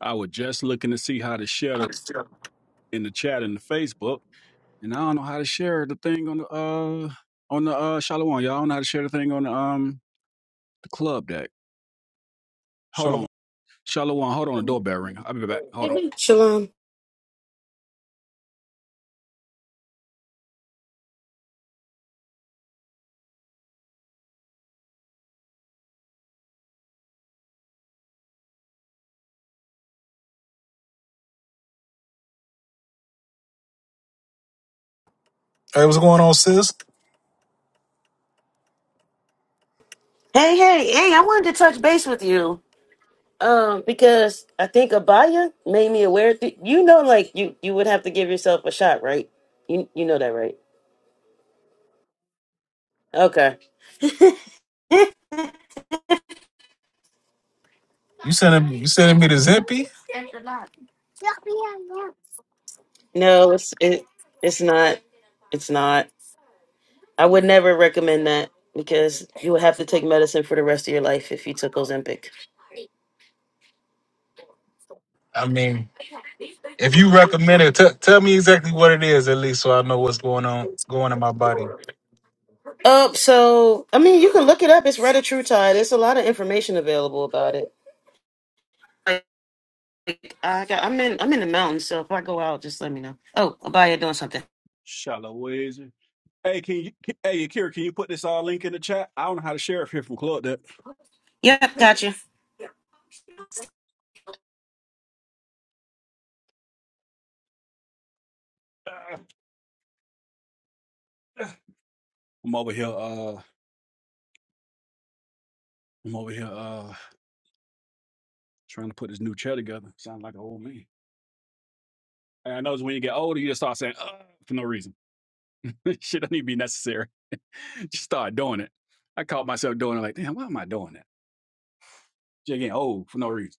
I was just looking to see how to share the Hey, in the chat in the Facebook, and I don't know how to share the thing on the uh on the uh Shalom. Y'all don't know how to share the thing on the um the club deck. Hold on, Shalom. Hold on, the doorbell ring. I'll be right back. Hold on. Shalom. what's going on, sis? Hey, hey, hey, I wanted to touch base with you. Um, because I think Abaya made me aware that you know like you you would have to give yourself a shot, right? You you know that, right? Okay. You sending you sending me the Zippy? No, it's it it's not it's not. I would never recommend that because you would have to take medicine for the rest of your life if you took Ozempic. I mean, if you recommend it, t- tell me exactly what it is at least, so I know what's going on going in my body. Uh, so I mean you can look it up, it's Tide. There's a lot of information available about it. I got. I'm in. I'm in the mountains, so if I go out, just let me know. Oh, Abaya doing something. Shalom. Where is it? Hey, can you? can- Hey, Akira, can you put this uh link in the chat? I don't know how to share it here from club deck. Yep, gotcha. I'm over here. Uh, I'm over here. Uh, trying to put this new chair together. Sounds like an old man. And I know it's when you get older, you just start saying uh, for no reason. Shit don't even be necessary. Just start doing it. I caught myself doing it like, damn, why am I doing that? Just getting old for no reason.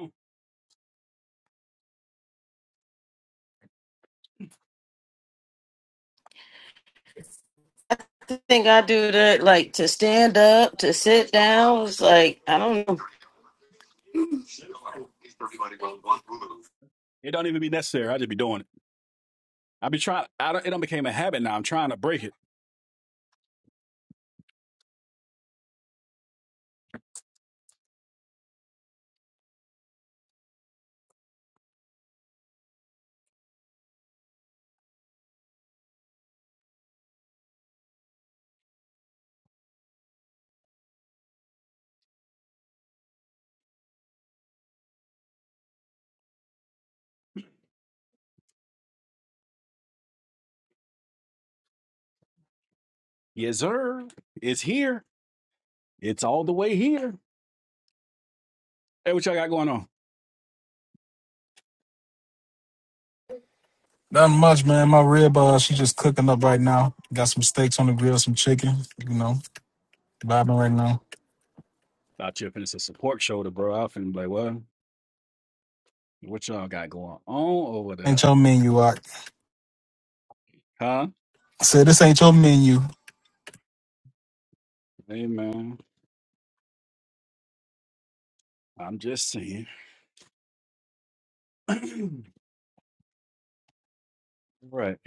Mm. I think I do that, like to stand up, to sit down. It's like I don't know. It don't even be necessary. I just be doing it. I be trying. I don't, it don't became a habit now. I'm trying to break it. Yes, sir. It's here. It's all the way here. Hey, what y'all got going on? Nothing much, man. My rib, uh, she just cooking up right now. Got some steaks on the grill, some chicken. You know, vibing right now. Thought you were finna say support shoulder, bro. I finna be like, what? What y'all got going on over Ain't there? your menu, I Huh? said this ain't your menu. Hey, man. I'm just saying. All right.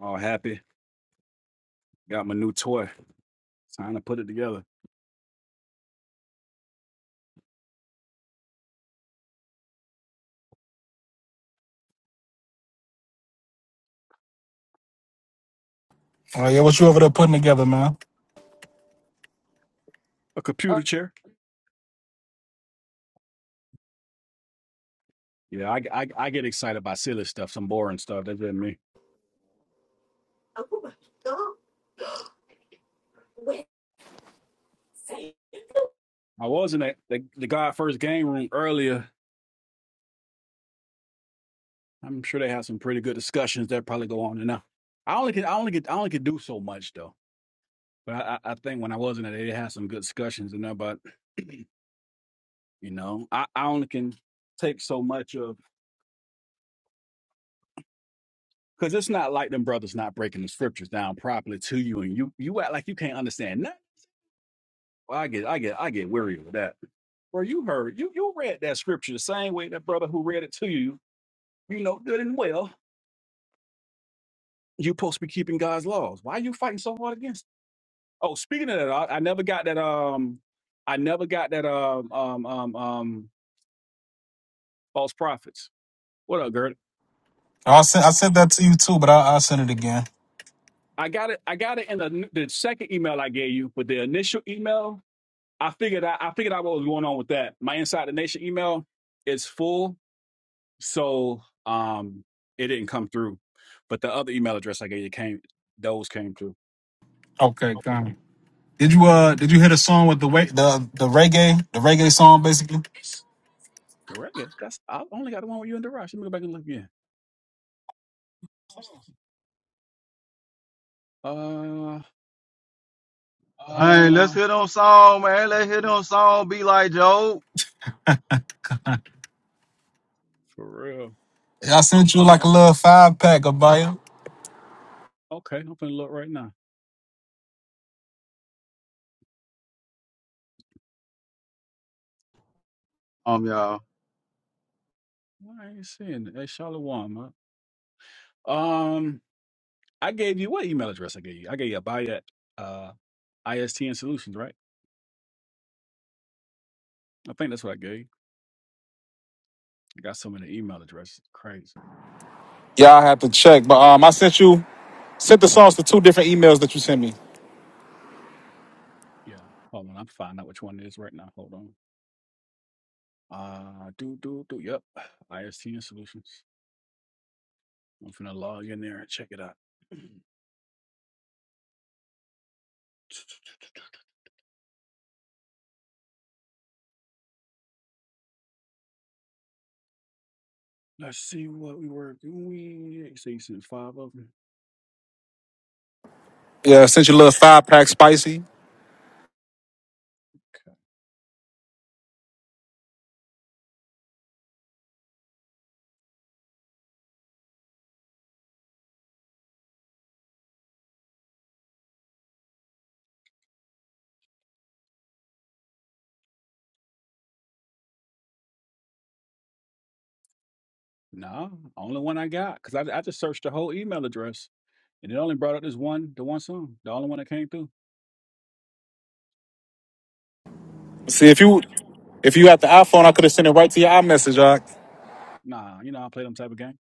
All happy. Got my new toy. Time to put it together. Oh yeah, what you over there putting together, man? A computer Oh, chair. Yeah, I, I I get excited by silly stuff, some boring stuff. That's just me. I was in that the, the God First game room earlier. I'm sure they have some pretty good discussions that probably go on enough. I only can I only get I only could do so much though. But I, I I think when I was in it, they had some good discussions and there. But you know, I, I only can take so much of because it's not like them brothers not breaking the scriptures down properly to you, and you you act like you can't understand nothing. Well, I get I get I get weary of that. Bro, you heard you you read that scripture the same way that brother who read it to you you know, good and well. You're supposed to be keeping God's laws. Why are you fighting so hard against? it? Oh, speaking of that, I, I never got that. Um, I never got that. Um, um, um, um false prophets. What up, Gert? Oh, I sent I sent that to you too, but I I send it again. I got it. I got it in the, the second email I gave you, but the initial email, I figured out. I figured out what was going on with that. My Inside the Nation email is full, so um, it didn't come through. But the other email address I gave you came. Those came through. Okay, got it. Did you uh did you hear the song with the way the the reggae the reggae song basically? Direct. Yeah, that's. I only got the one with you and Darash. Let me go back and look again. Uh, Hey, let's hit on song, man. Let's hit on song. Be like Joe. for real. Yeah, I sent you I'm like a up. little five pack of bio. Okay, I'm gonna look right now. Um, y'all. Why I ain't seeing it. Hey, Shalom. huh? Um, I gave you what email address I gave you? I gave you a buy at uh ISTN Solutions, right? I think that's what I gave. I got so many email addresses. Crazy. Yeah, I have to check. But um, I sent you sent the songs to two different emails that you sent me. Yeah. Hold on. I'm finding out which one it is right now. Hold on. Uh, do do do. Yep. ISTN Solutions. I'm gonna log in there and check it out. Let's see what we were doing. So you sent five of them. Yeah, I sent you a little five pack spicy. No, only one I got. Cause I I just searched the whole email address, and it only brought up this one the one song, the only one that came through. See if you if you had the iPhone, I could have sent it right to your iMessage. All right. Nah, you know I play them type of game.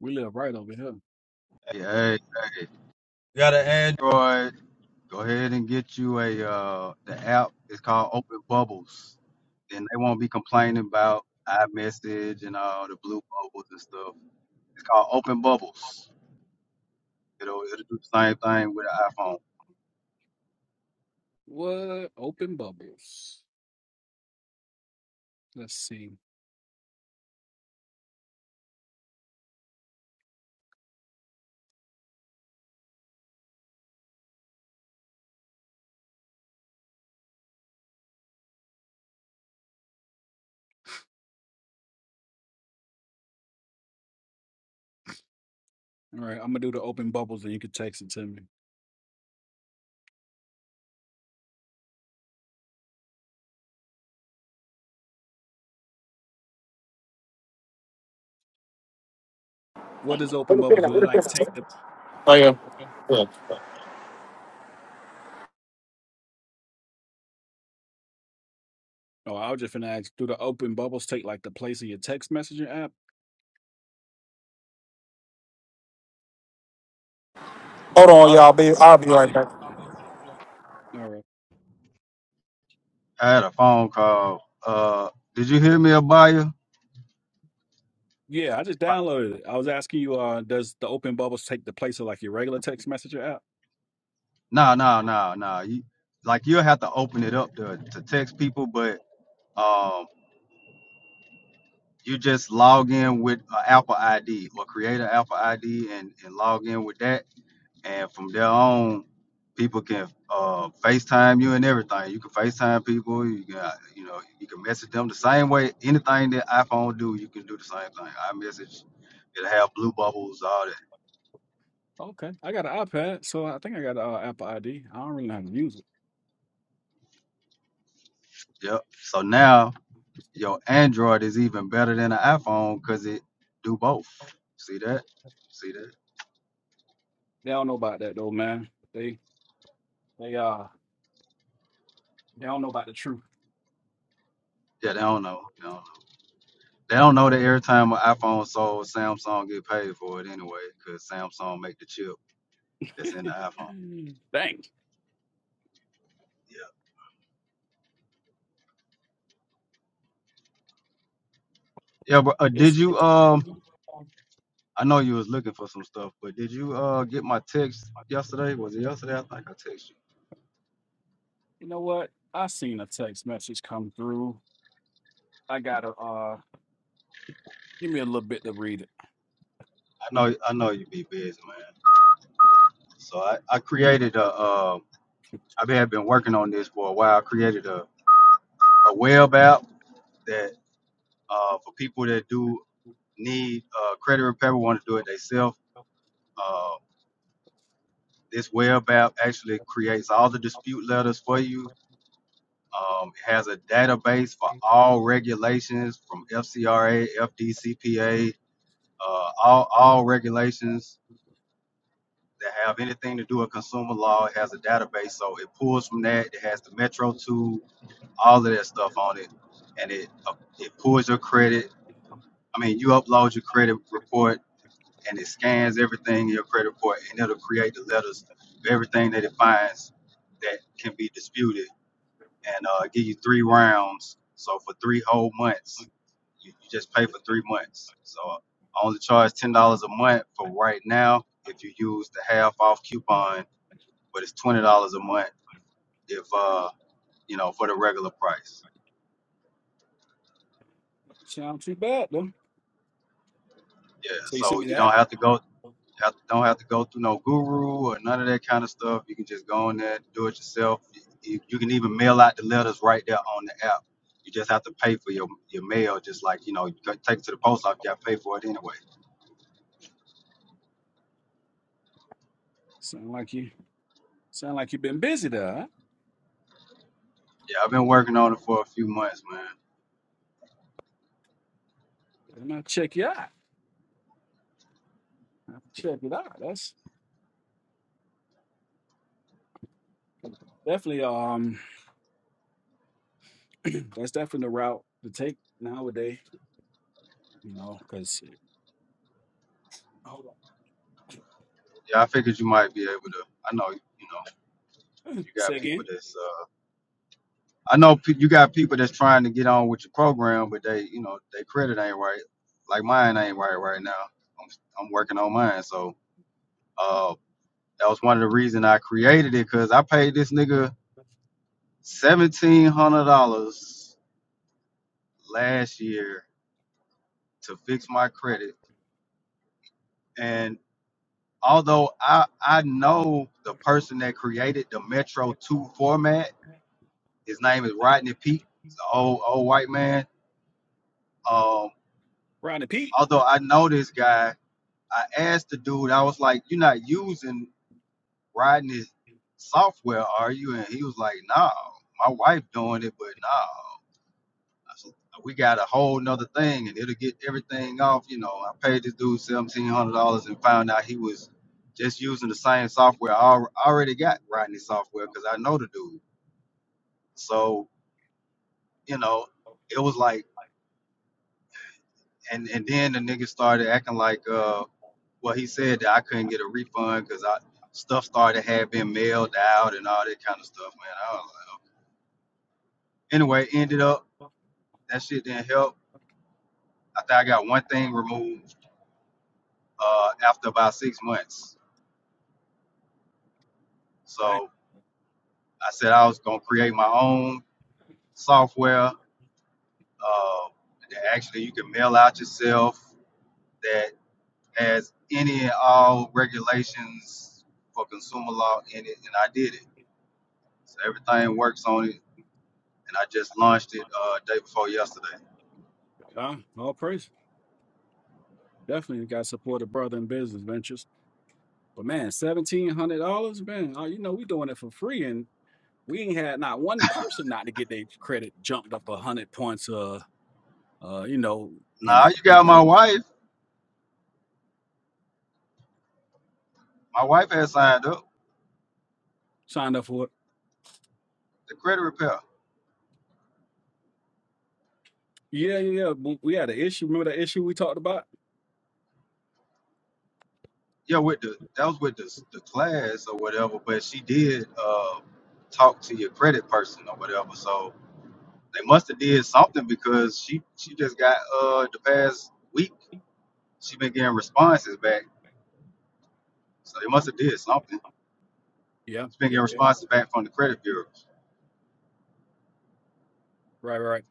We live right over here. Hey, hey, hey. You got an Android? Go ahead and get you a uh. The app is called Open Bubbles, and they won't be complaining about iMessage and all the blue bubbles and stuff. It's called Open Bubbles. It'll it'll do the same thing with an iPhone. What? Open bubbles. Let's see. All right, I'm gonna do the open bubbles, and you can text it to me. What does open bubbles do? They like take the. Oh yeah. Yeah. Oh, I was just gonna ask. Do the open bubbles take like the place of your text messaging app? Hold on, y'all. Be I'll be right back. All right. I had a phone call. Uh, did you hear me, Abaya? Yeah, I just downloaded it. I was asking you, uh, does the open bubbles take the place of like your regular text messenger app? Nah, nah, nah, nah. You like you'll have to open it up to to text people, but. um. you just log in with an Apple ID or create an Apple ID and, and log in with that. And from there on, people can uh, FaceTime you and everything. You can FaceTime people. You can, uh, you know, you can message them the same way. Anything that iPhone do, you can do the same thing. I message, it'll have blue bubbles, all that. Okay, I got an iPad, so I think I got uh, Apple ID. I don't really know how to use it. Yep. So now your Android is even better than an iPhone because it do both. See that? See that? They don't know about that though, man. They they uh they don't know about the truth. Yeah, they don't know. They don't know. They don't know that every time an iPhone sold, Samsung get paid for it anyway, because Samsung make the chip that's in the iPhone. Dang, Yeah. Yeah, but uh, it's did you um? you I know you was looking for some stuff, but did you uh get my text yesterday? Was it yesterday? I think I texted you. know what? I seen a text message come through. I gotta uh give me a little bit to read it. I know I know you be busy, man. So I, I created a uh I have been working on this for a while. I created a, a web app that uh for people that do need uh credit repair, want to do it themselves. Uh, This web app actually creates all the dispute letters for you. Um, it has a database for all regulations from FCRA, FDCPA, uh, all, all regulations that have anything to do with consumer law. It has a database, so it pulls from that. It has the Metro tool, all of that stuff on it, and it uh, it pulls your credit. I mean, you upload your credit report and it scans everything in your credit report and it'll create the letters of everything that it finds that can be disputed and uh, give you three rounds. So for three whole months, you, you just pay for three months. So I only charge ten dollars a month for right now if you use the half off coupon, but it's twenty dollars a month if uh you know for the regular price. Sound too bad though. Yeah, So you sent so me you don't that. have to go. You have, don't have to go through no guru or none of that kind of stuff. You can just go on there, do it yourself. You, you can even mail out the letters right there on the app. You just have to pay for your, your mail, just like you know, you gotta take it to the post office. You got to pay for it anyway. Sound like you sound like you've been busy there. Yeah, I've been working on Huh? it for a few months, man. And I check you out. I'll Check it out. That's definitely um that's definitely the route to take nowadays. You know, because hold on. Yeah, I figured you might be able to. I know, you know, you got say people again, that's. uh I know pe- you got people that's trying to get on with your program, but they, you know, their credit ain't right. Like mine ain't right right now. I'm, I'm working on mine, so. Uh, That was one of the reasons I created it because I paid this nigga seventeen hundred dollars last year to fix my credit. And although I I know the person that created the Metro Two format, his name is Rodney Peak, he's an old old white man. Um, Rodney P. although I know this guy, I asked the dude. I was like, "You're not using Rodney's software, are you?" And he was like, "No, my wife doing it, but no." we got a whole nother thing and it'll get everything off. You know, I paid this dude seventeen hundred dollars and found out he was just using the same software I already got writing this software because I know the dude. So, you know, it was like and and then the nigga started acting like uh well he said that I couldn't get a refund because I stuff started had been mailed out and all that kind of stuff, man. I was like, okay. Anyway, ended up that shit didn't help. I think I got one thing removed uh after about six months Dang, So I said I was gonna create my own software uh, that actually you can mail out yourself that has any and all regulations for consumer law in it, and I did it. So everything works on it, and I just launched it uh, day before yesterday. huh? All praise. Definitely got to support a brother in business ventures. But man, seventeen hundred dollars, man. Oh, you know we doing it for free, and we ain't had not one person not to get their credit jumped up a hundred points. Uh, uh, you know, in Now the you got my area wife. My wife has signed up signed up for it. the credit repair. Yeah, yeah, yeah. We we had an issue. Remember that issue we talked about? Yeah, with the that was with the, the class or whatever, but she did uh, talk to your credit person or whatever. So They must have did something because she she just got uh the past week she been getting responses back. So they must have did something. Yeah, She's been yeah, getting yeah. responses back from the credit bureau. Right, right. right.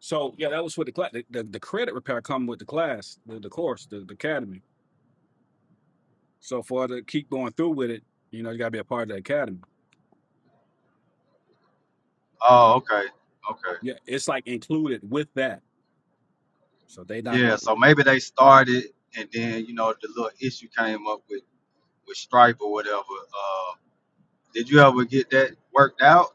So yeah, that was for the class. The, the, the credit repair come with the class, the, the course, the, the academy. So for her to keep going through with it, you know, you got to be a part of the academy. Oh, okay, okay, Yeah, it's like included with that. So they not yeah. going. So maybe they started and then you know the little issue came up with with Stripe or whatever. Uh, did you ever get that worked out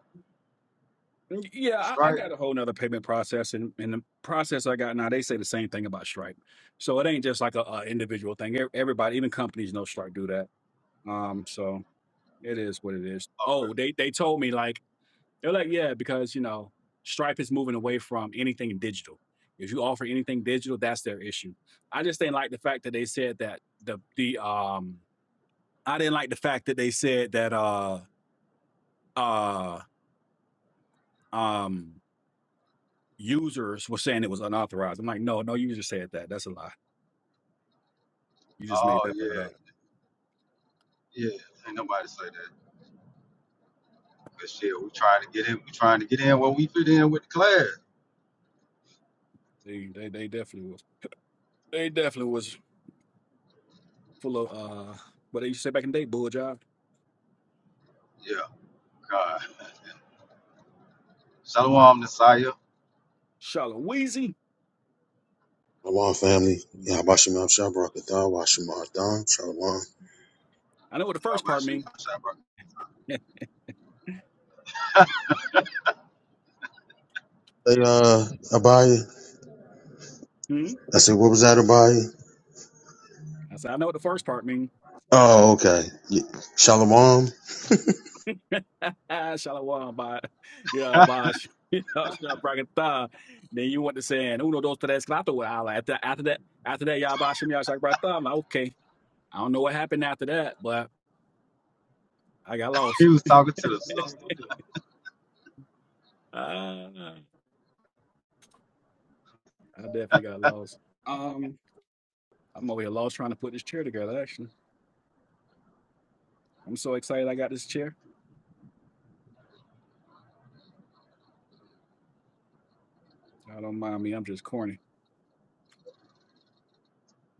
Yeah, with I, I Stripe? got a whole nother payment process, and, and the process I got now, they say the same thing about Stripe. So it ain't just like a, a individual thing. Ev- Everybody, even companies, know Stripe do that. Um, so it is what it is. Okay. Oh, they they told me like they're like yeah because you know Stripe is moving away from anything digital. If you offer anything digital, that's their issue. I just didn't like the fact that they said that the the um I didn't like the fact that they said that uh uh um, users were saying it was unauthorized. I'm like, no, no user said that. That's a lie. You just made Oh that part up. yeah, yeah. Ain't nobody say that. But shit, we trying to get in. We trying to get in where we fit in with the class. They, they, they definitely was. They definitely was full of uh, what they used to say back in the day, bull job, Yeah. God. Shalom, Nasiah. shallow, wheezy. Shalom, family. Yeah, Abashimab Shabrakatah, Washimadam, Shalom. Shalom. I know what the Oh, first but part she- mean. she- Hey, uh, Abaya. hmm? I said, what was that, Abaya? I said, I know what the first part mean. Oh, okay. Yeah. Shalom. shallow, uh, by yeah, bosh. then you went to saying uno dos tres cuatro. Well, I like, After after that, after that, y'all bosh me. I was like, okay. I don't know what happened after that, but I got lost. he was talking to the sister. Ah, I definitely got lost. Um, I'm over here lost trying to put this chair together, actually. I'm so excited I got this chair. Y'all don't mind me, I'm just corny.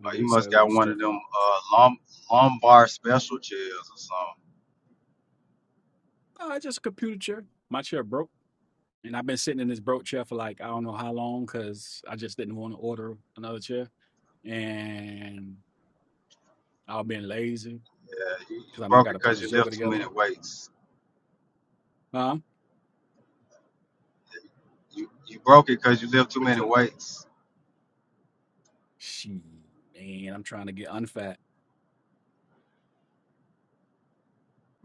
I Like, get he must excited got over one stuff. of Like, them uh, lum- lumbar special chairs or something. oh, it's just a computer chair. My chair broke. And I've been sitting in this broke chair for like, I don't know how long, because I just didn't want to order another chair. And I was being lazy, Yeah, you, you because I know I broke got cause to put this you joker lift too many together. weights. Huh? You you broke it cause you lift too what is many that? weights. She, man, I'm trying to get unfat.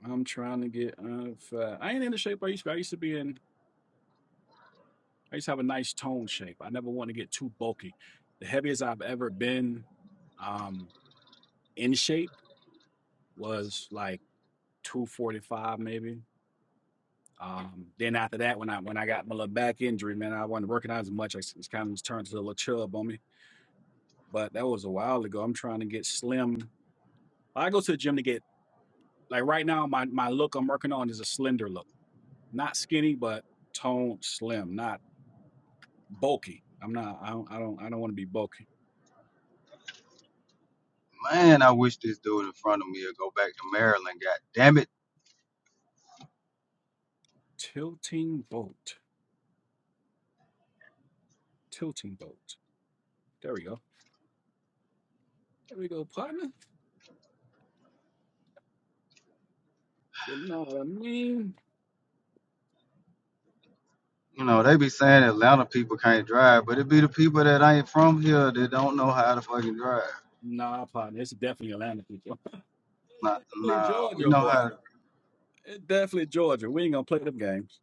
I'm trying to get unfat. I ain't in the shape I used to be. I used to be in I used to have a nice tone shape. I never want to get too bulky. The heaviest I've ever been um, in shape was like 245 maybe. Um, then after that, when I when I got my little back injury, man, I wasn't working out as much. I it's kind of just turned to a little chub on me. But that was a while ago. I'm trying to get slim. I go to the gym to get like right now. My my look I'm working on is a slender look, not skinny, but toned, slim, not bulky. I'm not. I don't. I don't. I don't want to be bulky. Man, I wish this dude in front of me would go back to Maryland. God damn it. Tilting boat. tilting boat. There we go. There we go, partner. You know what I mean? You know, they be saying Atlanta people can't drive, but it be the people that ain't from here that don't know how to fucking drive. Nah, partner. It's definitely Atlanta people. Nah, Definitely nah we Georgia, know boy. how to. It's definitely Georgia. We ain't gonna play them games.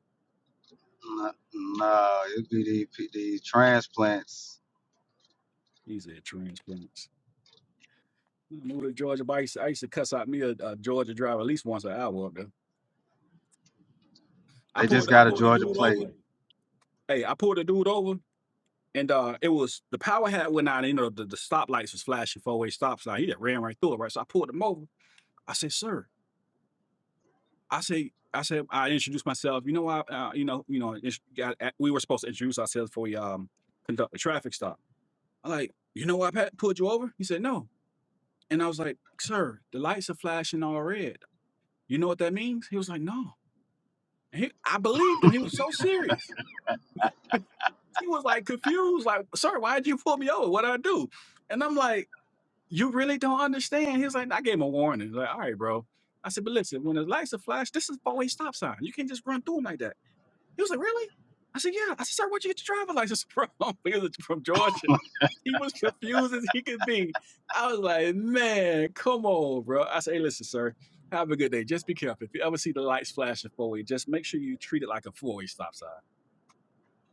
Nah, nah it be these, pe- these transplants These are transplants. I moved to Georgia, but I used to, I used to cuss out me a, a Georgia driver at least once an hour up there. I They just pulled I got a pulled the Georgia dude plate. over. Hey, I pulled the dude over. And uh, it was the power hat went out. You know, the, the stoplights was flashing four way stop sign. He just ran right through it, right? So I pulled him over. I said, "Sir, I say, I said, I introduced myself. You know, I, uh, you know, you know, it's- got- uh, we were supposed to introduce ourselves before we um conduct a traffic stop. I'm like, you know, why I Pat pulled you over. He said no, and I was like, sir, the lights are flashing all red. You know what that means? He was like, no. And he, I believed him. He was so serious. He was like confused, like, sir, why did you pull me over? What would I do? And I'm like, you really don't understand. He's like, I gave him a warning. Like, all right, bro. I said, but listen, when the lights are flashed, this is four-way stop sign. You can't just run through them like that. He was like, "Really?" I said, "Yeah." I said, "Sir, where'd you get your driver's license from?" he was from Georgia. He was confused as he could be. I was like, "Man, come on, bro." I said, "Hey, listen, sir. Have a good day. Just be careful. If you ever see the lights flashing for you, just make sure you treat it like a four-way stop sign."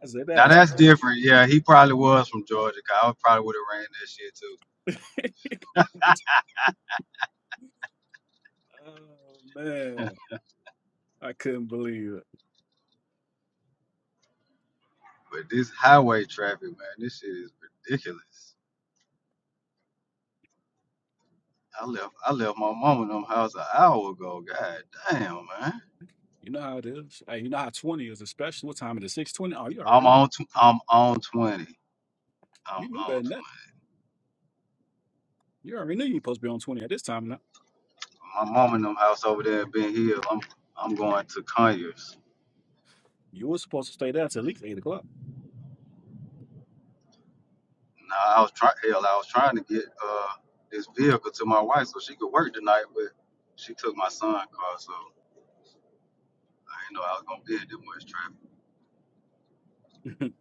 I said, Now "That's." that's different. Yeah, he probably was from Georgia. 'cause I probably would have ran that shit too. oh man, I couldn't believe it. But this highway traffic, man, this shit is ridiculous. I left I left my mom in them house an hour ago. God damn, man. You know how it is. Hey, you know how twenty is, especially what time it is? Six twenty. Oh, you I'm already on tw- I'm on twenty. I'm you knew on better than that. twenty. You already knew you were supposed to be on twenty at this time. Now My mom in them house over there in Ben Hill. I'm I'm going to Conyers. you were supposed to stay there till at least eight o'clock. Now I was trying hell, I was trying to get uh this vehicle to my wife so she could work tonight, but she took my son car, so I didn't know I was gonna be at this much traffic.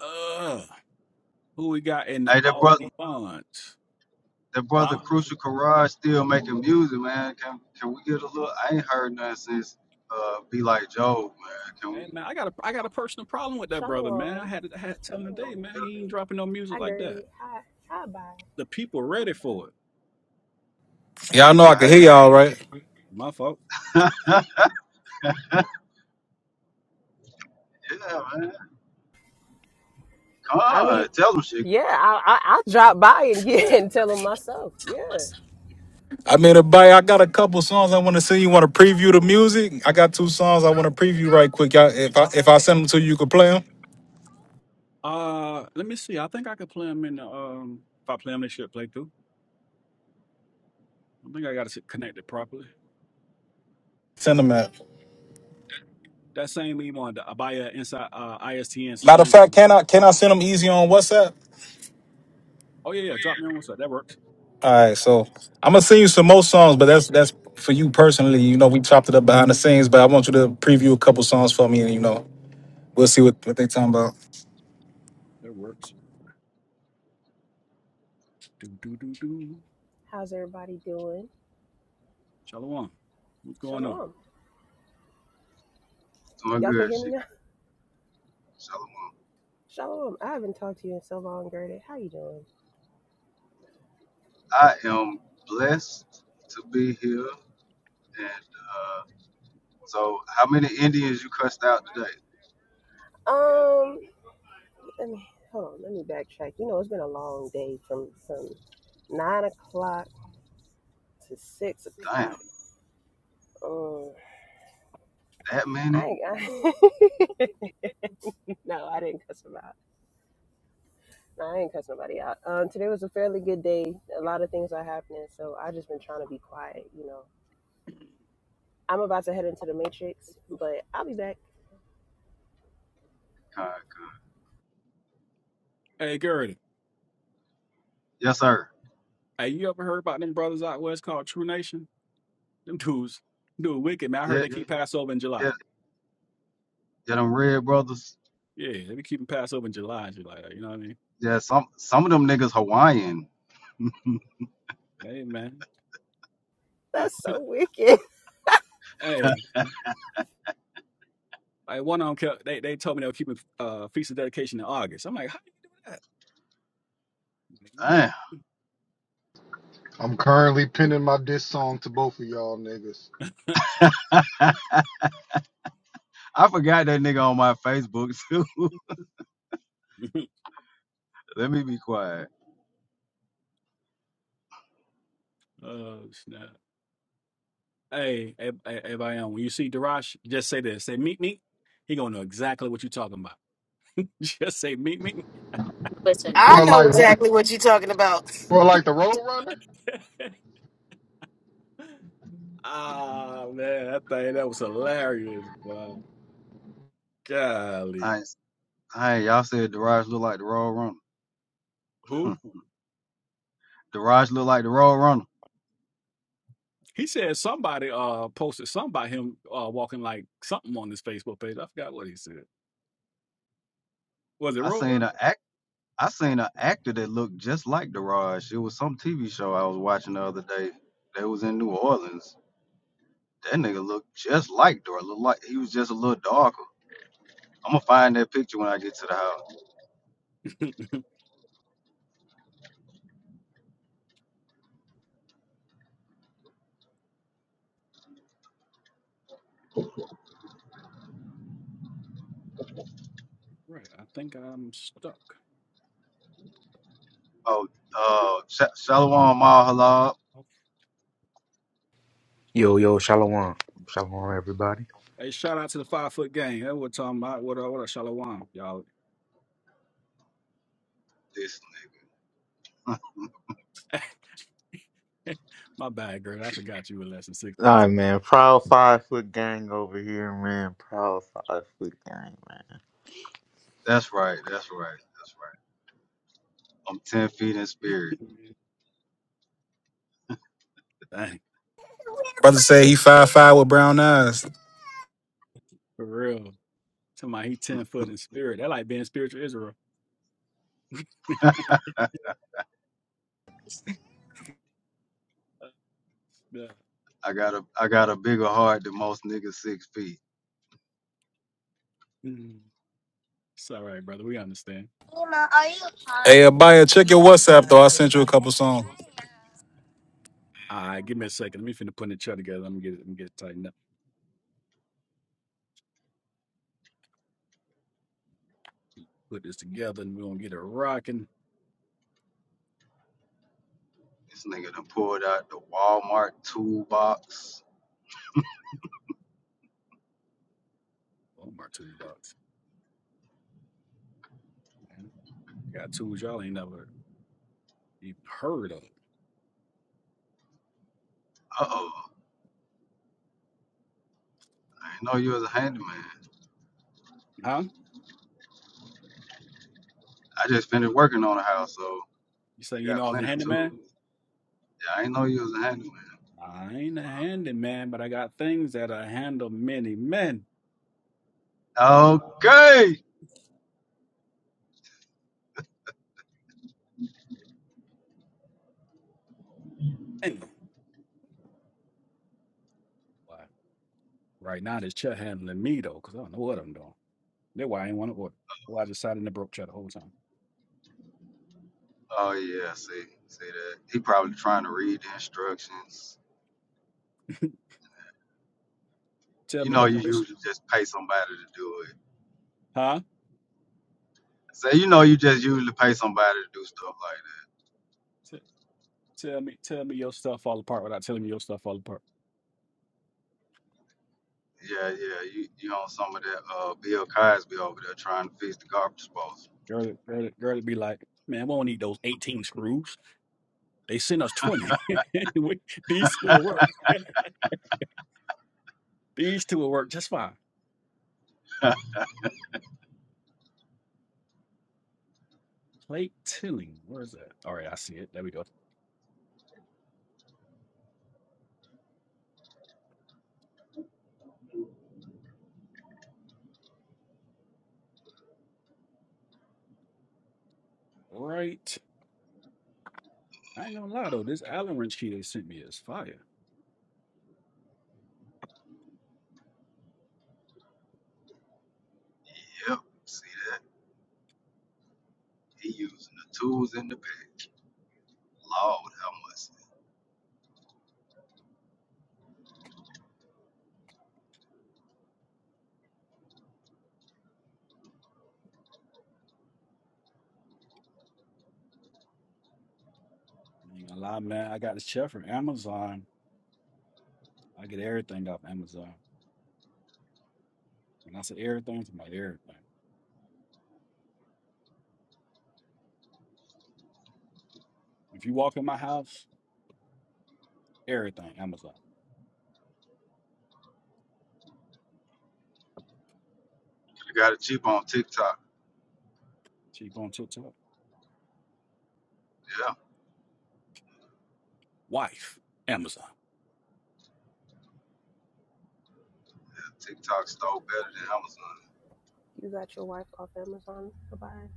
uh, who we got in the Hey, that all brother, the funds? that brother Huh? Crucial Carrage still making music, man. Can can we get a little? I ain't heard nothing since uh, "Be Like Joe," man. Can we? Hey man, I got a I got a personal problem with that brother, man. I Shalom. had to I had to tell him today, man. Get a, He ain't dropping no music Hi, like that. Gertie. Hi, hi, bye. The people ready for it. Yeah, I know Sheikah, I can hear hey, y'all, right? My fault. yeah, man. Come I on, mean, tell them Sheikah. yeah, I, I I'll drop by and get and tell them myself. Yeah. I mean, everybody, I got a couple songs I want to sing. You want to preview the music? I got two songs I want to preview right quick. Y'all, if I if I send them to you, you can play them. Uh, let me see. I think I could play him in the um. If I play him, they should play through. I think I got to connect it properly. Send them out. That same email on the Abaya inside uh, ISTN Matter of fact, solutions. can I can I send them easy on WhatsApp? Oh yeah, yeah. Drop me on one side. That works. All right, so I'm gonna send you some more songs, but that's that's for you personally. You know, we chopped it up behind the scenes, but I want you to preview a couple songs for me, and you know, we'll see what, what they talking about. That works. Do do do do. How's everybody doing? Shalom. What's going on? Shalom. Doing Y'all can good, hear me Sheikah. now? Shalom. Shalom. I haven't talked to you in so long, Gertie. How you doing? I am blessed to be here, and uh, so how many Indians you cussed out today? Um, let me hold on, let me backtrack. You know, it's been a long day from from nine o'clock to six Damn, o'clock. Um that I, many? ain't- I no, I didn't cuss him out. I ain't cuss nobody out. Um, today was a fairly good day. A lot of things are happening, so I just been trying to be quiet. You know, I'm about to head into the Matrix, but I'll be back. God. Hey, Gertie. Yes, sir. Hey, you ever heard about them brothers out west called True Nation? Them dudes, dude, wicked man. I heard Yeah, they keep Passover in July. yeah, yeah. Them red brothers. Yeah, they be keeping Passover in July, July. You know what I mean? Yeah, some some of them niggas Hawaiian. Hey, man. That's so wicked. Hey, like one of them kept, they they told me they were keeping uh feast of dedication in August. I'm like, how you do that, Damn. I'm currently pinning my diss song to both of y'all niggas. I forgot that nigga on my Facebook too. man? Let me be quiet. oh snap! Hey, hey, hey, everybody, on, when you see Darash, just say this: say meet me. He gonna know exactly what you're talking about. Just say meet me. listen. I Well, know like, exactly what you're talking about. well, like the Roadrunner. ah man, that thing that was hilarious. Wow, golly, Nice. Hey, y'all said Daraj look like the Royal runner. who? Daraj look like the Royal runner. He said somebody uh posted something about him uh walking like something on his Facebook page. I forgot what he said. Was it I seen Roadrunner? an act I seen an actor that looked just like Daraj. It was some TV show I was watching the other day. They was in New Orleans. That nigga looked just like Daraj. Looked like he was just a little darker. I'm gonna find that picture when I get to the house. Right. I think I'm stuck. Oh, uh, Sha- Shalom Mahalab. Okay. Yo, yo, shalom. Shalom, everybody. Hey, shout out to the five foot gang. That what talking about. What a what up, Shalom, y'all. My bad, girl. I forgot you were less than six All foot right, two. man. Proud five foot gang over here, man. Proud five foot gang, man. That's right. That's right. That's right. I'm ten feet in spirit. Dang. Brother say he five five with brown eyes. For real. Somebody he ten foot in spirit. That like being spiritual Israel. Yeah. I got a I got a bigger heart than most niggas six feet. Mm. It's all right, brother. We understand. Hey, Abaya, check your WhatsApp though. I All sent you a couple songs. right, give me a second. Let me finna put the chat together. Let me get it. Let me get it tightened up. Put this together, and we're gonna get it rocking. This nigga done pulled out the Walmart toolbox. Oh my two bucks, man. You got tools y'all ain't never even heard of, Uh oh. I ain't know you was a handyman. huh? I just finished working on a house, so I You say, you got know, I was a plenty of tools. handyman. Yeah, I ain't know you was a handyman. "Nah, I ain't a handyman, but I got things that I handle many men. Okay. Anyway, right now, this check handling me though, because I don't know what I'm doing. That's why I ain't want to order. Why I decided to broke check the whole time. Oh yeah, see, see that. He probably trying to read the instructions. tell You me know that, you usually just pay somebody to do it. huh? Say you know you just usually pay somebody to do stuff like T- tell me, tell me your stuff fall apart without telling me your stuff fall apart. Yeah, yeah, you you on some of that uh Bill Cosby over there trying to fix the garbage disposal. Girl, girl, girl, would be like, man, we don't need those 18 screws. They sent us 20. We- These two will work. These two will work just fine. Plate tilling. Where is that? All right, I see it. There we go. Right. I ain't gonna lie though, this Allen wrench key they sent me is fire. yep, see that? He using the tools in the bag. Lord have mercy. I ain't gonna lie, man. I got this chair from Amazon. I get everything off Amazon. When I say everything, it's my everything. If you walk in my house, everything, Amazon. you got it cheap on TikTok. Cheap on TikTok. Yeah, Wife, Amazon. TikTok stole better than Amazon. You got your wife off Amazon Goodbye.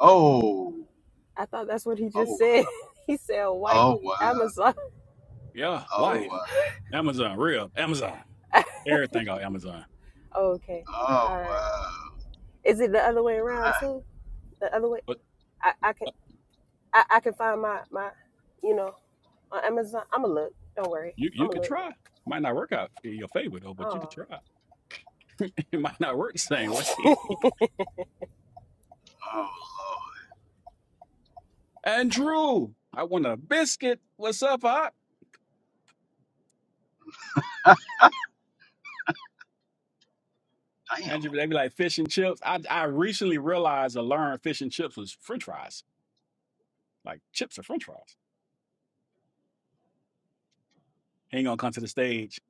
Oh, I thought that's what he just oh, said. He said wife oh wow, Amazon. Yeah, oh wife, wow, Oh, Amazon. Real, Amazon. Everything on Amazon. Oh, okay, oh all right. wow. Is it the other way around Ah, too? The other way? But I, I can uh, I, I can find my my you know on Amazon. I'ma look. Don't worry. you you I'ma could look. try. Might not work out in your favor though, but you could Oh. try. it might not work the same way. Oh lord, Andrew, I want a biscuit. What's up, hot? damn. Andrew, they be like fish and chips. I I recently realized I learned fish and chips was French fries. Like chips are French fries. He ain't gonna come to the stage.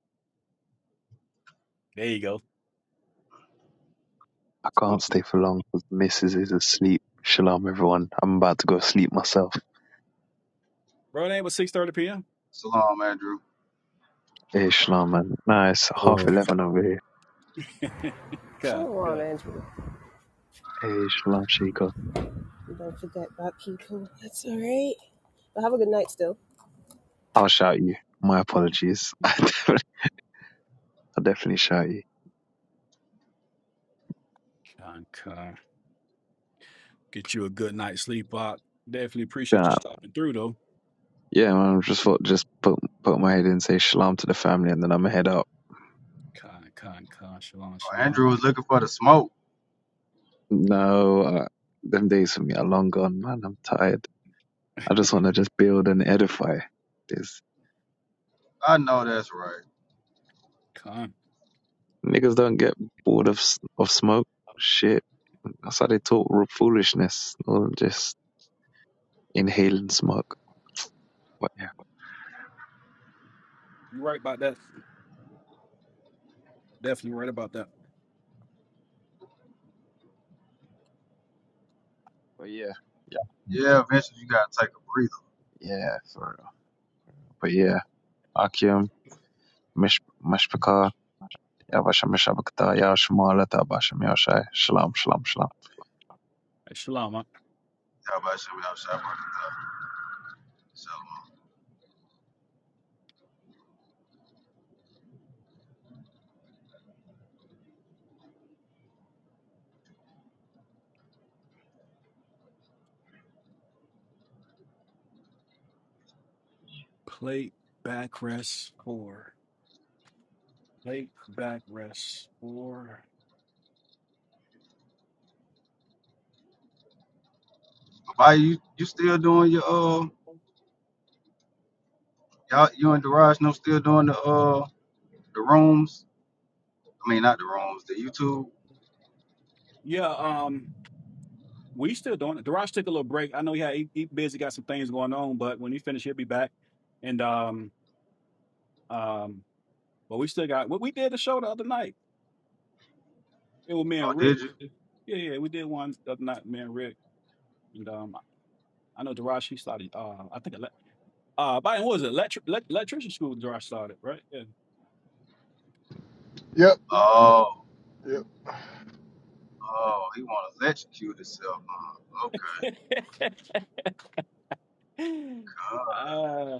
There you go, I can't stay for long 'cause the missus is asleep. Shalom, everyone. I'm about to go sleep myself. bro. It ain't but six thirty p.m. Salam, Andrew. Hey, shalom, man. Nah, it's half Yo. 11 over here. God, Shalom, God, Andrew. Hey, shalom, Sheikah. Don't forget about people. It's all right. But have a good night still. I'll shout you. My apologies. I definitely, I'll definitely shout you. con con. Get you a good night's sleep, Bob. Definitely appreciate you Yeah, stopping through though. yeah, man. I Just thought, just put put my head in, say shalom to the family, and then I'm head up. Con, con, con, shalom, Oh, shalom, Andrew was looking for the smoke. No, uh, them days for me are long gone, man. I'm tired. I just want to just build and edify. This I know that's right. con. niggas don't get bored of s- of smoke. Shit I how they talk foolishness. Or just inhaling smoke. But yeah. You right about that. Definitely right about that. But yeah. Yeah. Yeah, eventually you gotta take a breather. Yeah, for real. But yeah. Akim, Mishpaka, Yavasha Mishabakta, Yashmala Tabasham Yashai, Shalom, Shalom, Shalom. Hey, shalom, Bach. How about you? How about you? Plate backrest four. Plate backrest four. Why you you still doing your uh y'all you and Daraj no still doing the uh the rooms? I mean not the rooms, the YouTube. Yeah, um, we still doing it. Daraj took a little break. I know he had he, he busy got some things going on, but when he finish, he'll be back. And um, um, but we still got. Well, we did the show the other night. It was me Oh and Rick. did you? Yeah, yeah, we did one the other night, me and Rick. And um, I know Daraj he started. Uh, I think ele- uh, by what was it? Electric electrician school. Daraj started right. Yeah. Yep, Oh yep. oh he wanna electrocute himself. Uh, okay. Uh, uh,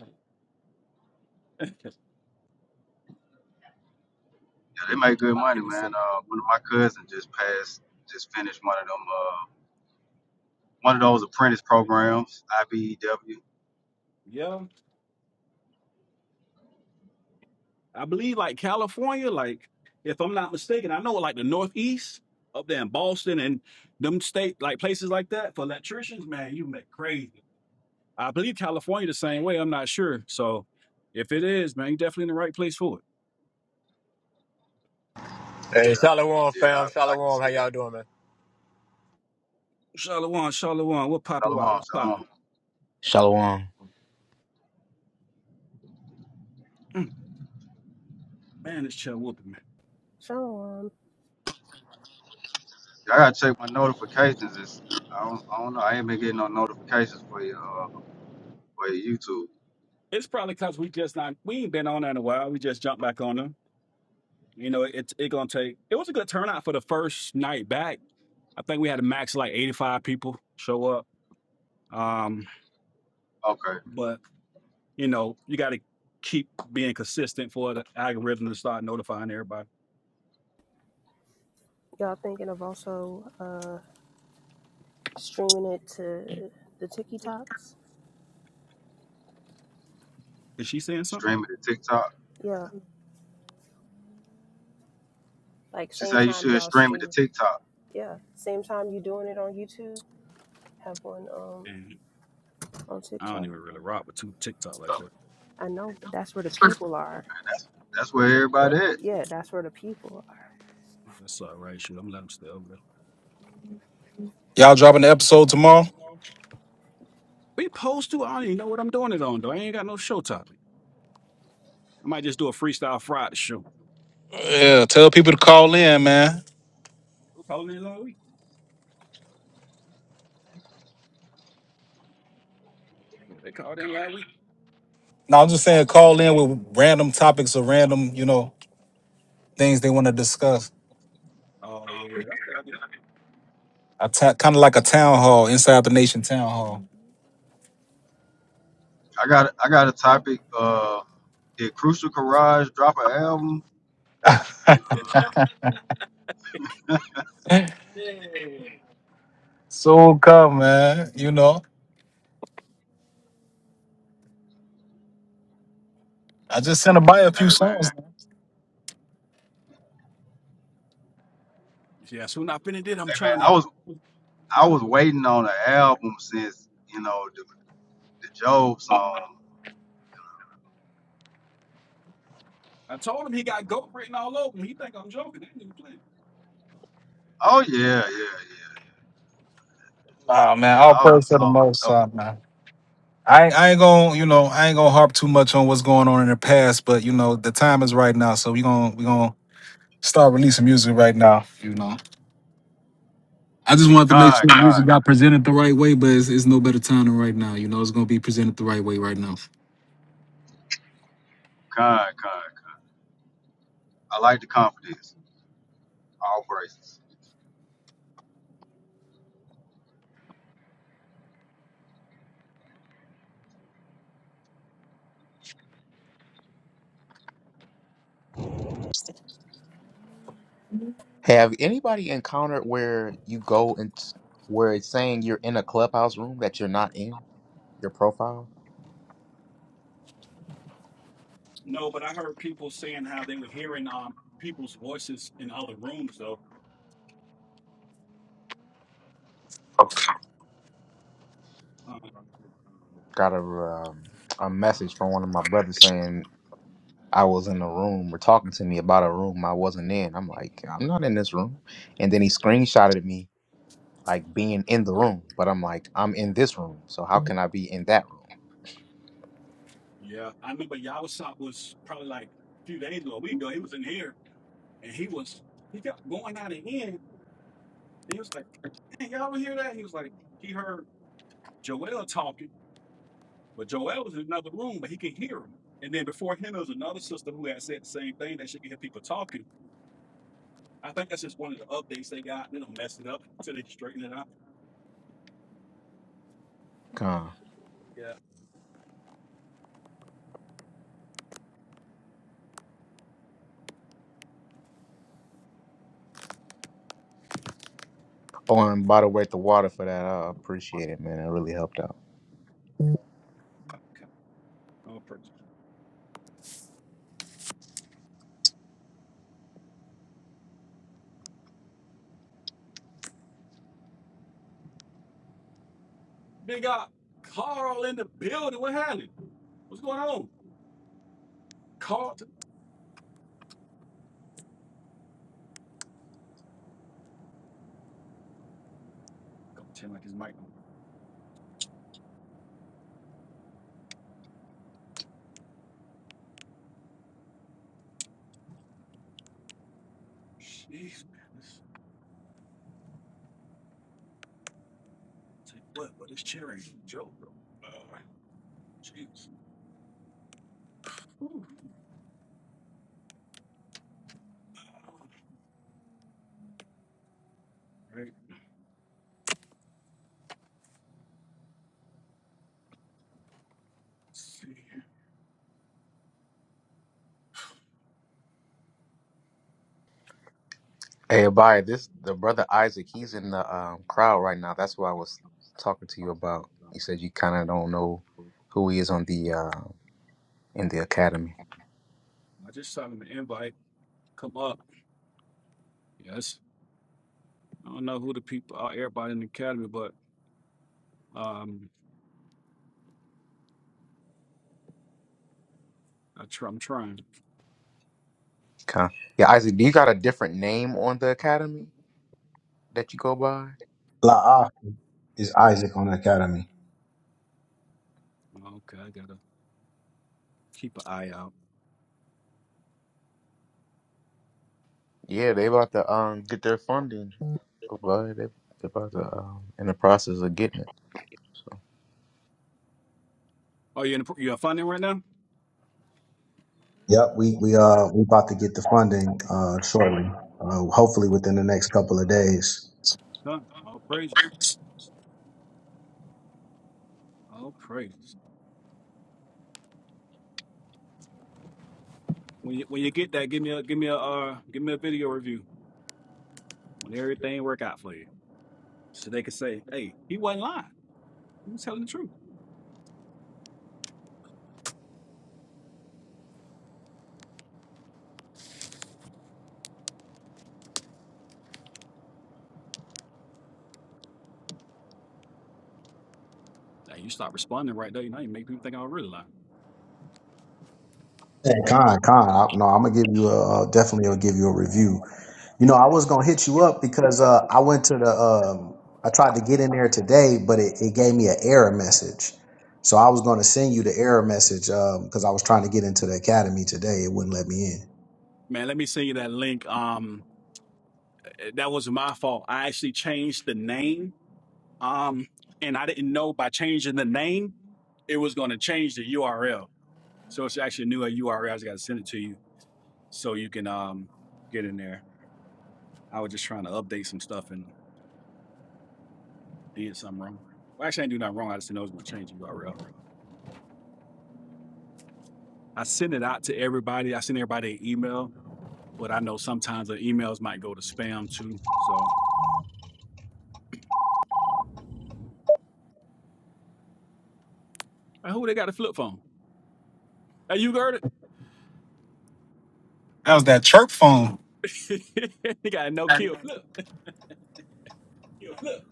yeah, they make good money, yeah. man. Uh one of my cousins just passed just finished one of them uh one of those apprentice programs, IBEW. Yeah, I believe like California, like if I'm not mistaken, I know like the Northeast up there in Boston and them state like places like that for electricians, man, you make crazy. I believe California the same way. I'm not sure. So if it is, man, you definitely in the right place for it. Hey, Shalom, Yeah, fam. I, I can Shalom. see How y'all that. doing, man? Charlotte, Charlotte, what poppin'? Why Shalom, what's shalom. poppin'? Shalom. Man, this chill whooping, man. Shalom. Yeah, I gotta check my notifications. It's, I don't I don't know. I ain't been getting no notifications for your uh, for your YouTube. It's probably because we just not we ain't been on that in a while. We just jumped back on them. You know, it's it gonna take. It was a good turnout for the first night back. I think we had a max of like 85 people show up. Um, Okay. but you know, you got to keep being consistent for the algorithm to start notifying everybody. Y'all thinking of also uh streaming it to the TikToks? Is she saying something? Stream it to TikTok. Yeah. Like She same said "Hey, you time should y'all stream it to stream. TikTok. Yeah. Same time you doing it on YouTube, have one um And on I don't TikTok. even really rock with two TikTok like that. I know, but that's where the people are. And that's that's where everybody But at. Yeah, that's where the people are. that's all right. Shoot, I'm letting them stay over there. Y'all dropping the episode tomorrow? We post to. I don't even know what I'm doing it on though. I ain't got no show topic. I might just do a freestyle Friday show. Yeah, tell people to call in, man. We calling it all week. Yeah, They called in last week. No, I'm just saying call in with random topics or random, you know, things they want to discuss. Oh yeah, I said I did. A ta- kind of like a town hall inside the nation town hall. I got I got a topic. Uh, did Crucial Courage drop an album? Soon come, man. You know. I just sent a by a few Hey man, songs. Yeah, soon I finished it. I'm hey man, trying to, I was you I know. was waiting on an album since you know the the Job song. I told him he got goat written all over him. He think I'm joking. I ain't even playing. Oh yeah, yeah, yeah, Nah, man, yeah. all All them praise to the songs. Most Oh, High, man. I, I ain't gonna, you know, I ain't gonna harp too much on what's going on in the past, but you know, the time is right now, so we gonna we gonna start releasing music right now. You know, I just wanted to make Con, sure the con, music got presented the right way, but it's, it's no better time than right now. You know, it's gonna be presented the right way right now. con, con. I like the confidence. All praises. Have anybody encountered where you go and where it's saying you're in a clubhouse room that you're not in your profile? No, but I heard people saying how they were hearing um people's voices in other rooms though. Uh, Got a um, a message from one of my brothers saying I was in a room or talking to me about a room I wasn't in. I'm like, I'm not in this room. And then he screenshotted me like being in the room, but I'm like, I'm in this room, so how can I be in that room? yeah, I remember Yawasop was probably like a few days or a week ago. He was in here and he was he kept going out and in. And he was like, "Hey, y'all ever hear that?" He was like, he heard Joel talking. But Joel was in another room, but he could hear him. And then before him, there was another sister who had said the same thing that she could hear people talking. I think that's just one of the updates they got. They don't mess it up until they straighten it out. Con. Yeah. Oh, and by the way, the water for that, I appreciate it, man. It really helped out. Okay. No purchase. Big got Carl in the building. What happened? What's going on? Carl. T- Go pretend like his mic don't work. Jeez, man. This take what? What is it's cherry Joe. Uh, Jeez. Whew. Um, Right. Let's see. Hey, Abaya, this the brother Isaac. He's in the um, crowd right now. That's what I was talking to you about. You said you kind of don't know who he is on the uh, in the academy. I just saw him an invite. Come up. Yes. I don't know who the people are, everybody in the academy, but um, I try, I'm trying. Con. Yeah, Isaac, do you got a different name on the academy that you go by? La'ach is Isaac on the academy. Okay, I gotta keep an eye out. Yeah, they about to um get their funding, but they they about to um in the process of getting it. so. Oh, you in the, you finding right now? Yep, we we uh we about to get the funding uh shortly. Uh, hopefully within the next couple of days. Huh? All praises, all praises. When you when you get that, give me a give me a uh, give me a video review when everything work out for you. So they could say, hey, he wasn't lying. He was telling the truth. Now you stop responding right there. Now you make people think I was really lying. Hey, Con, Con, I, no, I'm gonna give you a uh, definitely. I'll give you a review. You know, I was gonna hit you up because uh, I went to the. Um, I tried to get in there today, but it, it gave me an error message. So I was gonna send you the error message because I was trying to get into the academy today. It wouldn't let me in. Man, let me send you that link. Um, eh, that was my fault. I actually changed the name. Um, and I didn't know by changing the name, it was going to change the URL. So it's actually a new URL. I just got to send it to you so you can um get in there. I was just trying to update some stuff and did something wrong. Well, actually, I didn't do nothing wrong. I just didn't know it was going to change the URL. I send it out to everybody. I send everybody an email, but I know sometimes the emails might go to spam too. So, hey, who they got a flip phone? Hey, you heard That was that chirp phone, it? he got a no kill flip. Look,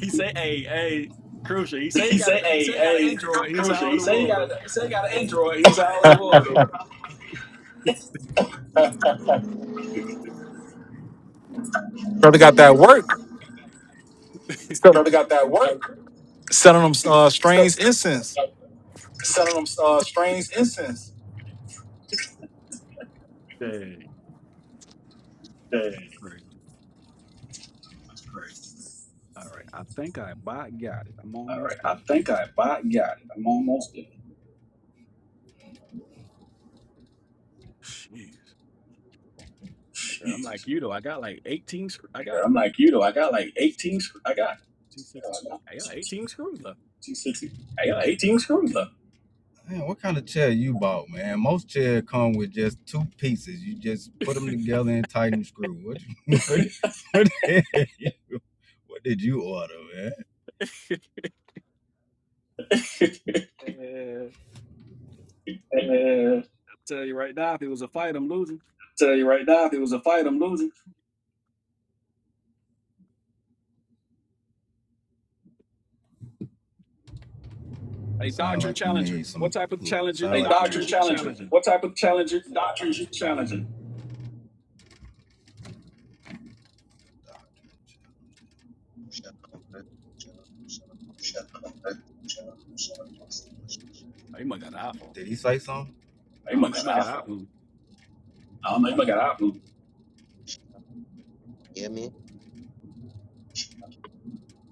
He say, hey, hey, crucial. He say he he got a, say, he "Hey, say he got an hey, Android. He say crucial." how old He the say he world, got, a, he say he got an Android. He's out of the world. though. brother. Got that work. So- Brother got that work. Selling them uh, Stuff strange incense. selling them uh, strange incense. Dang, Dang, great. crazy. All right, I think I about got it. I'm All almost right. there. I think I bought. got it. I'm almost there. Jeez. Like, I'm like you though. I got like 18. sc- I Nigga, got I'm like you though. I got like 18. sc- I got 260. uh, I got 18 screws left. 260. I got 18 screws left. Man, what kind of chair you bought, man? Most chairs come with just two pieces. You just put them together and tighten the screw. What? You, what, what, the hell you- what did you order, man? Eh, And, Uh, Tell you right now, if it was a fight, I'm losing. tell you right now, if it was a fight, I'm losing. Hey, Sound doctrine like you challenger. need What some. type of challenger Sound Hey, like doctrine doctrines you challenger. challenging? What type of challenger doctrine you challenging? Shalom, bro. Oh, you might got an iPhone. Did he say something? They I don't know. You must got might an got iPhone. an iPhone. I don't know. They must got an iPhone. You hear me?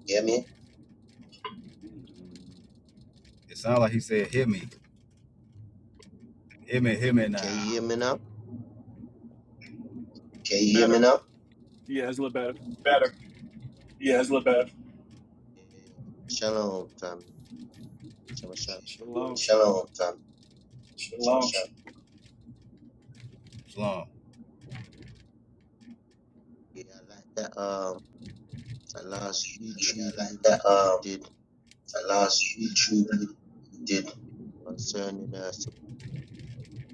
Hear me? Mm, It sounds like he said, "Hear me, hear me, hear me Can you now." hear me now? Can you hear me Better. now? Yeah, it's a little better. Better. Yeah, it's a little better. Shalom, family. Shalom, shalom. Shalom. shalom. Shalom, fam. Shalom. Shalom. Yeah, I like that. Um, that last Yeah, YouTube I video like that. you Um, did the last YouTube you did concerning uh,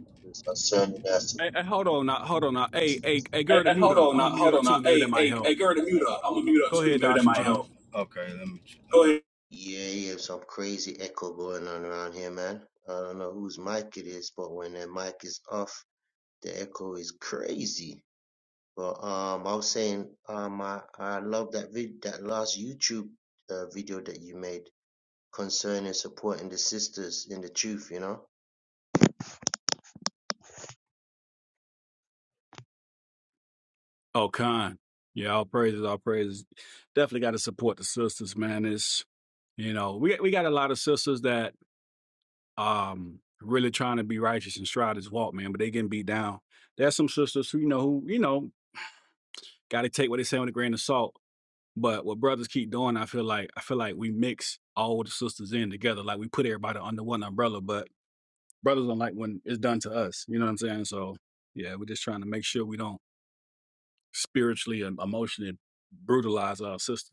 supporters. concerning us. Hey, hey, hold on now. Hold on now. Hey, hey, hey, Hey, girl, to hey, mute hold up. on I'm now, gonna mute hold up on too. now. Maybe that Hey, might hey, hey, help. girl, to mute up. I'm gonna mute up Go too. ahead, Maybe that Doctrine might John. help. Okay, let me. Go ahead. Yeah, yeah, some crazy echo going on around here, man. I don't know whose mic it is, but when their mic is off, the echo is crazy. But um, I was saying um, I, I love that vid that last YouTube uh, video that you made concerning supporting the sisters in the truth. You know. Oh, kind. Yeah, all praises, all praises. Definitely got to support the sisters, man. It's you know we got- we got a lot of sisters that um really trying to be righteous and stride this walk, man, but they getting beat down. There's some sisters who you know who you know got to take what they say with a grain of salt. But what brothers keep doing, I feel like I feel like we mix all the sisters in together, like we put everybody under one umbrella. But brothers don't like when it's done to us. You know what I'm saying? So yeah, we're just trying to make sure we don't spiritually and emotionally brutalize our sisters.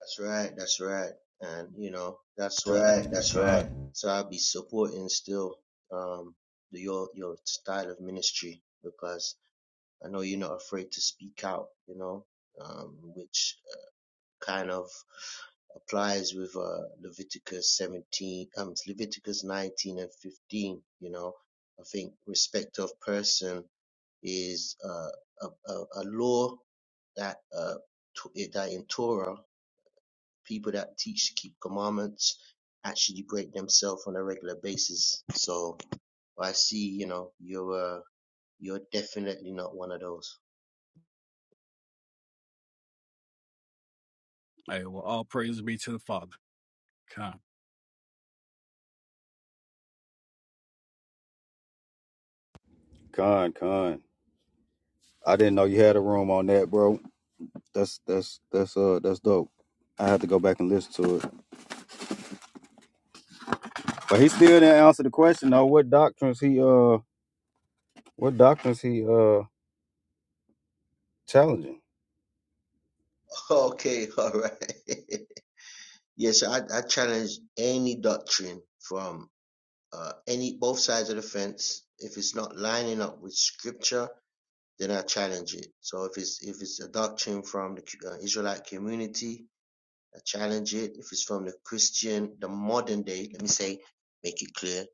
That's right. That's right. And you know, that's That's why. right. That's right. So I'll be supporting still um the, your your style of ministry because I know you're not afraid to speak out. You know, um, which kind of applies with uh, Leviticus 17, um, it's Leviticus 19 and 15. You know, I think respect of person is uh, a, a, a law that uh, to, that in Torah people that teach to keep commandments actually break themselves on a regular basis. So I see, you know, you're uh, you're definitely not one of those. Hey, well, all praise be to the Father. Come. Con, con, I didn't know you had a room on that, bro. That's that's that's uh that's dope. I have to go back and listen to it. But he still didn't answer the question though. What doctrines he uh what doctrines he uh challenging? Okay, all right. yes, I, I challenge any doctrine from uh, any both sides of the fence. If it's not lining up with scripture, then I challenge it. So if it's if it's a doctrine from the uh, Israelite community, I challenge it. If it's from the Christian, the modern day, let me say, make it clear,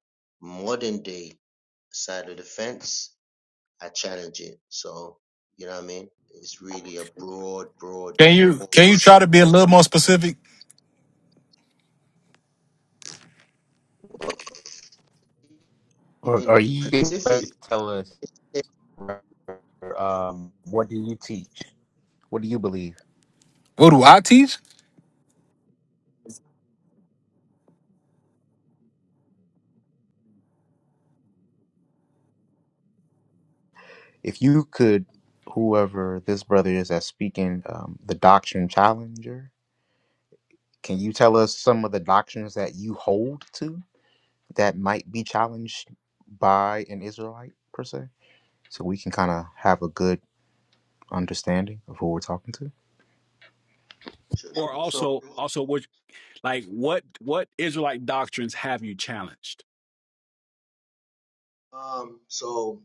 modern day side of the fence, I challenge it. So, you know what I mean? It's really a broad, broad, Can you broad can you try set to be a of little more specific? uh, I Or mean, are you able to Pacific tell us um, what do you teach? What do you believe? What do I teach? If you could, whoever this brother is that's speaking, um, the doctrine challenger, can you tell us some of the doctrines that you hold to that might be challenged by an Israelite per se, so we can kind of have a good understanding of who we're talking to? should Or not be so. also, also, which like what what Israelite doctrines have you challenged? Um, so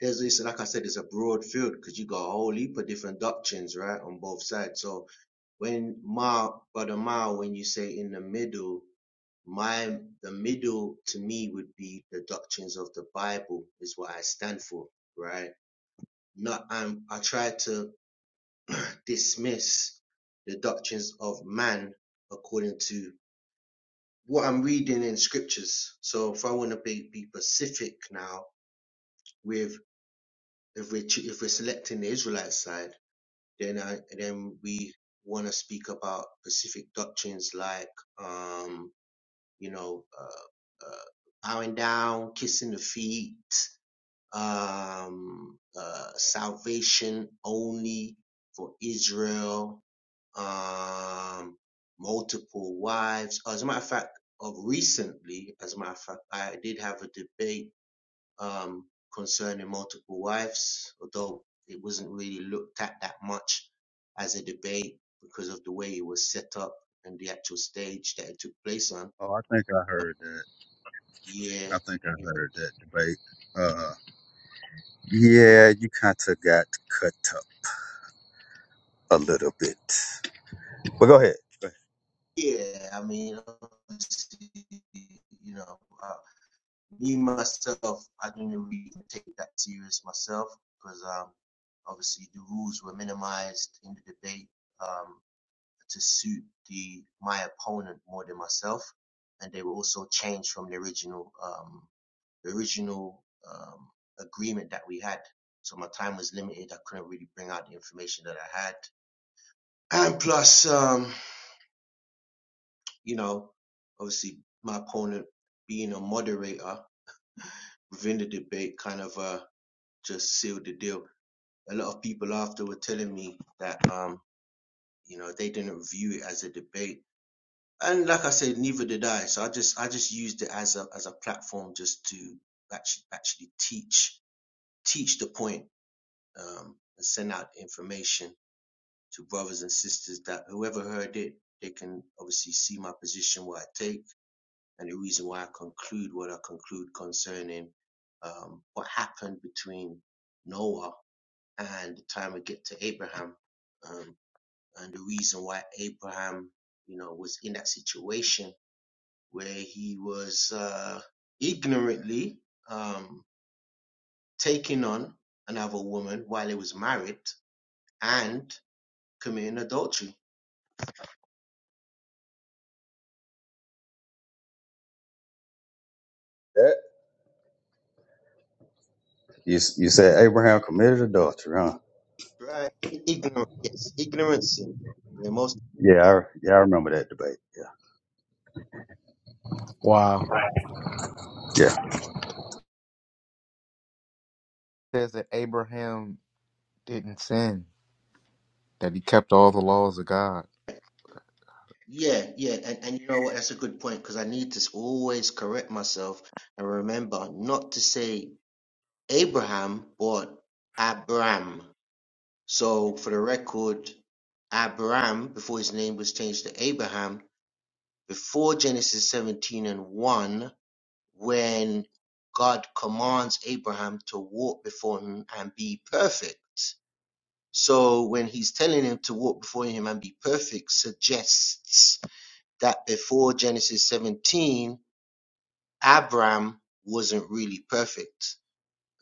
There's it's like I said, it's a broad field because you got a whole heap of different doctrines, right, on both sides. So when Ma, brother Ma, when you say in the middle, my the middle to me would be the doctrines of the Bible is what I stand for, right? Not I'm I try to dismiss the doctrines of man according to what I'm reading in scriptures. So if I want to be, be specific now with if we're ch- if we're selecting the Israelite side Then I then we want to speak about specific doctrines like um, you know uh, uh, bowing down, kissing the feet, um, uh, salvation only for Israel, um, multiple wives. As a matter of fact, of recently, as a matter of fact, I did have a debate um, concerning multiple wives, although it wasn't really looked at that much as a debate because of the way it was set up and the actual stage that it took place on. Oh, I think I heard that. Yeah, I think I heard that debate. Uh, yeah, hmm yeah, you kind of got cut up a little bit. But go ahead. Go yeah. I mean, obviously, you know, uh, me myself, I didn't really take that serious myself because um, obviously the rules were minimized in the debate. Um, to suit the my opponent more than myself, and they were also changed from the original um, the original um, agreement that we had. So my time was limited. I couldn't really bring out the information that I had, and plus, um, you know, obviously my opponent being a moderator within the debate kind of uh, just sealed the deal. A lot of people after were telling me that um, you know they didn't view it as a debate and like I said, neither did I. So I just I just used it as a as a platform just to actually actually teach teach the point um, and send out information to brothers and sisters that whoever heard it, they can obviously see my position, what I take, and the reason why I conclude what I conclude concerning um, what happened between Noah and the time we get to Abraham, um, and the reason why Abraham, you know, was in that situation where he was uh, ignorantly um, taking on another woman while he was married and committing adultery. ahead. You s- you said Abraham committed adultery, huh? Right? I- Ignorant, yes, ignorant sin. Yeah, most. Yeah, I, yeah, I remember that debate. Yeah, Wow, yeah. says that Abraham didn't sin, that he kept all the laws of God. Yeah, yeah, and, and you know what? That's a good point because I need to always correct myself and remember not to say Abraham but Abram. So for the record, Abram before his name was changed to Abraham before Genesis 17 and 1, when God commands Abraham to walk before him and be perfect. So when he's telling him to walk before him and be perfect, suggests that before Genesis 17, Abraham wasn't really perfect.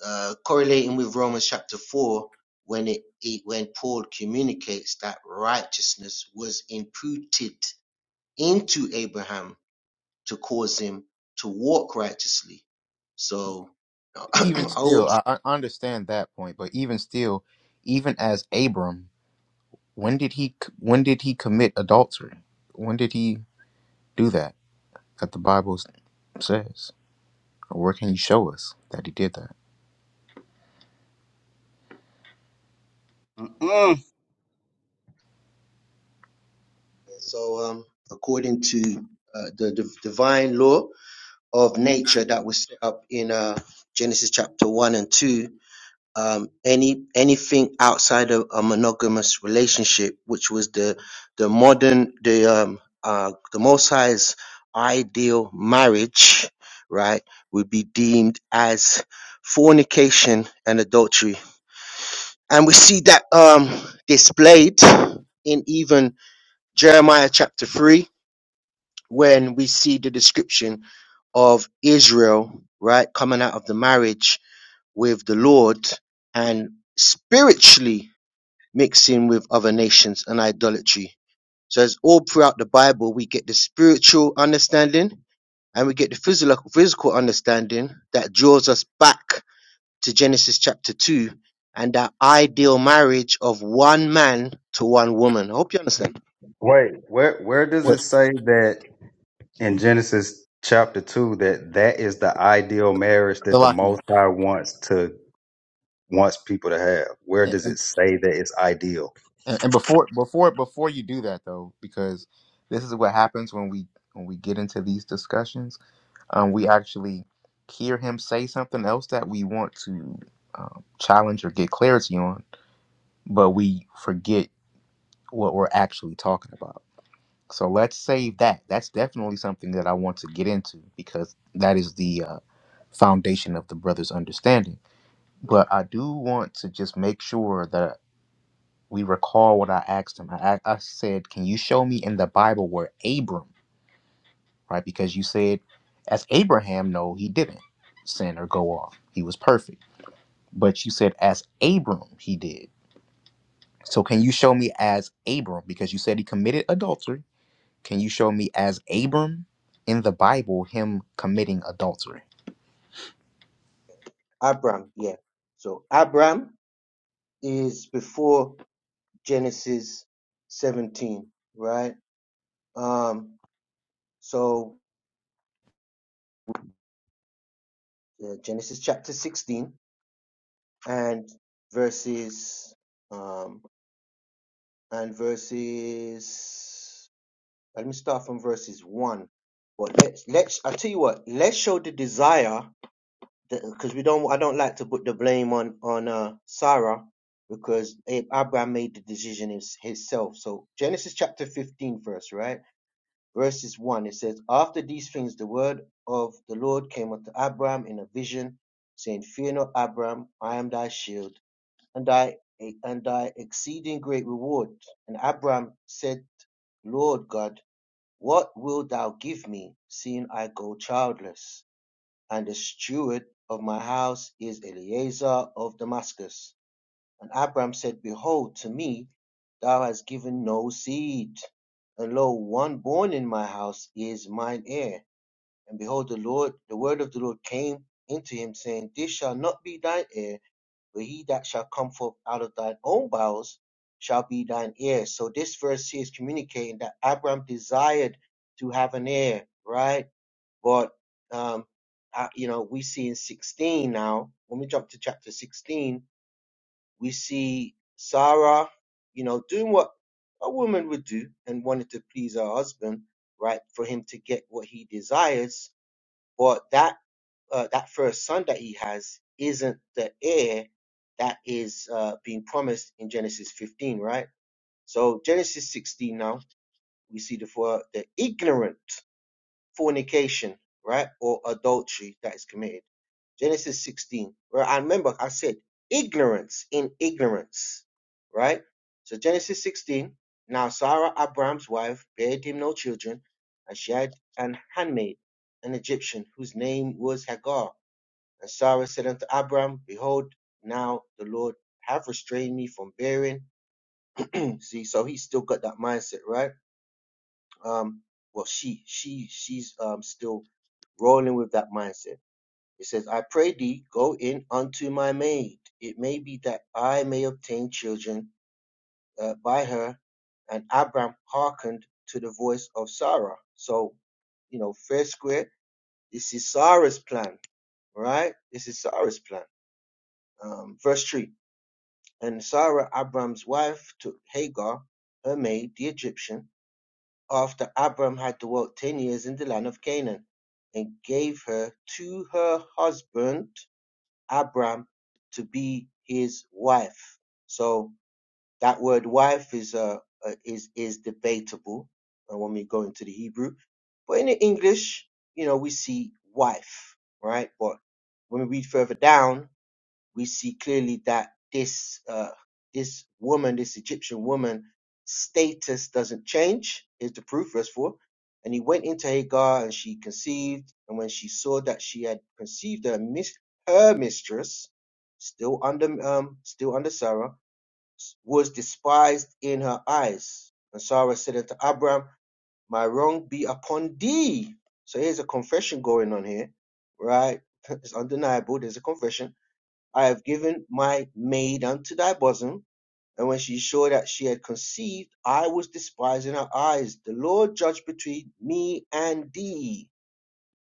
Uh, correlating with Romans chapter 4, when it, it when Paul communicates that righteousness was imputed into Abraham to cause him to walk righteously. So even I still, always I, I understand that point, but even still, even as Abram, when did he c- when did he commit adultery? When did he do that? That the Bible s- says, or where can you show us that he did that? Mm-mm. so um according to uh, the, div divine law of nature that was set up in uh, Genesis chapter one and two. Um, any anything outside of a monogamous relationship, which was the the modern the um uh the Most High's ideal marriage, right, would be deemed as fornication and adultery And we see that um, displayed in even Jeremiah chapter 3, when we see the description of Israel, right, coming out of the marriage with the Lord and spiritually mixing with other nations and idolatry. So, as all throughout the Bible, we get the spiritual understanding and we get the physical, physical understanding that draws us back to Genesis chapter 2 and that ideal marriage of one man to one woman. I hope you understand. Wait, where where does What it say that in Genesis chapter two that that is the ideal marriage that the Salaki? Most High wants to wants people to have? Where And, does and it say that it's ideal? and before before before you do that though, because this is what happens when we when we get into these discussions, um, we actually hear him say something else that we want to um, challenge or get clarity on, but we forget what we're actually talking about. So let's save that. That's definitely something that I want to get into because that is the uh, foundation of the brother's understanding. But I do want to just make sure that we recall what I asked him. I, I I said, Can you show me in the Bible where Abram, right? Because you said, as Abraham, no, he didn't sin or go off. He was perfect. But you said, as Abram, he did. So can you show me as Abram? Because you said he committed adultery Can you show me as Abram in the Bible him committing adultery? Abram, yeah. So Abram is before Genesis 17, right? Um, so uh, Genesis chapter 16 and verses um and verses. Let me start from verses one. But let's let's I tell you what. Let's show the desire because we don't I don't like to put the blame on on uh, Sarah because Abraham made the decision his, himself. So Genesis chapter 15 verse, right? Verses 1 it says after these things the word of the Lord came unto Abraham in a vision saying fear not Abraham I am thy shield and thy and thy exceeding great reward. And Abraham said Lord God, what wilt thou give me, seeing I go childless? and the steward of my house is Eleazar of Damascus. And Abram said, Behold, to me thou hast given no seed, and lo, one born in my house is mine heir. And behold, the Lord, the word of the Lord came into him, saying, This shall not be thine heir, but he that shall come forth out of thine own bowels shall be thine heir. So this verse here is communicating that Abram desired to have an heir, right? But um, uh, you know, we see in 16 now. When we jump to chapter 16, we see Sarah, you know, doing what a woman would do and wanted to please her husband, right, for him to get what he desires. But that uh, that first son that he has isn't the heir that is uh, being promised in Genesis 15, right? So Genesis 16 now we see the for the ignorant fornication, right? Or adultery that is committed. Genesis 16, right? I remember I said ignorance in ignorance, right? So Genesis 16, now Sarah, Abraham's wife, bare him no children, and she had an handmaid, an Egyptian, whose name was Hagar. And Sarah said unto Abraham, Behold, now the Lord have restrained me from bearing. See, so he's still got that mindset, right? Um, well, she, she, she's um still rolling with that mindset. It says, I pray thee, go in unto my maid. It may be that I may obtain children uh, by her. And Abram hearkened to the voice of Sarah. So, you know, fair square, this is Sarah's plan, right? This is Sarah's plan. Um, verse 3 And Sarah, Abram's wife, took Hagar, her maid, the Egyptian, after Abram had dwelt 10 years in the land of Canaan, and gave her to her husband Abram to be his wife. So that word wife is uh, uh, is is debatable uh, when we go into the Hebrew, but in the English, you know, we see wife, right? But when we read further down, we see clearly that this uh, this woman, this Egyptian woman, status doesn't change. Here's the proof, verse four. And he went into Hagar, and she conceived. And when she saw that she had conceived her, mis- her mistress, still under um, still under Sarah, was despised in her eyes. And Sarah said unto Abram, My wrong be upon thee. So here's a confession going on here, right? It's undeniable. There's a confession I have given my maid unto thy bosom. And when she saw that she had conceived, I was despised in her eyes. The Lord judged between me and thee.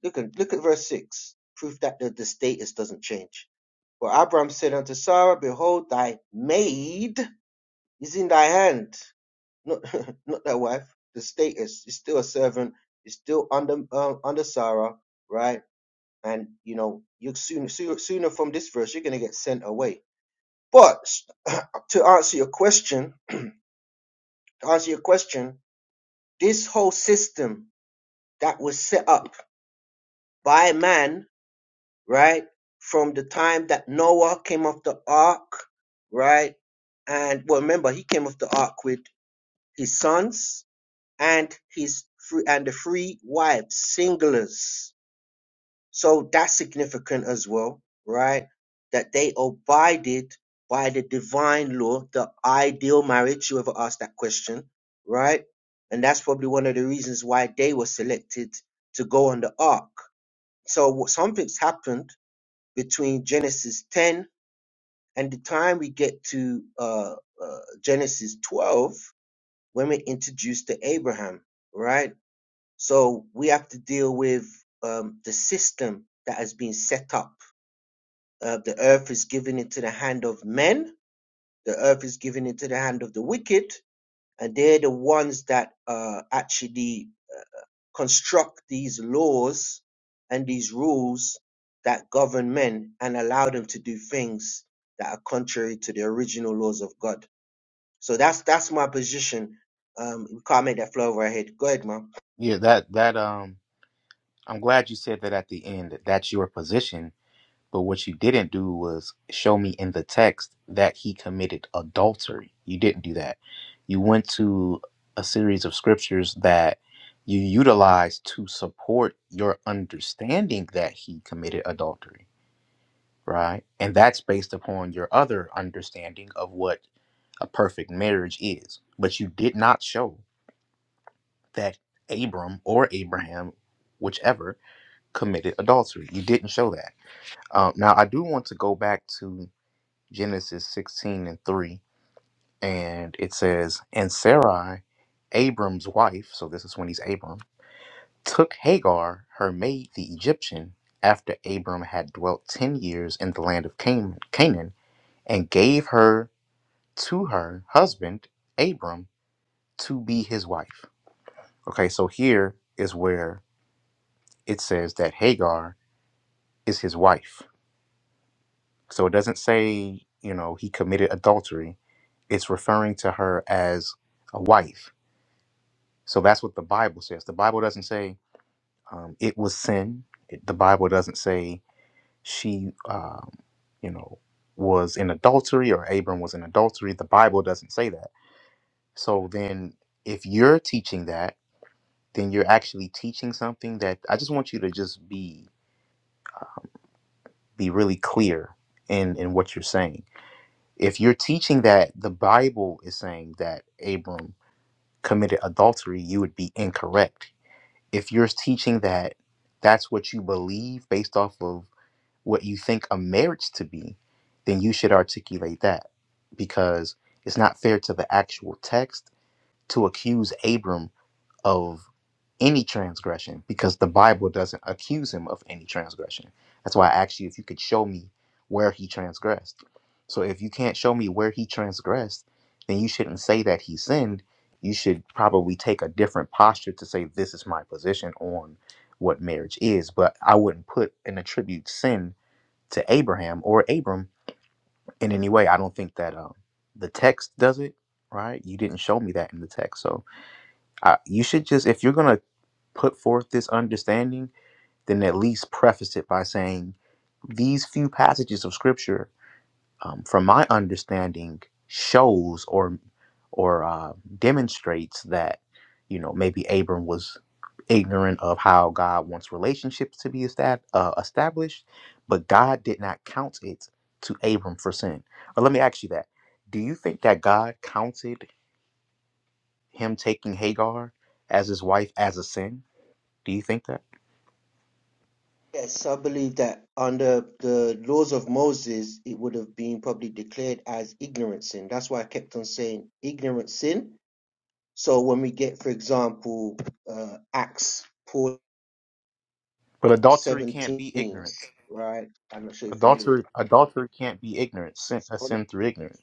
Look at, look at verse 6, proof that the, the status doesn't change. For Abram said unto Sarah, Behold, thy maid is in thy hand. Not, not thy wife, the status is still a servant, is still under, um, under Sarah, right? And, you know, you sooner, sooner, sooner from this verse, you're going to get sent away but to answer your question, to answer your question, this whole system that was set up by man, right, from the time that Noah came off the ark, right, and well, remember he came off the ark with his sons and his three and the three wives, singulars, So that's significant as well, right? That they abided by the divine law, the ideal marriage, whoever asked that question, right? And that's probably one of the reasons why they were selected to go on the ark. So what- something's happened between Genesis 10 and the time we get to uh, uh, Genesis 12 when we're introduced to Abraham, right? So we have to deal with um, the system that has been set up uh, the earth is given into the hand of men, the earth is given into the hand of the wicked, and they're the ones that uh, actually construct these laws and these rules that govern men and allow them to do things that are contrary to the original laws of God. So that's that's my position. Um, we can't make that flow over our head. Go ahead, man. Yeah, that that um I'm glad you said that at the end. that That's your position, but what you didn't do was show me in the text that he committed adultery. You didn't do that. You went to a series of scriptures that you utilized to support your understanding that he committed adultery, right? And that's based upon your other understanding of what a perfect marriage is. But you did not show that Abram or Abraham, whichever, committed adultery. You didn't show that. Um, now, I do want to go back to Genesis 16 and 3, and it says, And Sarai, Abram's wife, so this is when he's Abram, took Hagar, her maid, the Egyptian, after Abram had dwelt 10 years in the land of Can- Canaan, and gave her to her husband, Abram, to be his wife. Okay, so here is where it says that Hagar is his wife. So it doesn't say, you know, he committed adultery. It's referring to her as a wife. So that's what the Bible says. The Bible doesn't say um, it was sin. It, the Bible doesn't say she, um, you know, was in adultery or Abram was in adultery. The Bible doesn't say that. So then if you're teaching that, then you're actually teaching something that I just want you to just be be really clear in in what you're saying. If you're teaching that the Bible is saying that Abram committed adultery, you would be incorrect. If you're teaching that that's what you believe based off of what you think a marriage to be, then you should articulate that because it's not fair to the actual text to accuse Abram of any transgression because the Bible doesn't accuse him of any transgression. That's why I asked you if you could show me where he transgressed. So if you can't show me where he transgressed, then you shouldn't say that he sinned. You should probably take a different posture to say, this is my position on what marriage is. But I wouldn't put and attribute sin to Abraham or Abram in any way. I don't think that um, the text does it, right? You didn't show me that in the text. So I, you should just if you're going to put forth this understanding then at least preface it by saying these few passages of scripture um, from my understanding shows or or uh, demonstrates that you know maybe abram was ignorant of how god wants relationships to be estab- uh, established but god did not count it to abram for sin or let me ask you that do you think that god counted him taking hagar as his wife as a sin do you think that? Yes, I believe that under the laws of Moses, it would have been probably declared as ignorant sin. That's why I kept on saying ignorant sin. So when we get, for example, uh, Acts 4, But adultery can't 17, be ignorance. right? I'm not sure you're familiar with it. Adultery, adultery can't be ignorance. S- Sin, s- a hold on. sin through ignorance.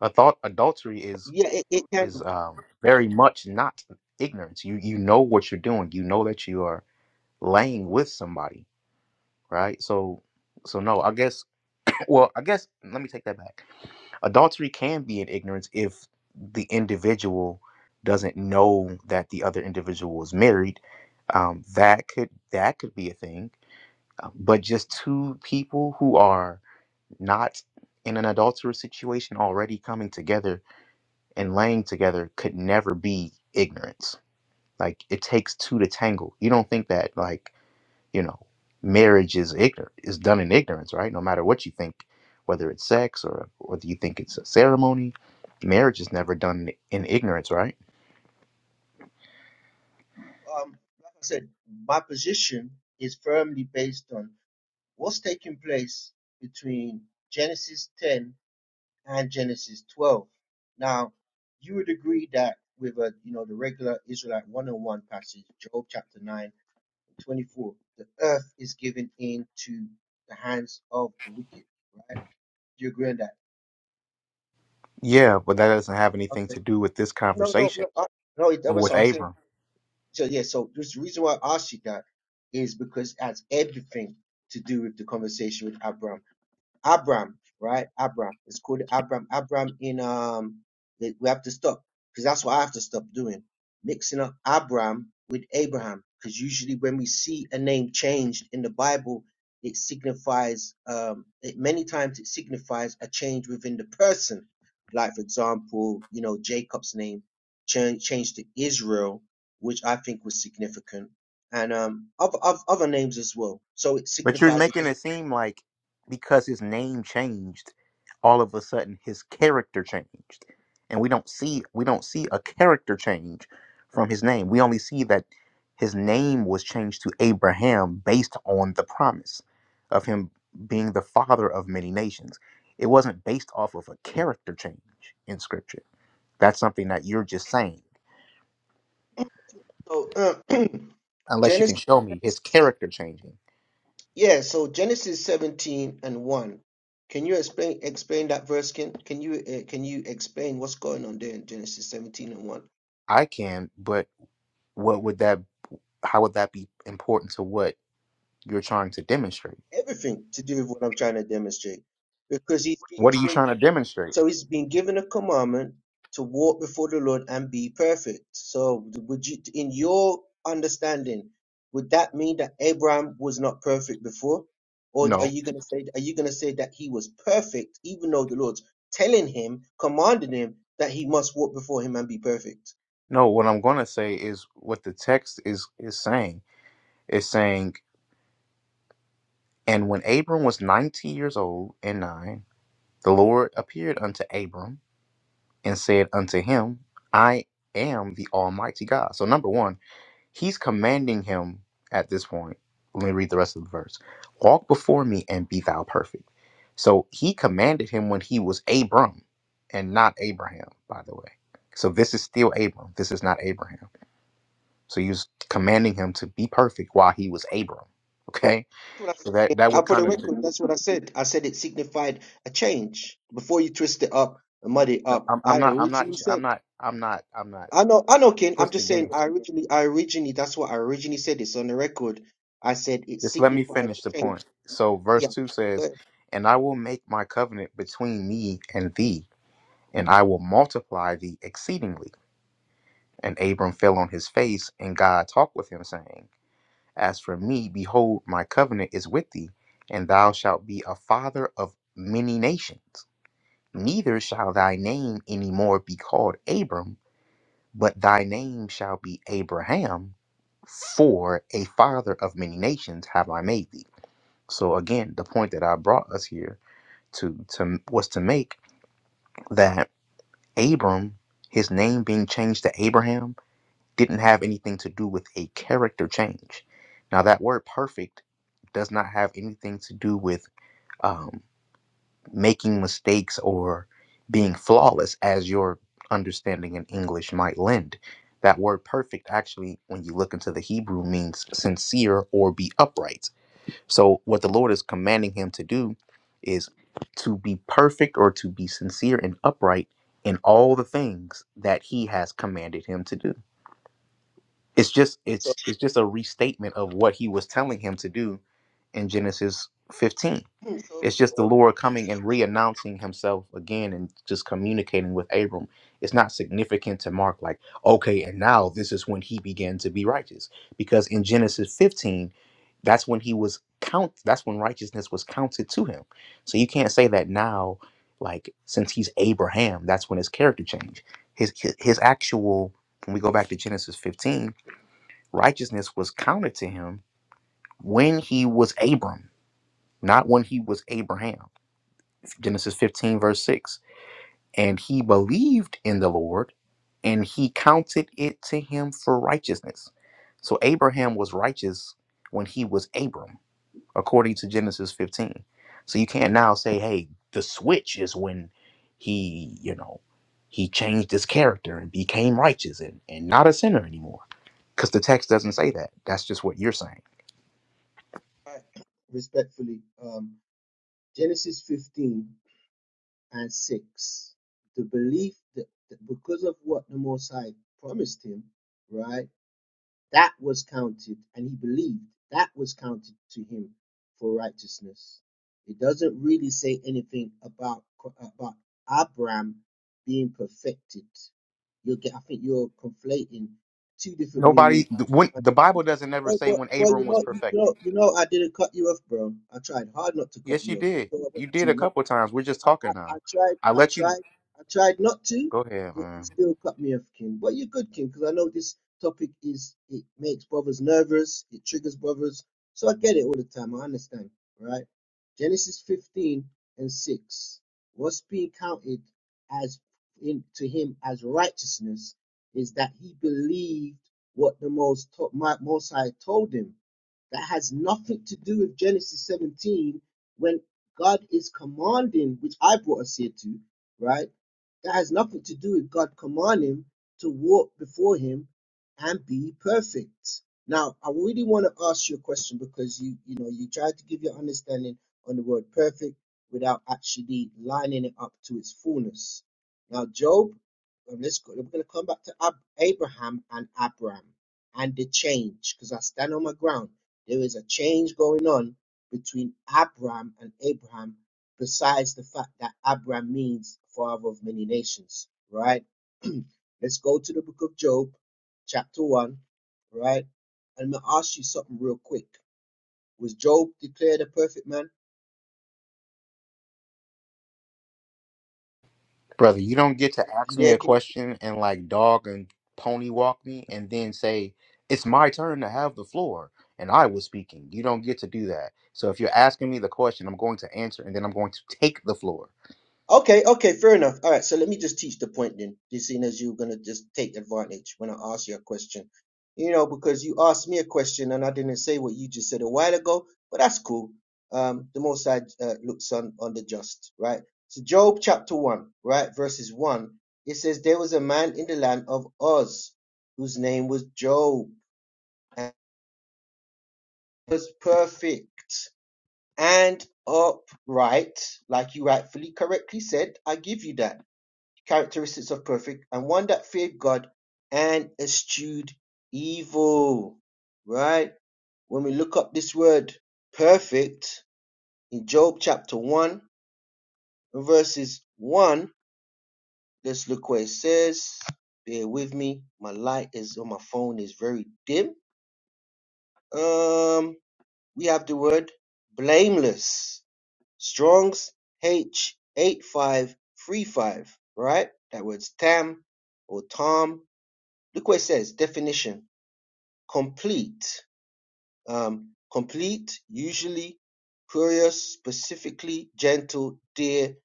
A thought adultery is Yeah, it, it can. is um, very much not ignorance. You you know what you're doing. You know that you are laying with somebody, right? So so no, I guess. Well, I guess let me take that back. Adultery can be an ignorance if the individual doesn't know that the other individual is married. Um, that could that could be a thing but just two people who are not in an adulterous situation already coming together and laying together could never be ignorance. Like it takes two to tangle. You don't think that like, you know, marriage is ignorant is done in ignorance, right? No matter what you think, whether it's sex or whether you think it's a ceremony, marriage is never done in ignorance, right? Um, like I said, my position is firmly based on what's taking place between Genesis 10 and Genesis 12. Now, you would agree that with a you know the regular Israelite one-on-one passage, Job chapter 9 and 24, the earth is given into the hands of the wicked, right? Do you agree on that? Yeah, but that doesn't have anything Okay. to do with this No, no, conversation no, I, no. it- or That's with what I'm saying. Abram. So yeah, so just the reason why I asked you that is because it has everything to do with the conversation with Abraham Abram, right? Abram. It's called Abram. Abram in um the, we have to stop because that's what I have to stop doing. Mixing up Abram with Abraham. Because usually when we see a name changed in the Bible, it signifies um it, many times it signifies a change within the person. Like for example, you know, Jacob's name changed changed to Israel, which I think was significant. And um other, other other names as well. So it But you're signifies a making it seem like because his name changed, all of a sudden his character changed. And we don't see we don't see a character change from his name. We only see that his name was changed to Abraham based on the promise of him being the father of many nations. It wasn't based off of a character change in scripture. That's something that you're just saying. So uh, Unless you can Genesis, show me his character changing. yeah. So Genesis seventeen and one. Can you explain explain that verse? Ken? can you uh, can you explain what's going on there in Genesis seventeen and one? I can, but what would that how would that be important to what you're trying to demonstrate? Everything to do with what I'm trying to demonstrate, because he's he's What are you been trying to demonstrate? So he's been given a commandment to walk before the Lord and be perfect. So would you, in your understanding, would that mean that Abraham was not perfect before? Or are No. you going to say, are you going to say that he was perfect, even though the Lord's telling him, commanding him that he must walk before him and be perfect? No, what I'm going to say is what the text is is saying. It's saying, "And when Abram was 90 years old and 9, the Lord appeared unto Abram and said unto him, I am the Almighty God." So number 1, He's commanding him at this point. Let me read the rest of the verse. Walk before me and be thou perfect. So he commanded him when he was Abram and not Abraham, by the way. So this is still Abram. This is not Abraham. So he was commanding him to be perfect while he was Abram. Okay? That's what I So that said. that Now, would for the kind of record, that's what I said. I said it signified a change. Before you twist it up and muddy it no, up, I'm, I'm I not I'm not originally I'm said not I'm not I'm not I know, I know, Ken. I'm just twisting saying. anything. I originally, I originally, that's what I originally said. It's on the record. I said it Just let me signifies finish the change. point. So Yeah, verse 2 says, but "And I will make my covenant between me and thee." and I will multiply thee exceedingly. And Abram fell on his face, and God talked with him, saying, As for me, behold, my covenant is with thee, and thou shalt be a father of many nations. Neither shall thy name any more be called Abram, but thy name shall be Abraham, for a father of many nations have I made thee. So again, the point that I brought us here to, to was to make that Abram, his name being changed to Abraham, didn't have anything to do with a character change. Now, that word perfect does not have anything to do with um, making mistakes or being flawless, as your understanding in English might lend. That word perfect actually, when you look into the Hebrew, means sincere or be upright. So, what the Lord is commanding him to do is to be perfect or to be sincere and upright in all the things that he has commanded him to do it's just so, it's it's just a restatement of what he was telling him to do in Genesis 15. It's so just the Lord coming and re-announcing himself again and just communicating with Abram. It's not significant to mark like, okay, and now this is when he began to be righteous. Because in Genesis 15, that's when he was count that's when righteousness was counted to him. So you can't say that now, like since he's Abraham, that's when his character changed. His his, his actual when we go back to Genesis 15, righteousness was counted to him when he was Abram, not when he was Abraham. Genesis 15, verse 6. And he believed in the Lord, and he counted it to him for righteousness. So Abraham was righteous when he was Abram, according to Genesis 15. So you can't now say, hey, the switch is when he, you know, he changed his character and became righteous and, and not a sinner anymore. Because the text doesn't say that. That's just what you're saying. I- respectfully, um, Genesis 15 and 6, the belief that, that because of what the Most High promised him, right? That was counted, and he believed that was counted to him for righteousness. It doesn't really say anything about about Abraham being perfected. You'll get, I think you're conflating two different meanings. Nobody. The, when, the Bible doesn't ever Well, say well, when well, Abram you was know, you perfected. know, you know, I didn't cut you off, bro. I tried hard not to cut Yes, you you off. I did. thought I You wanted did to a not. couple times. We're just I, I, talking I now. tried, I I let you tried, I tried not to, go ahead, but you man, still cut me off, King. But you're good, King, because I know this topic is it makes brothers nervous, it triggers brothers. So I get it all the time. I understand, right? Genesis 15 and 6. What's being counted as in to him as righteousness is that he believed what the most to- my, most high told him that has nothing to do with Genesis 17 when God is commanding, which I brought us here to, right? That has nothing to do with God commanding to walk before Him and be perfect. Now, I really want to ask you a question because you, you know, you tried to give your understanding on the word perfect without actually lining it up to its fullness. Now, Job, and let's go, we're going to come back to Ab- Abraham and Abram and the change because I stand on my ground. There is a change going on between Abram and Abraham, besides the fact that Abram means father of many nations, right? Let's go to the book of Job, chapter 1, right? And I'm going to ask you something real quick. Was Job declared a perfect man? brother. You don't get to ask me a question and like dog and pony walk me, and then say it's my turn to have the floor and I was speaking. You don't get to do that. So if you're asking me the question, I'm going to answer, and then I'm going to take the floor. Okay, okay, fair enough. All right, so let me just teach the point then, just seeing as you're gonna just take advantage when I ask you a question. You know, because you asked me a question and I didn't say what you just said a while ago, but that's cool. Um, the Most High uh, looks on on the just, right? So Job chapter one, right, verses one, it says there was a man in the land of Oz whose name was Job and he was perfect and upright, like you rightfully correctly said. I give you that characteristics of perfect, and one that feared God and eschewed evil. Right? When we look up this word perfect in Job chapter 1, and verses 1, let's look what it says. Bear with me. My light is on my phone is very dim. Um, we have the word blameless. Strong's H8535, right? That word's Tam or Tom Look what it says. Definition. Complete. Um, complete, usually curious, specifically gentle, dear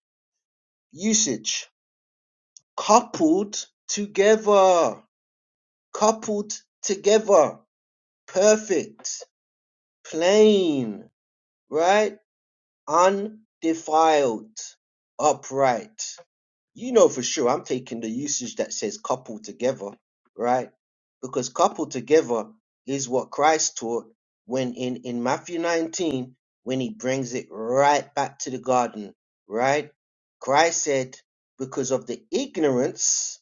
usage. Coupled together. Coupled together. Perfect. Plain. Right? Undefiled. Upright. you know for sure I'm taking the usage that says coupled together, right? Because coupled together is what Christ taught when in, in Matthew 19, when he brings it right back to the garden, right? Christ said, because of the ignorance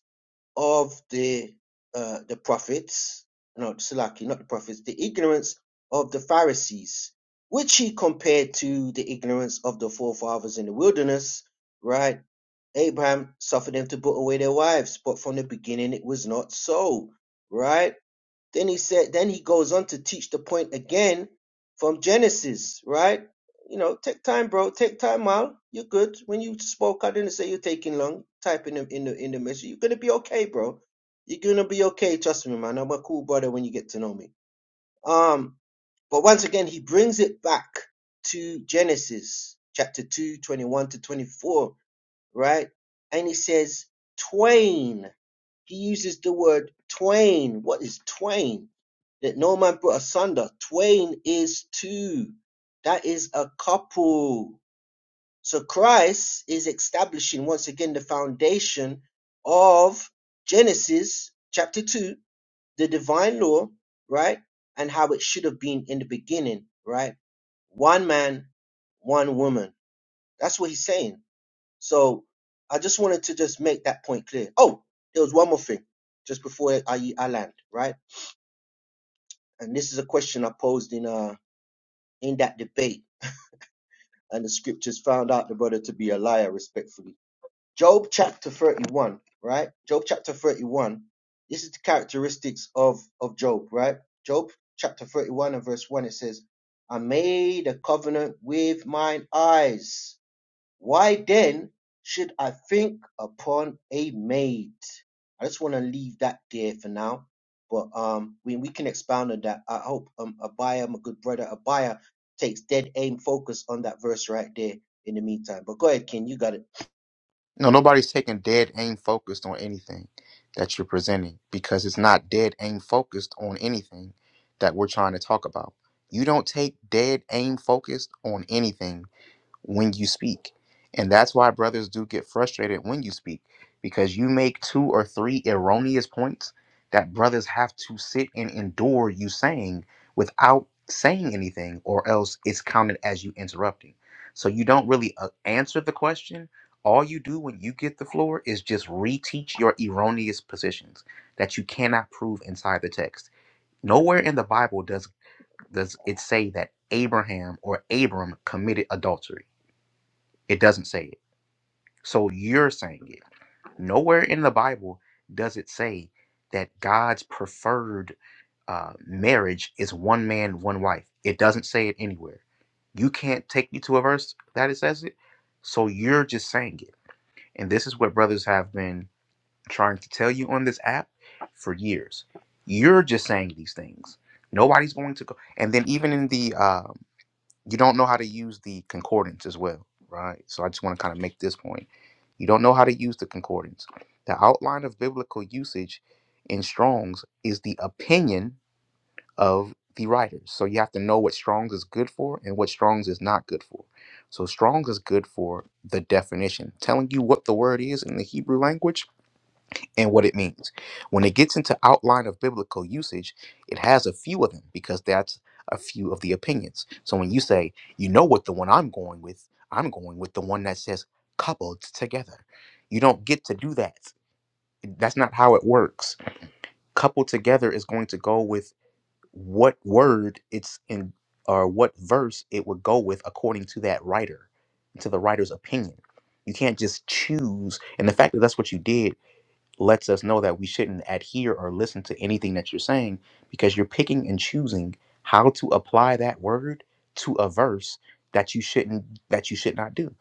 of the uh, the prophets, no, Salaki, not the prophets, the ignorance of the Pharisees, which he compared to the ignorance of the forefathers in the wilderness, right? Abraham suffered them to put away their wives, but from the beginning it was not so, right? Then he said, then he goes on to teach the point again from Genesis, right? You know, take time, bro. Take time out. You're good. When you spoke, I didn't say you're taking long. Type in the in the in the message. You're gonna be okay, bro. You're gonna be okay. Trust me, man. I'm a cool brother when you get to know me. Um, but once again, he brings it back to Genesis chapter 2, 21 to 24 right? And he says twain. He uses the word twain. What is twain? That no man put asunder. Twain is two. That is a couple. So Christ is establishing once again the foundation of Genesis chapter 2, the divine law, right? And how it should have been in the beginning, right? One man, one woman. That's what he's saying so I just wanted to just make that point clear. Oh, there was one more thing just before I, I land, right? And this is a question I posed in uh in that debate, and the scriptures found out the brother to be a liar, respectfully. Job chapter 31, right? Job chapter 31. This is the characteristics of of Job, right? Job chapter 31 and verse 1 it says, I made a covenant with mine eyes Why then should I think upon a maid? I just want to leave that there for now. But um, we, we can expound on that. I hope um, Abaya, my good brother Abaya, takes dead aim focus on that verse right there in the meantime. But go ahead, Ken, you got it. No, nobody's taking dead aim focused on anything that you're presenting because it's not dead aim focused on anything that we're trying to talk about. You don't take dead aim focused on anything when you speak. And that's why brothers do get frustrated when you speak because you make two or three erroneous points that brothers have to sit and endure you saying without saying anything, or else it's counted as you interrupting. So you don't really uh, answer the question. All you do when you get the floor is just reteach your erroneous positions that you cannot prove inside the text. Nowhere in the Bible does does it say that Abraham or Abram committed adultery it doesn't say it. So you're saying it. Nowhere in the Bible does it say that God's preferred uh, marriage is one man, one wife. It doesn't say it anywhere. You can't take me to a verse that it says it. So you're just saying it. And this is what brothers have been trying to tell you on this app for years. You're just saying these things. Nobody's going to go. And then even in the um you don't know how to use the concordance as well, right? So I just want to kind of make this point. You don't know how to use the concordance. The outline of biblical usage in Strong's is the opinion of the writers. So you have to know what Strong's is good for and what Strong's is not good for. So Strong's is good for the definition, telling you what the word is in the Hebrew language and what it means. When it gets into outline of biblical usage, it has a few of them because that's a few of the opinions. So when you say, you know what the one I'm going with, I'm going with the one that says coupled together. You don't get to do that. That's not how it works. Coupled together is going to go with what word it's in or what verse it would go with according to that writer, to the writer's opinion. You can't just choose. And the fact that that's what you did lets us know that we shouldn't adhere or listen to anything that you're saying because you're picking and choosing how to apply that word to a verse that you shouldn't that you should not do.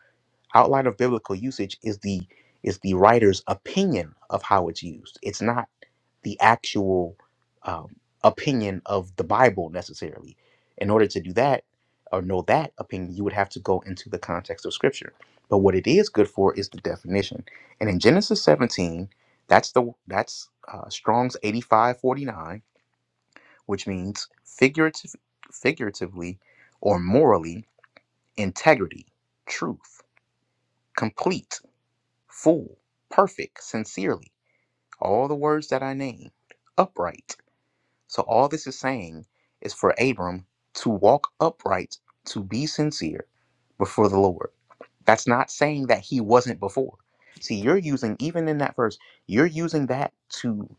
Outline of biblical usage is the is the writer's opinion of how it's used. It's not the actual um, opinion of the Bible necessarily. In order to do that or know that opinion, you would have to go into the context of Scripture. But what it is good for is the definition. And in Genesis 17, that's the that's uh, Strong's 85:49, which means figurative, figuratively or morally, integrity, truth, complete, full, perfect, sincerely. All the words that I named, upright So all this is saying is for Abram to walk upright, to be sincere before the Lord. That's not saying that he wasn't before. See, you're using even in that verse, you're using that to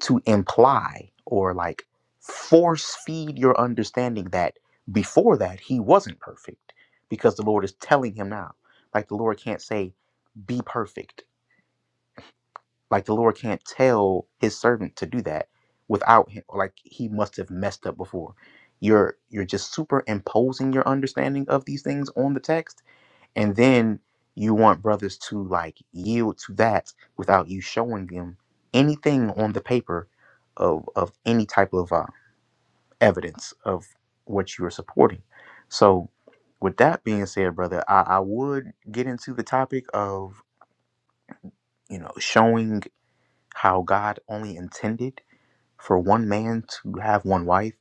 to imply or like force feed your understanding that before that he wasn't perfect because the Lord is telling him now. Like the Lord can't say be perfect like the Lord can't tell his servant to do that without him. Like he must have messed up before. You're you're just superimposing your understanding of these things on the text, and then you want brothers to like yield to that without you showing them anything on the paper of of any type of uh, evidence of what you are supporting. So, with that being said, brother, I, I would get into the topic of you know showing how God only intended for one man to have one wife.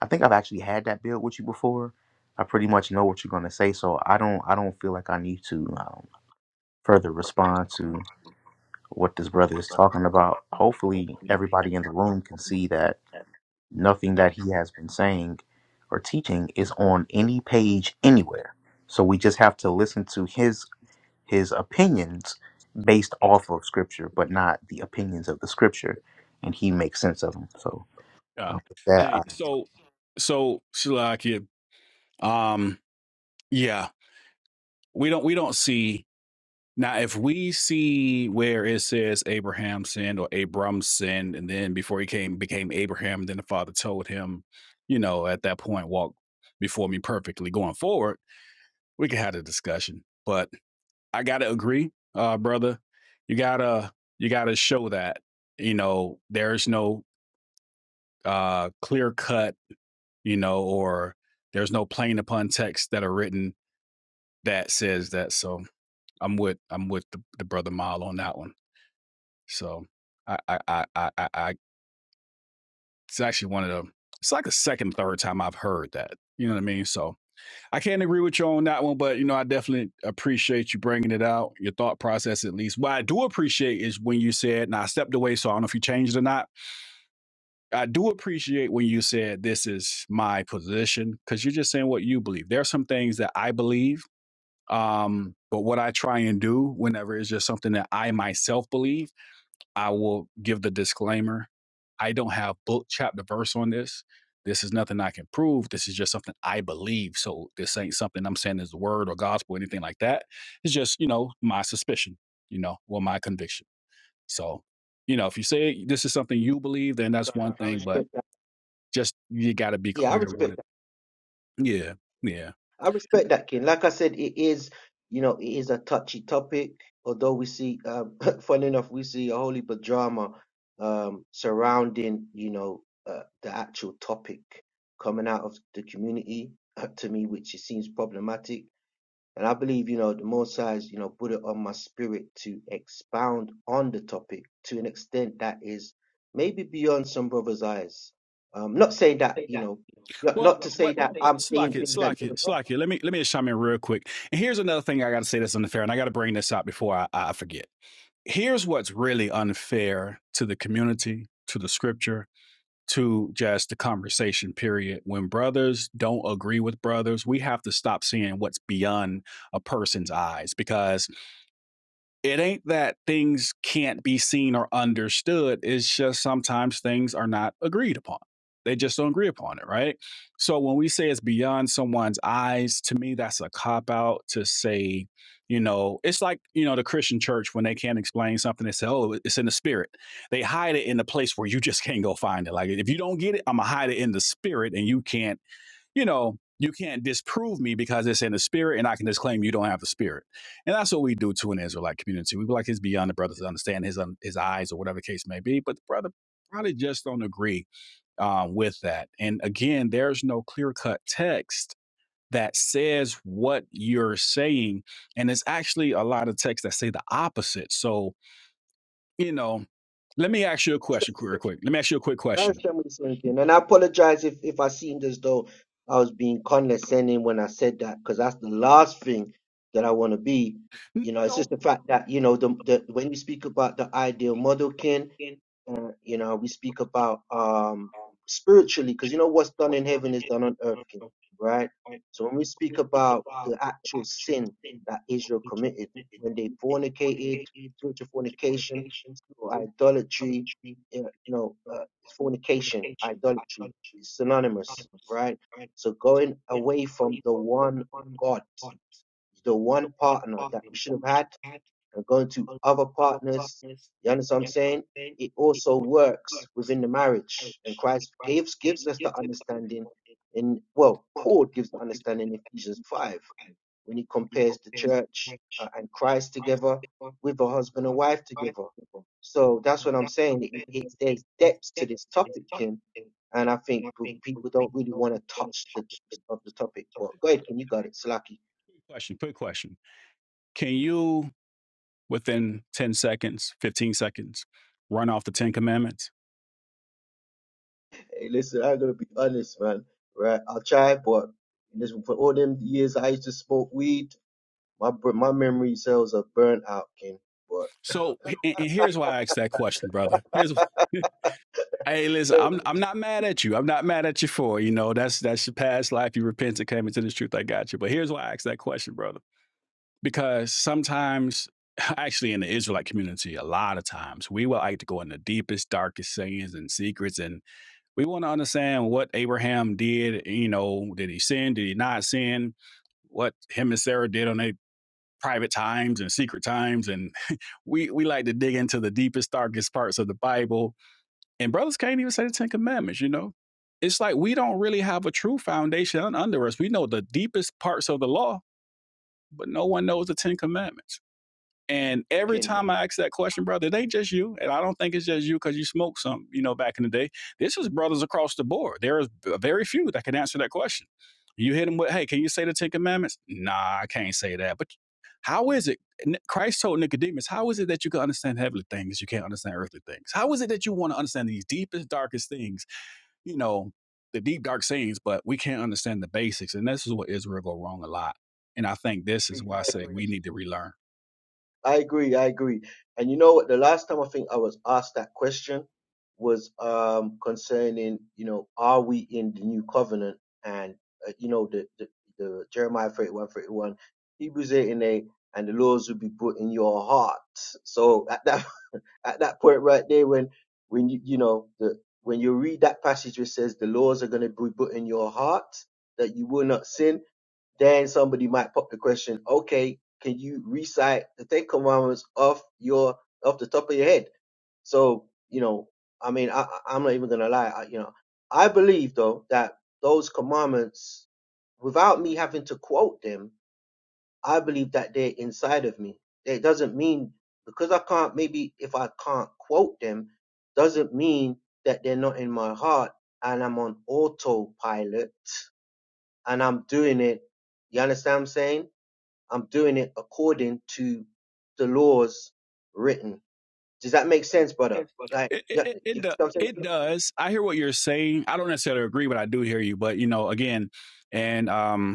I think I've actually had that build with you before. I pretty much know what you're gonna say, so I don't I don't feel like I need to um, further respond to what this brother is talking about. Hopefully, everybody in the room can see that nothing that he has been saying or teaching is on any page anywhere. So we just have to listen to his his opinions based off of scripture, but not the opinions of the scripture, and he makes sense of them. So Uh, um, with that hey, so so Shalakia, um, yeah, we don't we don't see now if we see where it says Abraham sinned or Abram sinned, and then before he came became Abraham, then the Father told him, you know, at that point, walk before me perfectly. Going forward, we could have a discussion, but. I gotta agree, uh, brother. You gotta you gotta show that you know there's no uh, clear cut, you know, or there's no plain upon text that are written that says that. So I'm with I'm with the, the brother Mile on that one. So I I, I I I I it's actually one of the it's like the second third time I've heard that. You know what I mean? So I can't agree with you on that one, but you know, I definitely appreciate you bringing it out, your thought process at least. What I do appreciate is when you said, "Now I stepped away, so I don't know if you changed or not." I do appreciate when you said, "This is my position," because you're just saying what you believe. There are some things that I believe, um, but what I try and do whenever it's just something that I myself believe. I will give the disclaimer. I don't have book, chapter, verse on this. This is nothing I can prove. This is just something I believe. So this ain't something I'm saying is the word or gospel or anything like that. It's just, you know, my suspicion, you know, or my conviction. So, you know, if you say this is something you believe, then that's God, one I, I thing, respect but just you got to be Yeah, I clear respect. with it. Yeah. Yeah. I respect that, King. Like I said, it is, you know, it is a touchy topic. Although we see, um, funny enough, we see a whole heap of drama um, surrounding, you know, uh, the actual topic coming out of the community uh, to me, which it seems problematic. And I believe, you know, the more size, you know, put it on my spirit to expound on the topic to an extent that is maybe beyond some brothers' eyes. Um, not saying that, you know, not, Well, not to what, say that wait, I'm slack seeing it, things that slack you it, slack it. Let me let me just chime in real quick. And here's another thing I got to say that's unfair, and I got to bring this up before I, I forget here's what's really unfair to the community, to the scripture, to just the conversation period. When brothers don't agree with brothers, we have to stop seeing what's beyond a person's eyes because it ain't that things can't be seen or understood. It's just sometimes things are not agreed upon. They just don't agree upon it, right? So when we say it's beyond someone's eyes, to me, that's a cop out to say, you know, it's like, you know, the Christian church when they can't explain something, they say, oh, it's in the spirit. They hide it in a place where you just can't go find it. Like, if you don't get it, I'm going to hide it in the spirit and you can't you know, you can't disprove me because it's in the spirit, and I can just claim you don't have the spirit. And that's what we do to an Israelite community. We be like his beyond the brother's understand his un- his eyes or whatever the case may be, but the brother probably just don't agree uh, with that. And again, there's no clear cut text that says what you're saying, and it's actually a lot of texts that say the opposite. So you know, let me ask you a question, real quick. Let me ask you a quick That's question. Hashem is thinking. And I apologize if, if I seemed as though I was being condescending when I said that, because that's the last thing that I want to be. You know, it's No, just the fact that, you know, the, the when you speak about the ideal model, kin. Uh, you know, we speak about um, spiritually because you know what's done in heaven is done on earth, King, right? So when we speak about the actual sin that Israel committed when they fornicated, spiritual fornication, spiritual idolatry, uh, you know, uh, fornication, idolatry is synonymous, right? So going away from the one God, the one partner that we should have had and going to other partners. You understand what I'm saying? It also works within the marriage, and Christ gives gives us the understanding. In well, Paul gives the understanding in Ephesians five when he compares the church uh, and Christ together with a husband and wife together. So that's what I'm saying. It, it, there's depths to this topic, Kim, and I think p- people don't really want to touch the depths of the topic. But go ahead, Kim, you got it, Slaki. quick question, quick question. Can you? within 10 seconds, 15 seconds, run off the Ten Commandments. Hey, listen, I'm gonna be honest, man. Right, I'll try, but listen, for all them years I used to smoke weed, my br- my memory cells are burnt out, King. But So, and, here's why I asked that question, brother. Here's Hey, listen, yeah, I'm I'm not mad at you. I'm not mad at you for you know that's that's your past life. You repented, came into this truth. I got you. But here's why I asked that question, brother. Because sometimes, actually, in the Israelite community, a lot of times we will like to go in the deepest, darkest sins and secrets, and we want to understand what Abraham did. You know, did he sin? Did he not sin? What him and Sarah did on their private times and secret times. And we, we like to dig into the deepest, darkest parts of the Bible. And brothers can't even say the Ten Commandments, you know? It's like we don't really have a true foundation under us. We know the deepest parts of the law, but no one knows the Ten Commandments. And every King, time I ask that question, brother, it ain't just you. And I don't think it's just you because you smoked some, you know, back in the day. This is brothers across the board. There is very few that can answer that question. You hit them with, hey, can you say the Ten Commandments? Nah, I can't say that. But how is it? Christ told Nicodemus, how is it that you can understand heavenly things? You can't understand earthly things. How is it that you want to understand these deepest, darkest things? you know, the deep dark sayings, but we can't understand the basics. And this is what Israel go wrong a lot. And I think this I is why I say agree, we need to relearn. I agree, I agree. And you know what? The last time I think I was asked that question was um concerning, you know, are we in the new covenant? And uh, you know, the, the the Jeremiah 31, 31, Hebrews 8 and 8, and the laws will be put in your heart. So at that. at that point right there when when you you know the when you read that passage which says the laws are going to be put in your heart that you will not sin then somebody might pop the question okay can you recite the ten commandments off your off the top of your head so you know i mean i I- i'm not even going to lie I, you know i believe though that those commandments without me having to quote them I believe that they're inside of me. It doesn't mean because I can't maybe if I can't quote them, doesn't mean that they're not in my heart and I'm on autopilot and I'm doing it. You understand what I'm saying? I'm doing it according to the laws written. Does that make sense, brother? Like, It, yeah, it, it, you see do- what I'm saying? it does. I hear what you're saying. I don't necessarily agree, but I do hear you. But you know, again, and um,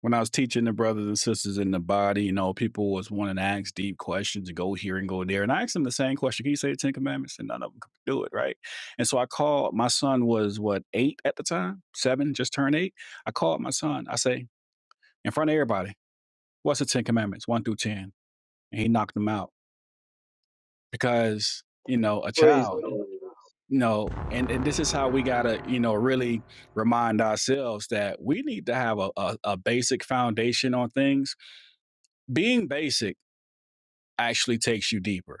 when I was teaching the brothers and sisters in the body, you know, people was wanting to ask deep questions and go here and go there. And I asked them the same question. Can you say the Ten Commandments? And none of them could do it, right? And so I called my son was what, eight at the time? Seven, just turned eight. I called my son. I say, in front of everybody, what's the Ten Commandments? One through ten. And he knocked them out. Because, you know, a Praise child, the Lord. you know, and, and this is how we gotta, you know, really remind ourselves that we need to have a, a, a basic foundation on things. Being basic actually takes you deeper.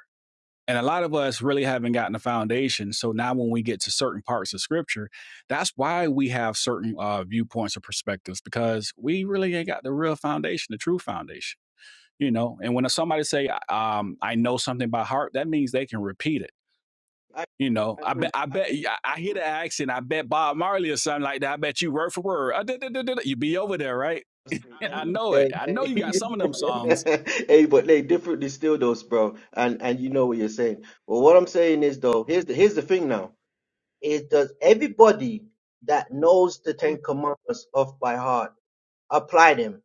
And a lot of us really haven't gotten a foundation. So now, when we get to certain parts of scripture, that's why we have certain uh, viewpoints or perspectives because we really ain't got the real foundation, the true foundation, you know. And when somebody say, um, "I know something by heart," that means they can repeat it. I You know, I I bet, agree. I bet, yeah, I hear the accent. I bet Bob Marley or something like that. I bet you word for word. Uh, You be over there, right? Yeah, I know it. Hey, I know you got hey, some of them songs. hey, but they differently still those, bro. And and you know what you're saying. But what I'm saying is though, here's the here's the thing now. Is does everybody that knows the Ten Commandments off by heart apply them?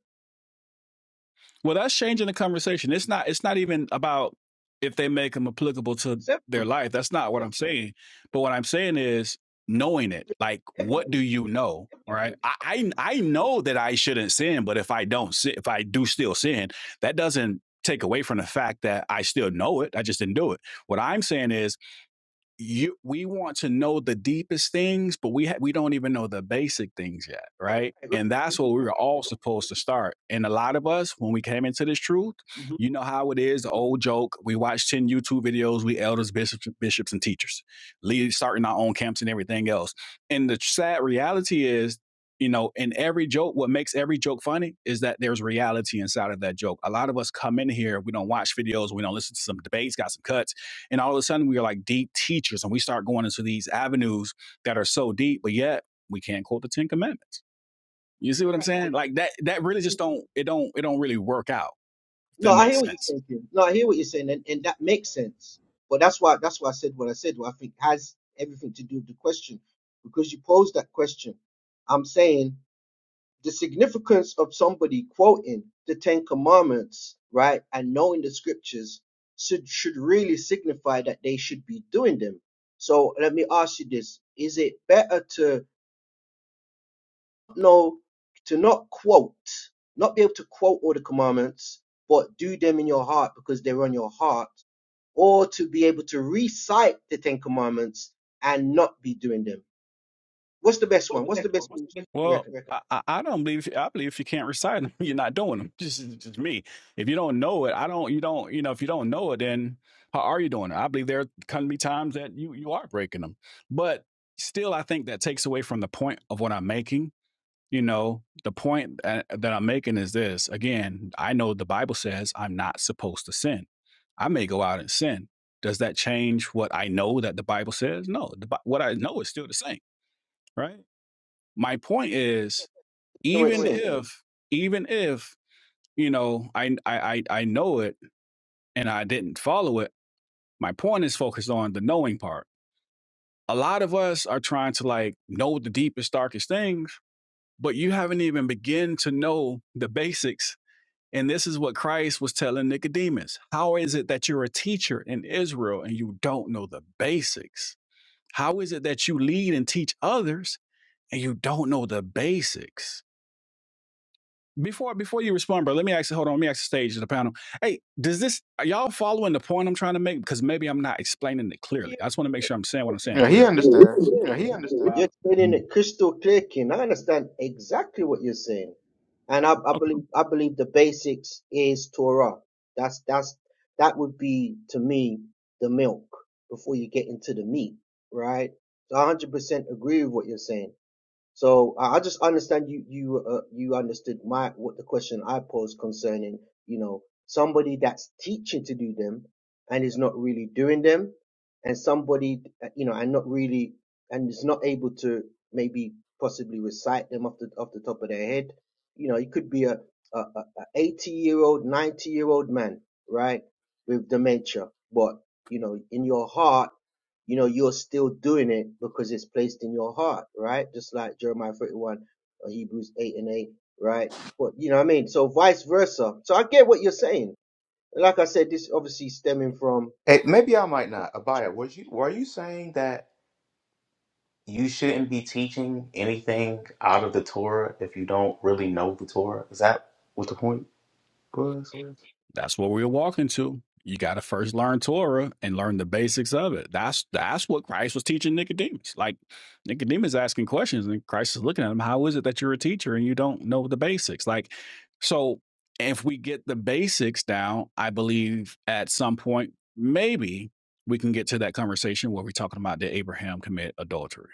Well, that's changing the conversation. It's not. It's not even about if they make them applicable to Is that their life. That's not what I'm saying. But what I'm saying is knowing it. Like, what do you know? Right? I I, I know that I shouldn't sin, but if I don't sin, if I do still sin, that doesn't take away from the fact that I still know it. I just didn't do it. What I'm saying is you we want to know the deepest things but we ha- we don't even know the basic things yet right right? Right. and that's that's where what- we were all supposed to start and a lot of us when we came into this truth mhm. you know how it is the old joke we watch 10 youtube videos we elders bishops bishops and teachers lead starting our own camps and everything else and the sad reality is you know in every joke what makes every joke funny is that there's reality inside of that joke a lot of us come in here we don't watch videos we don't listen to some debates got some cuts and all of a sudden, we are like deep teachers and we start going into these avenues that are so deep, but yet we can't quote the Ten Commandments. You see what I'm Right. And, saying? Like that, that really just don't, it don't, it don't really work out. If no, that I makes hear what you're sense. saying. Kim. No, I hear what you're saying, and, and that makes sense. But that's why that's why I said what I said. What I think has everything to do with the question because you posed that question. I'm saying. the significance of somebody quoting the Ten Commandments, right, and knowing the scriptures should should really signify that they should be doing them. So let me ask you this: Is it better to know to not quote, not be able to quote all the commandments, but do them in your heart because they're on your heart, or to be able to recite the Ten Commandments and not be doing them? What's the best one? What's the best one you Well, reckon? I, I I don't believe, I believe if you can't recite them, you're not doing them. Just, just me. If you don't know it, I don't, you don't, you know, if you don't know it, then how are you doing it? I believe there can be times that you, you are breaking them, but still, I think that takes away from the point of what I'm making You know, the point that that I'm making is this, again, I know the Bible says I'm not supposed to sin. I may go out and sin. Does that change what I know that the Bible says? No, the, Bi- what I know is still the same, right? My point is, Ignorant even sin. if, even if, you know, I, I, I I know it and I didn't follow it, my point is focused on the knowing part. A lot of us are trying to like know the deepest, darkest things, but you haven't even begun to know the basics And this is what Christ was telling Nicodemus. How is it that you're a teacher in Israel and you don't know the basics? How is it that you lead and teach others and you don't know the basics? Before before you respond, bro, let me ask you, hold on, let me ask the stage of the panel. Hey, does this are y'all following the point I'm trying to make? Because maybe I'm not explaining it clearly. Yeah, I just want to make sure I'm saying what I'm saying Yeah, he clearly. explain. understands. it. You're explaining it crystal clear, King. I understand exactly what you're saying, and I, I believe I believe the basics is Torah. That's that's that would be to me the milk before you get into the meat, right? So I 100% agree with what you're saying. So I I just understand you you uh, you understood my what the question I posed concerning you know somebody that's teaching to do them and is not really doing them, and somebody uh, you know and not really and is not able to maybe possibly recite them off the off the top of their head. You know, it could be a a, a a 80 year old, 90 year old man, right, with dementia, but you know, in your heart you know, you're still doing it because it's placed in your heart, right? Just like Jeremiah 31 or Hebrews 8 and 8, right? But you know what I mean? So vice versa. So I get what you're saying. Like I said, this obviously stemming from Hey, maybe I might not. Abaya, was you were you saying that you shouldn't be teaching anything out of the Torah if you don't really know the Torah? Is that what the point was? That's what we're walking to. You got to first learn Torah and learn the basics of it. That's that's what Christ was teaching Nicodemus. Like Nicodemus asking questions, and Christ is looking at him. How is it that you're a teacher and you don't know the basics? Like, so if we get the basics down, I believe at some point maybe we can get to that conversation where we're talking about did Abraham commit adultery,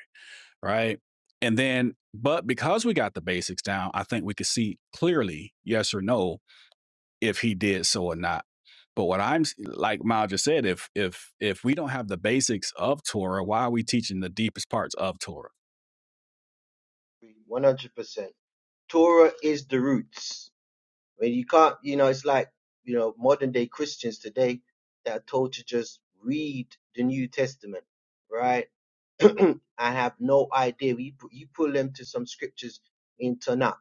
right? And then, but because we got the basics down, I think we could see clearly, yes or no, if he did so or not. But what I'm like Mal just said, if if if we don't have the basics of Torah, why are we teaching the deepest parts of Torah? 100%. Torah is the roots. I mean, you can't, you know, it's like, you know, modern day Christians today that are told to just read the New Testament, right? I have no idea. You, pu- you pull them to some scriptures in Tanakh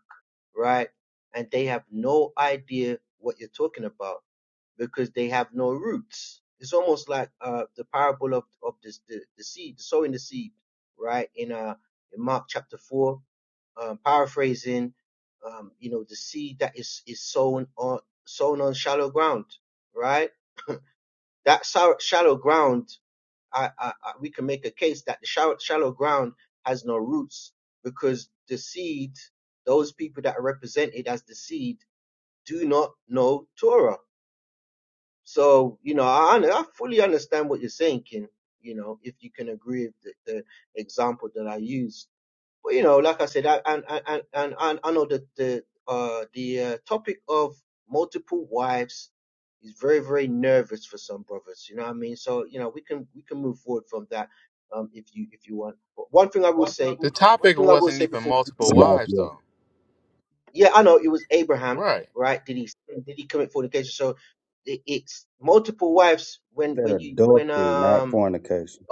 right? And they have no idea what you're talking about because they have no roots. It's almost like uh, the parable of of this, the the seed, sowing the seed, right? In uh in Mark chapter four, um, paraphrasing, um, you know, the seed that is is sown on sown on shallow ground, right? That sor- shallow ground I, I, I, we can make a case that the shallow, shallow ground has no roots because the seed, those people that are represented as the seed, do not know Torah. So, you know, I, I fully understand what you're saying, Ken. You know, if you can agree with the, the example that I used but you know, like I said, I, and, and, and, and I know that the, uh, the uh, topic of multiple wives is very, very nervous for some brothers. You know what I mean? So, you know, we can, we can move forward from that. Um, if you, if you want. But one thing I will say, The one topic thing I will wasn't say even before, we multiple move forward- wives, Salakia though. yeah, I know it was Abraham, Right. right? Did he, sin? did he commit fornication? So it, it's multiple wives when, said when you, when, adultery, not um, fornication.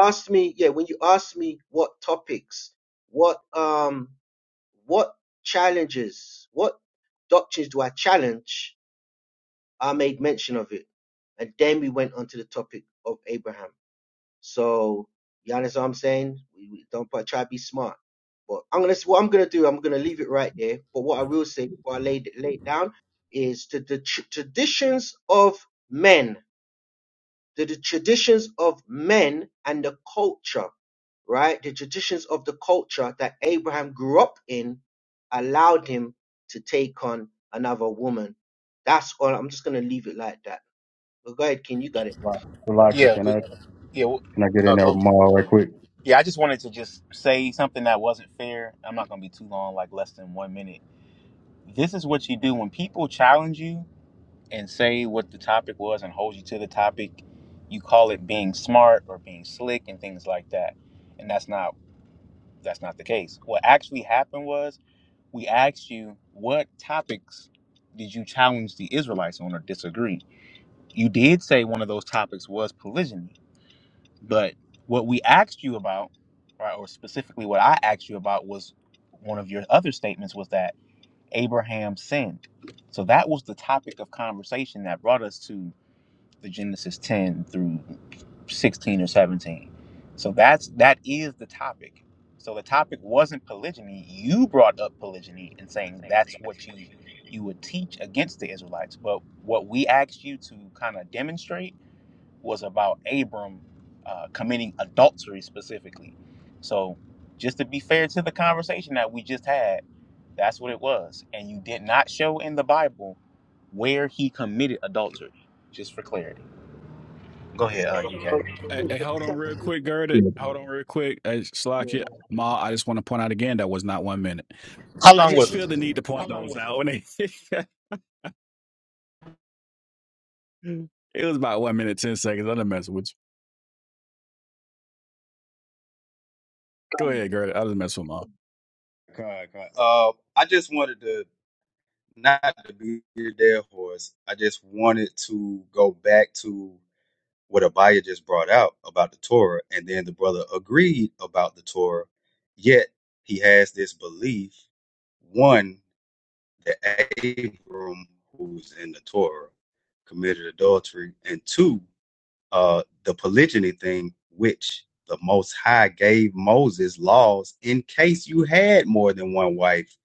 asked me, yeah, when you asked me what topics, what um what challenges, what doctrines do I challenge? I made mention of it. And then we went on to the topic of Abraham. So, you understand what I'm saying? We, we don't but try to be smart. But I'm gonna what I'm gonna do. I'm gonna leave it right there. But what I will say before I lay lay it down is to the tr- traditions of men the, the traditions of men and the culture, right? The traditions of the culture that Abraham grew up in allowed him to take on another woman. That's all. I'm just going to leave it like that. But go ahead, King. You got it. Right. Salakia, Yeah, can but I yeah, w- Can I get uh, in there with go. Maul right quick? Yeah, I just wanted to just say something that wasn't fair. I'm not gonna be too long, like less than one minute. This is what you do when people challenge you. and say what the topic was and hold you to the topic. You call it being smart or being slick and things like that. And that's not that's not the case. What actually happened was we asked you what topics did you challenge the Israelites on or disagree. You did say one of those topics was polygyny, but what we asked you about, right, or specifically what I asked you about was one of your other statements was that Abraham sinned. So that was the topic of conversation that brought us to the Genesis 10 through 16 or 17. So that's that is the topic. So the topic wasn't polygyny. You brought up polygyny and saying that's what you you would teach against the Israelites. But what we asked you to kind of demonstrate was about Abram uh, committing adultery specifically. So just to be fair to the conversation that we just had, that's what it was. And you did not show in the Bible where he committed adultery, just for clarity. Go ahead, uh, So, you know, DK. Hey, hey, hold on real quick, Gerdit. Hold on real quick. Hey, Slakia, yeah. Ma, I just want to point out again that was not one minute. How I long just was it? feel the need to point those out. When it, it was about one minute, 10 seconds. I didn't mess with you. Go ahead, Gerdit. I just mess with Ma. God, God. Uh, I just wanted to not to be your dead horse. I just wanted to go back to what Abaya just brought out about the Torah, and then the brother agreed about the Torah. Yet he has this belief: one, that Abram, who's in the Torah, committed adultery, and two. uh, the polygyny thing, which the Most High gave Moses laws in case you had more than one wife.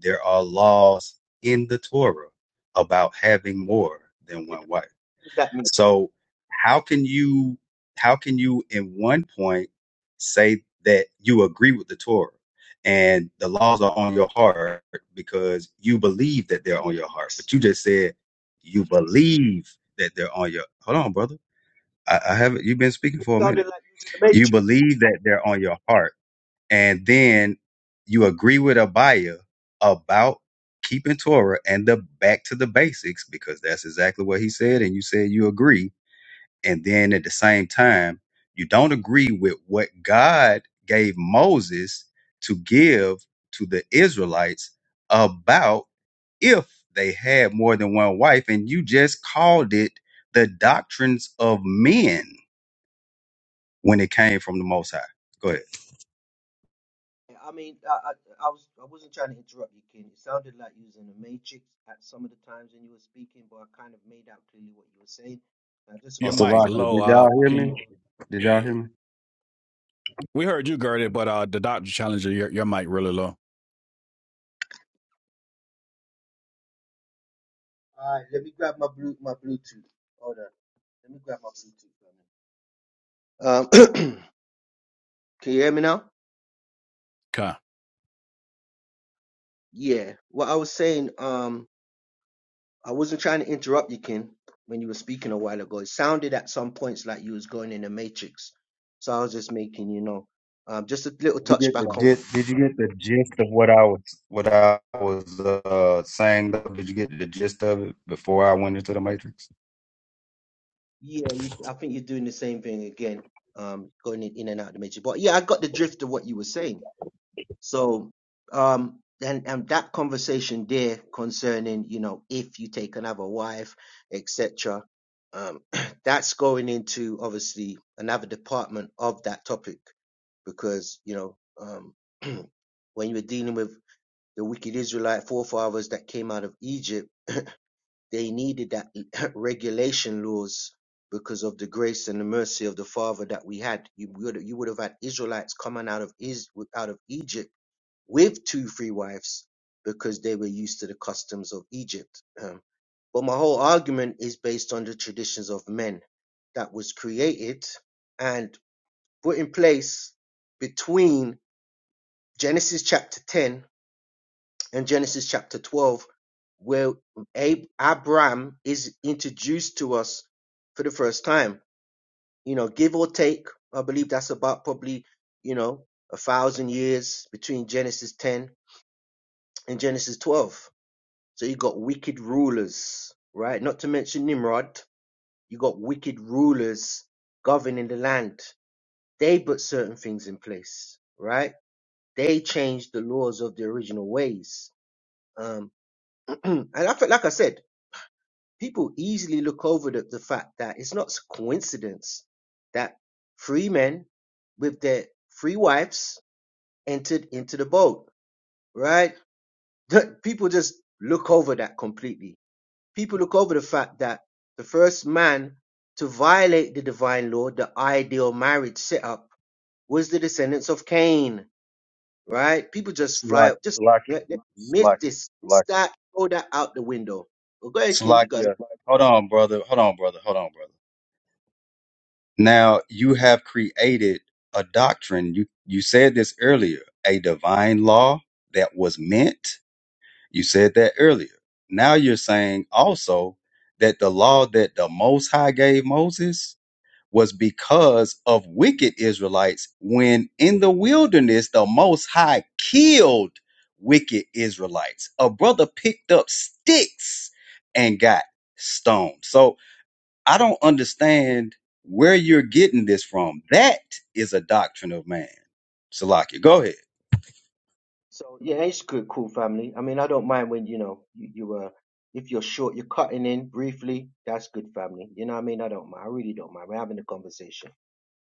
There are laws in the Torah about having more than one wife. that means. So how can you how can you in one point say that you agree with the Torah and the laws are on your heart because you believe that The they're on your heart, Matrix. but you just said you believe that they're on your hold on, brother I, I haven't. You've been speaking It for a sounded minute. like using the You Matrix. believe that they're on your heart, and then you agree with Abaya about keeping Torah and the back to the basics because that's exactly what he said, and you said you agree. And then at the same time, you don't agree with what God gave Moses to give to the Israelites about if they had more than one wife, and you just called it the doctrines of men when it came from the Most High. Go ahead. Yeah, I mean, I, I, I was I wasn't trying to interrupt you, Ken. It sounded like you was in a matrix at some of the times when you were speaking, but I kind of made out clearly what you were saying. Now, just a Oh, Your quick mic Salakia, pushback. low. did Uh, y'all hear can me? you- Did yeah, y'all yeah. hear me? We heard you, Gerdit, but uh, the doctor challenger, your, your mic really low. All right, let me grab my blue my Bluetooth. Hold on, let me grab my Bluetooth. Um, can you hear me now? Okay. Yeah. What I was saying, um, I wasn't trying to interrupt you, Ken, when you were speaking a while ago. It sounded at some points like you was going in a matrix, so I was just making you know, um, just a little Did you get the touchback gist? Did you get the gist of what I was what I was uh, saying? though? Did you get the gist of it before I went into the Matrix? Yeah, you, I think you're doing the same thing again, um, going in, in and out of the matrix. But yeah, I got the drift of what you were saying. So, um, and and that conversation there concerning, you know, if you take another wife, etc., um, that's going into obviously another department of that topic because you know, um, when you were dealing with the wicked Israelite forefathers that came out of Egypt they needed that regulation laws because of the grace and the mercy of the Father that we had. You would, you would have had Israelites coming out of is out of Egypt with two free wives because they were used to the customs of Egypt. Um, but my whole argument is based on the traditions of men that was created and put in place between Genesis chapter 10 in Genesis chapter 12, where Ab- Abraham is introduced to us for the first time. You know, give or take, I believe that's about probably, you know, a thousand years between Genesis 10 and Genesis 12. So you got wicked rulers, right? Not to mention Nimrod. You got wicked rulers governing the land. They put certain things in place, right? They changed the laws of the original ways. Um, and I felt like I said, people easily look over the, the fact that it's not a coincidence that three men with their three wives entered into the boat, right? people just look over that completely. People look over the fact that the first man to violate the divine law, the ideal marriage setup, was the descendants of Cain, right? People just fly Salakia, up, just Salakia, let, let, miss Salakia, this, miss Salakia. that, throw that out the window. Well, go ahead, Ken, you got it. Salakia. Hold on, brother. Hold on, brother. Hold on, brother. Now you have created a doctrine. You you said this earlier. A divine law that was meant. You said that earlier. Now you're saying also that the law that the Most High gave Moses was because of wicked Israelites, when in the wilderness, the Most High killed wicked Israelites. A brother picked up sticks and got stoned. So I don't understand where you're getting this from. That is a doctrine of man. Salakia, go ahead. So yeah, it's good, cool family. I mean, I don't mind when you know you, you uh if you're short, you're cutting in briefly. That's good, family. You know what I mean? I don't mind. I really don't mind. We're having a conversation.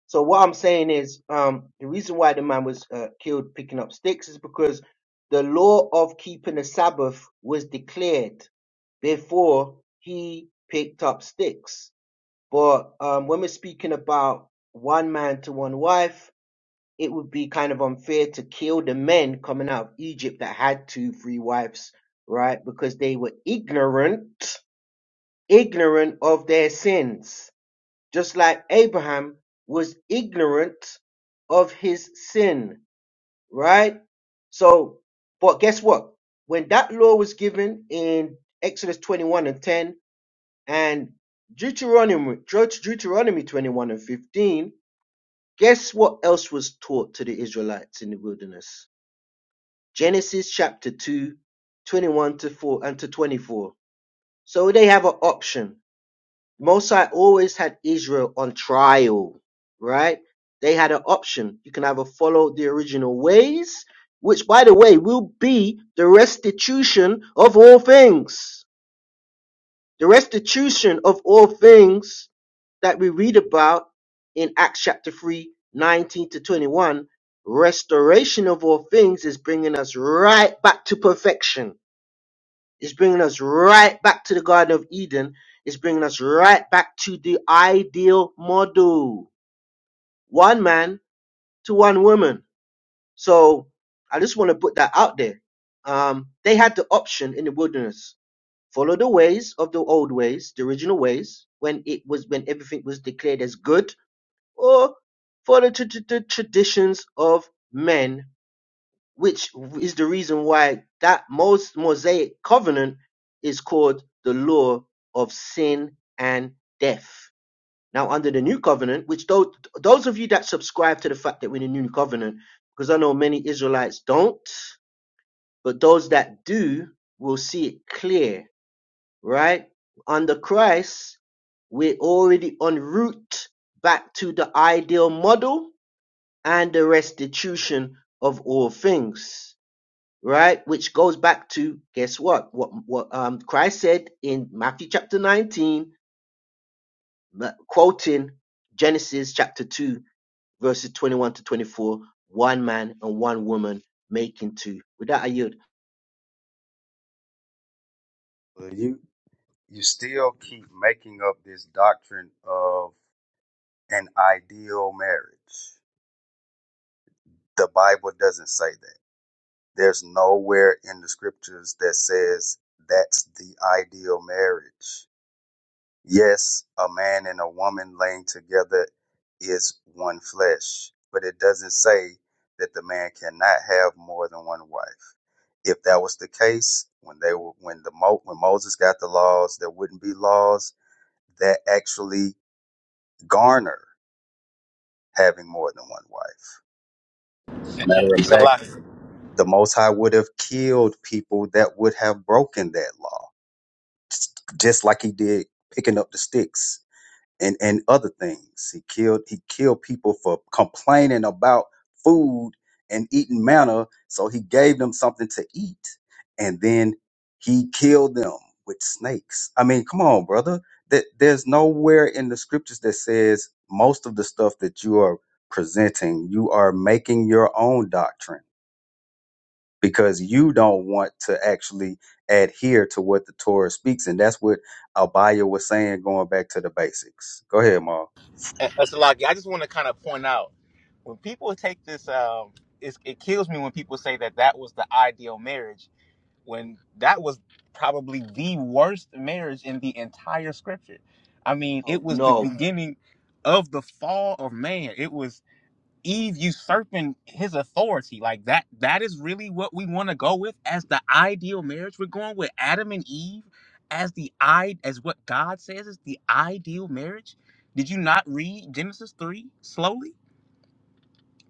So what I'm saying is, um, the reason why the man was uh, killed picking up sticks is because the law of keeping the Sabbath was declared before he picked up sticks. But um, when we're speaking about one man to one wife, it would be kind of unfair to kill the men coming out of Egypt that had two three wives, right? Because they were ignorant, ignorant of their sins. Just like Abraham was ignorant of his sin, right? So, but guess what? When that law was given in Exodus 21 and 10 and Deuteronomy, Deut- Deuteronomy 21 and 15, guess what else was taught to the Israelites in the wilderness? Genesis chapter 2, 21 to 4 and to 24. So they have an option. Mosai always had Israel on trial, right? They had an option. You can either follow the original ways, which by the way will be the restitution of all things. The restitution of all things that we read about in Acts chapter 3, 19 to 21. Restoration of all things is bringing us right back to perfection it's bringing us right back to the Garden of Eden. It's bringing us right back to the ideal model. One man to one woman. So I just want to put that out there. Um, they had the option in the wilderness. Follow the ways of the old ways, the original ways, when it was, when everything was declared as good, or follow to to the traditions of men which is the reason why that most Mosaic covenant is called the law of sin and death. Now, under the new covenant, which those, those of you that subscribe to the fact that we're in the new covenant, because I know many Israelites don't, but those that do will see it clear, right? Under Christ, we're already en route back to the ideal model and the restitution of all things right? Which goes back to guess what? What what um Christ said in Matthew chapter 19, ma- quoting Genesis chapter 2, verses 21 to 24, one man and one woman making two. With that I yield. You still keep making up this doctrine of an ideal marriage. The Bible doesn't say that. There's nowhere in the scriptures that says that's the ideal marriage. Yes, a man and a woman laying together is one flesh, but it doesn't say that the man cannot have more than one wife. If that was the case, when they were, when the Mo, when Moses got the laws, there wouldn't be laws that actually garner having more than one wife. Matter of It's a fact lot. The Most High would have killed people that would have broken that law, just like he did picking up the sticks and, and other things. He killed he killed people for complaining about food and eating manna, so he gave them something to eat, and then he killed them with snakes. I mean, come on, brother. That there's nowhere in the scriptures that says most of the stuff that you are presenting, you are making your own doctrine because you don't want to actually adhere to what the Torah speaks. And that's what Abaya was saying, going back to the basics. Go ahead, Ma. a lot. I just want to kind of point out when people take this. Um, it's, it kills me when people say that that was the ideal marriage when that was probably the worst marriage in the entire scripture. I mean, Oh it was the no. beginning of the fall of man. It was Eve usurping his authority. Like that that is really what we want to go with as the ideal marriage. We're going with Adam and Eve as the i as what God says is the ideal marriage. Did you not read Genesis 3 slowly?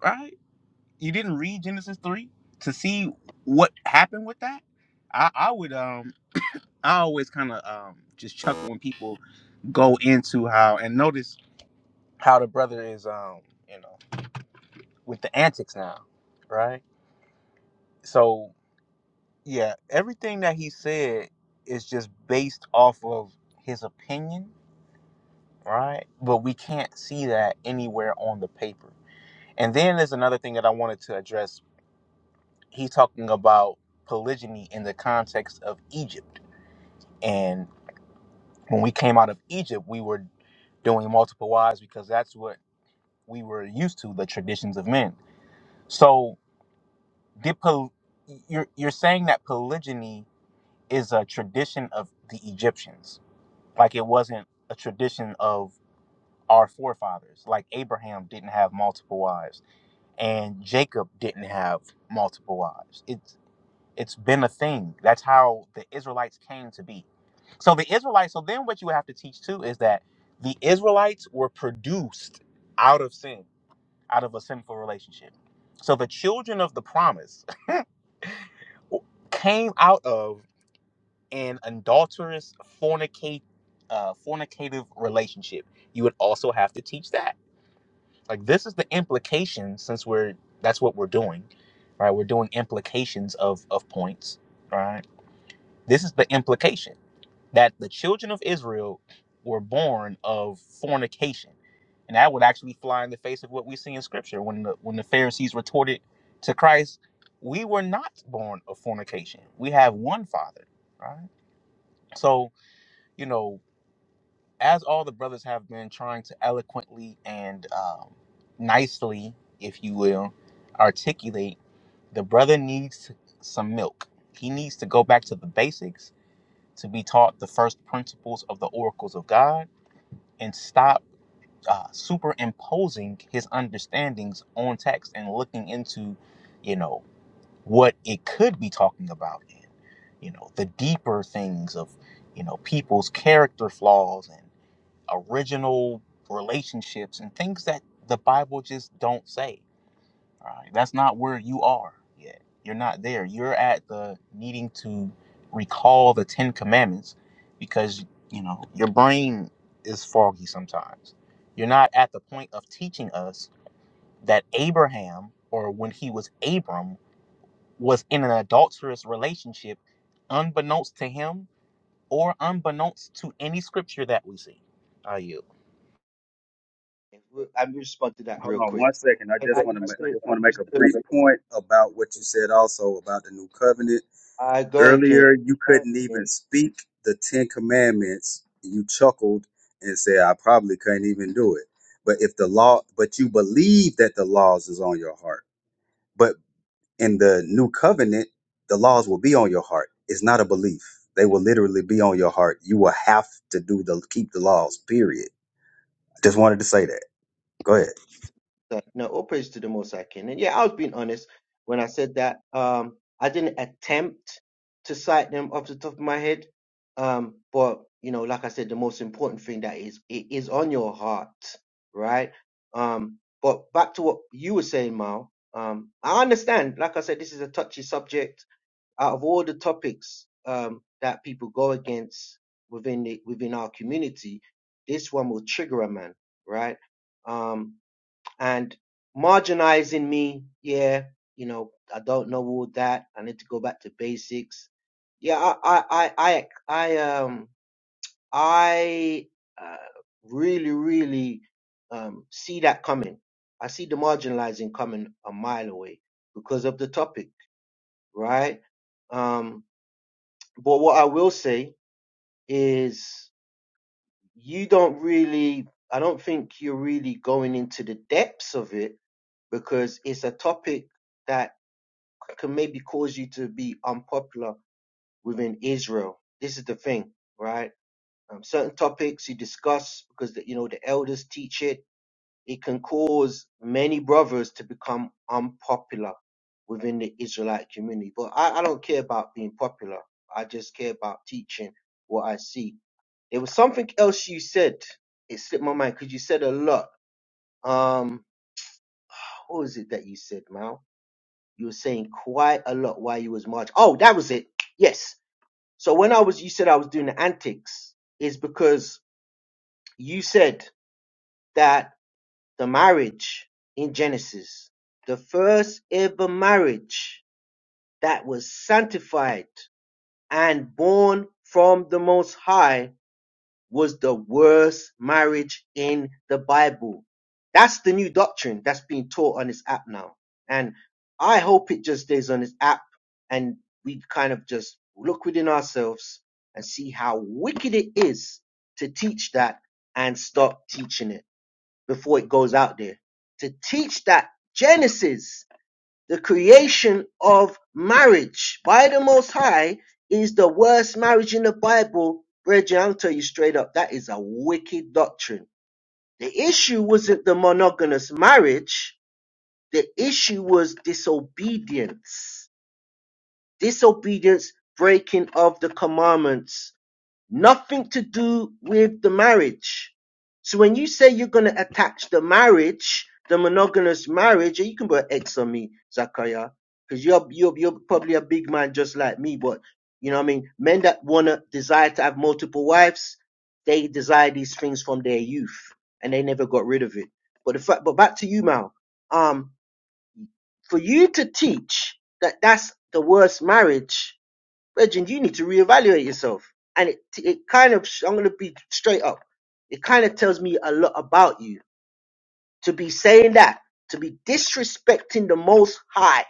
Right? You didn't read Genesis 3 to see what happened with that? I, I would um I always kind of um just chuckle when people go into how and notice how the brother is um you know with the antics now, right? So yeah, everything that he said is just based off of his opinion, right? But we can't see that anywhere on the paper. And then there's another thing that I wanted to address. He's talking about polygyny in the context of Egypt. And when we came out of Egypt, we were doing multiple wives because that's what we were used to, the traditions of men. So, did poly- you're you're saying that polygyny is a tradition of the Egyptians? Like it wasn't a tradition of our forefathers. Like Abraham didn't have multiple wives, and Jacob didn't have multiple wives. It's it's been a thing. That's how the Israelites came to be. So the Israelites. So then, what you have to teach too is that the Israelites were produced out of sin, out of a sinful relationship. So the children of the promise came out of an adulterous fornicate uh, fornicative relationship you would also have to teach that like this is the implication since we're that's what we're doing right we're doing implications of of points right this is the implication that the children of israel were born of fornication and that would actually fly in the face of what we see in scripture when the when the pharisees retorted to christ we were not born of fornication we have one father right so you know as all the brothers have been trying to eloquently and um, nicely, if you will, articulate, the brother needs some milk. He needs to go back to the basics to be taught the first principles of the oracles of God and stop uh, superimposing his understandings on text and looking into, you know, what it could be talking about in, you know, the deeper things of, you know, people's character flaws and original relationships and things that the Bible just don't say. All right. That's not where you are yet. You're not there. You're at the needing to recall the Ten Commandments because, you know, your brain is foggy sometimes. You're not at the point of teaching us that Abraham, or when he was Abram, was in an adulterous relationship unbeknownst to him or unbeknownst to any scripture that we see. I yield. I will respond to that Hold real on quick. one second. I I, just I want to ma- used I to just I want to make used a to brief point about what you said also about the new covenant. I go ahead, Ken. Earlier, you Go ahead, couldn't Ken. even speak the Ten Commandments. You chuckled and said, "I probably couldn't even do it." But if the law, but you believe that the laws is on your heart. in the new covenant, the laws will be on your heart. It's not a belief. They will literally be on your heart. You will have to do the keep the laws, period. I just wanted to say that. Go ahead. So, no, all praise to the Most High King. And yeah, I was being honest when I said that. Um, I didn't attempt to cite them off the top of my head. Um, but you know, like I said, the most important thing that is it is on your heart, right? Um, but back to what you were saying, Mal. Um, I understand. Like I said, this is a touchy subject. Out of all the topics um, that people go against within the, within our community, this one will trigger a man, right? Um, and marginalizing me. Yeah, you know, I don't know all that. I need to go back to basics. Yeah, I, I, I, I, I um, I uh, really, really um, see that coming. I see the marginalizing coming a mile away because of the topic, right? Um, but what I will say is, you don't really. I don't think you're really going into the depths of it because it's a topic that can maybe cause you to be unpopular within Israel. This is the thing, right? Um, certain topics you discuss because the, you know the elders teach it. It can cause many brothers to become unpopular within the Israelite community. But I, I don't care about being popular. I just care about teaching what I see. There was something else you said. It slipped my mind because you said a lot. Um, what was it that you said, Mal? You were saying quite a lot while you was marching. Oh, that was it. Yes. So when I was, you said I was doing the antics, is because you said that the marriage in Genesis, the first ever marriage that was sanctified and born from the Most High was the worst marriage in the Bible. That's the new doctrine that's being taught on this app now. And I hope it just stays on this app and we kind of just look within ourselves and see how wicked it is to teach that and stop teaching it before it goes out there. To teach that Genesis the creation of marriage by the Most High is the worst marriage in the Bible. Brethren, I'll tell you straight up, that is a wicked doctrine. The issue wasn't the monogamous marriage, the issue was disobedience. Disobedience, breaking of the commandments nothing to do with the marriage. So when you say you're going to attach the marriage, the monogamous marriage, you can put X on me, Zakaria, because you're, you're you're probably a big man just like me. But you know, what I mean, men that wanna desire to have multiple wives, they desire these things from their youth, and they never got rid of it. But the fact, but back to you, Mal. Um, for you to teach that that's the worst marriage Reggie, you need to reevaluate yourself. And it, it kind of, I'm going to be straight up. It kind of tells me a lot about you to be saying that, to be disrespecting the Most High.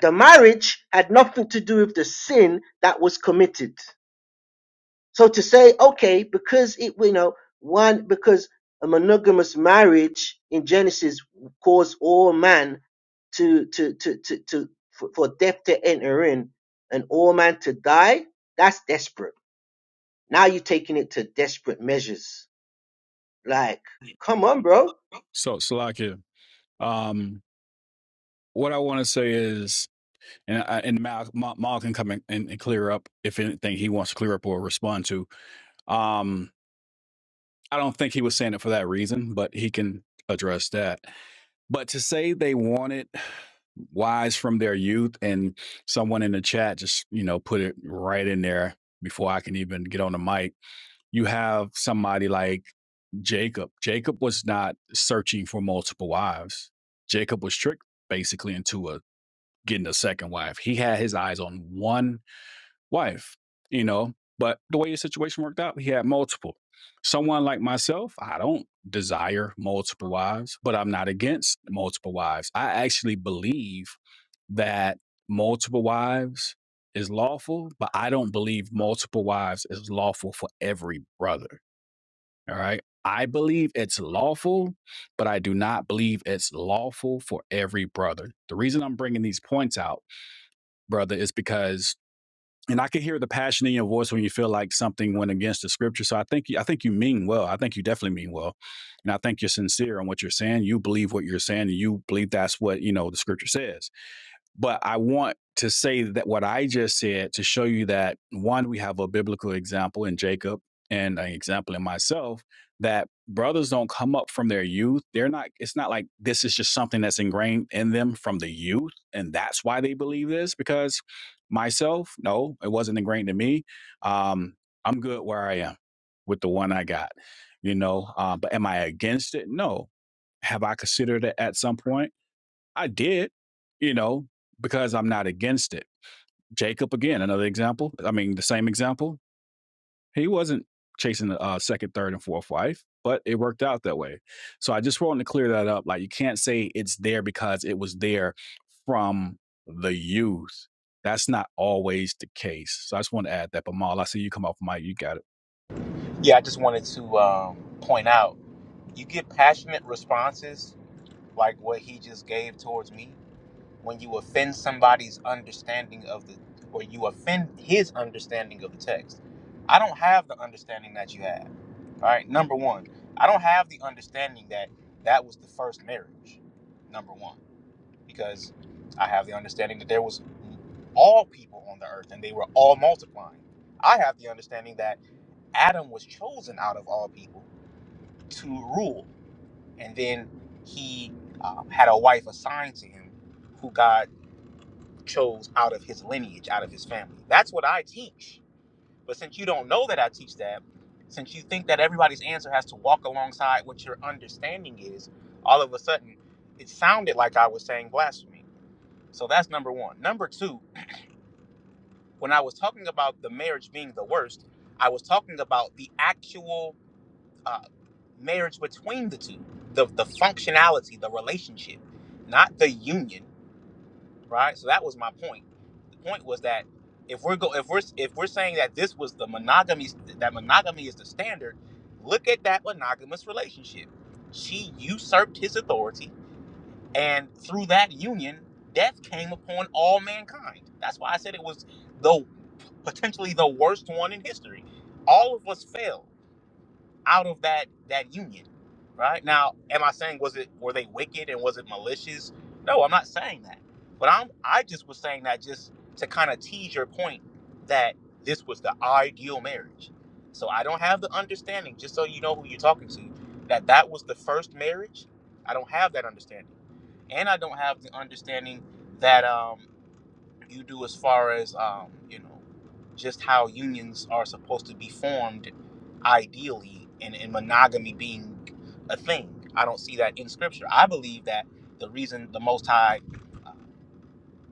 The marriage had nothing to do with the sin that was committed. So to say, okay, because it, you know, one, because a monogamous marriage in Genesis caused all man to, to, to, to, to for, for death to enter in and all man to die, that's desperate Now you're taking it to desperate measures. Like, come on, bro. So, Slakia. Um, what I want to say is, and I, and Mal, Mal can come in and, and clear up if anything he wants to clear up or respond to. Um, I don't think he was saying it for that reason, but he can address that. But to say they wanted wise from their youth, and someone in the chat just you know put it right in there before I can even get on the mic. You have somebody like Jacob. Jacob was not searching for multiple wives. Jacob was tricked basically into a getting a second wife. He had his eyes on one wife, you know. But the way his situation worked out, he had multiple. Someone like myself, I don't desire multiple wives, but I'm not against multiple wives. I actually believe that multiple wives is lawful, but I don't believe multiple wives is lawful for every brother. All right. I believe it's lawful, but I do not believe it's lawful for every brother. The reason I'm bringing these points out brother, is because and I can hear the passion in your voice when you feel like something went against the scripture. So I think you- I think you mean well. I think you definitely mean well, and I think you're sincere on what you're saying. You believe what you're saying, and you believe that's what you know the scripture says. But I want to say that what I just said to show you that one, we have a biblical example in Jacob and an example in myself that brothers don't come up from their youth. They're not, it's not like this is just something that's ingrained in them from the youth. And that's why they believe this because myself, no, it wasn't ingrained in me. Um, I'm good where I am with the one I got, you know. Uh, but am I against it? No. Have I considered it at some point? I did, you know, because I'm not against it. Jacob, again, another example. I mean, the same example. He wasn't chasing a uh, second, third, and fourth wife, but it worked out that way. So I just wanted to clear that up. Like, you can't say it's there because it was there from the youth. That's not always the case. So I just want to add that. But Maul, I see you come off mic. You got it. Yeah, I just wanted to um, point out you get passionate responses like what he just gave towards me when you offend somebody's understanding of the, or you offend his understanding of the text. I don't have the understanding that you have. All right, number one, I don't have the understanding that that was the first marriage. Number one, because I have the understanding that there was all people on the earth and they were all multiplying. I have the understanding that Adam was chosen out of all people to rule. And then he um, had a wife assigned to him who God chose out of his lineage, out of his family. That's what I teach. But since you don't know that I teach that, since you think that everybody's answer has to walk alongside what your understanding is, all of a sudden it sounded like I was saying blasphemy. So that's number one. Number two, when I was talking about the marriage being the worst, I was talking about the actual uh, marriage between the two the, the functionality the relationship not the union right so that was my point the point was that if we're go if we're if we're saying that this was the monogamy that monogamy is the standard look at that monogamous relationship she usurped his authority and through that union death came upon all mankind that's why i said it was the potentially the worst one in history all of us failed out of that that union right now am i saying was it were they wicked and was it malicious no i'm not saying that but i'm i just was saying that just to kind of tease your point that this was the ideal marriage so i don't have the understanding just so you know who you're talking to that that was the first marriage i don't have that understanding and i don't have the understanding that um you do as far as um, you know just how unions are supposed to be formed ideally and, and monogamy being a thing i don't see that in scripture i believe that the reason the most high uh,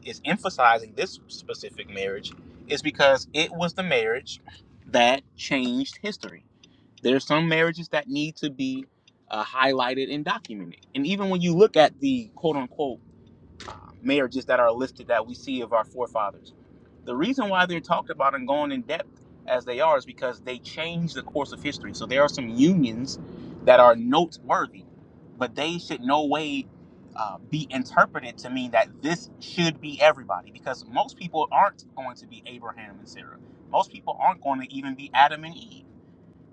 is emphasizing this specific marriage is because it was the marriage that changed history There are some marriages that need to be uh, highlighted and documented and even when you look at the quote-unquote uh, marriages that are listed that we see of our forefathers. The reason why they're talked about and going in depth as they are is because they change the course of history. So there are some unions that are noteworthy, but they should no way uh, be interpreted to mean that this should be everybody because most people aren't going to be Abraham and Sarah. Most people aren't going to even be Adam and Eve.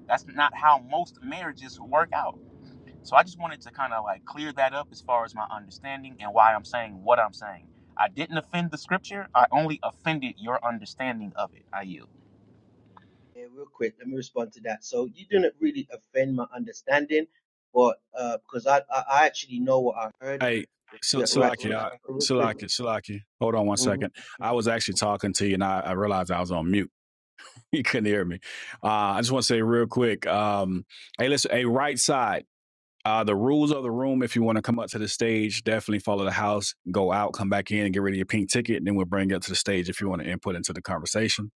That's not how most marriages work out so I just wanted to kind of like clear that up as far as my understanding and why I'm saying what I'm saying. I didn't offend the scripture. I only offended your understanding of it. I yield. Yeah, real quick, let me respond to that. So you didn't really offend my understanding, but uh, because I, I I actually know what I heard. Hey, Sil- Yeah, right. Silaki, So, I, so real quick. Silaki, Silaki. Hold on one Mhm. second. I was actually talking to you, and I, I realized I was on mute. You couldn't hear me. Uh, I just want to say real quick. Um, hey, listen. Hey, right side. Uh, the rules of the room. If you want to come up to the stage, definitely follow the house. Go out, come back in, and get rid of your pink ticket. And then we'll bring you up to the stage if you want to input into the conversation.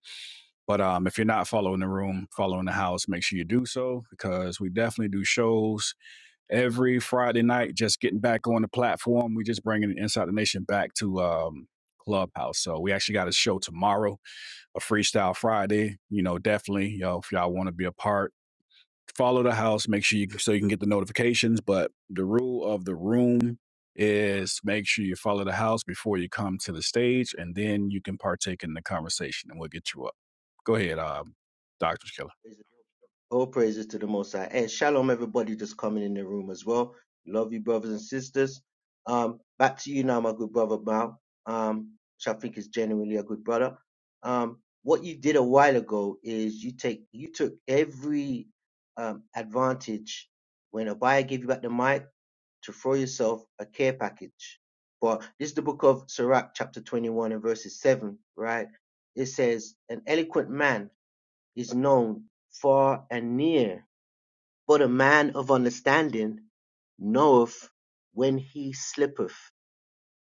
But um, if you're not following the room, following the house, make sure you do so because we definitely do shows every Friday night. Just getting back on the platform. We just bringing Inside the Nation back to um, Clubhouse. So we actually got a show tomorrow a Freestyle Friday, you know, definitely, you know, if y'all want to be a part, follow the house. Make sure you so you can get the notifications. But the rule of the room is make sure you follow the house before you come to the stage, and then you can partake in the conversation, and we'll get you up. Go ahead, um, Doctor Killer. Praise- All praises to the Most High. And shalom, everybody just coming in the room as well. Love you, brothers and sisters. Um, back to you now, my good brother Mal, um, which I think is genuinely a good brother. Um, what you did a while ago is you take you took every um, advantage when a buyer gave you back the mic to throw yourself a care package. But this is the book of Sirach, chapter 21 and verses 7, right? It says, An eloquent man is known far and near. But a man of understanding knoweth when he slippeth.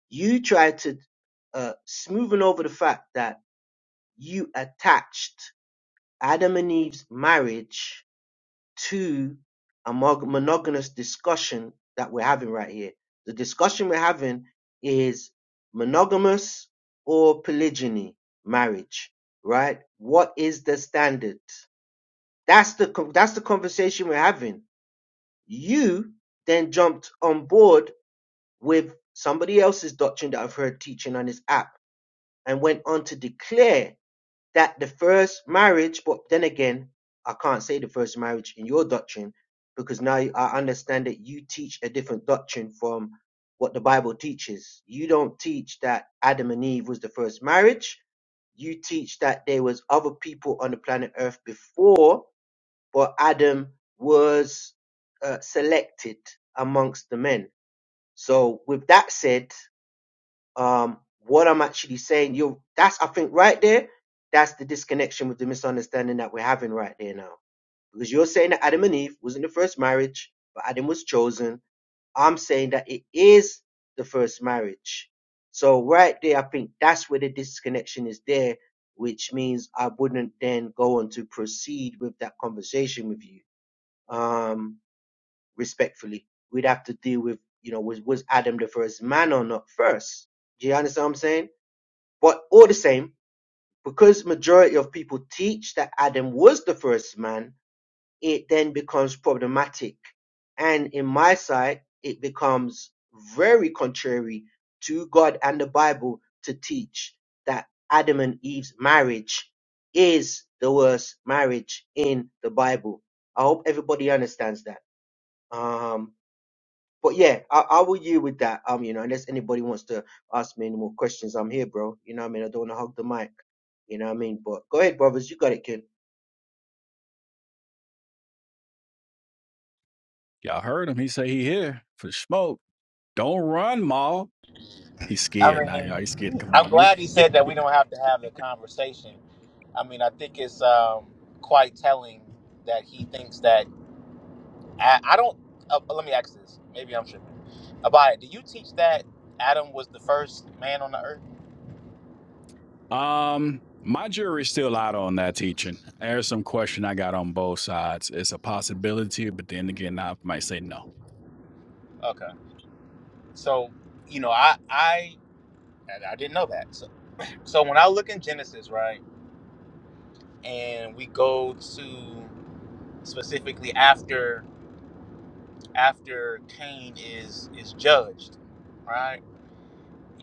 You try to uh, smoothing over the fact that you attached Adam and Eve's marriage to a monogamous discussion that we're having right here. The discussion we're having is monogamous or polygyny marriage, right? What is the standard? That's the co- that's the conversation we're having. You then jumped on board with somebody else's doctrine that I've heard teaching on this app and went on to declare that the first marriage, but then again, I can't say the first marriage in your doctrine because now I understand that you teach a different doctrine from what the Bible teaches. You don't teach that Adam and Eve was the first marriage. You teach that there was other people on the planet Earth before but Adam was uh, selected amongst the men. So with that said, um, what I'm actually saying, you that's I think right there, that's the disconnection with the misunderstanding that we're having right there now. Because you're saying that Adam and Eve wasn't the first marriage, but Adam was chosen. I'm saying that it is the first marriage. So right there, I think that's where the disconnection is there, which means I wouldn't then go on to proceed with that conversation with you um, respectfully. We'd have to deal with, you know, was, was Adam the first man or not first? Do you understand what I'm saying? But all the same, because majority of people teach that Adam was the first man, it then becomes problematic. And in my side, it becomes very contrary to God and the Bible to teach that Adam and Eve's marriage is the worst marriage in the Bible. I hope everybody understands that. Um, but yeah, I, I will yield with that. Um, you know, unless anybody wants to ask me any more questions, I'm here, bro. You know what I mean? I don't want to hog the mic. You know what I mean? But go ahead, brothers. You got it, kid. Y'all heard him. He say he here for smoke. Don't run, Maul. He's I scared now, y'all. He's scared mean, to come I'm on glad he me. said that we don't have to have the conversation. I mean, I think it's um, quite telling that he thinks that. I, I don't. Uh, let me ask this. Maybe I'm tripping. Abaya, do you teach that Adam was the first man on the earth? Um, my jury's still out on that teaching. There's some question I got on both sides. It's a possibility, but then again, I might say no. Okay. So, you know, I I I didn't know that. So, So when I look in Genesis, right, and we go to specifically after after Cain is is judged, right?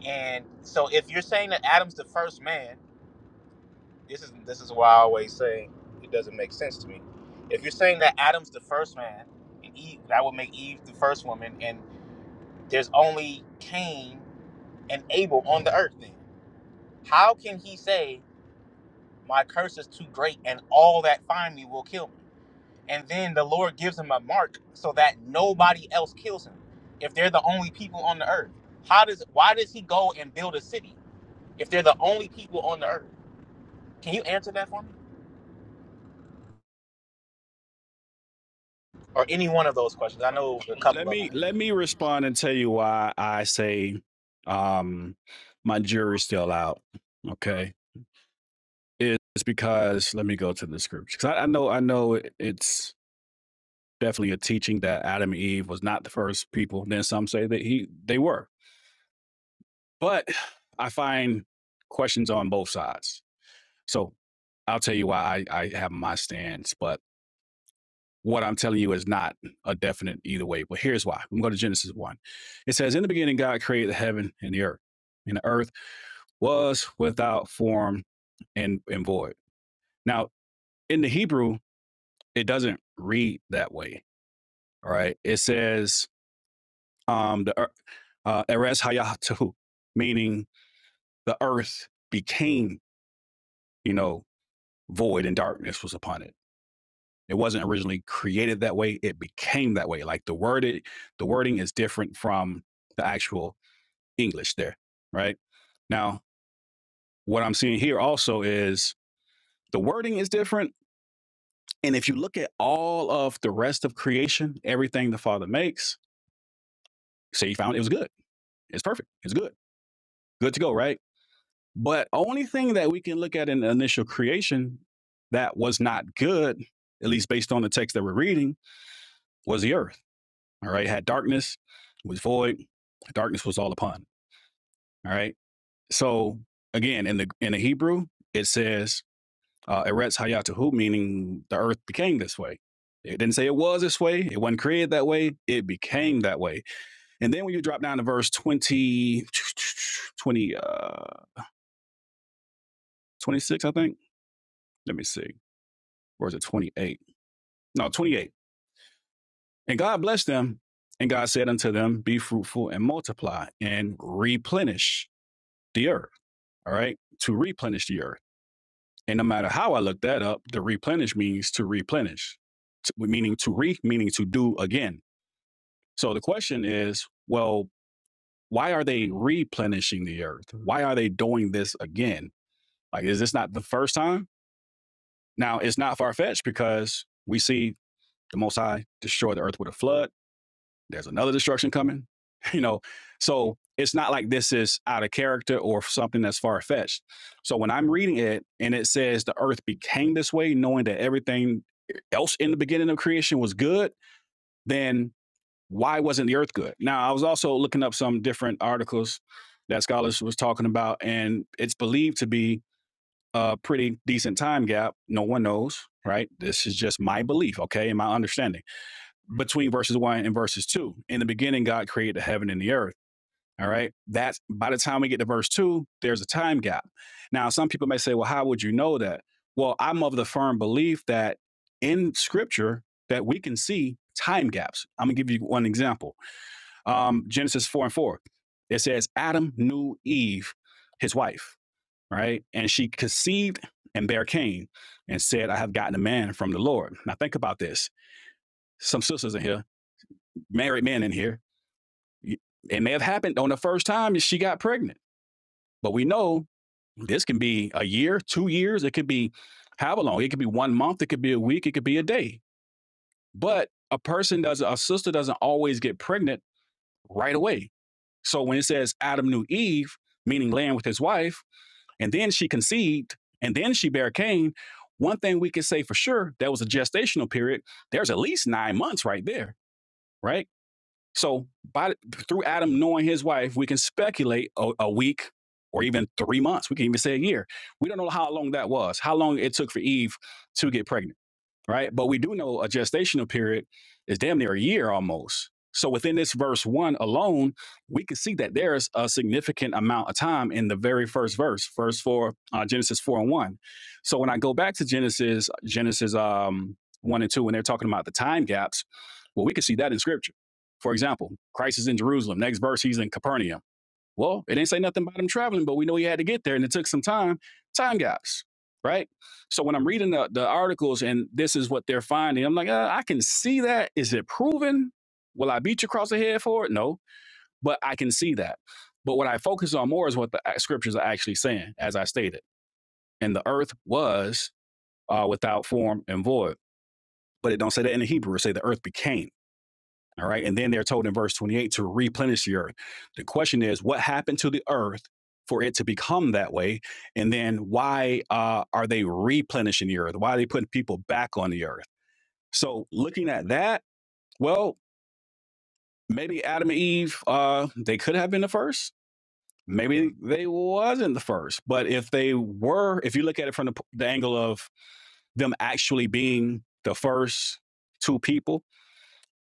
And so if you're saying that Adam's the first man, this is this is why I always say it doesn't make sense to me. If you're saying that Adam's the first man and Eve that would make Eve the first woman and there's only Cain and Abel on the earth then. How can he say my curse is too great and all that find me will kill me? and then the Lord gives him a mark so that nobody else kills him. If they're the only people on the earth, how does why does he go and build a city if they're the only people on the earth? Can you answer that for me, or any one of those questions? I know a Let couple of them. me Yeah, let me respond and tell you why I say um my jury's still out. Okay. It's because let me go to the scriptures. 'Cause I, I know I know it- it's definitely a teaching that Adam and Eve was not the first people. Then some say that he they were. But I find questions on both sides. So I'll tell you why I, I have my stance, but what I'm telling you is not a definite either way. But here's why. I'm going to Genesis 1. It says, In the beginning, God created the heaven and the earth, and the earth was without form and, and void. Now, in the Hebrew, it doesn't read that way. All right. It says, um, the ear- uh, Eres Hayatahu, meaning the earth became, you know, void and darkness was upon it It wasn't originally created that way. It became that way. Like the worded, the wording is different from the actual English there, right? Now, what I'm seeing here also is the wording is different. And if you look at all of the rest of creation, everything the Father makes, say He found it was good. It's perfect. It's good. Good to go, right? But only thing that we can look at in the initial creation that was not good, at least based on the text that we're reading, was the earth All right. Had darkness, was void, darkness was all upon. All right. So again, in the in the Hebrew, it says uh Eretz Hayatahu, meaning the earth became this way. It didn't say it was this way, it wasn't created that way, it became that way. And then when you drop down to verse 20, twenty, uh 26, I think. Let me see. Or is it 28? No, 28. And God blessed them, and God said unto them, Be fruitful and multiply and replenish the earth. all right, to replenish the earth. And no matter how I look that up, the replenish means to replenish, t- meaning to re, meaning to do again. So the question is, well, why are they replenishing the earth? Why are they doing this again? Like, is this not the first time? Now, it's not far fetched because we see the Most High destroy the earth with a flood. there's another destruction coming. You know, so it's not like this is out of character or something that's far fetched. So when I'm reading it and it says the earth became this way, knowing that everything else in the beginning of creation was good, then why wasn't the earth good? Now, I was also looking up some different articles that scholars was talking about, and it's believed to be a pretty decent time gap. No one knows, right? This is just my belief, okay, and my understanding between verses one and verses two. In the beginning, God created the heaven and the earth. All right. That's by the time we get to verse two, there's a time gap. Now, some people may say, well, how would you know that? Well, I'm of the firm belief that in scripture that we can see time gaps. I'm gonna give you one example. Um, Genesis four and four. It says Adam knew Eve, his wife, right? And she conceived and bare Cain and said, I have gotten a man from the Lord. Now think about this. Some sisters in here, married men in here. It may have happened on the first time she got pregnant, but we know this can be a year, two years. It could be however long. It could be one month. It could be a week. It could be a day. But a person doesn't, a sister doesn't always get pregnant right away. So when it says Adam knew Eve, meaning land with his wife, and then she conceived, and then she bare Cain, one thing we can say for sure that was a gestational period. There's at least nine months right there, right? So by through Adam knowing his wife, we can speculate a, a week or even three months. We can even say a year. We don't know how long that was, how long it took for Eve to get pregnant right? But we do know a gestational period is damn near a year almost. So within this verse one alone, we can see that there's a significant amount of time in the very first verse, verse four, uh, Genesis four and one. So when I go back to Genesis, Genesis um, one and two, when they're talking about the time gaps, well, we can see that in Scripture. For example, Christ is in Jerusalem. Next verse, he's in Capernaum. Well, it ain't say nothing about him traveling, but we know he had to get there and it took some time. Time gaps, right? So when I'm reading the, the articles and this is what they're finding, I'm like, uh, I can see that. Is it proven? Will I beat you across the head for it? No, but I can see that. But what I focus on more is what the uh, scriptures are actually saying, as I stated. And the earth was uh, without form and void, but it don't say that in the Hebrew. It say the earth became. All right. And then they're told in verse 28 to replenish the earth. The question is, what happened to the earth for it to become that way? And then why uh, are they replenishing the earth? Why are they putting people back on the earth? So looking at that, well, maybe Adam and Eve, uh, they could have been the first. Maybe they wasn't the first. But if they were, if you look at it from the, the angle of them actually being the first two people,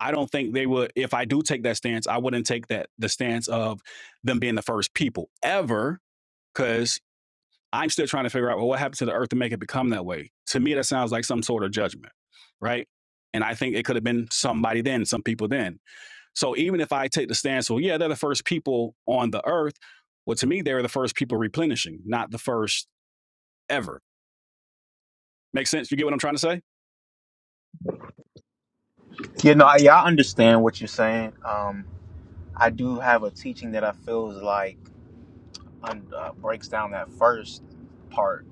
I don't think they would. If I do take that stance, I wouldn't take that the stance of them being the first people ever, because I'm still trying to figure out well, what happened to the earth to make it become that way. To me, that sounds like some sort of judgment, right? And I think it could have been somebody then, some people then. So even if I take the stance, well, yeah, they're the first people on the earth. Well, to me, they were the first people replenishing, not the first ever. Make sense? You get what I'm trying to say? You know, I, yeah, I understand what you're saying. Um, I do have a teaching that I feel is like un, uh, breaks down that first part.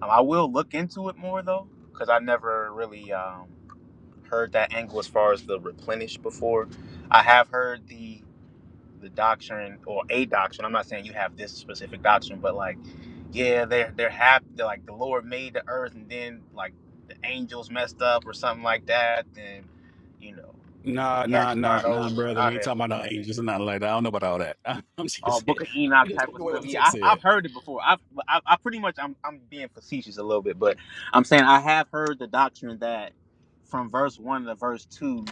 Um, I will look into it more though, because I never really. um, heard that angle as far as the replenish before. I have heard the the doctrine or a doctrine. I'm not saying you have this specific doctrine, but like, yeah, they're they're happy. They're like the Lord made the earth, and then like the angels messed up or something like that, then you know Nah, he had nah, to nah, start nah, brother. We over. ain't talking about no angels or nothing like that. I don't know about all that. I'm uh, just, Book of I'm Enoch just type looking of away what stuff. the Yeah, text I, said. I've heard it before. I've, I, I pretty much, I'm, I'm being facetious a little bit, but I'm saying I have heard the doctrine that from verse one to verse two,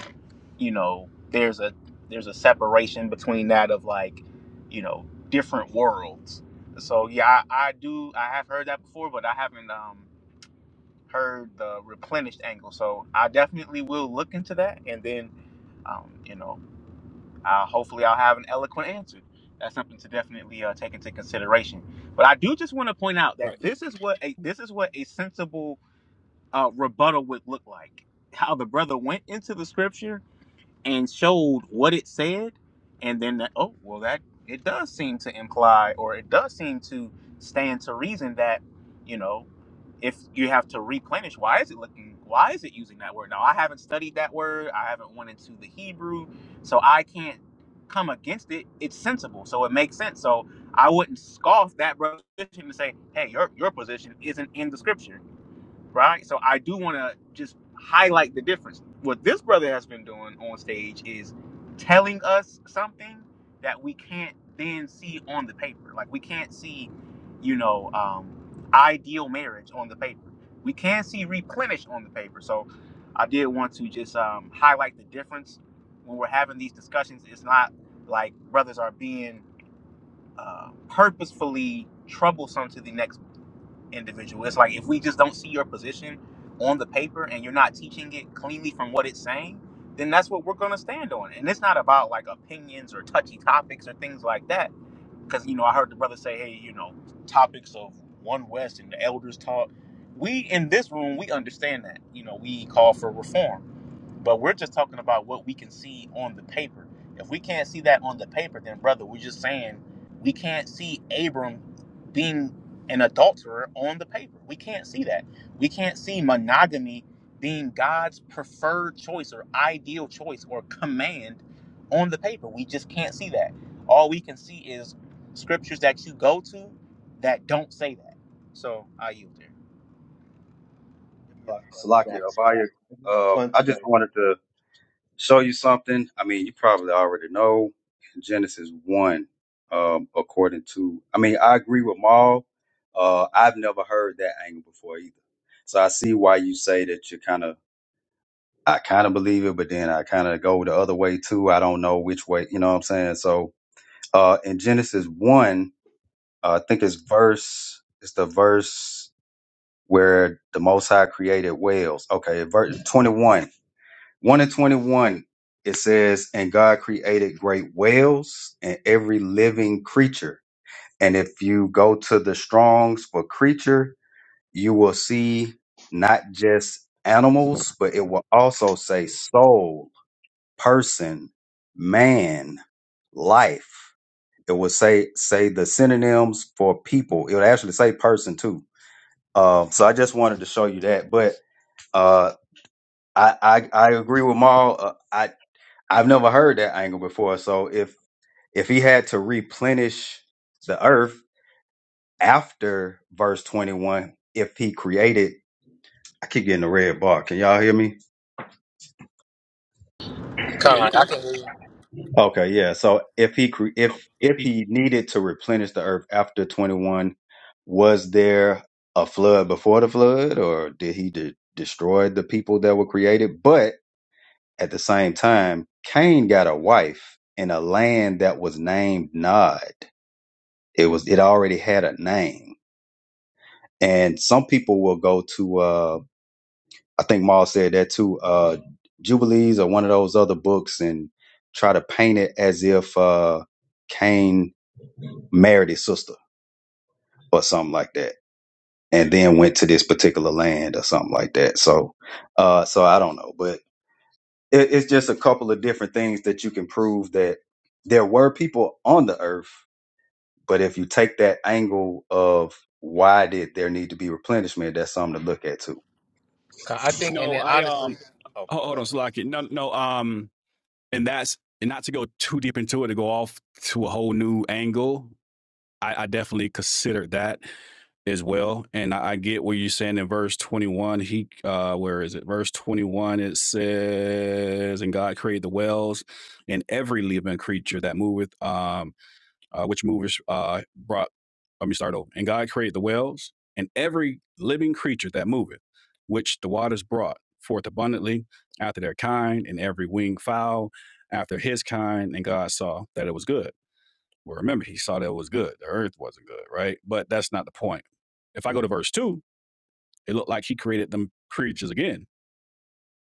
you know, there's a there's a separation between that of like, you know, different worlds. So yeah, I, I do. I have heard that before, but I haven't um, heard the replenished angle. So I definitely will look into that, and then, um, you know. Uh, hopefully, I'll have an eloquent answer. That's something to definitely uh, take into consideration. But I do just want to point out Right. that this is what a this is what a sensible uh, rebuttal would look like. How the brother went into the scripture and showed what it said, and then that, oh well, that it does seem to imply or it does seem to stand to reason that you know if you have to replenish why is it looking why is it using that word now i haven't studied that word i haven't went into the hebrew so i can't come against it it's sensible so it makes sense so i wouldn't scoff that brother's position and say hey your, your position isn't in the scripture right? So I do want to just highlight the difference. What this brother has been doing on stage is telling us something that we can't then see on the paper. Like we can't see, you know, um, ideal marriage on the paper. We can see replenished on the paper. So I did want to just um, highlight the difference when we're having these discussions. It's not like brothers are being uh, purposefully troublesome to the next individual. It's like if we just don't see your position on the paper and you're not teaching it cleanly from what it's saying, then that's what we're going to stand on. And it's not about like opinions or touchy topics or things like that. Because, you know, I heard the brother say, hey, you know, topics of One West and the elders talk. We in this room, we understand that. You know, we call for reform but we're just talking about what we can see on the paper. If we can't see that on the paper, then brother, we're just saying we can't see Abram being an adulterer on the paper. We can't see that. We can't see monogamy being God's preferred choice or ideal choice or command on the paper. We just can't see that. All we can see is scriptures that you go to that don't say that. So I yield there. Let me respond to that. Salakia Abaya, Let me uh, Respond I to that. just wanted to show you something. I mean, you probably already know Genesis 1, um, according to, I mean, I agree with Maul. Uh, I've never heard that angle before either. So I see why you say that you're kind of I kind of believe it, but then I kind of go the other way too. I don't know which way, you know what I'm saying? So, uh, in Genesis 1, uh, I think it's verse, it's the verse where the Most High created whales. Okay, verse 21. 1 and 21, it says, And God created great whales and every living creature. And if you go to the Strongs for creature, you will see not just animals, but it will also say souls person, man, life. It would say say the synonyms for people. It would actually say person too. Uh, so I just wanted to show you that. But uh, I, I I agree with Maul. Uh, I I've never heard that angle before. So if if he had to replenish the earth after verse twenty one, if he created, I keep getting the red bar. Can y'all hear me? Con, Yeah, you I clear. can. Okay, yeah. So if he cre- if if he needed to replenish the earth after 21, was there a flood before the flood or did he de- destroy the people that were created? But at the same time, Cain got a wife in a land that was named Nod. It was it already had a name. And some people will go to uh I think Maul said that too, uh Jubilees or one of those other books and try to paint it as if uh Cain married his sister or something like that, and then went to this particular land or something like that. So, uh, so I don't know, but it, it's just a couple of different things that you can prove that there were people on the earth. But if you take that angle of why did there need to be replenishment, that's something to look at too. Con, I think, and No, then I honestly, um, oh hold, my hold on, Slocky. No, no, um, and that's and not to go too deep into it to go off to a whole new angle. I, I definitely considered that as well, and I, I get where you're saying in verse 21. He, uh, where is it? Verse 21. It says, "And God created the whales and every living creature that moveth." Um uh, which movers uh, brought, let me start over. And God created the whales and every living creature that moveth, which the waters brought forth abundantly after their kind, and every winged fowl after his kind. And God saw that it was good. Well, remember, he saw that it was good. The earth wasn't good, right? But that's not the point. If I go to verse two, it looked like he created them creatures again.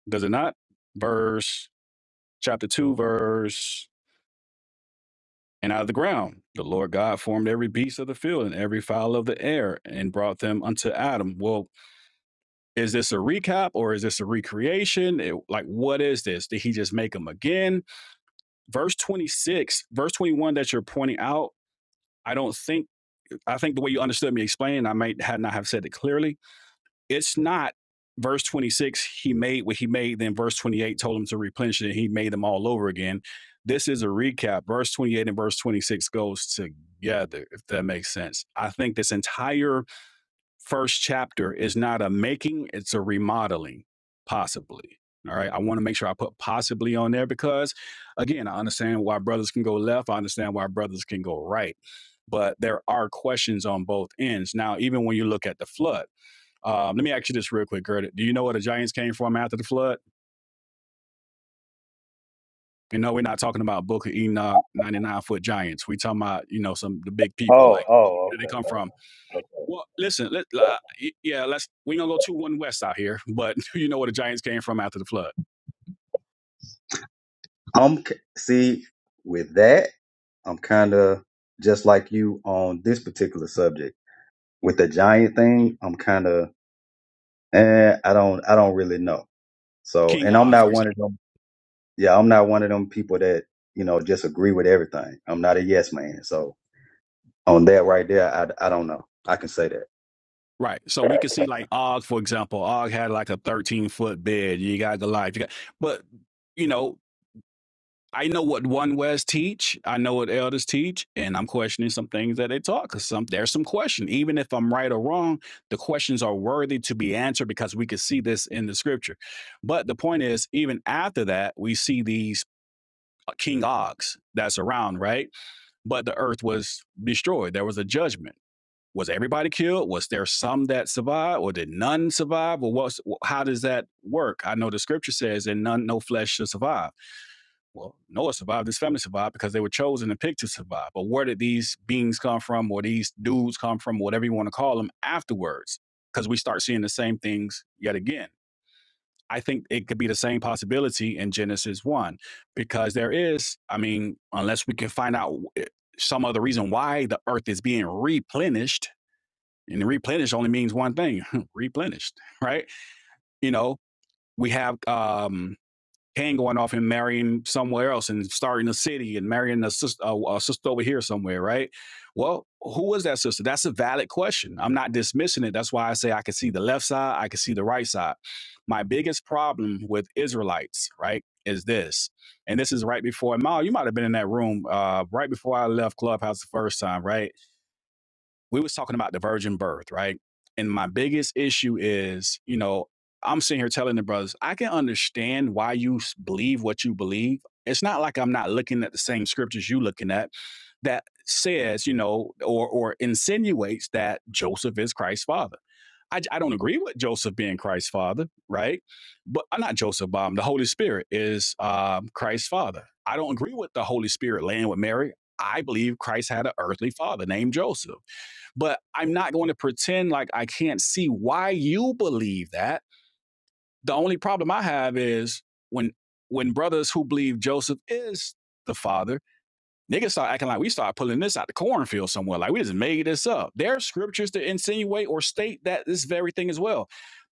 Does it not? Verse chapter two, verse And out of the ground the Lord God formed every beast of the field and every fowl of the air and brought them unto Adam. Well, is this a recap or is this a recreation? It- like, what is this? Did he just make them again? Verse 26, verse 21 that you're pointing out, I don't think, I think the way you understood me explaining, I might had not have said it clearly it's not verse 26 he made what he made then verse 28 told him to replenish it and he made them all over again this is a recap verse 28 and verse 26 goes together if that makes sense i think this entire first chapter is not a making it's a remodeling possibly all right i want to make sure i put possibly on there because again i understand why brothers can go left i understand why brothers can go right but there are questions on both ends now even when you look at the flood um, let me ask you this real quick, Gerda. Do you know where the giants came from after the flood? And no, we're not talking about Book of Enoch, 99 foot giants. We talking about, you know, some the big people. Like, Oh, where did they okay. come from? Well, listen, let, uh, yeah, let's, we going to go 2 1 West out here, but do you know where the giants came from after the flood? I'm k- see with that, I'm kind of just like you on this particular subject with the giant thing. I'm kind of eh, I don't I don't really know. So, King and I'm Og, for not example. one of them. Yeah, I'm not one of them people that you know just agree with everything. I'm not a yes man. So on that right there, I I don't know. I can say that. Right. So we can see like Og, for example, Og had like a 13 foot bed. You got the life. You got, but you know, I know what one West teach. I know what elders teach, and I'm questioning some things that they taught because some there's some question. Even if I'm right or wrong, the questions are worthy to be answered because we can see this in the scripture. But the point is, even after that, we see these uh, King Ogs that's around, right? But the earth was destroyed. There was a judgment was everybody killed? Was there some that survived, or did none survive? Or what? how does that work? I know the scripture says, "And none, no flesh shall survive." Well, Noah survived. His family survived because they were chosen and picked to survive. But where did these beings come from, or these dudes come from, whatever you want to call them, afterwards? Because we start seeing the same things yet again. I think it could be the same possibility in Genesis one, because there is, I mean, unless we can find out eh, some other reason why the earth is being replenished and the replenish only means one thing, replenished, right? You know, we have um Cain going off and marrying somewhere else and starting a city and marrying a sister, a, a sister over here somewhere, right? Well, who was that sister? That's a valid question. I'm not dismissing it. That's why I say I can see the left side, I can see the right side. My biggest problem with Israelites, right, is this. And this is right before Mal, you might have been in that room uh, right before I left Clubhouse the first time, right? we was talking about the virgin birth, right? And my biggest issue is, you know, I'm sitting here telling the brothers, I can understand why you believe what you believe. It's not like I'm not looking at the same scriptures you looking at that says, you know, or or insinuates that Joseph is Christ's father. I I j- I don't agree with Joseph being Christ's father, right? But uh, not Joseph, um, the Holy Spirit is um, Christ's father. I don't agree with the Holy Spirit laying with Mary. I believe Christ had an earthly father named Joseph but I'm not going to pretend like I can't see why you believe that. The only problem I have is when when brothers who believe Joseph is the father, niggas start acting like we start pulling this out the cornfield somewhere, like we just made this up. There are scriptures to insinuate or state that this very thing as well.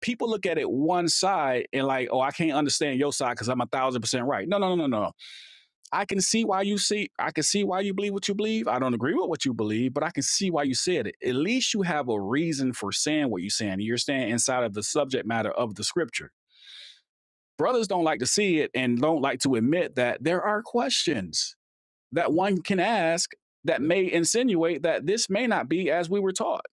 People look at it one side and like, oh, I can't understand your side because I'm a thousand percent right. No, no, no, no, no. I can see why you see I can see why you believe what you believe. I don't agree with what you believe, but I can see why you said it. At least you have a reason for saying what you're saying. You're staying inside of the subject matter of the scripture. Brothers don't like to see it and don't like to admit that there are questions that one can ask that may insinuate that this may not be as we were taught.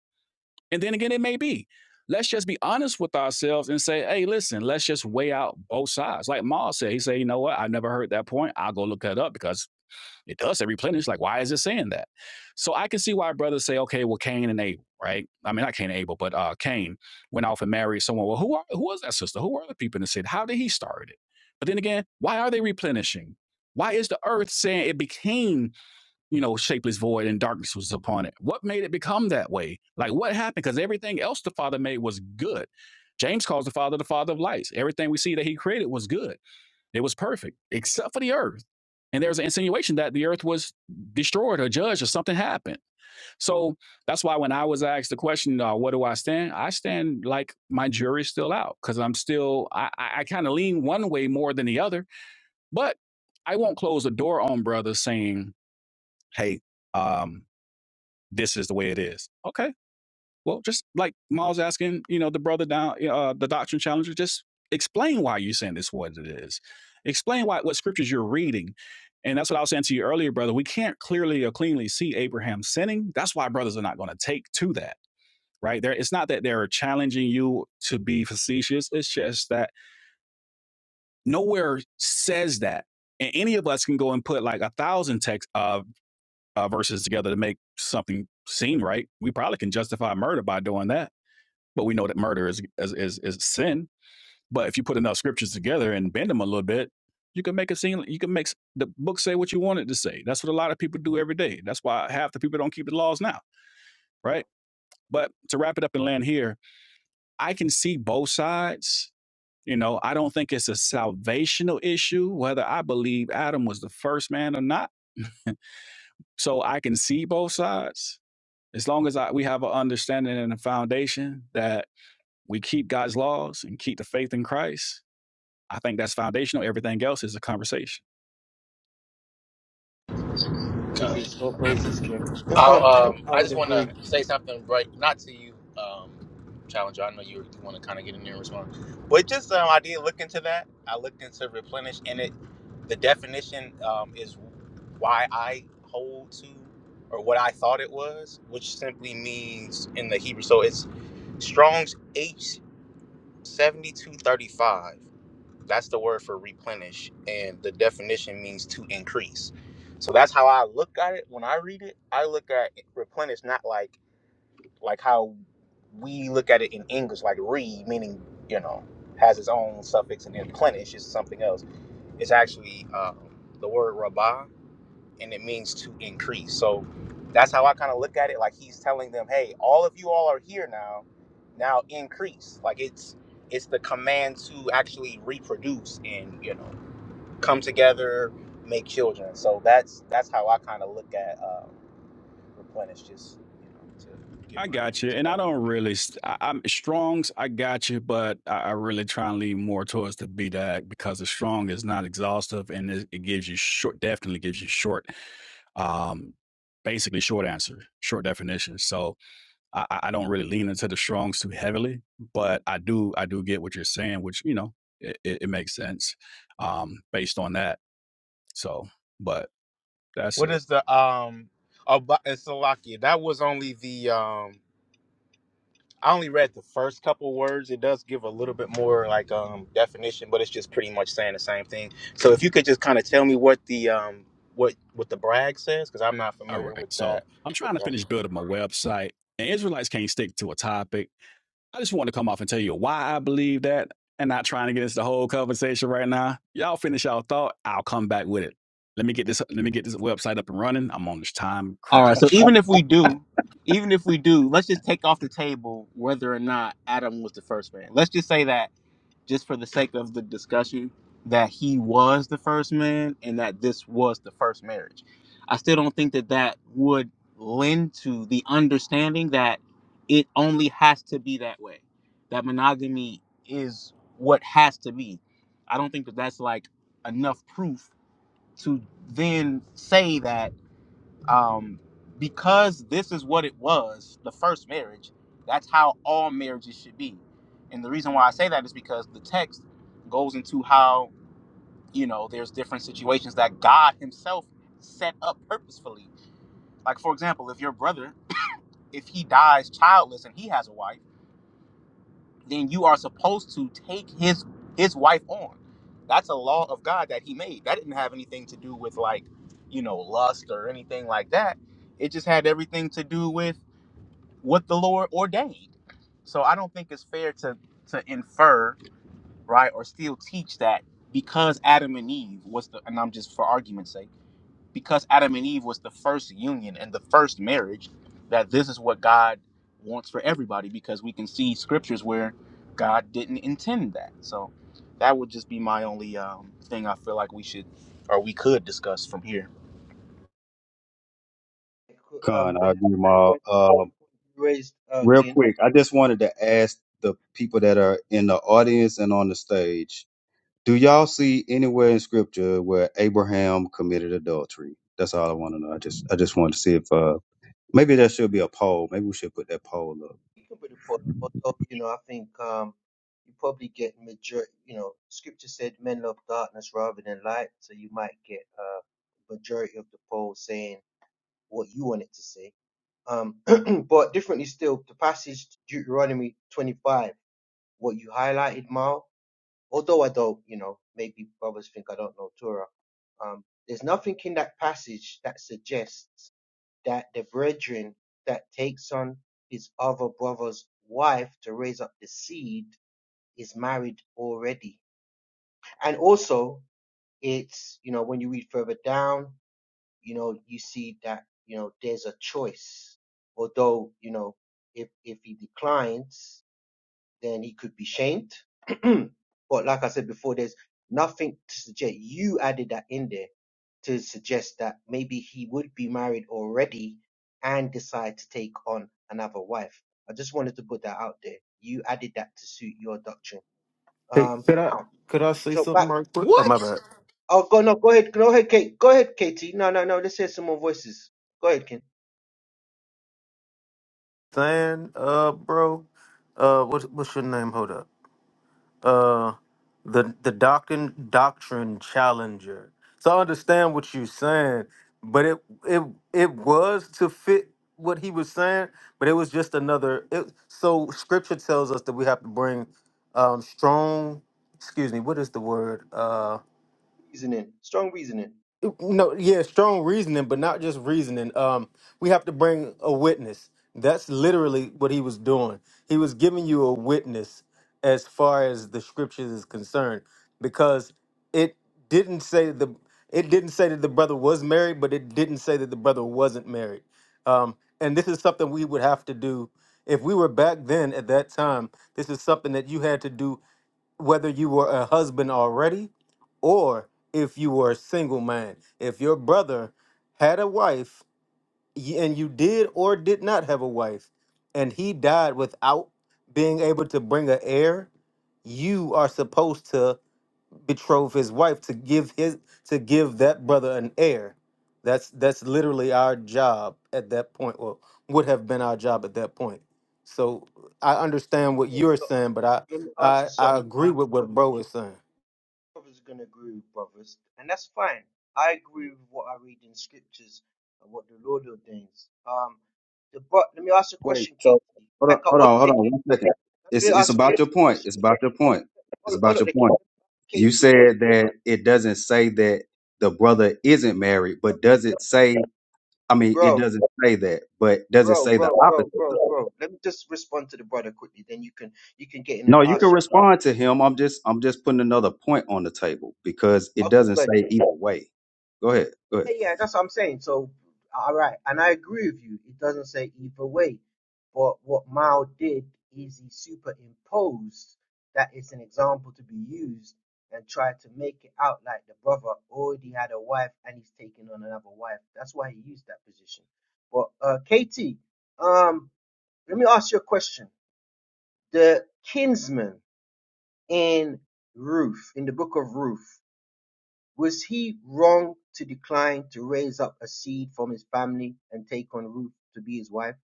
And then again, it may be. Let's just be honest with ourselves and say, hey, listen, let's just weigh out both sides. Like Ma said, he said, you know what? I never heard that point. I'll go look that up because it does say replenish. Like, why is it saying that? So I can see why brothers say, okay, well, Cain and Abel, right? I mean, not Cain and Abel, but uh, Cain went off and married someone. Well, who are who was that sister? Who are the people in the city? How did he start it? But then again, why are they replenishing? Why is the earth saying it became, you know, shapeless void and darkness was upon it? What made it become that way? Like what happened? Because everything else the Father made was good. James calls the Father the Father of lights. Everything we see that He created was good. It was perfect, except for the earth. And there's an insinuation that the earth was destroyed or judged or something happened. So that's why when I was asked the question, uh, what do I stand? I stand like my jury's still out because I'm still, I, I, I kind of lean one way more than the other. But I won't close the door on brothers saying, hey, um, this is the way it is. Okay well, just like Miles asking, you know, the brother down, uh, the doctrine challenger, just explain why you're saying this what it is. Explain why what scriptures you're reading. And that's what I was saying to you earlier, brother. We can't clearly or cleanly see Abraham sinning. That's why brothers are not going to take to that, right? There, it's not that they're challenging you to be facetious. It's just that nowhere says that. And any of us can go and put like a thousand text uh, uh, verses together to make something seem right. We probably can justify murder by doing that but we know that murder is is is, is sin. But if you put enough scriptures together and bend them a little bit, you can make it seem you can make the book say what you want it to say. That's what a lot of people do every day. That's why half the people don't keep the laws now, right? But to wrap it up and land here, I can see both sides. You know, I don't think it's a salvational issue whether I believe Adam was the first man or not. So I can see both sides as long as I, we have an understanding and a foundation that we keep God's laws and keep the faith in Christ I think that's foundational. Everything else is a conversation. All bad. praises, all praises, Kim. I'll, um, I I would just want to agree. say something, right? Not to you, um, Challenger. I know you want to kind of get in there and respond, but just um, I did look into that. I looked into replenish, and it the definition um, is why I hold to or what I thought it was, which simply means in the Hebrew. So it's Strong's H seventy two thirty five. That's the word for replenish, and the definition means to increase. So that's how I look at it when I read it. I look at replenish not like like how we look at it in English, like re meaning you know has its own suffix, and then plenish is something else. It's actually um, the word rabah and it means to increase. So that's how I kind of look at it. Like he's telling them, hey, all of you all are here now. Now increase. Like it's it's the command to actually reproduce and you know come together, make children. So that's that's how I kind of look at uh, replenish. Just you know to give I my got answer you, to and I that. don't really. st- I, I'm Strong's. I got you, but I, I really try and lean more towards the BDAC because the Strong is not exhaustive, and it, it gives you short. Definitely gives you short. Um, basically short answer, short definition. So I, I don't really lean into the Strong's too heavily, but I do. I do get what you're saying, which you know it, it, it makes sense um, based on that. So, but that's What it. is the um? About Salakia. That was only the um. I only read the first couple words. It does give a little bit more like um definition, but it's just pretty much saying the same thing. So if you could just kind of tell me what the um what what the brag says, because I'm not All familiar right. with So that. I'm trying With to that. finish building my website, and Israelites can't stick to a topic. I just want to come off and tell you why I believe that and not trying to get into the whole conversation right now. Y'all finish y'all thought. I'll come back with it. Let me get this let me get this website up and running. I'm on this time All right. So crunch. even if we do, even if we do, let's just take off the table whether or not Adam was the first man. Let's just say that just for the sake of the discussion, that he was the first man and that this was the first marriage. I still don't think that that would lend to the understanding that it only has to be that way, that monogamy is what has to be. I don't think that that's like enough proof to then say that um, because this is what it was the first marriage that's how all marriages should be and the reason why i say that is because the text goes into how you know there's different situations that god himself set up purposefully like for example if your brother if he dies childless and he has a wife then you are supposed to take his his wife on that's a law of god that he made that didn't have anything to do with like you know lust or anything like that it just had everything to do with what the Lord ordained. So I don't think it's fair to to infer, right, or still teach that because Adam and Eve was the and I'm just for argument's sake, because Adam and Eve was the first union and the first marriage, that this is what God wants for everybody because we can see scriptures where God didn't intend that. So that would just be my only um, thing I feel like we should or we could discuss from here. Um, Con, I and that's agree, a good Ma. point. a Good Um, point you raised, uh, real Kim. quick, I just wanted to ask the people that are in the audience and on the stage, do y'all see anywhere in scripture where Abraham committed adultery? That's all I want to know. I just I just wanted to see if uh maybe there should be a poll. Maybe we should put that poll up. You can put a report up, although you know I think um, you probably get major. You know, Scripture said men love darkness rather than light, so you might get uh, majority of the poll saying what you want it to say. Um, but differently still, the passage Deuteronomy 25, what you highlighted, Mal. Although I don't, you know, maybe brothers think I don't know Torah. Um, there's nothing in that passage that suggests that the brethren that takes on his other brother's wife to raise up the seed is married already. And also, it's, you know, when you read further down, you know, you see that, you know, there's a choice. Although, you know, if, if he declines, then he could be shamed. but like I said before, there's nothing to suggest you added that in there to suggest that maybe he would be married already and decide to take on another wife. I just wanted to put that out there. You added that to suit your doctrine. Hey, Um, could I now, could I say so something back. right quick? Oh my What? bad. Oh, go no, go ahead, go ahead, Kate, go ahead, Katie. No, no, no. Let's hear some more voices. Go ahead, Ken. Saying, uh, bro, uh, what what's your name? Hold up. Uh, the the doctrine doctrine challenger. So I understand what you're saying, but it it it was to fit what he was saying, but it was just another. It, so scripture tells us that we have to bring um strong. Excuse me. What is the word? Uh, Reasoning, strong reasoning. No, yeah, strong reasoning, but not just reasoning. Um, we have to bring a witness. That's literally what he was doing. He was giving you a witness as far as the scriptures is concerned, because it didn't say the it didn't say that the brother was married, but it didn't say that the brother wasn't married. Um, and this is something we would have to do if we were back then at that time. This is something that you had to do whether you were a husband already or if you were a single man. If your brother had a wife y- and you did or did not have a wife and he died without being able to bring an heir, you are supposed to betroth his wife to give his to give that brother an heir. That's that's literally our job at that point or would have been our job at that point. So I understand what Yes. you're Yeah, so saying, but I let me ask I, you I agree something. with what bro is saying. Brothers are gonna agree with brothers, and that's fine. I agree with what I read in scriptures and what the Lord ordains. Um, the but let me ask a Wait, question, so Katie. hold on, Like I hold on, hold on Olodeke, one second. let It's me it's ask about your Katie a point. question. It's about your Let me point. It's Olo- about your Olodeke, let point. me ask You Katie a said question. that it doesn't say that the brother isn't married, but does Yo, it say? I mean, it Bro, doesn't say that, but does it bro, say the bro, opposite bro, bro, though? bro. Let me just respond to the brother quickly, then you can you can get in and No, you can ask your. respond to him. I'm just I'm just putting another point on the table because it Okay, doesn't good. say either way. Go ahead. Go ahead. Yeah, yeah, that's what I'm saying. So, all right, and I agree with you. It doesn't say either way, but what Mao did is he superimposed that it's an example to be used and tried to make it out like the brother already had a wife and he's taking on another wife. That's why he used that position. But uh, Katie, um, let me ask you a question. The kinsman in Ruth, in the book of Ruth. Was he wrong to decline to raise up a seed from his family and take on Ruth to be his wife?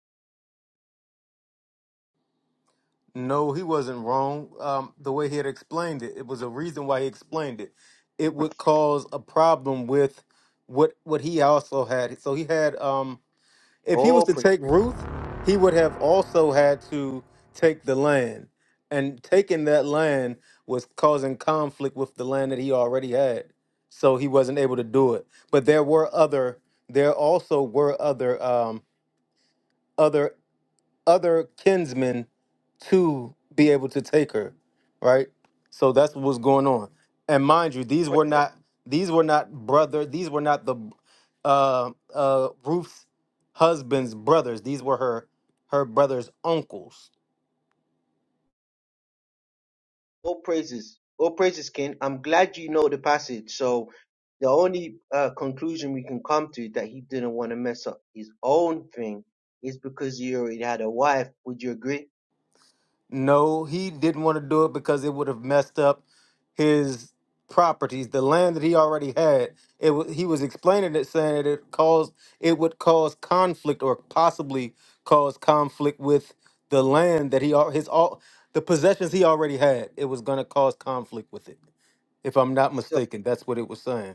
No, he wasn't wrong. Um, the way he had explained it, it was a reason why he explained it. It would cause a problem with what what he also had. So he had um if he was Oh, to praise, take Ruth, he would have also had to take the land. And taking that land was causing conflict with the land that he already had. So he wasn't able to do it. But there were other there also were other um other other kinsmen to be able to take her, right? So that's what's going on. And mind you, these were not these were not brother. These were not the uh, uh, Ruth's husband's brothers. These were her her brother's uncles. oh praises, oh praises, King. I'm glad you know the passage. So the only uh, conclusion we can come to that he didn't want to mess up his own thing is because he already had a wife. Would you agree? No, he didn't want to do it because it would have messed up his properties, the land that he already had. It wa he was explaining it, saying that it caused it would cause conflict or possibly cause conflict with the land that he al- his all the possessions he already had. It was going to cause conflict with it, if I'm not So mistaken. That's what it was saying.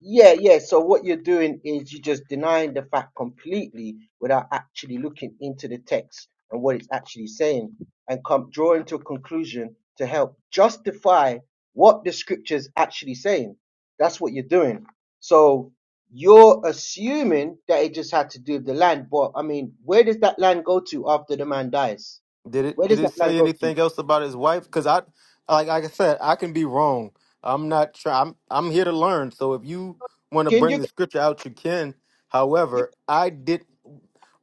Yeah, yeah. So what you're doing is you're just denying the fact completely without actually looking into the text and what it's actually saying and come drawing to a conclusion to help justify what the scripture's actually saying. That's what you're doing. So you're assuming that it just had to do with the land, but I mean, where does that land go to after the man dies? Did Where it did does that it land say go to? anything else about his wife? Because I, like like I said, I can be wrong. I'm not trying. I'm I'm here to learn. So if you want to Can bring the you? scripture out, you can. However, I did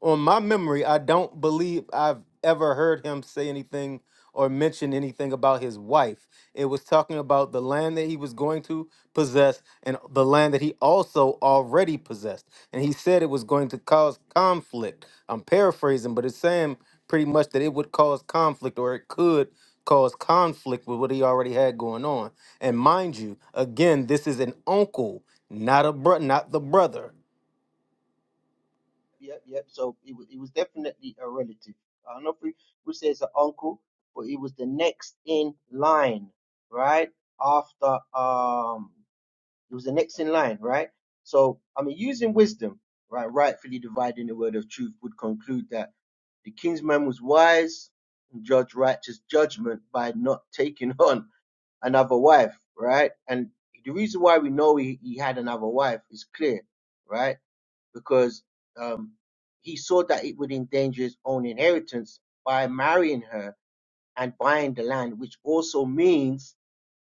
on my memory, I don't believe I've ever heard him say anything or mention anything about his wife. It was talking about the land that he was going to possess and the land that he also already possessed. And he said it was going to cause conflict. I'm paraphrasing, but it's saying pretty much that it would cause conflict or it could cause conflict with what he already had going on. And mind you, again, this is an uncle, not a bro- not the brother. Yep, yep. So it was, it was definitely a relative. I don't know if we would say it's an uncle, but it was the next in line, right? After um, it was the next in line, right? So I mean, using wisdom, right, rightfully dividing the word of truth, would conclude that the king's man was wise and judged righteous judgment by not taking on another wife, right? And the reason why we know he, he had another wife is clear, right? because um, he saw that it would endanger his own inheritance by marrying her and buying the land, which also means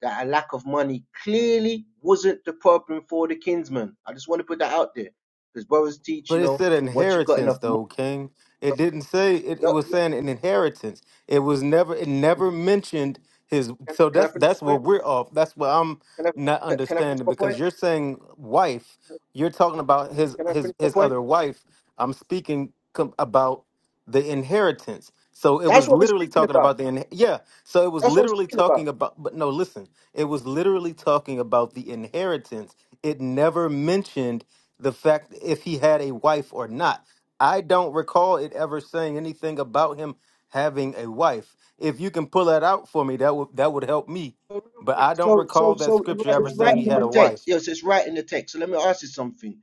that a lack of money clearly wasn't the problem for the kinsman. I just want to put that out there because brothers teach, But you it know, said once you got inheritance enough money. though, King. It didn't say it, it Yeah, was yeah. saying an inheritance. It was never it never mentioned his Can, so can I that's finish that's my where point? we're off. That's what I'm Can I, not can can I finish understanding my point? because you're saying wife, you're talking about his Can I his finish my his point? other wife. I'm speaking com- about the inheritance. So it That's was what we're literally speaking talking about. about the in- yeah. So it was That's what we're literally speaking about. talking about but no, listen. It was literally talking about the inheritance. It never mentioned the fact if he had a wife or not. I don't recall it ever saying anything about him having a wife. If you can pull that out for me, that would that would help me. So, real But quick, I don't so, so, recall that so scripture right- ever it's right saying in he had a the wife. text. Yes, it's right in the text. So let me ask you something.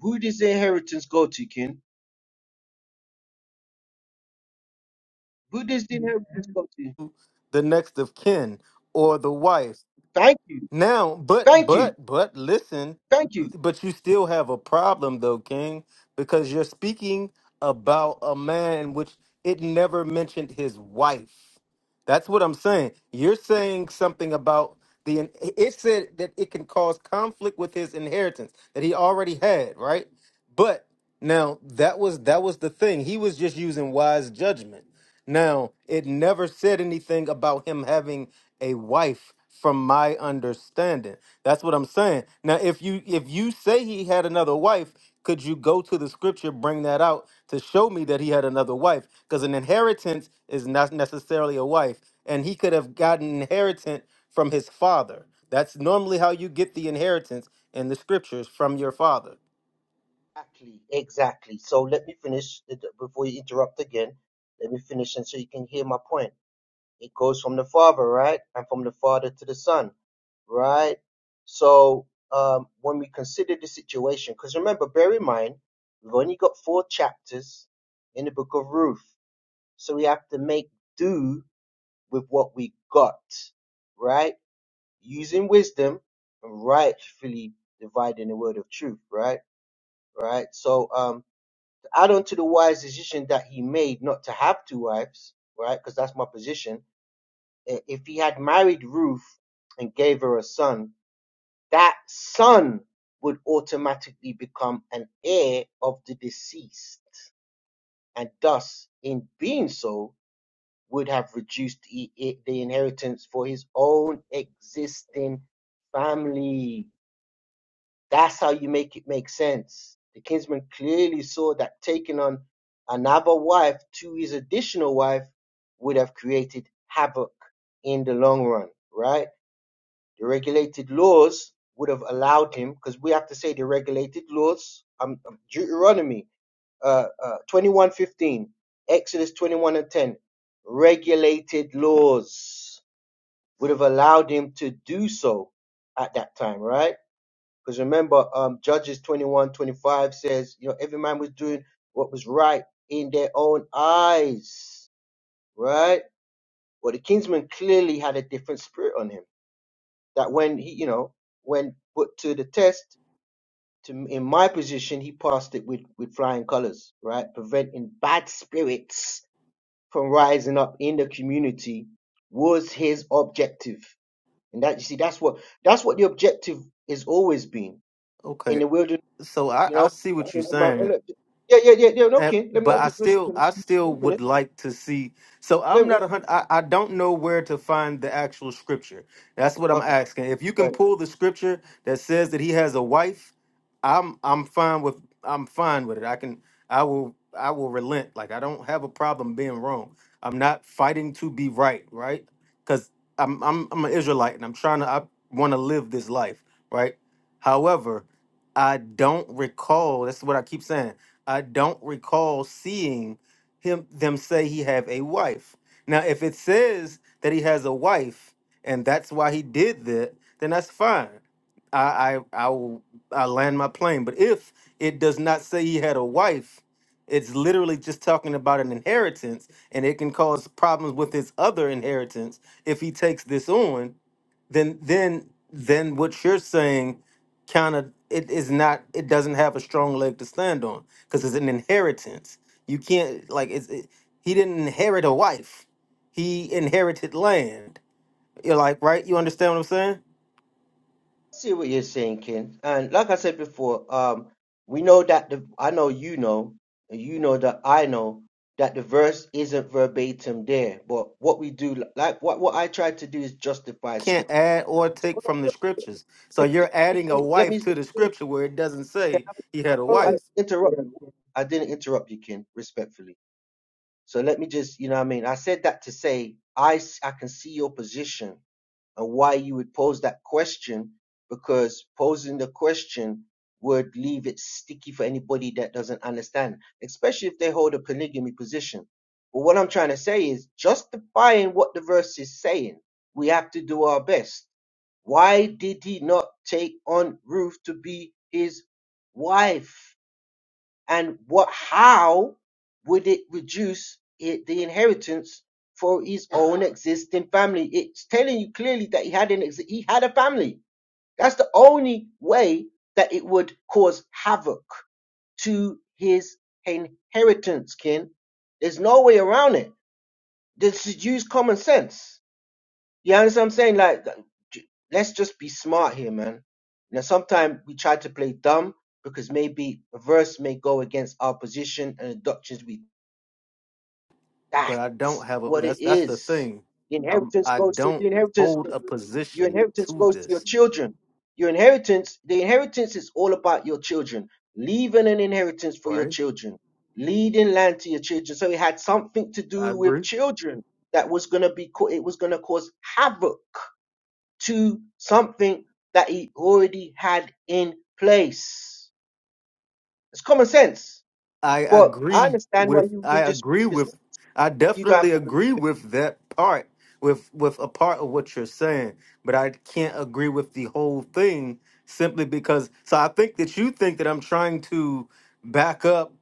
Who does the inheritance go to, King? Who does the inheritance go to? The next of kin or the wife Thank you. Now, but Thank you. but but listen, Thank you. but you still have a problem though, King, because you're speaking about a man which it never mentioned his wife. That's what I'm saying. You're saying something about the it said that it can cause conflict with his inheritance that he already had, right? But now that was that was the thing. He was just using wise judgment. Now, it never said anything about him having a wife from my understanding. That's what I'm saying. Now, if you if you say he had another wife, could you go to the scripture bring that out to show me that he had another wife? Cuz an inheritance is not necessarily a wife, and he could have gotten inheritance from his father. That's normally how you get the inheritance in the scriptures from your father. Exactly, exactly. So let me finish the- the- before you interrupt again. Let me finish, and so you can hear my point. It goes from the father, right, and from the father to the son, right. So um, when we consider the situation, because remember, bear in mind, we've only got four chapters in the book of Ruth, so we have to make do with what we got, right? using wisdom and rightfully dividing the word of truth, right? Right. So um to add on to the wise decision that he made not to have two wives, right? Because that's my position. i- If he had married Ruth and gave her a son, that son would automatically become an heir of the deceased, and thus, in being so, would have reduced the the inheritance for his own existing family That's how you make it make sense. The kinsman clearly saw that taking on another wife to his additional wife would have created havoc in the long run, right? The regulated laws would have allowed him, because we have to say the regulated laws, um, um, Deuteronomy uh, uh, 21.15, Exodus 21 and 10, regulated laws would have allowed him to do so at that time, right? Because remember, um, Judges 21 25 says, you know, every man was doing what was right in their own eyes, right? Well, the kinsman clearly had a different spirit on him. That when he, you know, when put to the test, to in my position, he passed it with, with flying colors, right? Preventing bad spirits from rising up in the community was his objective. And that, you see, that's what, that's what the objective has always been. In Okay. the wilderness So I, You I know, see to what you're my well, saying. look, yeah, yeah, yeah, yeah. No, And, Ken, let me I'll but I just still, I finish. still finish, finish. would like to see. So I'm Let me, not a hundred. I, I don't know where to find the actual scripture. That's what I'm okay, asking. If you go can ahead. pull the scripture that says that he has a wife, I'm, I'm fine with, I'm fine with it. I can, I will, I will relent. Like I don't have a problem being wrong. I'm not fighting to be right, right? Because I'm, I'm, I'm an Israelite and I'm trying to, I want to live this life, right? However, I don't recall. That's what I keep saying. I don't recall seeing him them say he have a wife. Now, if it says that he has a wife and that's why he did that, then that's fine. I I I will I land my plane. But if it does not say he had a wife, it's literally just talking about an inheritance, and it can cause problems with his other inheritance if he takes this on then then then what you're saying kind of it is not it doesn't have a strong leg to stand on because it's an inheritance you can't like it's it, he didn't inherit a wife he inherited land you're like right you understand what i'm saying See what you're saying, Ken. And like I said before, um, we know that the I know you know, and you know that I know that the verse isn't verbatim there. But what we do, like what what I tried to do, is justify scripture. can't add or So take what from the I scriptures so you're adding a do- let me. wife to the Can scripture where it doesn't say I, he had a oh, I didn't wife interrupt. you. I didn't interrupt you, Ken. Respectfully. So let me just, you know what I mean? I said that to say I, s- I can see your position and why you would pose that question because posing the question would leave it sticky for anybody that doesn't understand, especially if they hold a polygamy position. But what I'm trying to say is justifying what the verse is saying, we have to do our best. Why did he not take on Ruth to be his wife? and what how would it reduce it, the inheritance for his own existing family it's telling you clearly that he had an ex- he had a family that's the only way that it would cause havoc to his inheritance kin there's no way around it this is use common sense you understand what I'm saying? Like, j- let's just be smart here, man. You know, sometimes we try to play dumb because maybe a verse may go against our position and the doctrines we. but i don't That's have a what it that's that's the is. thing The um, inheritance i goes to don't the inheritance. hold a Your position inheritance to goes to your this children. Your inheritance, the inheritance is all about your children. Leaving an inheritance for your right children, leading land to your children. So it had something to i do agree with children that was gonna be. co- It was gonna cause havoc to something that he already had in place. It's common sense. I But I agree understand why with you, I you just agree you just with I you don't definitely have to. agree with that part with with a part of what you're saying, but I can't agree with the whole thing simply because so I think that you think that I'm trying to back up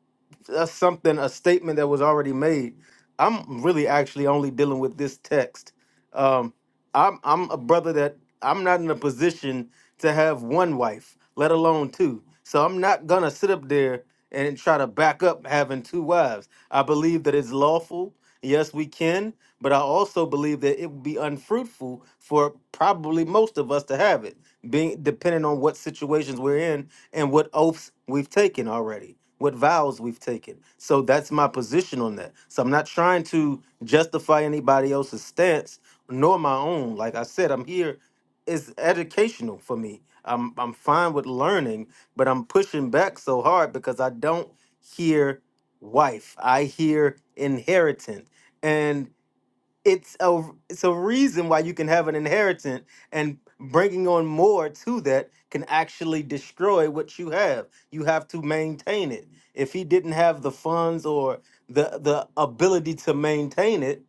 that's something a statement that was already made. I'm really actually only dealing with this text. Um, I'm I'm a brother that I'm not in a position to have one wife, let alone two. So I'm not gonna sit up there and try to back up having two wives. I believe that it's lawful. Yes, we can, but I also believe that it would be unfruitful for probably most of us to have it, being depending on what situations we're in and what oaths we've taken already, what vows we've taken. So that's my position on that. So I'm not trying to justify anybody else's stance nor my own. Like I said, I'm here. It's educational for me. I'm I'm fine with learning, but I'm pushing back so hard because I don't hear wife. I hear inheritance. And it's a it's a reason why you can have an inheritance and bringing on more to that can actually destroy what you have you have to maintain it if he didn't have the funds or the the ability to maintain it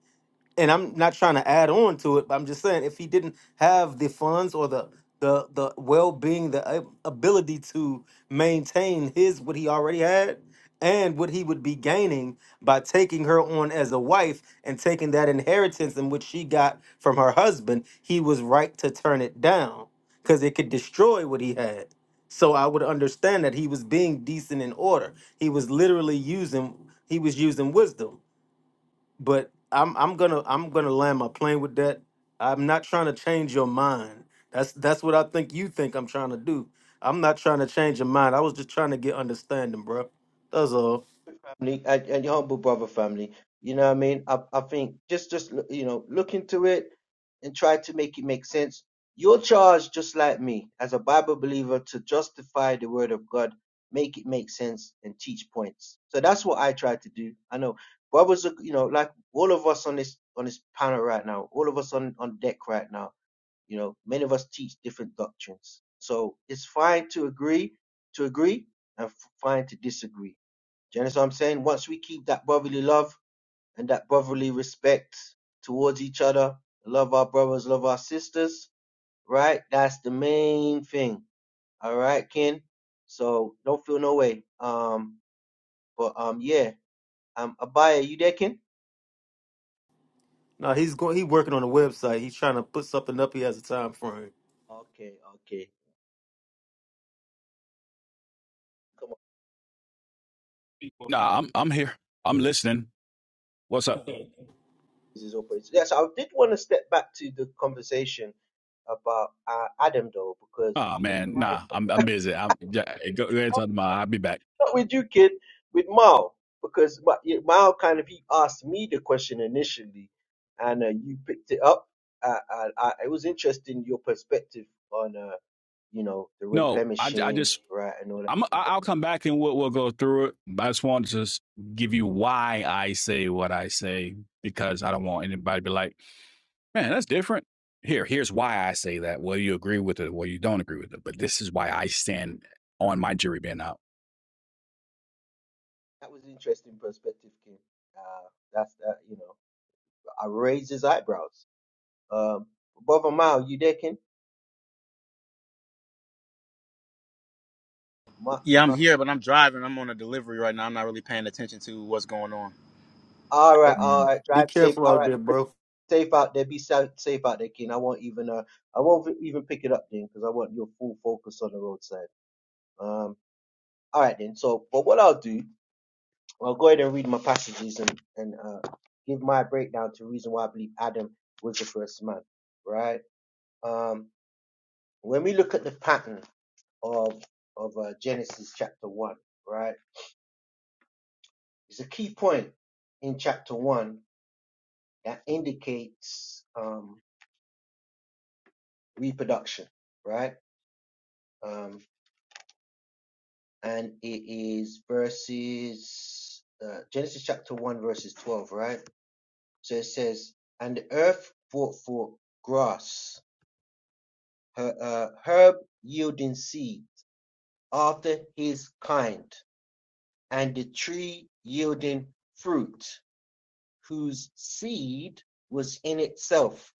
and I'm not trying to add on to it, but I'm just saying if he didn't have the funds or the the the well being, the ab- ability to maintain his what he already had and what he would be gaining by taking her on as a wife and taking that inheritance in which she got from her husband, he was right to turn it down because it could destroy what he had. So I would understand that he was being decent in order. He was literally using he was using wisdom but I'm I'm gonna I'm gonna land my plane with that. I'm not trying to change your mind. That's that's what I think you think I'm trying to do. I'm not trying to change your mind. I was just trying to get understanding, bro. That's all. family and, and your humble brother family. You know what I mean? I, I think just just you know look into it and try to make it make sense. You're charged just like me as a Bible believer to justify the word of God, make it make sense, and teach points. So that's what I try to do. I know brothers, are, you know, like all of us on this on this panel right now, all of us on on deck right now you know, many of us teach different doctrines. So it's fine to agree, to agree, and f- fine to disagree. Do you understand what I'm saying? Once we keep that brotherly love and that brotherly respect towards each other, love our brothers, love our sisters, right? That's the main thing. All right, Ken. So don't feel no way. Um, but um, yeah. Um, Abaya, you there, Ken? No, he's going. He working on a website. He's trying to put something up. He has a time frame. Okay, okay. come on. No, I'm I'm here. I'm listening. What's up? uses operates. Yes, I did want to step back to the conversation about uh, Adam though, because Oh man, nah, I'm I'm busy. I'm yeah, hey, go, go ahead talk to my. I'll be back. not with you, kid, with Mao, because Ma- yeah, Mao kind of he asked me the question initially, and uh, you picked it up. Uh, uh, uh, it was interesting your perspective on uh, you know the No, I I replenishing, just right, and all that. I'm I- I'll come back and we'll we'll go through it. But I just want to just give you why I say what I say because I don't want anybody to be like, man, that's different. Here, here's why I say that. Well, you agree with it, well, you don't agree with it. But this is why I stand on my jury being out. That was interesting perspective, kid. Uh, that's that you know I raised his eyebrows. Um, brother Mao, you there, kin? Ma- Yeah, I'm Ma- here, but I'm driving. I'm on a delivery right now. I'm not really paying attention to what's going on. all right, Right. Um. all right. Be Drive safe. careful All out right. there, bro. safe out there. Be sa- safe out there, Keen. I won't even uh, I won't even pick it up then because I want your full focus on the roadside. Um, all right then. So, but what I'll do, I'll go ahead and read my passages and and uh, give my breakdown to reason why I believe Adam was the first man, right? Um, when we look at the pattern of of uh, Genesis chapter one, right, it's a key point in chapter one that indicates um, reproduction, right? Um. and it is verses uh, Genesis chapter one verses twelve, right? So it says, "And the earth brought forth grass, her uh, herb yielding seed after his kind, and the tree yielding fruit, whose seed was in itself."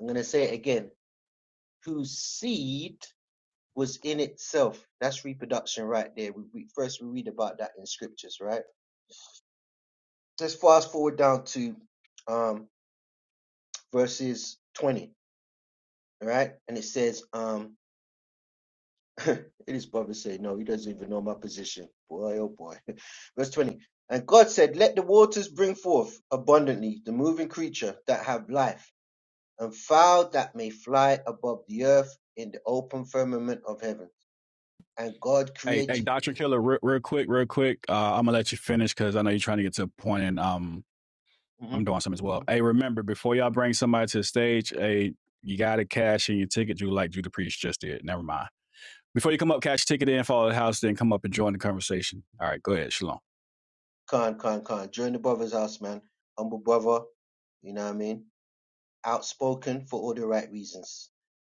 I'm gonna say it again. Whose seed was in itself? That's reproduction right there. We, we first we read about that in scriptures, right? Let's fast forward down to um, verses 20, all right? And it says, um, his brother say No, he doesn't even know my position. Boy, oh boy. Verse 20. And God said, Let the waters bring forth abundantly the moving creature that have life, and fowl that may fly above the earth in the open firmament of heaven. And God Hey, hey, created Doctor Killer, real, real quick, real quick. Uh, I'm gonna let you finish because I know you're trying to get to a point, and um, I'm Mhm. doing something as well. Hey, remember before y'all bring somebody to the stage, hey, you gotta cash in your ticket, You like Drew the Priest just did. Never mind. Before you come up, cash ticket in, follow the house, then come up and join the conversation. All right, go ahead, Shalom. Khan, Khan, Khan. Join the brother's house, man. Humble brother, you know what I mean? Outspoken for all the right reasons.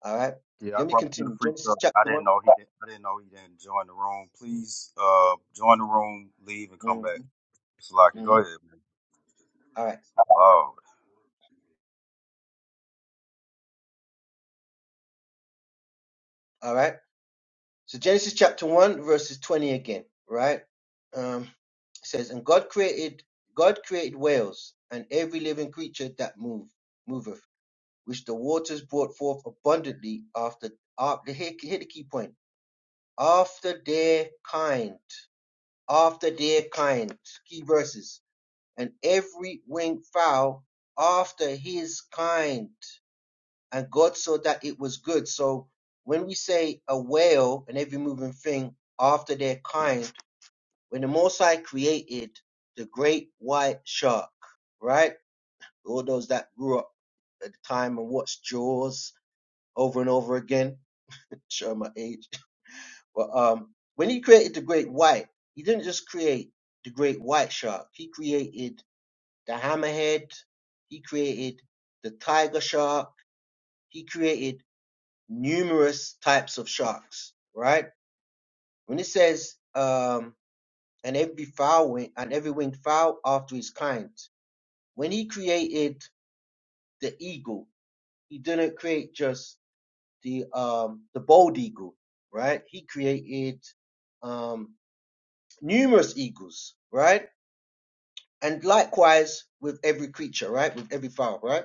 All right. Yeah, I Let me brought you the continue. free Genesis stuff. I chapter one. didn't know he didn't I didn't know he didn't join the room. Please uh join the room, leave and come back. Mm-hmm. Salaki, go Mm-hmm. ahead. man. All right. Oh, All right. So Genesis chapter one, verses twenty again. Right. Um, it says, and God created God created whales and every living creature that move moveth, which the waters brought forth abundantly after. after here, here the key point. After their kind. After their kind. Key verses. And every winged fowl after his kind and God saw that it was good. So when we say a whale and every moving thing after their kind, when the Most High created the great white shark, right? All those that grew up at the time and watched Jaws over and over again, show my age. But um, when he created the great white, he didn't just create the great white shark. He created the hammerhead. He created the tiger shark. He created numerous types of sharks, right? When it says, um, and every fowl wing and every winged fowl after his kind, when he created the eagle, he didn't create just the um the bald eagle, right? He created um numerous eagles, right? And likewise with every creature, right? With every fowl, right?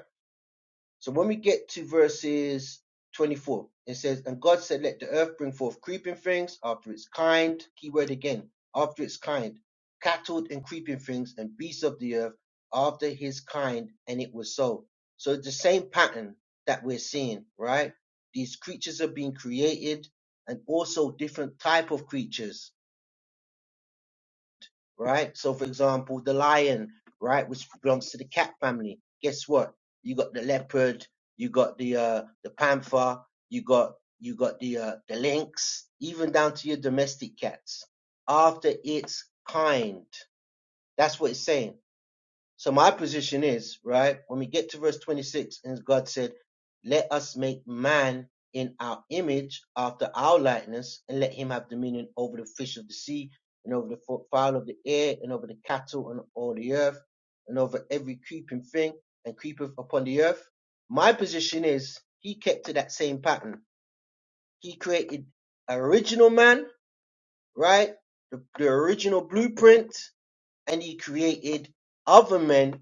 So when we get to verses 24, it says, And God said, Let the earth bring forth creeping things after its kind, keyword again, after its kind, cattle and creeping things and beasts of the earth after his kind, and it was so. So it's the same pattern that we're seeing, right? These creatures are being created and also different type of creatures right? So, for example, the lion, right, which belongs to the cat family. Guess what? You got the leopard, you got the uh, the panther, you got you got the uh, the lynx, even down to your domestic cats. After its kind, that's what it's saying so my position is, right, when we get to verse 26, and God said, Let us make man in our image after our likeness, and let him have dominion over the fish of the sea, and over the fowl of the air, and over the cattle and all the earth, and over every creeping thing, and creepeth upon the earth. My position is he kept to that same pattern. He created original man, right? The, the original blueprint, and he created other men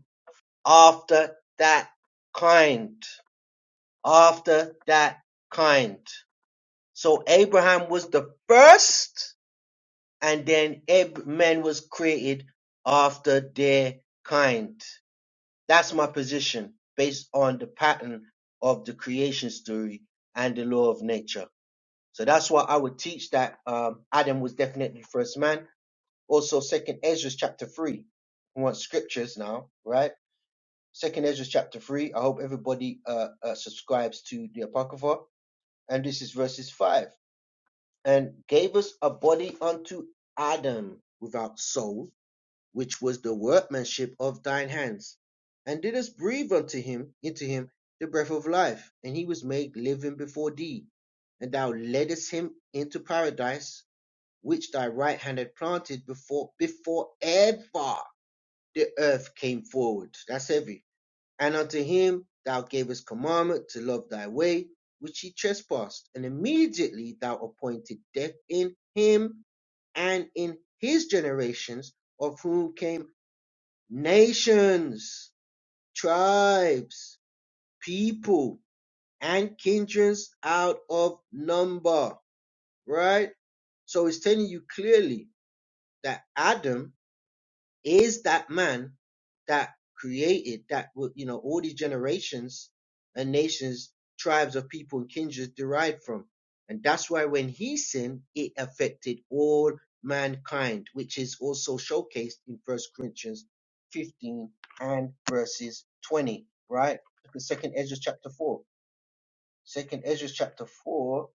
after that kind, after that kind. So Abraham was the first, and then Ab- man was created after their kind. That's my position based on the pattern of the creation story and the law of nature. So that's why I would teach that um, Adam was definitely first man. Also, Second Ezra chapter three. We want scriptures now, right? Second Ezra chapter three. I hope everybody uh, uh, subscribes to the Apocrypha, and this is verses five. And gave us a body unto Adam without soul, which was the workmanship of thine hands, and didst breathe unto him into him the breath of life, and he was made living before thee. And thou leddest him into paradise, which thy right hand had planted before before ever the earth came forward. That's heavy and unto him thou gavest commandment to love thy way, which he trespassed. And immediately thou appointed death in him and in his generations, of whom came nations, tribes, people, and kindreds out of number. Right? So it's telling you clearly that Adam is that man that created that would you know all these generations and nations tribes of people and kindreds derived from and that's why when he sinned it affected all mankind which is also showcased in first corinthians 15 and verses 20 right Look at second ezra chapter four. Second ezra chapter 4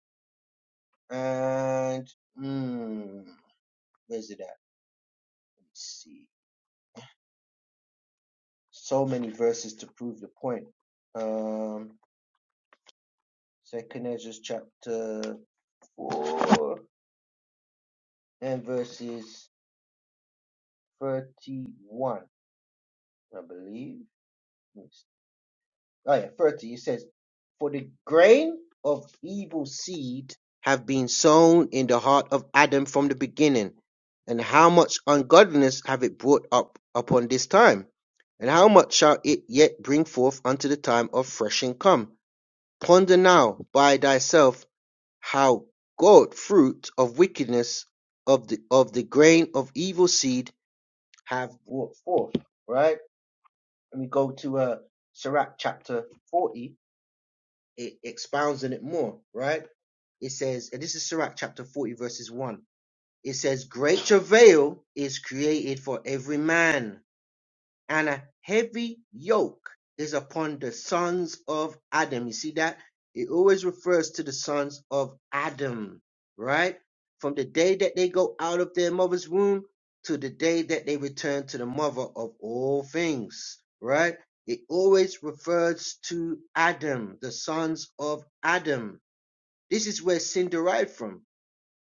and mm, where's it at let's see so many verses to prove the point. Um, Second Ezra chapter four and verses thirty-one, I believe. Oh yeah, thirty. It says, "For the grain of evil seed have been sown in the heart of Adam from the beginning, and how much ungodliness have it brought up upon this time, and how much shall it yet bring forth unto the time of threshing come?" Ponder now by thyself How God fruit of wickedness of the of the grain of evil seed have brought forth. Right? Let me go to uh Sirach chapter 40, it expounds on it more, right? It says, and this is Sirach chapter 40, verses 1. It says, Great travail is created for every man and a heavy yoke is upon the sons of Adam. You see that? It always refers to the sons of Adam, right? From the day that they go out of their mother's womb to the day that they return to the mother of all things, right? It always refers to Adam, the sons of Adam. This is where sin derived from,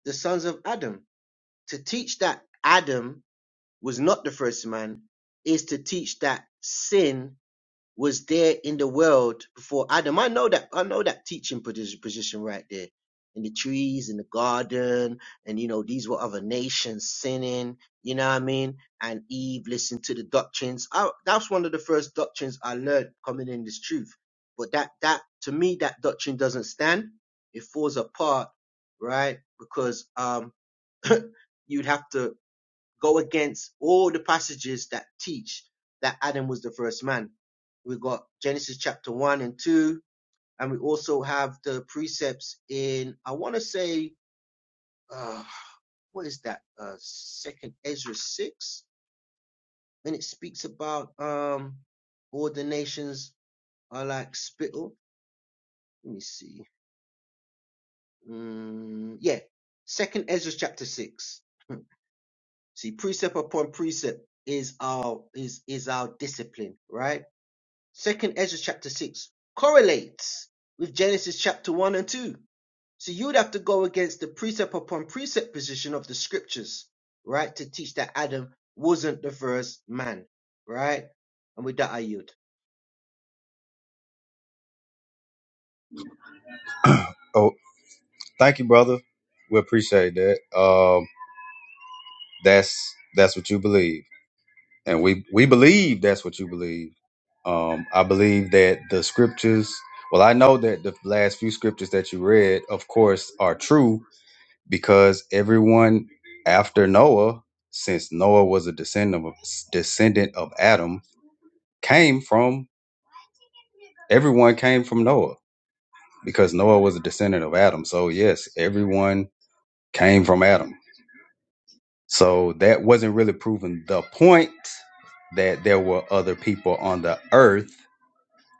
the sons of Adam. To teach that Adam was not the first man, is to teach that sin was there in the world before Adam. I know that I know that teaching posi- position right there. In the trees, in the garden, and you know, these were other nations sinning, you know what I mean? And Eve listened to the doctrines. I, that's one of the first doctrines I learned coming in this truth. But that that to me that doctrine doesn't stand. It falls apart, right? Because um you'd have to go against all the passages that teach that Adam was the first man. We've got Genesis chapter 1 and 2, and we also have the precepts in, I want to say, uh, what is that? Uh, second Ezra 6, and it speaks about um, all the nations are like spittle. Let me see. Mm, yeah, second Ezra chapter 6. See, precept upon precept is our is is our discipline, right? Second Ezra chapter 6 correlates with Genesis chapter 1 and 2. So you would have to go against the precept upon precept position of the scriptures, right, to teach that Adam wasn't the first man, right? And with that, I yield. oh, thank you, brother. We appreciate that. Um, that's that's what you believe, and we we believe that's what you believe. Um, I believe that the scriptures. Well, I know that the last few scriptures that you read, of course, are true because everyone after Noah, since Noah was a descendant of, descendant of Adam, came from everyone came from Noah because Noah was a descendant of Adam. So yes, everyone came from Adam So that wasn't really proving the point that there were other people on the earth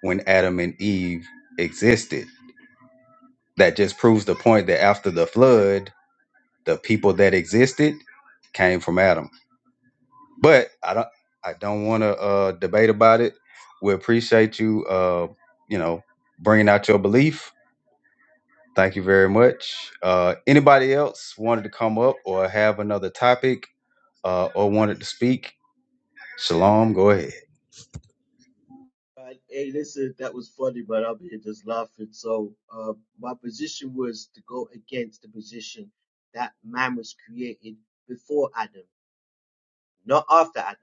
when Adam and Eve existed. That just proves the point that after the flood, the people that existed came from Adam. But I don't I don't want to uh, debate about it. We appreciate you uh, you know bringing out your belief. Thank you very much. Uh, anybody else wanted to come up or have another topic uh, or wanted to speak? Shalom, go ahead. Right. Hey, listen, that was funny, but I'm here just laughing. So, uh, my position was to go against the position that man was created before Adam, not after Adam.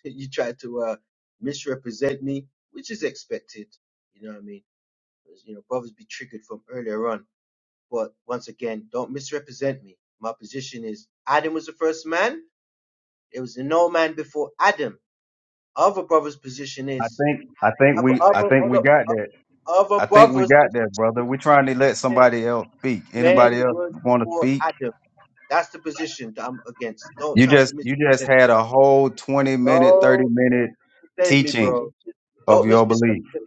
you try to uh, misrepresent me, which is expected. You know what I mean? 'Cause, you know, brothers be triggered from earlier on. But once again, don't misrepresent me. My position is Adam was the first man. There was no man before Adam. Other brothers' position I is think I think other we I other think we other, got that. I other think we brothers' got that, brother. position We're trying to let is somebody else speak. man Anybody else was want to before speak? Adam. That's the position that I'm against. Don't You try to just you just misrepresent. had a whole twenty minute, thirty Don't minute misrepresent me, teaching bro. of Don't mis your belief. misrepresent.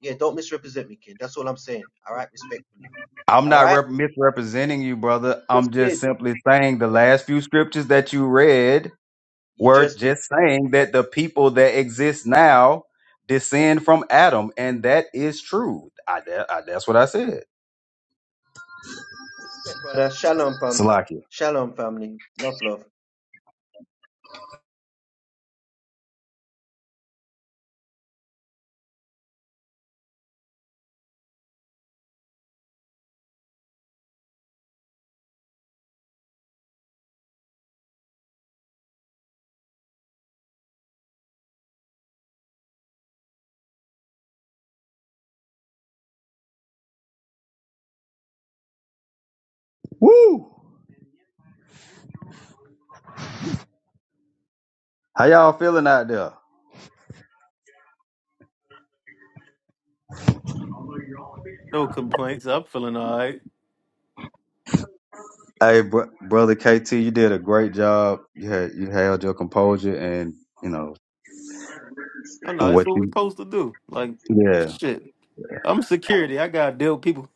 Yeah, don't misrepresent me, kid. That's all I'm saying. All right, respectfully. I'm All not right, rep- misrepresenting you, brother. just I'm just did. simply saying the last few scriptures that you read You were just did. just saying that the people that exist now descend from Adam, and that is true. I, that- I, that's what I said. Respect, brother. Shalom, family. Salakia. Shalom, family. Enough love. Woo! How y'all feeling out there? No complaints. I'm feeling all right. Hey, br- brother KT, you did a great job. You had you held your composure, and you know No, no, and it's what what we you. supposed to do. Like, Yeah. shit. I'm security. I gotta deal with people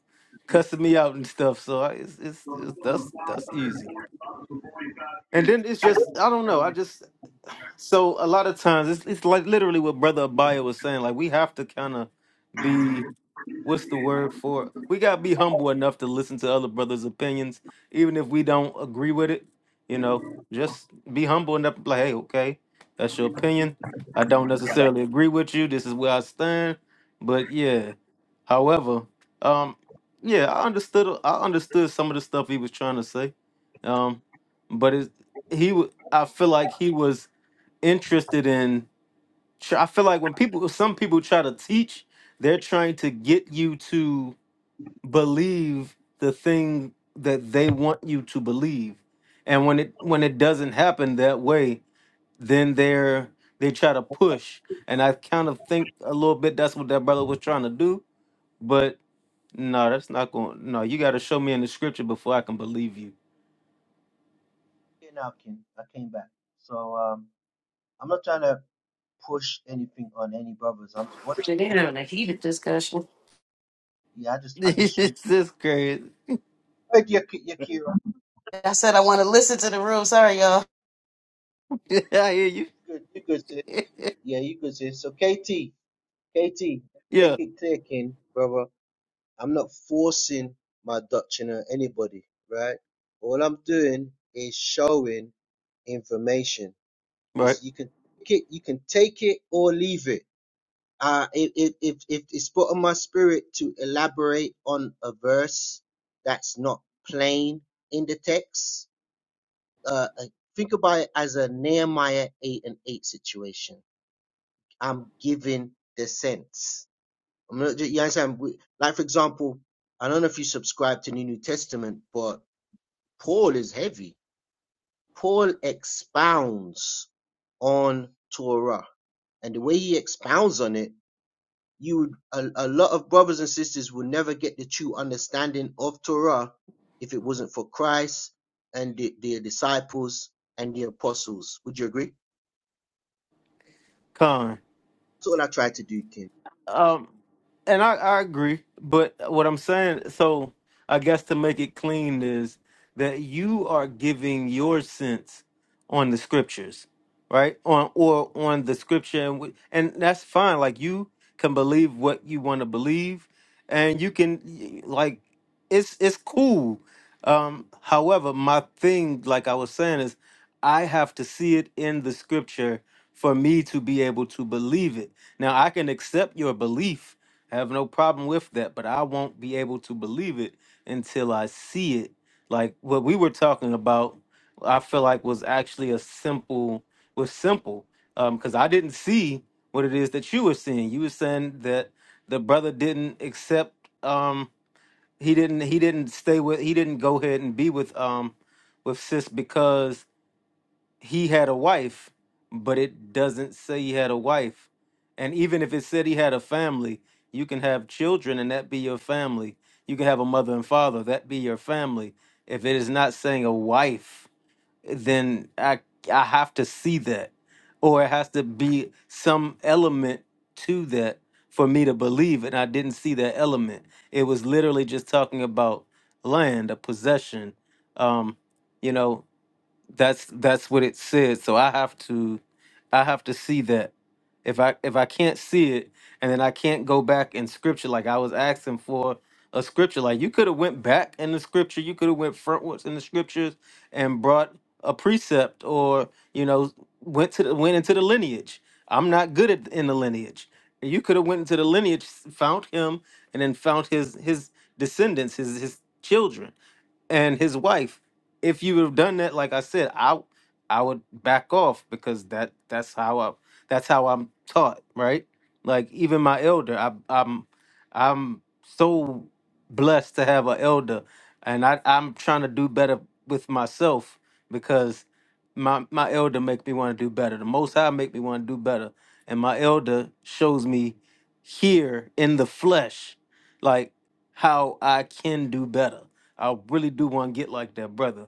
cussing me out and stuff. So I, it's, it's it's that's that's easy. And then it's just I don't know. I just so a lot of times it's it's like literally what Brother Abaya was saying. Like we have to kind of be what's the word for it? we gotta be humble enough to listen to other brothers' opinions, even if we don't agree with it. You know, just be humble enough to be like, hey, okay, that's your opinion. I don't necessarily agree with you. This is where I stand. But yeah, however, um, yeah, I understood. I understood some of the stuff he was trying to say, um, but it, he, wa- I feel like he was interested in tr- I feel like when people, some people try to teach, they're trying to get you to believe the thing that they want you to believe, and when it when it doesn't happen that way, then they're they try to push. And I kind of think a little bit that's what that brother was trying to do, but no, that's not going. No, you got to show me in the scripture before I can believe you. Okay, now, King. I came back. So um, I'm not trying to push anything on any brothers. I'm what They're I'm doing. having a heated discussion. Yeah, I just I just showing. it's just crazy. Hey, you, you, Kira. I said I want to listen to the room. Sorry, y'all. I hear you. Good, you good, sis. Yeah, you good, sis. So KT, KT, yeah, take it clear, King, brother. I'm not forcing my doctrine on anybody, right? All I'm doing is showing information. Is right. you can take it, you can take it or leave it. Uh, if if if, if it's put on my spirit to elaborate on a verse that's not plain in the text, uh, uh, think about it as a Nehemiah eight and eight situation. I'm giving the sense. I'm not just, you understand? We- Like, for example, I don't know if you subscribe to the New Testament, but Paul is heavy. Paul expounds on Torah. And the way he expounds on it, you would, a, a lot of brothers and sisters will never get the true understanding of Torah if it wasn't for Christ and the, the disciples and the apostles. Would you agree? Con. That's all I tried to do, King. Um, and I, I agree, but what I'm saying, so I guess to make it clean is that you are giving your sense on the scriptures, right? On or on the scripture, and, wh- and that's fine. Like you can believe what you want to believe, and you can y- like it's it's cool. Um, however, my thing, like I was saying, is I have to see it in the scripture for me to be able to believe it. Now, I can accept your belief. I have no problem with that, but I won't be able to believe it until I see it. Like what we were talking about, I feel like was actually a simple was simple because I didn't see what it is that you were seeing. You were saying that the brother didn't accept. Um, he didn't. He didn't stay with. He didn't go ahead and be with um, with sis because he had a wife, but it doesn't say he had a wife. And even if it said he had a family, you can have children and that be your family. You can have a mother and father, that be your family. If it is not saying a wife, then I I have to see that. Or it has to be some element to that for me to believe it. And I didn't see that element. It was literally just talking about land, a possession. Um, you know, that's that's what it said so i have to i have to see that if i if i can't see it and then i can't go back in scripture like i was asking for a scripture like you could have went back in the scripture you could have went frontwards in the scriptures and brought a precept or you know went to the, went into the lineage i'm not good at in the lineage you could have went into the lineage found him and then found his his descendants his his children and his wife. If you would have done that, like I said, I I would back off because that that's how I that's how I'm taught, right? Like even my elder, I, I'm I'm so blessed to have an elder, and I I'm trying to do better with myself because my my elder make me want to do better. The Most High make me want to do better, and my elder shows me here in the flesh, like how I can do better I really do want to get like that brother,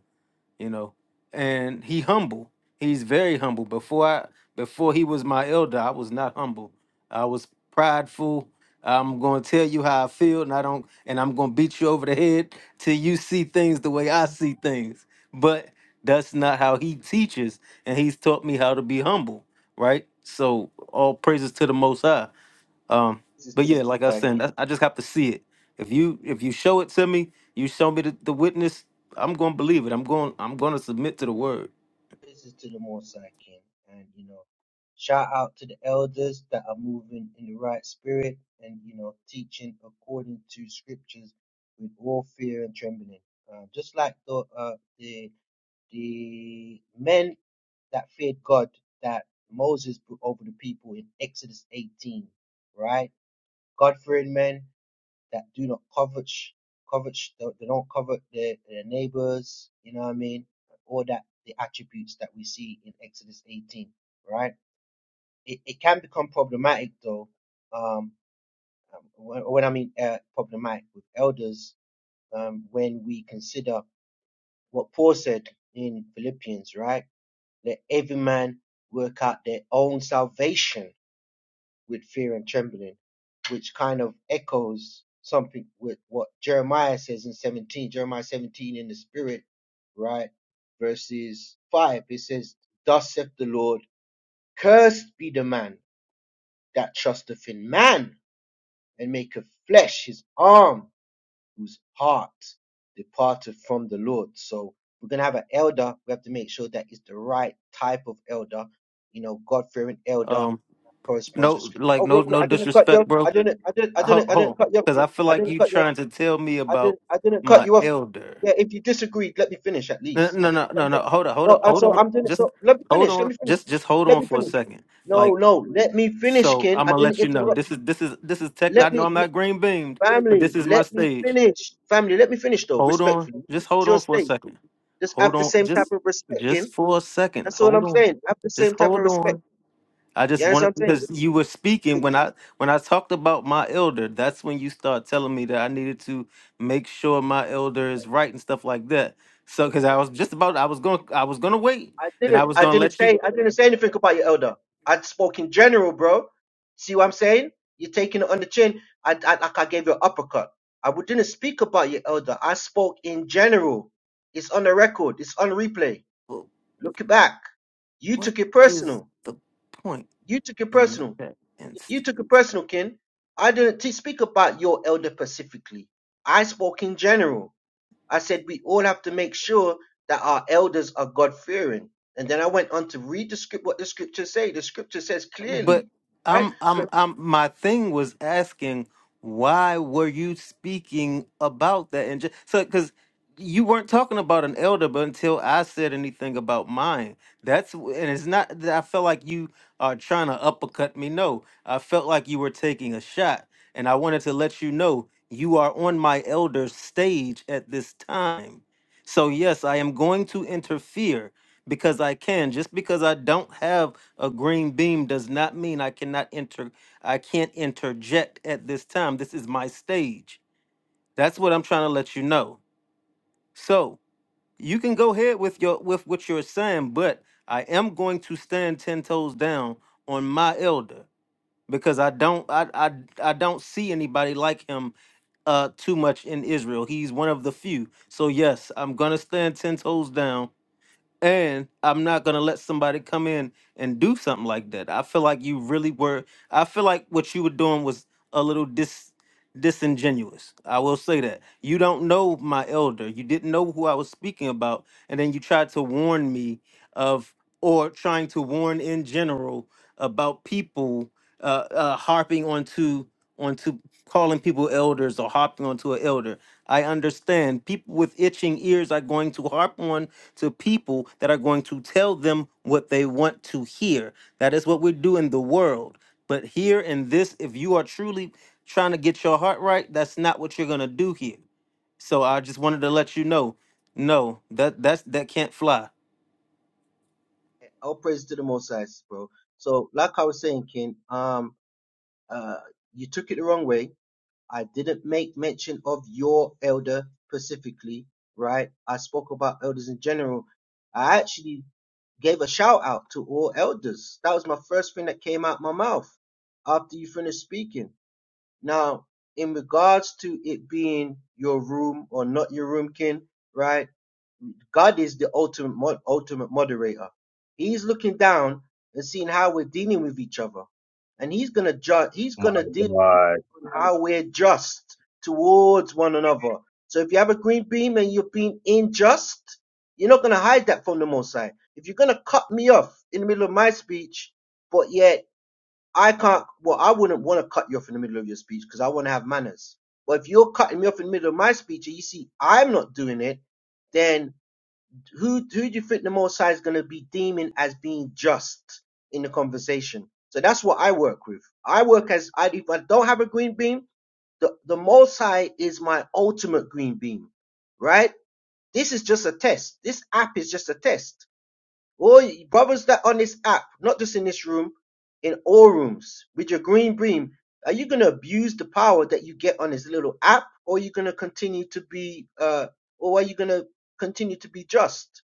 you know. And he humble. He's very humble. Before I before he was my elder, I was not humble. I was prideful. I'm gonna tell you how I feel, and I don't and I'm gonna beat you over the head till you see things the way I see things. But that's not how he teaches, and he's taught me how to be humble, right? So all praises to the most high. Um, This is but to the yeah, like I was Messiah, King. saying, I, I just have to see it. If you if you show it to me, you show me the, the witness, I'm gonna believe it. I'm going I'm gonna submit to the word. praises to the Most High King, and you know, shout out to the elders that are moving in the right spirit and you know, teaching according to scriptures with all fear and trembling. Uh, just like the uh, the the men that feared God that Moses put over the people in Exodus 18, right? God fearing men, that do not covet, covet, they don't covet their, their neighbors, you know what I mean? All that, the attributes that we see in Exodus 18, right? It, it can become problematic though, um, um, when, when I mean uh, problematic with elders, um, when we consider what Paul said in Philippians, right? Let every man work out their own salvation with fear and trembling, which kind of echoes something with what Jeremiah says in 17, Jeremiah 17 in the spirit, right? Verses 5, it says, Thus saith the Lord, cursed be the man that trusteth in man and maketh flesh his arm, whose heart departeth from the Lord. So we're going to have an elder. We have to make sure that it's the right type of elder, you know, God fearing elder Um, Corresponds to no, scripture. like Oh, no real quick, no I didn't cut you. disrespect, off. I bro. didn't. I didn't. I Hold, didn't. I hold on, didn't cut you. Off. because kid. I feel I like didn't you cut you. Off. trying to tell me I about didn't. I didn't cut my you off. elder. Yeah, if you disagreed, let me finish at No, least. I no, didn't no, cut no, you no. off. Hold on, hold on, No, and hold so on. I'm doing it. Just So let me hold finish. Let on. me finish. Just just hold Let on me for a finish. second. No, Like no, let me finish, so, Ken. I'm I gonna didn't let you know. interrupt This you. is this is this is tech. Let I know me, I'm let, not green beamed, but family, this is my let me stage. finish. Family, let me finish though, Hold on. respectfully. Just It's hold your on for a state. second. Just Hold have the on. same type Just of respect, just Ken. for a second. That's all Hold I'm on. saying. Have the Just same type of hold respect. on. I just You wanted understand what I'm because you were speaking when saying? I when I talked about my elder, that's when you start telling me that I needed to make sure my elder is Could right and stuff like that. So cuz you? I was just about I was going to I was going to wait. I Then I didn't. was I going to didn't let you say. I didn't say anything about your elder. I spoke in general, bro. See what I'm saying? You're taking it on the chin. I, I like I gave you an uppercut. I w- didn't speak about your elder. I spoke in general. It's on the record. It's on replay. Wh- Look it back. You what took it is personal. the point You took it in personal. that instance? You took it personal, Ken. I didn't t- speak about your elder specifically. I spoke in general. I said we all have to make sure that our elders are God fearing. And then I went on to read the script, what the scriptures say. The scripture says But clearly, right? I'm I'm I'm my thing was asking why were you speaking about that and just, so cuz you weren't talking about an elder but until I said anything about mine. That's w- and it's not that I felt like you are trying to uppercut me. No. I felt like you were taking a shot and I wanted to let you know you are on my elder stage at this time. So yes, I am going to interfere because I can. Just because I don't have a green beam does not mean I cannot enter I can't interject at this time. This is my stage. That's what I'm trying to let you know. So you can go ahead with your with what you're saying, but I am going to stand ten toes down on my elder because I don't I I, I don't see anybody like him uh too much in Israel. He's one of the few. So yes, I'm gonna stand ten toes down and I'm not gonna let somebody come in and do something like that. I feel like you really were. I feel like what you were doing was a little dis disingenuous. I will say that you don't know my elder. You didn't know who I was speaking about, and then you tried to warn me of, or trying to warn in general about people uh, uh, harping onto onto calling people elders or harping onto an elder. I understand people with itching ears are going to harp on to people that are going to tell them what they want to hear. That is what we do in the world. But here in this, if you are truly trying to get your heart right, that's not what you're gonna do here. So I just wanted to let you know, no, that that's that can't fly. All praise to the Most High, bro. So, like I was saying, King, um, uh, you took it the wrong way. I didn't make mention of your elder specifically, right? I spoke about elders in general. I actually gave a shout out to all elders. That was my first thing that came out my mouth after you finished speaking. Now, in regards to it being your room or not your room, kin, right? God is the ultimate mo- ultimate moderator. He's looking down and seeing how we're dealing with each other, and he's gonna judge. He's Oh gonna My deal God, with how we're just towards one another. So if you have a green beam and you're being unjust, you're not gonna hide that from the Most High. If you're gonna cut me off in the middle of my speech, but yet I can't. Well, I wouldn't want to cut you off in the middle of your speech because I want to have manners. But if you're cutting me off in the middle of my speech and you see I'm not doing it, then who who do you think the Most High is going to be deeming as being just in the conversation? So that's what I work with. I work as I if I don't have a green beam, the the Most High is my ultimate green beam, right? This is just a test. This app is just a test. All brothers that on this app, not just in this room, in all rooms, with your green beam, are you gonna abuse the power that you get on this little app, or are you gonna continue to be, uh, or are you gonna continue to be just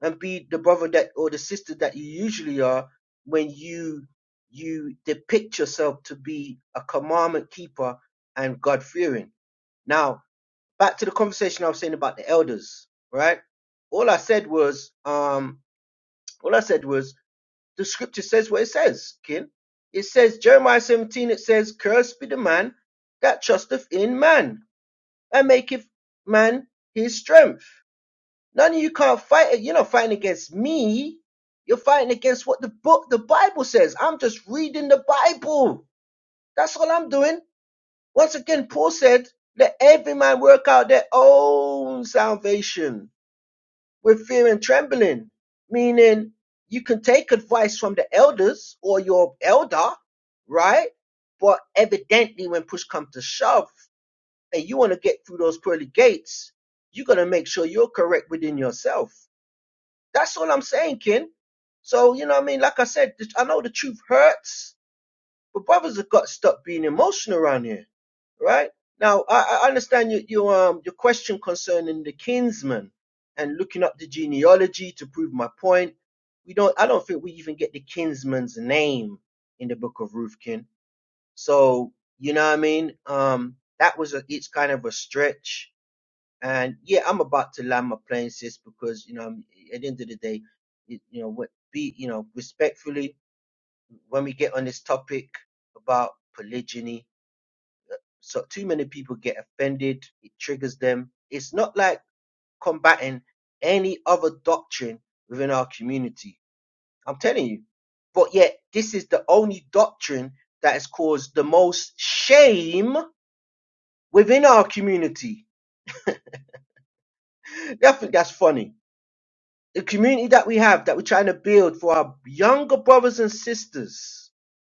and be the brother that or the sister that you usually are when you you depict yourself to be a commandment keeper and God fearing? Now, back to the conversation I was saying about the elders, right? All I said was, um, all I said was the scripture says what it says, kin. It says, Jeremiah 17, it says, Cursed be the man that trusteth in man and maketh man his strength. None of you can't fight it. You're not fighting against me. You're fighting against what the book, the Bible says. I'm just reading the Bible. That's all I'm doing. Once again, Paul said, Let every man work out their own salvation with fear and trembling, meaning you can take advice from the elders or your elder, right? But evidently, when push comes to shove, and you want to get through those pearly gates, you got to make sure you're correct within yourself. That's all I'm saying, kin. So, you know what I mean? Like I said, th- I know the truth hurts, but brothers have got to stop being emotional around here right? Now, I, I understand your, your, um, your question concerning the kinsman and looking up the genealogy to prove my point. We don't, I don't think we even get the kinsman's name in the book of Ruthkin. So, you know what I mean? Um, that was a, it's kind of a stretch. And yeah, I'm about to land my plane, sis, because, you know, I'm- at the end of the day, it, you know, what be, you know, respectfully, when we get on this topic about polygyny, so too many people get offended it triggers them it's not like combating any other doctrine within our community i'm telling you but yet this is the only doctrine that has caused the most shame within our community i think that's funny the community that we have that we're trying to build for our younger brothers and sisters,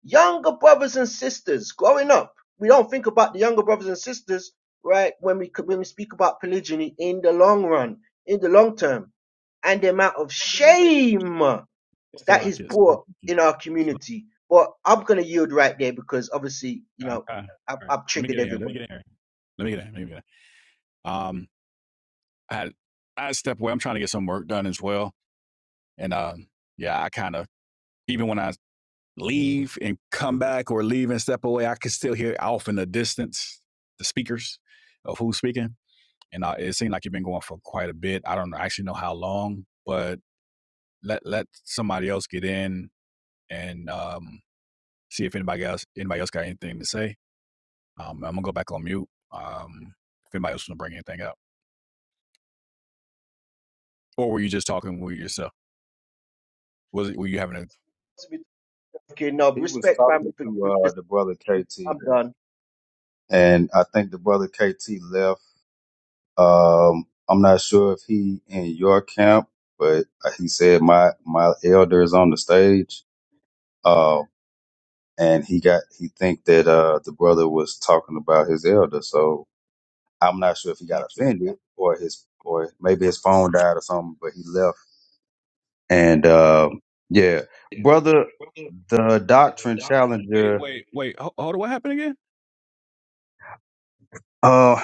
younger brothers and sisters growing up. We don't think about the younger brothers and sisters, right? When we when we speak about polygyny in the long run, in the long term, and the amount of shame Still that like is kids. All brought in our community. But I'm gonna yield right there because obviously, you know, right, I've, I've let me triggered get in here. Let me everybody. get in here. Let me get in. here. Let me get in. here. Um, I had I had to step away. I'm trying to get some work done as well, and um, yeah, I kind of even when I leave and come back or leave and step away, I can still hear off in the distance the speakers of who's speaking. and uh, it seemed like you've been going for quite a bit. I don't actually know how long, but let let somebody else get in and um, see if anybody else anybody else got anything to say. Um, I'm gonna go back on mute. Um, if anybody else want to bring anything up, or were you just talking with yourself? Was it were you having a Okay, no he was respect, talking family, for to giving me uh this. the brother I'm KT, done. and I think the brother KT left. Um, I'm not sure if he in your camp, but he said my my elder is on the stage. Um, and he got he think that uh the brother was talking about his elder so i'm not sure if he got offended or his or maybe his phone died or something but he left and uh yeah brother the doctrine wait challenger wait wait ho- hold on? What happened again? uh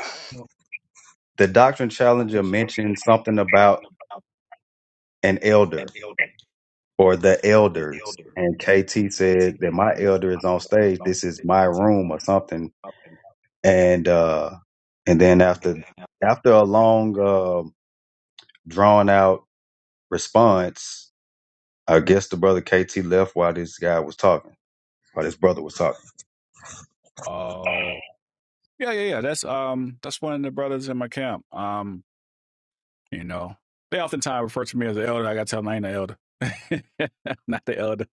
the doctrine challenger mentioned something about an elder or the elders and kt said that my elder is on stage this is my room or something and uh and then after after a long um drawn out response. I guess the brother KT left while this guy was talking, while this brother was talking. Oh yeah yeah yeah. That's um that's one of the brothers in my camp. Um, You know, they oftentimes refer to me as the elder. I gotta tell them I ain't the elder, not the elder.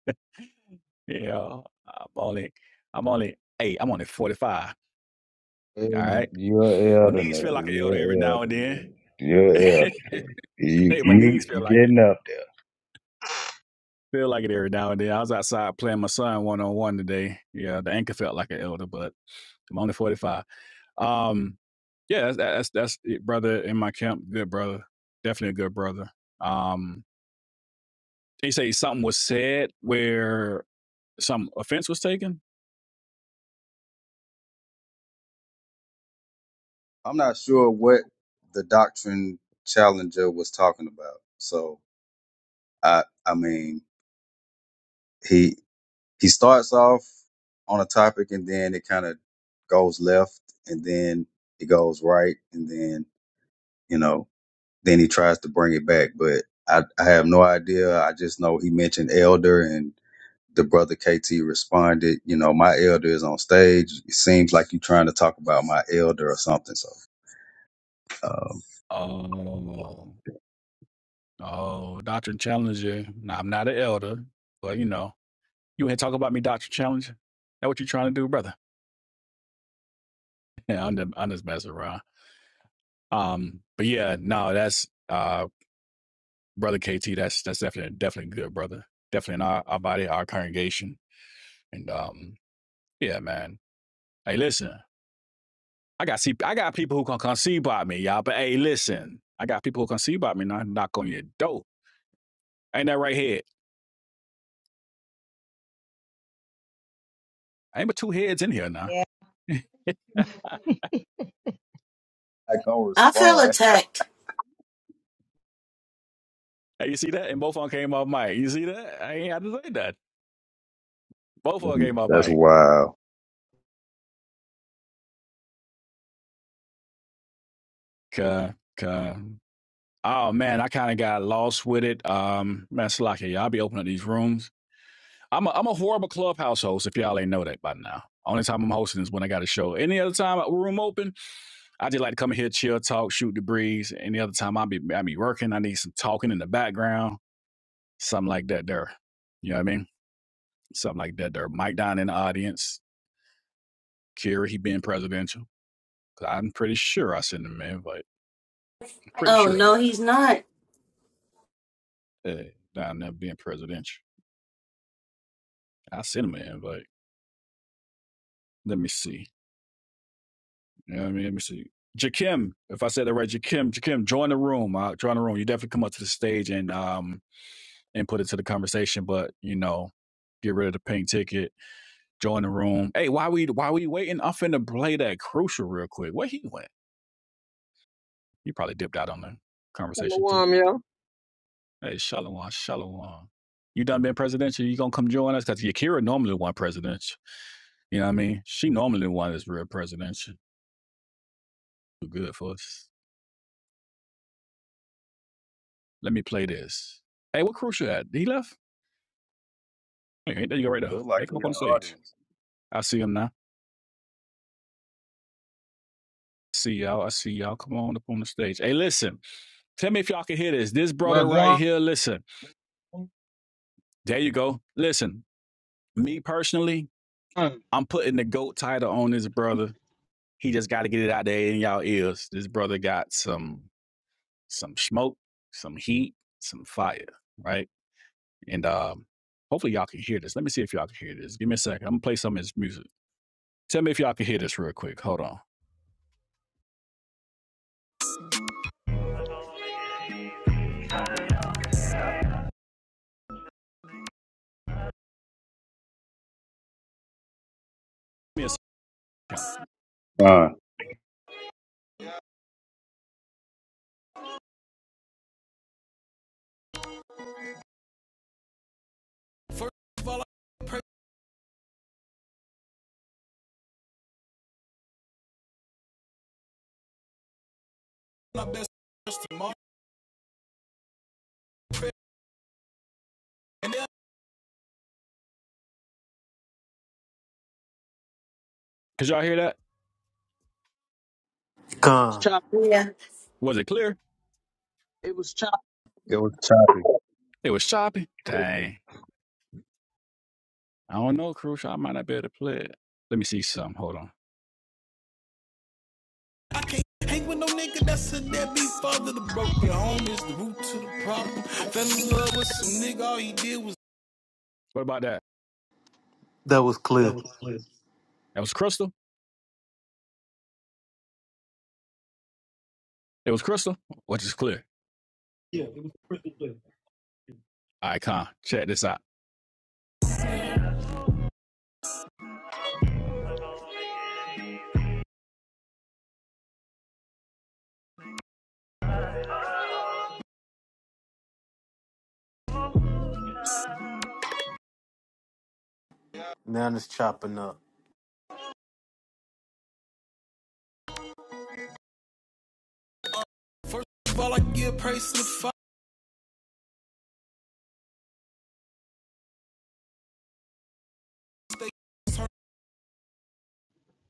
You know, I'm only, I'm only, hey, I'm only 45. All right, You're my elder, knees nigga. feel like an elder every You're now elder. and then. You're elder. hey, You, my you, knees you feel like it. getting up Feel like it every now and then. I was outside playing my son one on one today. Yeah, the anchor felt like an elder, but I'm only 45. Um, yeah, that's that's, that's it, brother in my camp. Good brother, definitely a good brother. Um, he say something was said where Some offense was taken? I'm not sure what the doctrine challenger was talking about. So I I mean he he starts off on a topic and then it kind of goes left and then it goes right and then you know then he tries to bring it back. But I, I have no idea. I just know he mentioned Elder and the brother KT responded, you know, my elder is on stage. It seems like you're trying to talk about my elder or something. So um, Oh, oh, Doctrine Challenger. Now, I'm not an elder, but you know, you ain't talk about me, Doctrine Challenger. That what you trying to do, brother? Yeah, I'm just, I'm just messing around. Um, but yeah, no, that's uh, brother KT. That's that's definitely definitely good, brother. Definitely in our, our body, our congregation, and um, yeah, man. Hey, listen. I got see, I got people who can come see about me, y'all. But hey, listen, I got people who can see about me. Not knock on your door. Ain't that right head? I ain't but two heads in here now. Yeah. I I gonna I feel respond. attacked. Hey, you see that? And both of them came off mic. You see that? I ain't had to say that. Both of them came off that's mic. wild. Cuh, cuh. Oh man, I kind of got lost with it. Um, man, Slocky, y'all I be opening up these rooms. I'm a, I'm a horrible clubhouse host. If y'all ain't know that by now, only time I'm hosting is when I got a show. Any other time a room open, I just like to come in here, chill, talk, shoot the breeze. Any other time I be I be working, I need some talking in the background, something like that there. You know what I mean? Something like that there. Mike down in the audience, Kerry, he being presidential. 'Cause I'm pretty sure I sent him an invite. I'm pretty Oh sure of no, that. he's not. eh, down there being presidential. I sent him an invite. Let me see. You know what I mean? Let me see. Jakim, if I said that right, Jakim, Jakim, join the room. Uh, join the room. You definitely come up to the stage and um and put it to the conversation, but you know, get rid of the pink ticket join the room. Hey, why we why we waiting? I'm finna play that crucial real quick. Where he went? He probably dipped out on the conversation too. Shalom, yo. Hey, Shalom, Shalom. You done been presidential? You gonna come join us? Cause Yakira normally won presidential. You know what I mean? She normally won this real presidential. Too good for us. Let me play this. Hey, what crucial at? He left? Hey, hey, there you go right there. Look Hey, like come we up in on the stage. audience. I see him now. See y'all. I see y'all. Come on up on the stage. Hey, listen. Tell me if y'all can hear this. This brother right Wagwan. here, listen. There you go. Listen, Me personally, I'm putting the GOAT title on his brother. He just got to get it out there in y'all ears. This brother got some some smoke, some heat, some fire, right? And um, hopefully y'all can hear this. Let me see if y'all can hear this. Give me a second. I'm gonna play some of his music. Tell me if y'all can hear this real quick. Hold on. Give me a second. Uh, Cause y'all hear that? It's Gone. choppy. Yeah. Was it clear? It was choppy. it was choppy. It was choppy. Dang. I don't know, Crucial. I might not be able to play it. Let me see some. Hold on. I can't hang with no nigga that's a deadbeat father. The broke your home is the root to the problem. Fell in love with some nigga, all he did was What about that? That was clear. That was crystal. It was crystal, which is clear. Icon. Check this out. Man it's chopping up. fall. I give praise to the father.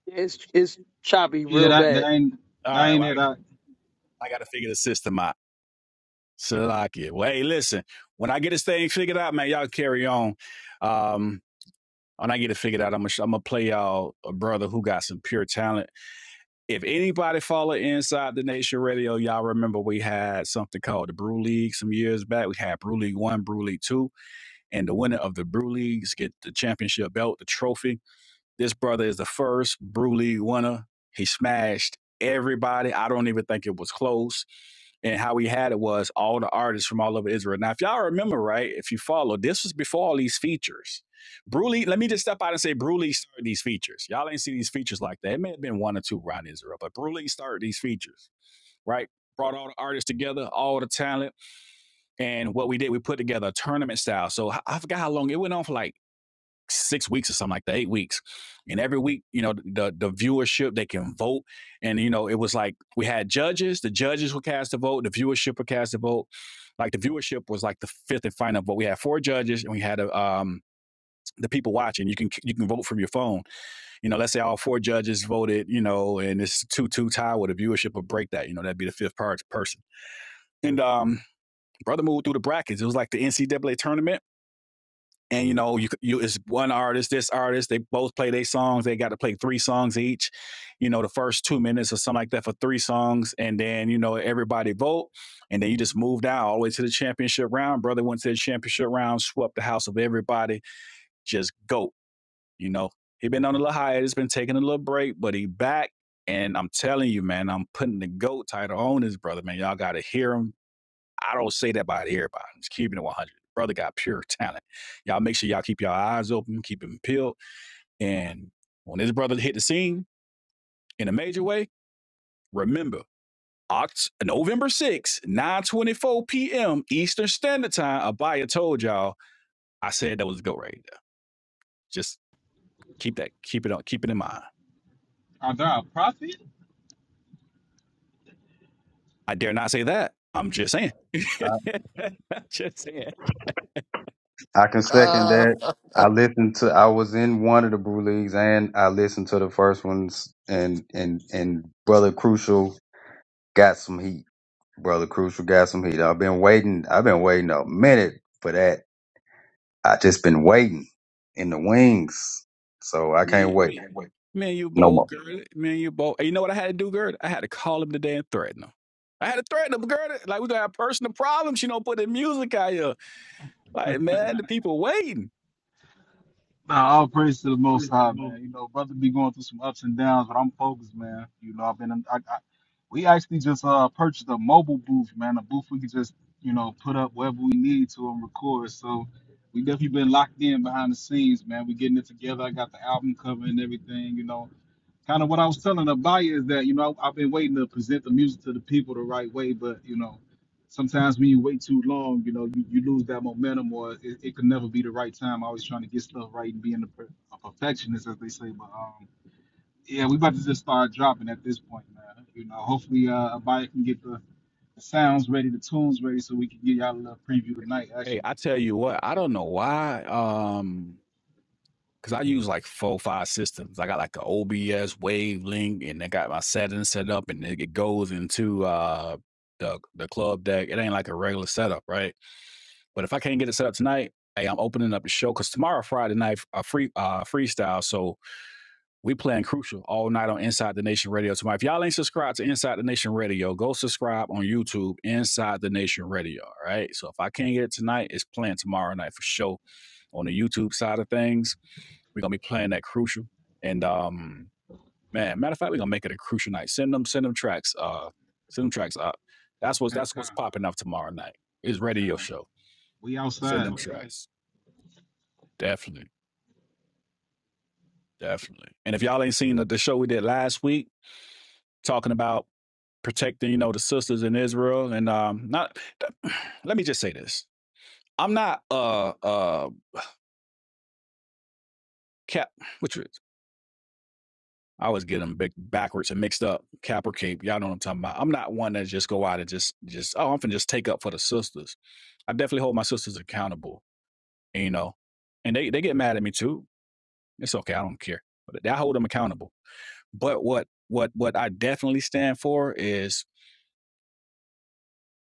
It's, it's choppy real bad. All right, well, I, I got to figure the system out. So I like it. Well, hey, listen. When I get this thing figured out, man, y'all carry on. Um, when I get it figured out, I'm gonna play y'all a brother who got some pure talent. if anybody follow inside the nation radio y'all remember we had something called the brew league some years back we had brew league one brew league two and the winner of the brew leagues get the championship belt the trophy this brother is the first Brew League winner. He smashed everybody. I don't even think it was close. And how he had it was all the artists from all over Israel. Now, if y'all remember, right, if you follow, this was before all these features. Brew League, let me just step out and say Brew League started these features. Y'all ain't see these features like that. It may have been one or two around Israel, but Brew League started these features, right? Brought all the artists together, all the talent. And what we did, we put together a tournament style. So I I forgot how long it went on for like six weeks or something like that, eight weeks. And every week, you know, the the viewership they can vote, and you know, it was like we had judges. The judges would cast a vote. The viewership would cast a vote. Like the viewership was like the fifth and final vote. We had four judges, and we had a, um the people watching. You can you can vote from your phone. You know, let's say all four judges voted. You know, and it's two two tie. Well, the viewership would break that. You know, that'd be the fifth per- person. And um, brother moved through the brackets. It was like the NCAA tournament and you know you you it's one artist this artist they both play their songs they got to play three songs each you know the first two minutes or something like that for three songs and then you know everybody vote and then you just move down all the way to the championship round brother went to the championship round swept the house of everybody just go you know he been on a little hiatus been taking a little break but he back and i'm telling you man i'm putting the goat title on this brother man y'all gotta hear him I don't say that about everybody. I'm just keeping it 100. Brother got pure talent. Y'all make sure y'all keep your eyes open, keep them peeled. And when this brother hit the scene in a major way, remember, Oct- November 6th, 9.24 p.m. Eastern Standard Time, Abaya told y'all, I said that was a go right there. Just keep that, keep it on, keep it in mind. I dare not say that. I'm just saying. just saying. I can second that. I listened to. I was in one of the brew leagues, and I listened to the first ones. And and and brother Crucial got some heat. Brother Crucial got some heat. I've been waiting. I've been waiting a minute for that. I just been waiting in the wings, so I Man, can't wait me, can't wait. man, you no more. bold, Gerda. Man, you both. And you know what I had to do, girl. I had to call him today and threaten him. I had to threaten him, girl. Like, we gonna have personal problems. You know, putting music out here. Like, man, the people waiting. Nah, all praise to the Most Praise the High, Lord. man. You know, brother be going through some ups and downs, but I'm focused, man. You know, I've been, I, I, we actually just uh purchased a mobile booth, man, a booth we could just, you know, put up wherever we need to and record, so the people the right way. But you know, sometimes when you wait too long, you know, you, you lose that momentum, or it, it could never be the right time. Always trying to get stuff right and being a, per- a perfectionist, as they say. But um, yeah, we about to just start dropping at this point, man. You know, hopefully, uh, a buyer can get the The sound's ready, the tune's ready, so we can give y'all a little preview tonight, Hey, actually. I tell you what, I don't know why. Um, because I use like four, five systems. I got like an OBS Wavelink, and I got my settings set up, and it it goes into uh the the club deck. It ain't like a regular setup, right? But if I can't get it set up tonight, hey, I'm opening up the show because tomorrow, Friday night, a free uh freestyle. So we playing crucial all night on Inside the Nation Radio tomorrow. If y'all ain't subscribed to Inside the Nation Radio, go subscribe on YouTube, Inside the Nation Radio. All right. So if I can't get it tonight, it's playing tomorrow night for sure on the YouTube side of things. We're gonna be playing that crucial. And um, man, matter of fact, we're gonna make it a crucial night. Send them, send them tracks. Uh, send them tracks up. That's what's that's what's popping up tomorrow night. It's radio show. Send them tracks. Definitely, definitely. And if y'all ain't seen the, the show we did last week, talking about protecting, you know, the sisters in Israel, and um, not. Let me just say this: I'm not uh uh cap. Which is I always get them big backwards and mixed up. Cap or cape, y'all know what I'm talking about. I'm not one that just go out and just just oh, I'm finna just take up for the sisters. I definitely hold my sisters accountable, you know, and they they get mad at me too. It's okay, I don't care, but I hold them accountable. But what what what I definitely stand for is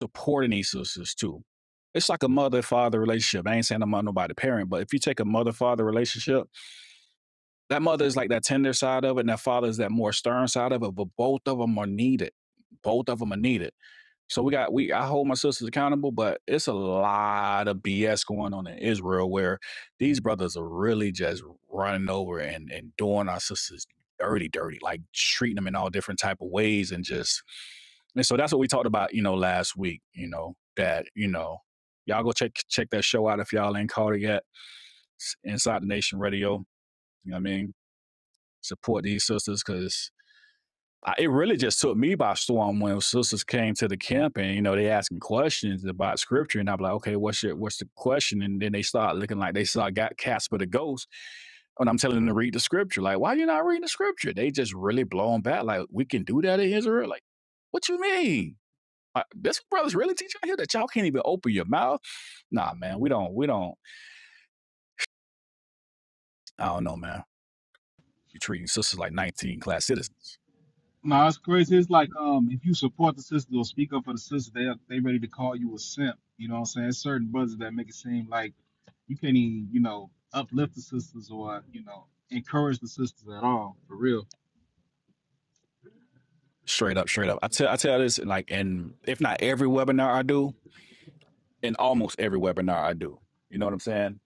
supporting these sisters too. It's like a mother father relationship. I ain't saying I'm not nobody parent, but if you take a mother father relationship That mother is like that tender side of it, and that father is that more stern side of it, but both of them are needed. Both of them are needed. So we got we I hold my sisters accountable, but it's a lot of BS going on in Israel where these brothers are really just running over and, and doing our sisters dirty, dirty, like treating them in all different type of ways and just and so that's what we talked about, you know, last week, you know, that, you know, y'all go check check that show out if y'all ain't caught it yet. Inside the Nation Radio. You know what I mean? support these sisters because it really just took me by storm when sisters came to the camp and you know they asking questions about scripture and I'm like, okay, what's your what's the question? And then they start looking like they saw got Casper the ghost and I'm telling them to read the scripture. Like, why you not reading the scripture? They just really blown back. Like, we can do that in Israel. Like, what you mean? Like, this brothers really teach out here that y'all can't even open your mouth. Nah, man, we don't. We don't. I don't know, man. You're treating sisters like 19 class citizens. Straight up, straight up. I tell I tell this like in if not every webinar I do, in almost every webinar I do. You know what I'm saying?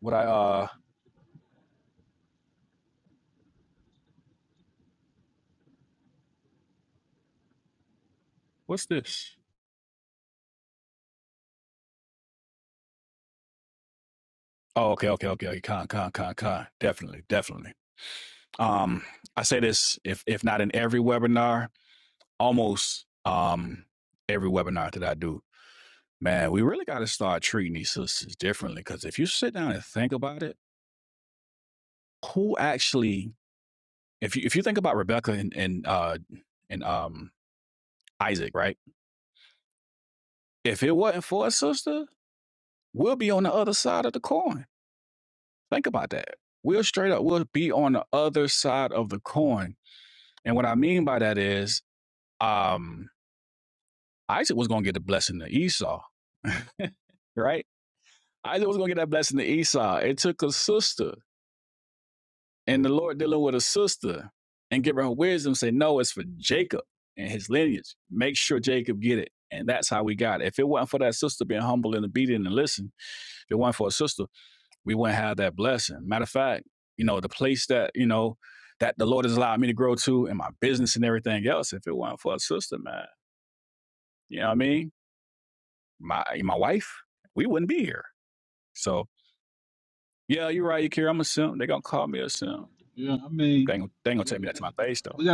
What I uh what's this? Oh, okay, okay, okay, okay. Con, con, con, con. Definitely, definitely. Um, I say this if if not in every webinar, almost um every webinar that I do, man, we really got to start treating these sisters differently. Because if you sit down and think about it, who actually, if you if you think about Rebecca and and uh and um Isaac, right? If it wasn't for a sister, we'll be on the other side of the coin. Think about that. We'll straight up, we'll be on the other side of the coin. And what I mean by that is, um, Isaac was gonna get the blessing of Esau, right? Isaac was gonna get that blessing to Esau. It took a sister, and the Lord dealing with a sister and giving her wisdom, say, no, it's for Jacob and his lineage. Make sure Jacob get it. And that's how we got it. If it wasn't for that sister being humble and obedient and listen, if it wasn't for a sister, we wouldn't have that blessing. Matter of fact, you know, the place that, you know, that the Lord has allowed me to grow to in my business and everything else, if it wasn't for a sister, man, you know what I mean? My my wife, we wouldn't be here. So yeah, you're right, Akira. I'm a simp. They're gonna call me a simp. They ain't, gonna- they ain't gonna take me that to my face though.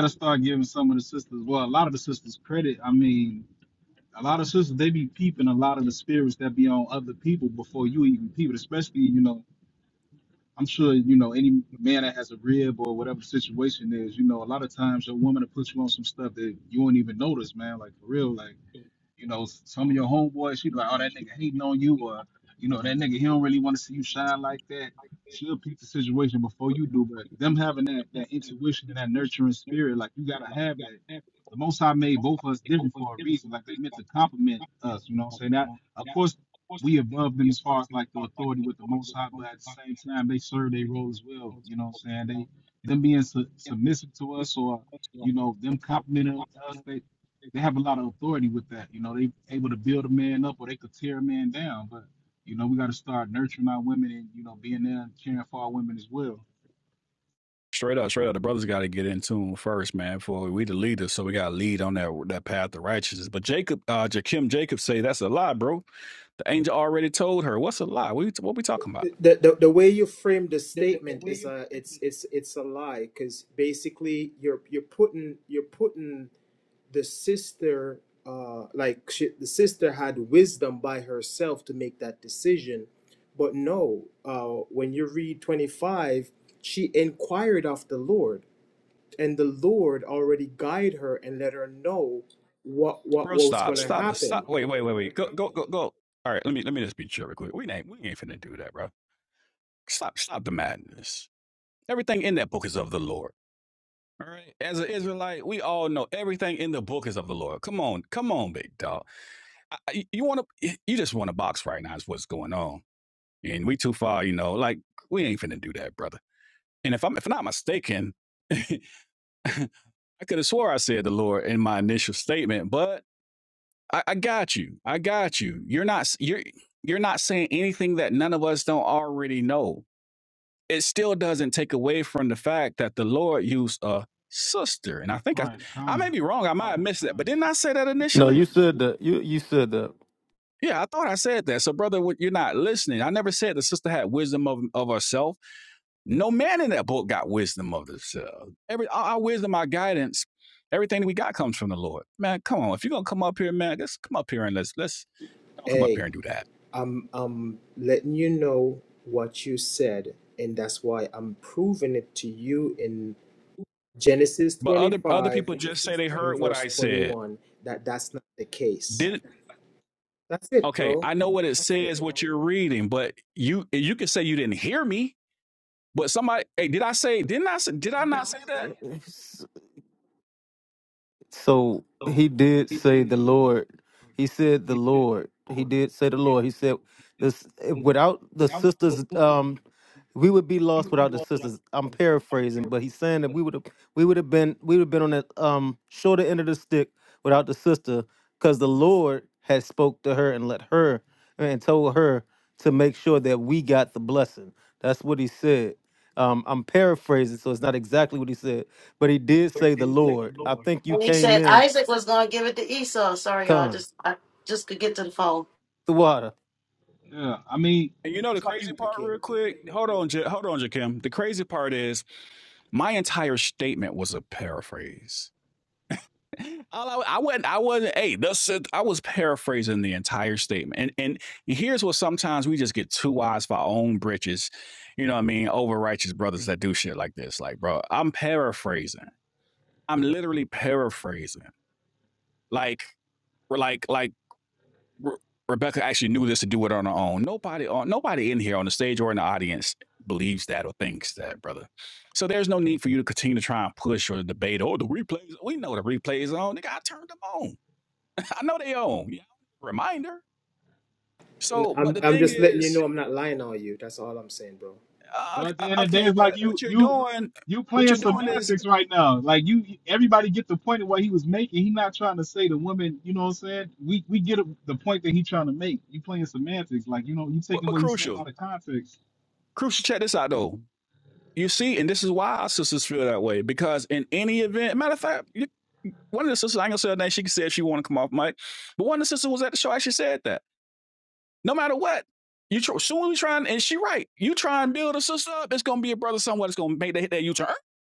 Straight up, straight up, the brothers got to get in tune first, man. For we the leaders, so we got to lead on that that path to righteousness. But Jacob, uh, Jakim Jacob say that's a lie, bro. The angel already told her what's a lie. What we, what we talking about, the, the the way you frame the statement is a it's it's it's a lie because basically you're you're putting you're putting the sister uh like she, the sister had wisdom by herself to make that decision but no uh when you read 25 she inquired of the lord and the lord already guide her and let her know what what, bro? what was Stop, going to stop, happen stop. Wait, wait, wait, wait. Go, go, go, go. All right, let me let me just be chill real quick. We ain't we ain't finna do that, bro. Stop, stop the madness. Everything in that book is of the Lord. All right. As an Israelite, we all know everything in the book is of the Lord. Come on, come on, big dog. I, you want to, you just want to box right now is what's going on, and we too far, you know. Like we ain't finna do that, brother. And if I'm if not mistaken, I could have swore I said the Lord in my initial statement, but I, I got you. I got you. You're not you're you're not saying anything that none of us don't already know. It still doesn't take away from the fact that the Lord used a sister, and I think I I may be wrong. I might have missed that, but didn't I say that No, initially? you said that. You you said that. Yeah, I thought I said that. So, brother, what- you're not listening. I never said the sister had wisdom of, of herself. No man in that book got wisdom of themselves. Every our, our wisdom, our guidance, everything that we got comes from the Lord. Man, come on. If you're gonna come up here, man, let's come up here and let's let's don't come up here Hey, and do that. I'm I'm letting you know what you said, and that's why I'm proving it to you in Genesis But other other 25 people just say they and heard what verse I said. 21 that that's not the case. Did That's it, okay? bro. I know what it says, what you're reading, but you you can say you didn't hear me. But somebody, hey, did I say? Didn't I say? Did I not say that? So he did say the Lord. He said the Lord. He did say the Lord. He said this without the sisters. Um, we would be lost without the sisters. I'm paraphrasing, but he's saying that we would have we would have been we would have been on the um shorter end of the stick without the sister, because the Lord had spoke to her and let her and told her to make sure that we got the blessing. That's what he said. Um, I'm paraphrasing, so it's not exactly what he said but he did say the Lord. I think you And he came said in, Isaac was gonna give it to Esau. Sorry, y'all. I Con, just I just could get to the phone. the water. And you know the crazy part, Okay. real quick. Hold on, J- hold on, Jakim. The crazy part is my entire statement was a paraphrase. All I, I wasn't, I wasn't. Hey, that's it. I was paraphrasing the entire statement. And and here's what sometimes we just get too wise for our own britches. You know what I mean? Over righteous brothers that do shit like this. Like, bro, I'm paraphrasing. I'm literally paraphrasing. Like, like, like. Re- Rebecca actually knew this to do it on her own. Nobody on nobody in here on the stage or in the audience believes that or thinks that, brother. So there's no need for you to continue to try and push or debate. Oh, the replays. We know the replays on. Nigga, I turned them on. I know they on. You know? Reminder. And So, but I'm the I'm thing just letting you is, know I'm not lying on you. That's all I'm saying, bro. uh, okay, uh, okay, but what you're doing, what you're doing is, but, but crucial. Crucial. Check this out though. You see, and this is why our sisters feel that way because in any event, matter of fact, you, one of the sisters, I ain't gonna say her name, she said she wanted to come off mic, but one of the sisters was at the show, actually said that no matter what, you tr- soon we trying, and she right, you try and build a sister up, it's gonna be a brother somewhere that's gonna make that hit that U turn.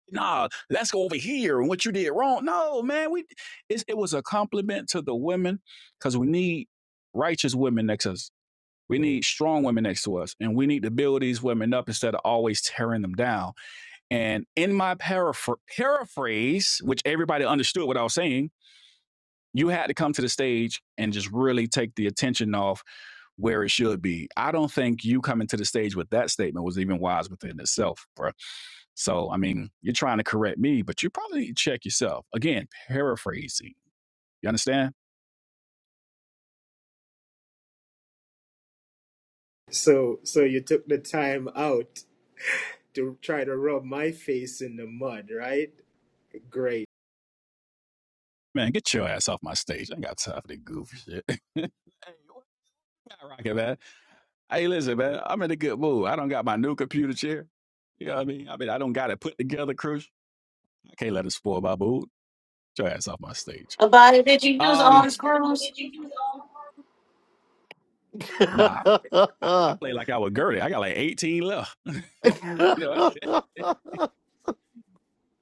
Nah, let's go over here and what you did wrong. No, man, we it's, it was a compliment to the women because we need righteous women next to us. We need strong women next to us, and we need to build these women up instead of always tearing them down and in my paraphr- paraphrase, which everybody understood what I was saying, you had to come to the stage and just really take the attention off where it should be. I don't think you coming to the stage with that statement was even wise within itself, bro. So, I mean, you're trying to correct me, but you probably need to check yourself. Again, paraphrasing. You understand? So so you took the time out to try to rub my face in the mud, right? Great. Man, get your ass off my stage. I ain't got time for that goofy shit. Rocket, man. Hey, listen, man. I'm in a good mood. I don't got my new computer chair. You know what I mean? I mean, I don't got it put together, Crucial. I can't let it spoil my mood. Get your ass off my stage. Abaya, did you use all Um, the screws? Nah, I, I play like I was Gertie. I got like 18 left. you know,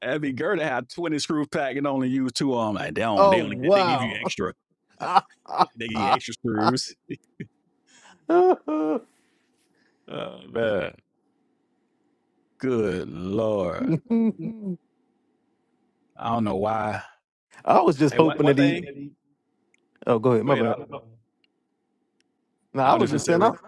I mean, Gertie had 20 screw pack and only used two of them. Like, they don't, they oh, only, they give you wow. extra. I They give you extra screws. Oh, man. Good Lord. I don't know why. was just Hey, one, hoping one that he. thing. Oh, go ahead. Go My ahead. bad. I'll, No, I I'll was just just say, saying, real- I, quick.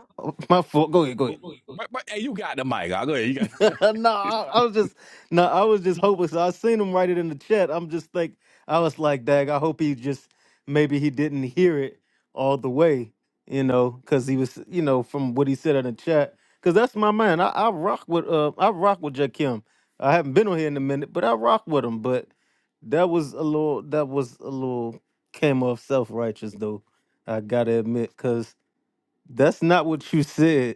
my fault. Go ahead. Go ahead. but, but, hey, you got the mic. I'll go ahead. no, You I, I was got. just no, I was just hoping. So I seen him write it in the chat. I'm just like, I was like, Dag, I hope he just maybe he didn't hear it all the way, you know, because he was, you know, from what he said in the chat. Because that's my man. I, I rock with uh, I rock with Jakim. I haven't been on here in a minute, but I rock with him. But that was a little, that was a little came off self righteous though. I gotta admit, because that's not what you said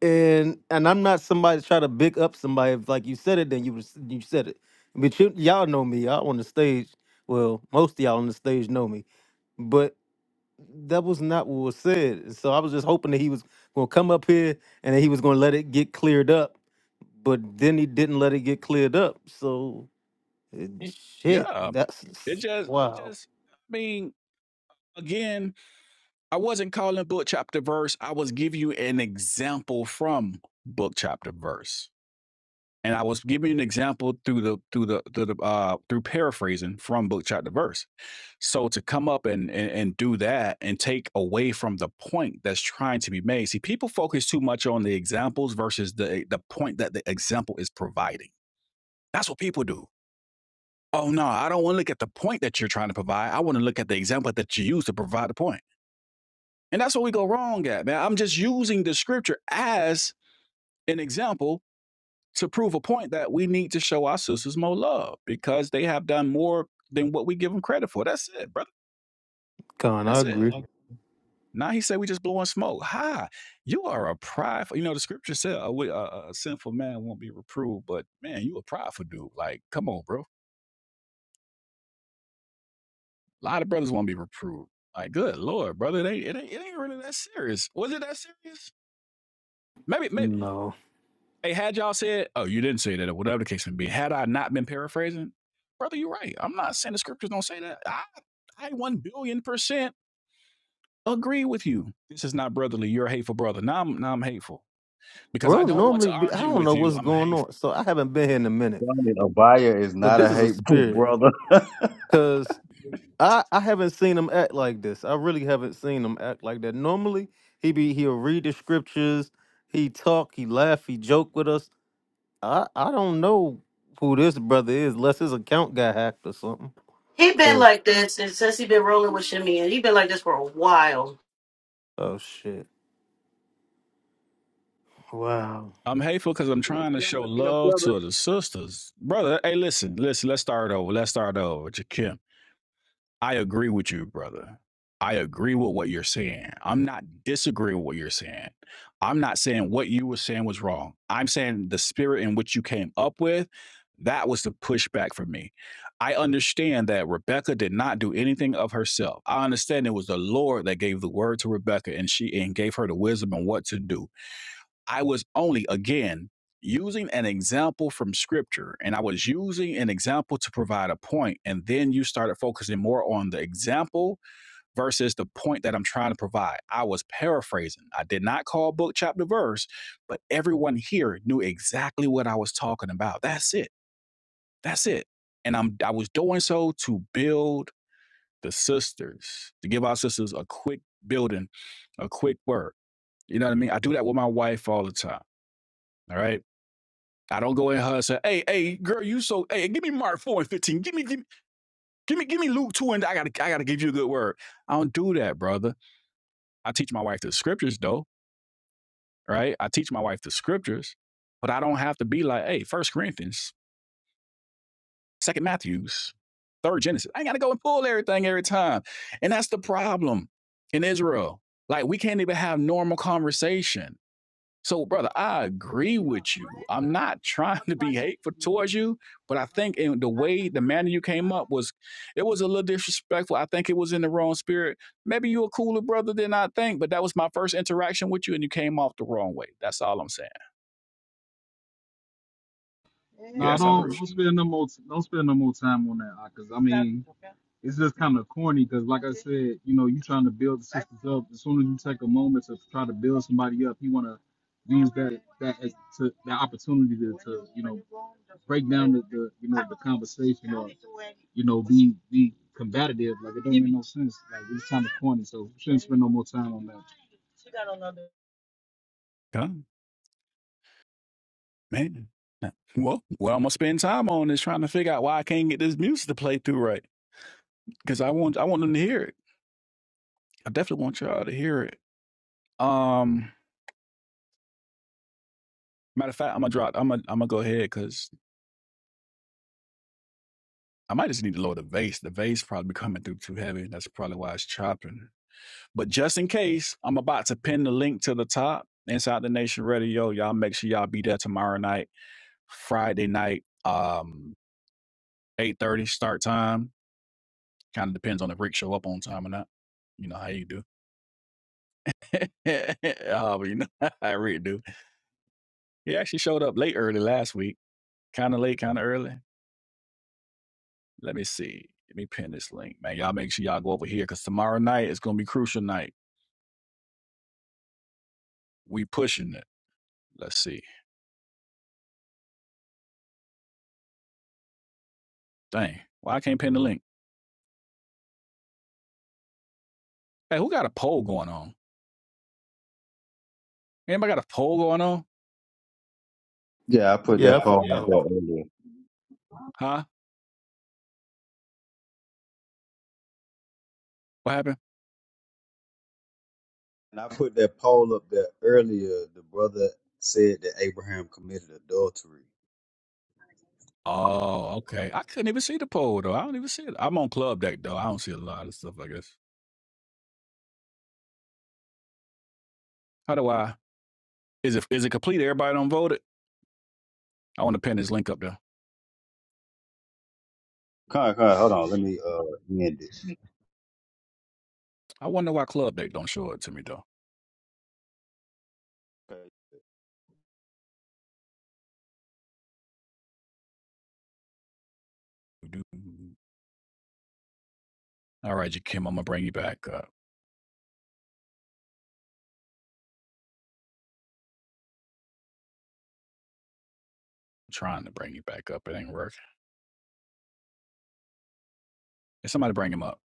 and and I'm not somebody to try to big up somebody. If like you said it, then you was you said it. But you, y'all know me. Y'all on the stage. Well, most of y'all on the stage know me. But that was not what was said. So I was just hoping that he was gonna come up here and that he was gonna let it get cleared up. But then he didn't let it get cleared up. So it, Y- shit, Yeah. that's It just it wow. just I mean, again, I wasn't calling book chapter verse. I was giving you an example from book chapter verse. And I was giving you an example through the through the through the uh through paraphrasing from book chapter verse. So to come up and, and and do that and take away from the point that's trying to be made. See, people focus too much on the examples versus the the point that the example is providing. That's what people do. Oh no, I don't want to look at the point that you're trying to provide. I want to look at the example that you use to provide the point. And that's what we go wrong at, man. I'm just using the scripture as an example to prove a point that we need to show our sisters more love because they have done more than what we give them credit for. That's it, brother. Con, I That's it. agree. Now he said we just blowing smoke. Ha! you are a prideful. You know the scripture said a, wi- a a sinful man won't be reproved, but man, you a prideful dude. Like, come on, bro. A lot of brothers won't be reproved. Like, good lord, brother, it ain't it ain't, it ain't really that serious. Was it that serious? Maybe, maybe. No, Hey, had y'all said, oh, you didn't say that, or whatever the case may be. Had I not been paraphrasing, brother, you're right. I'm not saying the scriptures don't say that. I I one billion percent agree with you. This is not brotherly. You're a hateful brother. Now I'm now I'm hateful. because I bro. don't want Normally, to we- I argue don't with know you. what's I'm going hateful. on. So I haven't been here in a minute. Granted, Abaya is But not this a is a hateful spirit. brother. Cause I I haven't seen him act like this. I really haven't seen him act like that. Normally he be he'll read the scriptures, he talk, he laugh, he joke with us. I I don't know who this brother is, unless his account got hacked or something. He been Cause like this since since he been rolling with Shimmy, and he been like this for a while. oh shit, wow, I'm hateful because I'm trying to show You know, love brother. to the sisters, brother. Hey, listen, listen. Let's start over. Let's start over, Jakim. I agree with you, brother. I agree with what you're saying. I'm not disagreeing with what you're saying. I'm not saying what you were saying was wrong. I'm saying the spirit in which you came up with, that was the pushback for me. I understand that Rebecca did not do anything of herself. I understand it was the Lord that gave the word to Rebecca and she and gave her the wisdom and what to do. I was only, again, using an example from scripture and I was using an example to provide a point. And then you started focusing more on the example versus the point that I'm trying to provide. I was paraphrasing. I did not call book, chapter, verse, but everyone here knew exactly what I was talking about. That's it. That's it. And I'm I was doing so to build the sisters, to give our sisters a quick building, a quick word. You know what I mean? I do that with my wife all the time. All right I don't go in her and say, "Hey, hey, girl, you so hey, give me Mark four and fifteen, give me, give me, give me, give me Luke two, and I gotta, I gotta give you a good word." I don't do that, brother. I teach my wife the scriptures, though, right? I teach my wife the scriptures, but I don't have to be like, "Hey, First Corinthians, Second Matthew's, Third Genesis." I ain't gotta go and pull everything every time, and that's the problem in Israel. Like we can't even have normal conversation So, brother, I agree with you. I'm not trying to be hateful towards you, but I think in the way the manner you came up was, it was a little disrespectful. I think it was in the wrong spirit. Maybe you're a cooler brother than I think, but that was my first interaction with you, and you came off the wrong way. That's all I'm saying. Yes, I'm Bruce. Huh? Man. Nah. Well, well, I'm gonna spend time on is trying to figure out why I can't get this music to play through right because I want I want them to hear it. I definitely want y'all to hear it. Um, matter of fact, I'm gonna drop. I'm gonna I'm gonna go ahead because I might just need to lower the vase. The vase probably coming through too heavy. That's probably why it's chopping. But just in case, I'm about to pin the link to the top inside the Nation Radio. Y'all make sure y'all be there tomorrow night, Friday night, um, eight thirty start time. Kind of depends on if Rick show up on time or not. You know how you do. oh, but you know how Rick do. He actually showed up late early last week. Kind of late, kind of early. Let me see. Let me pin this link, man. Y'all make sure y'all go over here because tomorrow night is gonna be crucial night. We pushing it. Let's see. Dang. Why I can't pin the link? Hey, who got a poll going on? Anybody got a poll going on? Yeah, I put yeah, I that for, poll up oh. there earlier. Huh? What happened? And I put that poll up there earlier. The brother said that Abraham committed adultery. Oh, okay. I couldn't even see the poll though. I don't even see it. I'm on club deck though. I don't see a lot of stuff, I guess. How do I is it is it complete? Everybody don't vote it? I want to pin this link up there. Kai, Kai, hold on. Let me uh end this. I wonder why Club Deck don't show it to me though. All right, you Kim, I'm gonna bring you back up. I'm trying to bring you back up. It ain't working. Hey, somebody bring him up.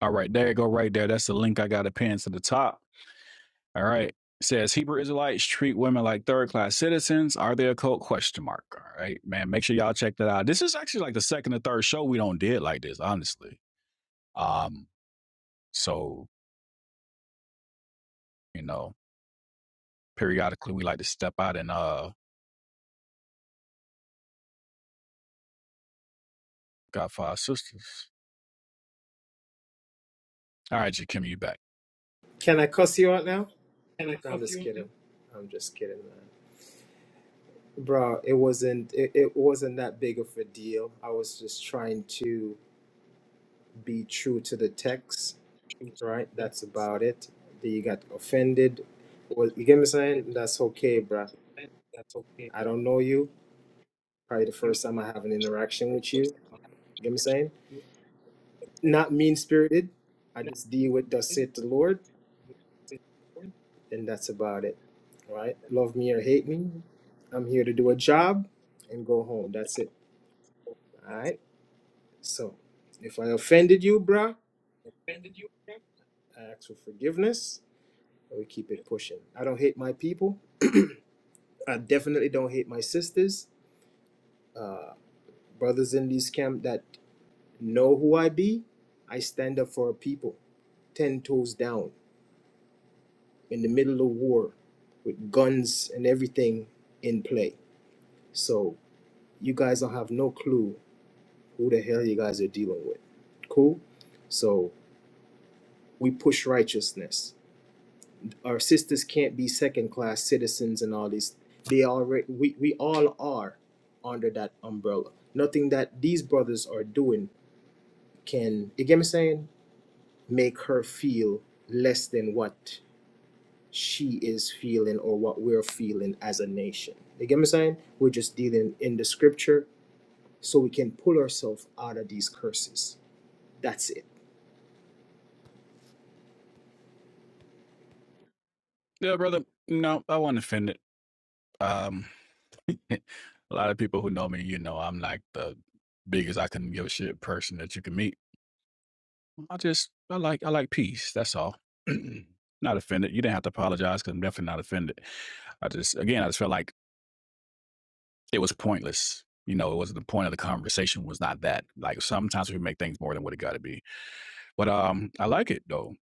All right, there you go, right there. That's the link I got to pin to the top. All right. It says Hebrew Israelites treat women like third class citizens. Are they a cult? Question mark. All right, man. Make sure y'all check that out. This is actually like the second or third show we don't did like this, honestly. Um, so you know, periodically we like to step out and uh got five sisters. All right, Jakim, you back. Can I cuss you out now? No, I'm just kidding. I'm just kidding, man. Bro, it wasn't it, it wasn't that big of a deal. I was just trying to be true to the text, right? That's about it. That You got offended. Well, you get me saying? That's okay, bro. I don't know you. Probably the first time I have an interaction with you. You get me saying? Not mean spirited. I just deal with thus saith the Lord, and that's about it. Right? Love me or hate me. I'm here to do a job and go home. That's it. All right. So if I offended you, bruh, I ask for forgiveness, and we keep it pushing. I don't hate my people. I definitely don't hate my sisters, uh, brothers in this camp that know who I be. I stand up for our people, ten toes down, in the middle of war, with guns and everything in play. So you guys don't have no clue who the hell you guys are dealing with. Cool. So we push righteousness our sisters can't be second class citizens and all this they already we, we all are under that umbrella nothing that these brothers are doing can you get me saying make her feel less than what she is feeling or what we're feeling as a nation you get me saying we're just dealing in the scripture so we can pull ourselves out of these curses that's it Yeah, brother. No, I wasn't offended. Um a lot of people who know me, you know I'm like the biggest I couldn't give a shit person that you can meet I just I like I like peace. That's all. not offended. You didn't have to apologize because I'm definitely not offended. I just again I just felt like it was pointless. You know, it wasn't the point of the conversation was not that. Like sometimes we make things more than what it got to be. But um, I like it though.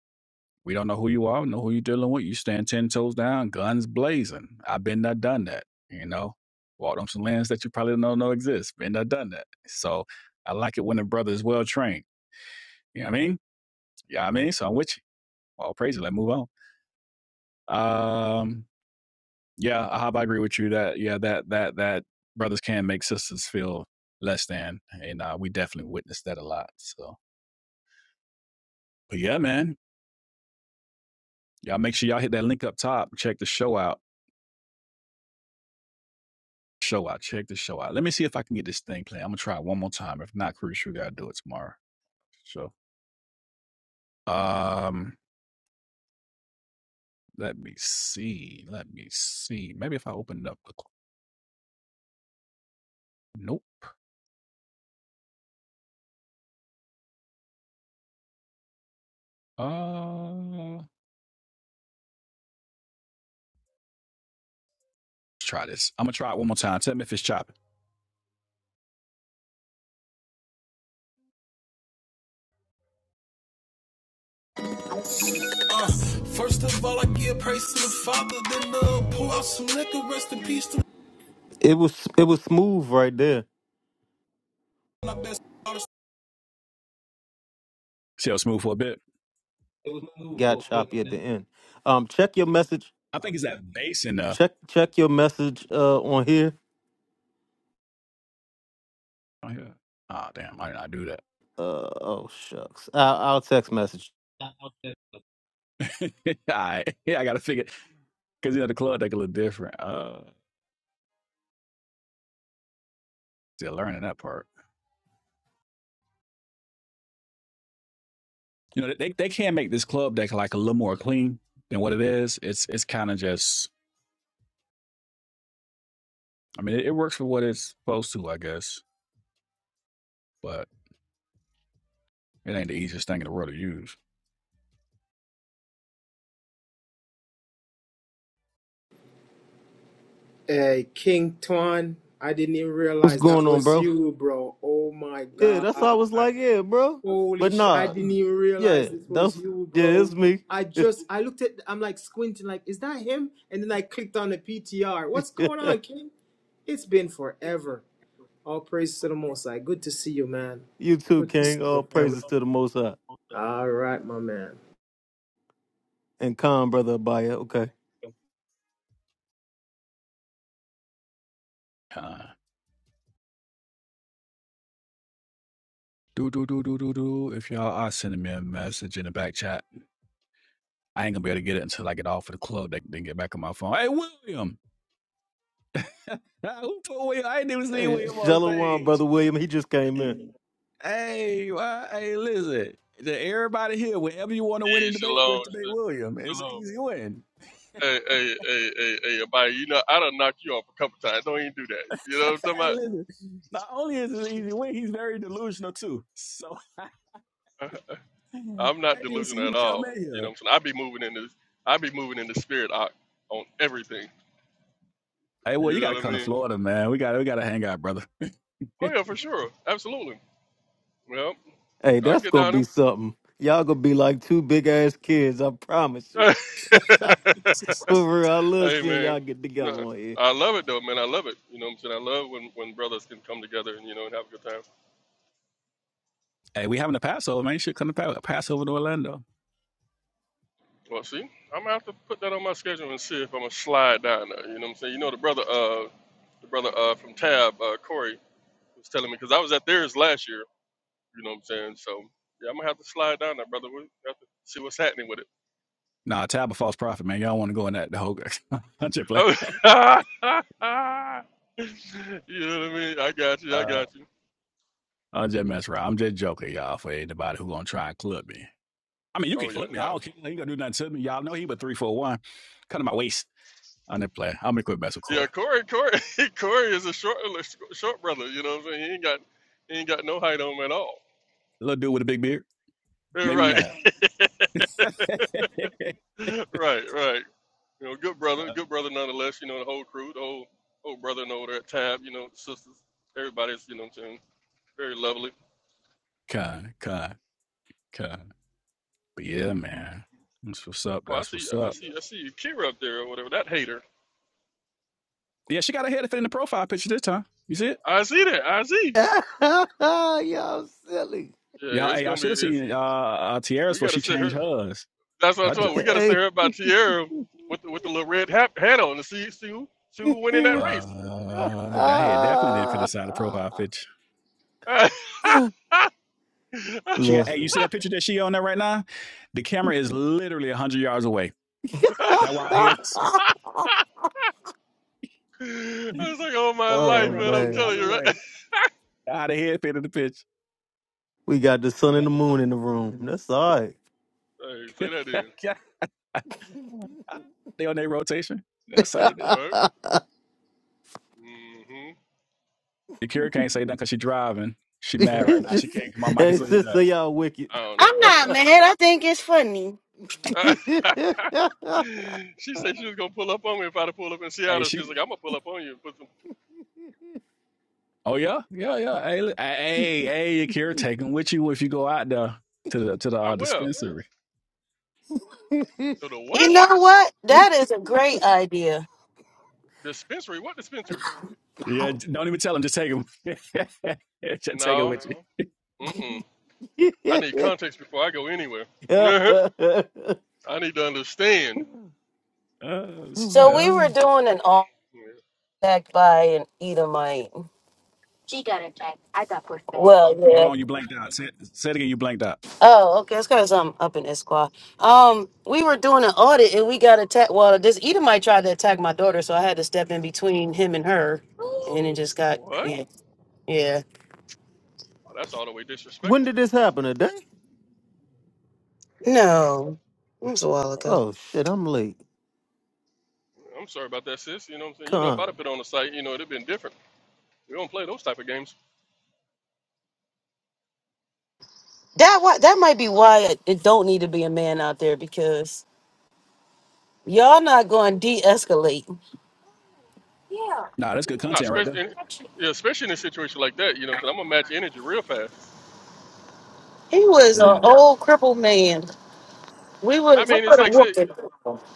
We don't know who you are, We know who you're dealing with. You stand ten toes down, guns blazing. I've been there, done that. You know, walked on some lands that you probably don't know exist. Been there, done that. So I like it when a brother is well trained. You know what I mean? Yeah, I mean, so I'm with you. All praise. it. Let's move on. Um, yeah, I. I agree with you that yeah, that that that brothers can make sisters feel less than, and uh, we definitely witnessed that a lot. So, but yeah, man, y'all make sure y'all hit that link up top. Check the show out. Show out. Check the show out. Let me see if I can get this thing playing. I'm gonna try it one more time. If not, crucial, gotta do it tomorrow. So, um, let me see. Let me see. Maybe if I open it up. Nope. Uh, let's try this. I'm gonna try it one more time. Tell me if it's chopping. Uh, first of all, I give praise to the Father, then uh, pour out some liquor, rest in peace to it was it was smooth right there. my best artist. See how smooth for a bit. It was smooth Got for a bit, choppy at the man. end. Um, check your message. I think it's that bass in the. Check check your message uh on here. Oh, yeah. Ah, damn. Why did I do that? Uh oh shucks, I, I'll text message. All right. Yeah, I got to figure. Because, you know, the club deck a little different. Uh, still learning that part. You know, they, they can make this club deck like a little more clean than what it is. It's it's kind of just, I mean, it, it works for what it's supposed to, I guess. But It ain't the easiest thing in the world to use. hey king tuan i didn't even What's realize that going on, was bro? you bro oh my Yeah, that's why I was god like, yeah, bro. Holy But sh! I nah, didn't even realize yeah, this was that's you, yeah, bro. it's me. I just I looked at I'm like squinting, like, is that him? And then I clicked on the PTR. What's going on, King? It's been forever. All praise to the Most High. Good to see you, man. you too, Good to see King. your All family. praises to the Most High All right, my man. and calm, brother Abaya. Okay, Uh, do do do do do do. If y'all are sending me a message in the back chat, I ain't gonna be able to get it until I get off of the club. They then get back on my phone. Hey William, Ah, who told William? I ain't even see hey, William on Shalom, stage. brother William. He just came in. Hey, why- hey, listen. To everybody here, whenever you want to win Hey, a debate, shalom, just debate William. sh- It's an shalom. easy win. Hey, hey, hey, hey, hey, everybody. You know, I done knocked you off a couple times. Don't even do that. You know what I'm talking Hey, listen. Not only is it an easy win, he's very delusional too. So I about? didn't I'm not even see delusional at you come all. in You here. know what I'm saying? I be moving in this. I be moving in the spirit on, on everything. Hey, well, You you know gotta what I come to mean? Florida, man. We got to we gotta hang out, brother. Oh yeah, for sure, absolutely. Well, Hey, I can that's get gonna down be something. Y'all gonna be like two big ass kids. I promise you. there. For real, I love hey seeing man, y'all get together no, on here. I love it though, man. I love it. You know what I'm saying? I love when when brothers can come together and you know and have a good time. Hey, we having a Passover, man. You should come to Pa- Passover to Orlando. Well, see, I'm gonna have to put that on my schedule and see if I'm gonna slide down there. You know what I'm saying? You know the brother, uh, the brother uh from Tab, uh, Corey was telling me because I was at theirs last year. You know what I'm saying? So yeah, I'm gonna have to slide down there, brother. We have to see what's happening with it. Nah, tab a false prophet, man. Y'all want to go in that the whole. I'm just playing. Oh, you know what I mean? I got you. I Uh, got you. I'm just messing around. I'm just joking, y'all. For anybody who gonna try and clip me, I mean, you can Oh yeah, clip me. I no. don't care. You ain't gonna do nothing to me. Y'all know he but three, four, one. Cut to my waist. I'm just playing. I'm gonna quit messing with Yeah, Corey. Corey, Corey, Corey is a short, short brother. You know what I'm saying? He ain't got, he ain't got no height on him at all. Little dude with a big beard Yeah, made me Right, mad. right, right. You know, good brother, good brother nonetheless. You know, the whole crew, the whole whole brother and older at tab. You know, sisters, everybody's you know what I'm saying very lovely. Kind, kind, kind. But yeah, hmm man. That's what's up. Oh, I That's see, what's I up. see, I see Kira up there or whatever. That hater, Yeah, she got her hair to fit in the profile picture this time. You see it? I see that, I see. y'all silly. Yeah, Yeah, it's hey, I gonna should be. have It's seen uh, uh Tiara's we before gotta she sit her. changed hers. That's what I'm I just, talking. We gotta sit Hey. her about Tierra with the, with the little red hat, hat on to see see who see who win in that race. uh, that hair definitely didn't fit inside the profile picture. I She Look. got, hey, you see that picture that she on there right now? The camera is literally one hundred yards away. That why I had the was like, all my life, oh camera one man. I'm hundred man, telling yards you, right? away. Out of head fit in the picture. we got the sun and the moon in the room. That's all right. Hey, say that then. they on their rotation. That's how they do What? hmm Akira can't say nothing because she's driving. She mad right it's now. She just, can't. My mic is it's already just so done. y'all wicked. I don't know, I'm man. not mad. I think it's funny. she said she was gonna pull up on me if I'd have pulled up in Hey, Seattle. She she. was like, I'm gonna pull up on you and put some. Oh yeah, yeah, yeah. Hey, hey, hey, Akira, take him with you if you go out there to the to the I uh, will. dispensary. To the You what? know what? That is a great idea. Dispensary? What dispensary? Yeah, don't even tell him. Just take him. just take it No. with you. Mm-mm. I need context before I go anywhere. I need to understand. Uh, oh So uh, we were man, doing an all attack by an Edomite. Well, hold yeah. on, you blanked out. Say, say it again. You blanked out. Oh, okay. That's because I'm up in Esquire. Um, we were doing an audit and we got attacked. Well, this Edomite tried to attack my daughter, so I had to step in between him and her, and it just got What? yeah, yeah. Oh, that's all the way when disrespectful. did this happen? Today? No, it was a while ago. Oh shit, I'm late. I'm sorry about that, sis. You know what I'm saying? You know, if Come. I'd have been on the site, you know, it'd have been different. We don't play those type of games. That why that might be why it, it don't need to be a man out there because y'all not going to de-escalate. Nah, that's good No, content right there. especially in, yeah, especially in a situation like that, you know, because I'm gonna match energy real fast. He was Yeah. an old crippled man. We I would we mean, it's would have like say, whooped him.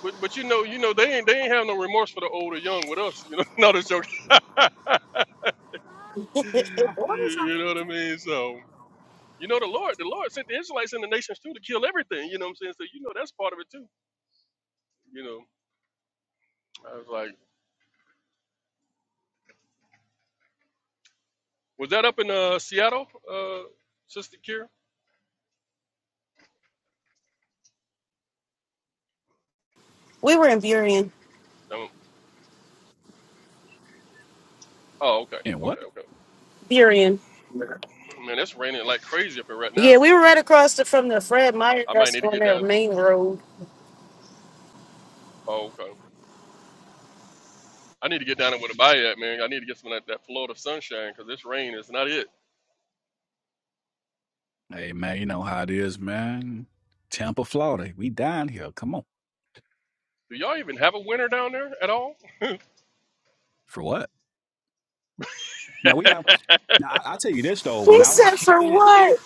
but but you know, you know, they ain't they ain't have no remorse for the old or young with us, you know. no, that's joke. you, you know what I mean? So you know, the Lord, the Lord sent the Israelites and the nations too to kill everything. You know what I'm saying? So you know, that's part of it too. You know, I was like, was that up in uh, Seattle, uh, Sister Kira? we were in Burien. Um, oh, okay, And okay, what? okay. Burien. Man, it's raining like crazy up here right now. Yeah, we were right across the, from the Fred Meyer I might that's need to on get that down. main road. Oh, okay. I need to get down there with a body at, man. I need to get some of that, that Florida sunshine because this rain is not it. Hey man, you know how it is, man. Tampa, Florida, we down here. Come on, Do y'all even have a winter down there at all? for what? Now we have. Now I, I'll tell you this though. When He I was a said for kid, what?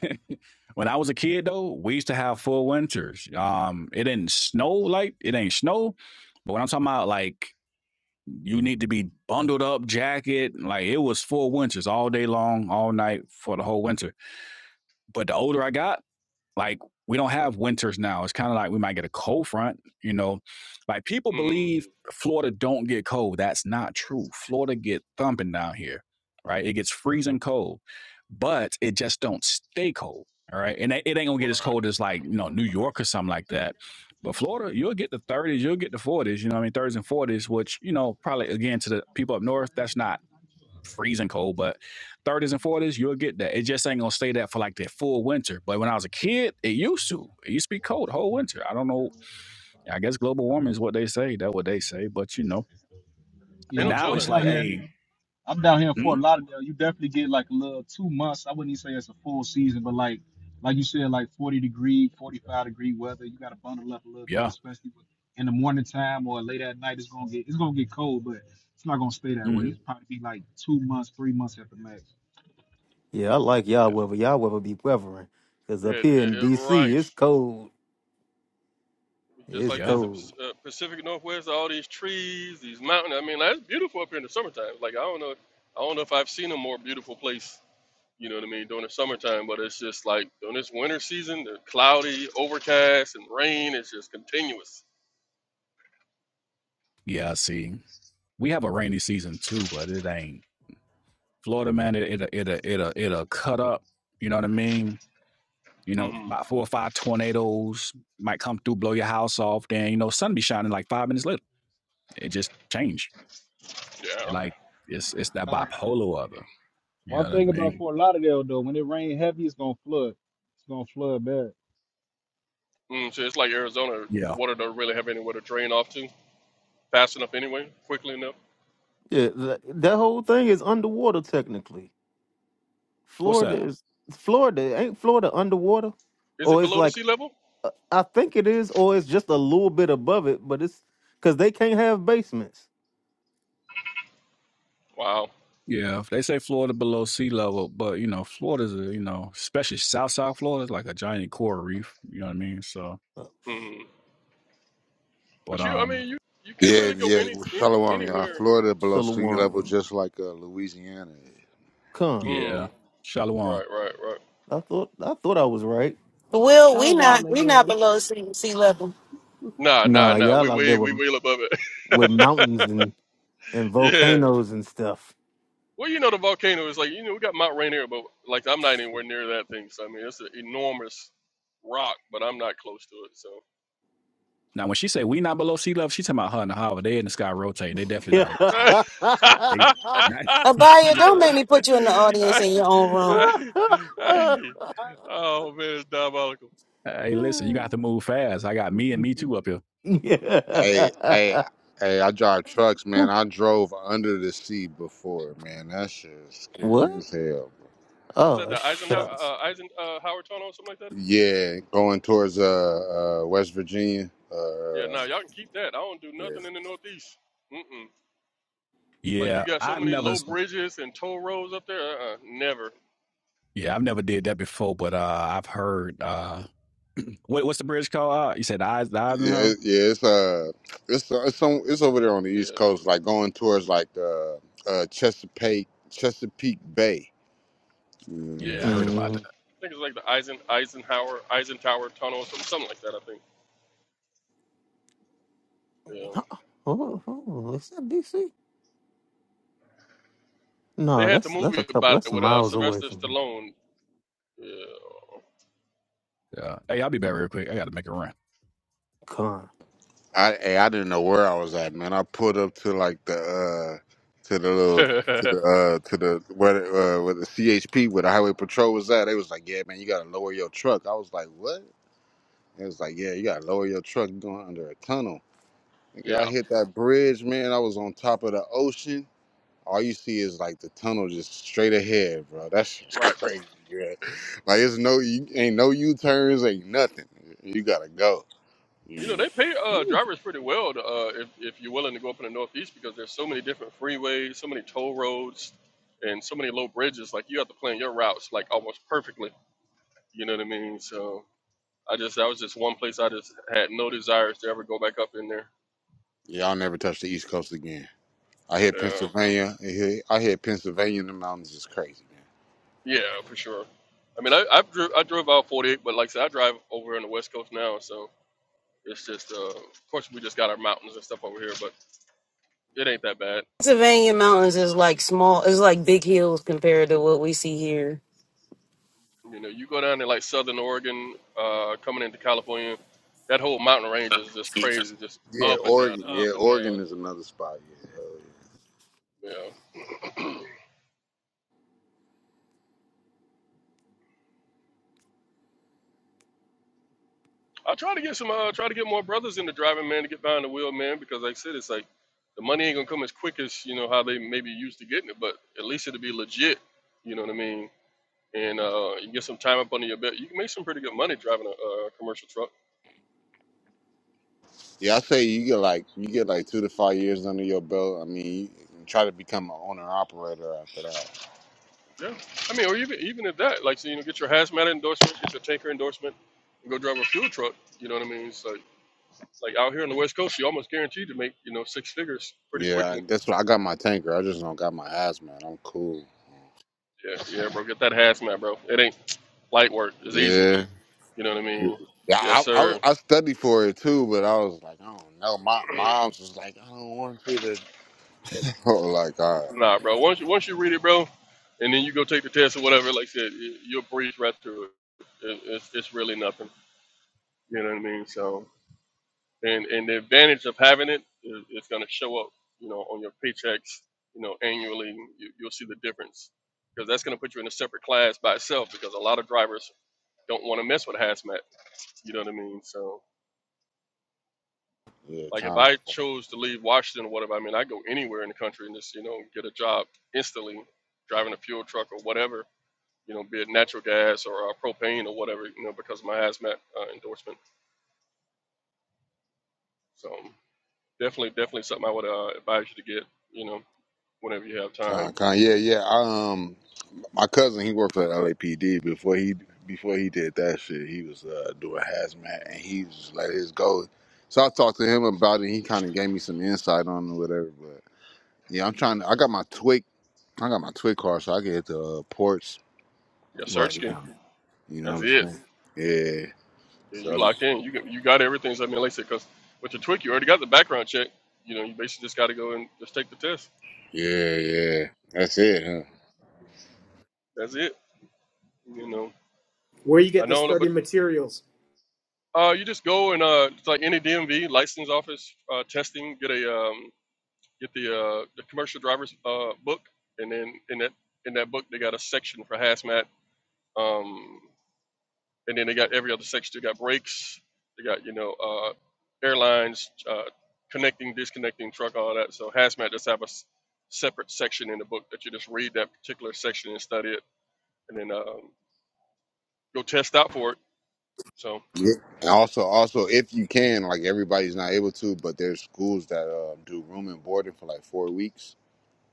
when I was a kid though, we used to have full winters. Um, it didn't snow like it ain't snow, but when I'm talking about like you need to be bundled up, jacket, like it was full winters all day long, all night for the whole winter. But the older I got, like we don't have winters now. It's kind of like we might get a cold front, you know. Like people mm, believe Florida don't get cold. That's not true. Florida get thumping down here, right? It gets freezing cold, but it just don't stay cold, all right? And it it ain't gonna get as right. cold as like you know New York or something like that. But Florida, you'll get the 30s, you'll get the 40s, you know what I mean? 30s and 40s, which, you know, probably again to the people up north, that's not freezing cold, but 30s and 40s, you'll get that. It just ain't gonna stay that for like that full winter. But when I was a kid, it used to. It used to be cold the whole winter. I don't know. I guess global warming is what they say. That's what they say. But you know. But Ain't no now it's telling. like, hey, mm, yeah, hmm Yeah, I like y'all weather. Y'all weather be weathering. Cause Yeah, up it, here it, in it- right. DC, it's cold. Just It's like yeah, this in cold. Pac- uh, Pacific Northwest, all these trees, these mountains. I mean, that's beautiful up here in the summertime. Like I don't know, I don't know if I've seen a more beautiful place. You know what I mean? During the summertime, but it's just like during this winter season, the cloudy, overcast, and rain is just continuous. yeah. See, we have a rainy season too, but it ain't Florida, man. It it it it it'll cut up. You know what I mean? You know, hmm about four or five tornadoes might come through, blow your house off. Then you know, sun be shining like five minutes later. It just changed. Yeah. Like it's it's that bipolar other. You know what I mean? Mm, so it's like Arizona Yeah. water don't really have anywhere to drain off to fast enough anyway, quickly enough. Yeah, that that whole thing is underwater technically. What's Florida that? is Florida. Ain't Florida underwater? Is it Or it's below the like sea level? uh, I think it is, or it's just a little bit above it, but it's because they can't have basements. Wow. Yeah, they say Florida below sea level, but you know, Florida's a, you know, especially South South Florida is like a giant coral reef. You know what I mean? So, Oh shit. Mm. but But you, I um, mean, you you can't Yeah, really go yeah. any, any Shalom, y'all. anywhere. Florida below sea Silouan, level, just like uh, Louisiana. come. Mm. yeah, Shalom. Right, right, right. I thought I thought I was right. Will we not Shalom we not again. below sea, sea level. Nah, nah, Nah, nah. We y'all out way there we with way above with it. mountains and, and yeah. volcanoes and stuff. Well, you know the volcano is like you know we got Mount Rainier, but like I'm not anywhere near that thing. So I mean it's an enormous rock, but I'm not close to it. So Now, when she say we not below sea level, she talking about her and the Howard. They in the sky rotating. They definitely Yeah. not. Below. They Abaya, don't make not. me put you in the audience in your own room. oh man, it's diabolical. hey, listen, you got to move fast. I got me and me too up here. yeah. Hey, hey, hey! I drive trucks, man. I drove under the sea before, man. That shit is What? scary as hell. What's that? Oh The Eisenhower, shucks. uh, Eisen, uh, Howard Tunnel or something like that? Yeah, going towards uh, uh West Virginia. Yeah, Uh, nah, y'all can keep that. I don't do yeah, nothing in the Northeast. Mm-mm. Like you Yeah, got so I've many never. low bridges and toll roads up there. Uh, uh never. Yeah, I've never did that before, but uh, I've heard. Uh, What, what's the bridge called? Uh, you said the eyes, the eyes and yeah, hoe. yeah. It's uh, it's uh, it's on, it's over there on the Yeah, East Coast, like going towards like uh, uh Chesapeake Chesapeake Bay. Yeah, yeah. I I heard about Mm-hmm. think it's like the Eisen Eisenhower Eisenhower Tunnel or something, something like that. I think. Yeah. Oh, oh, oh, is that DC? They No, had the that's that's movie a couple. about it That's with uh, miles away Sylvester from Stallone. that. Yeah. Hey, I'll be back real quick. I got to make a run. Con. I hey, I didn't know where I was at, man. I pulled up to like the uh to the little to Yeah. the uh to the where the, uh where the CHP where the highway patrol was at. They was like, Yeah, man, you gotta lower your truck. I was like, What? It was like, Yeah, you gotta lower your truck You're going under a tunnel. Nigga, I yeah. hit that bridge, man. I was on top of the ocean. All you see is like the tunnel just straight ahead, bro. That shit's Right. crazy, bro. Like it's no you ain't no U turns, ain't nothing. You gotta go. You know, You, they pay uh, drivers pretty well to, uh, if, if you're willing to go up in the Northeast because there's so many different freeways, so many toll roads, and so many low bridges. Like, you have to plan your routes, like, almost perfectly. You know what I mean? So, I just, that was just one place I just had no desires to ever go back up in there. y'all never touch the East Coast again. I hear Yeah, Pennsylvania. I hear, I hear Pennsylvania in the mountains is crazy, man. yeah, for sure. I mean, I, I've I drove out 48, but like I said, I drive over on the West Coast now. So, it's just, uh, of course, we just got our mountains and stuff over here, but it ain't that bad. Pennsylvania mountains is like small. It's like big hills compared to what we see here. You know, you go down to like Southern Oregon, uh, coming into California, that whole mountain range is just crazy, just Yeah, up and down, Oregon. Yeah, up and down. Oregon is another spot. Yeah, hell yeah. Yeah. I try to get some, uh, try to get more brothers into driving, man, to get behind the wheel, man, because like I said, it's like the money ain't gonna come as quick as you know how they maybe used to getting it, but at least it'll be legit. You know what I mean? And uh, you get some time up under your belt, you can make some pretty good money driving a, uh commercial truck. Yeah, I say you get like you get like two to five years under your belt. I mean, you can try to become an owner operator after that. Yeah, I mean, or even even if that, like, so, you know, get your hazmat endorsement, get your tanker endorsement, and go drive a fuel truck. You know what I mean? It's like it's like out here on the West Coast, you almost guaranteed to make you know six figures pretty Yeah, I- quickly. that's what I got my tanker. I just don't got my hazmat. I'm cool. Yeah, yeah, bro, get that hazmat, bro. It ain't light work. It's easy. Yeah. You know what I mean? Yeah, Yes, I, I was- sir. I studied for it too, but I was like, I don't know. My mom's was like, I don't want you to. Oh, like, all right, Nah, bro. Once you once you read it, bro, and then you go take the test or whatever. Like I said, you- you'll breeze right through it. it it's, it's really nothing. You know what I mean? So and and the advantage of having it is, is going to show up you know on your paychecks you know annually you, you'll see the difference because that's going to put you in a separate class by itself because a lot of drivers don't want to mess with hazmat you know what i mean so yeah, like if con, i chose to leave washington or whatever i mean i go anywhere in the country and just you know get a job instantly driving a fuel truck or whatever you know be it natural gas or uh, propane or whatever you know because of my hazmat uh, endorsement so definitely definitely something i would uh, advise you to get you know whenever you have time. con, con, yeah, yeah. I, um, My cousin, he worked for the LAPD before he before he did that shit. He was uh, doing hazmat, and he just let his go. So I talked to him about it. and He kind of gave me some insight on it, whatever. But yeah, I'm trying. To, I got my twig. I got my twig car, so I can hit the uh, ports Your right search key. now. You know what That's I'm it. saying? Yeah. Yeah, So you I'll be- lock in. You got- you got everything. So I mean, like I said, because with your Twig, you already got the background check. You know, you basically just got to go and just take the test. yeah, yeah. That's it, huh? That's it. You know, Where you I get the know, but study materials? uh, you just go and uh, it's like any DMV license office uh, testing. Get a um, get the uh, the commercial driver's uh, book, and then in that in that book they got a section for hazmat. Um, and then they got every other section. They got brakes. They got you know uh, airlines uh, connecting, disconnecting, truck, all that. So hazmat just have a s- separate section in the book that you just read that particular section and study it, and then um, go test out for it. So Yeah. And also, also, if you can, like everybody's not able to, but there's schools that um, do room and boarding for like four weeks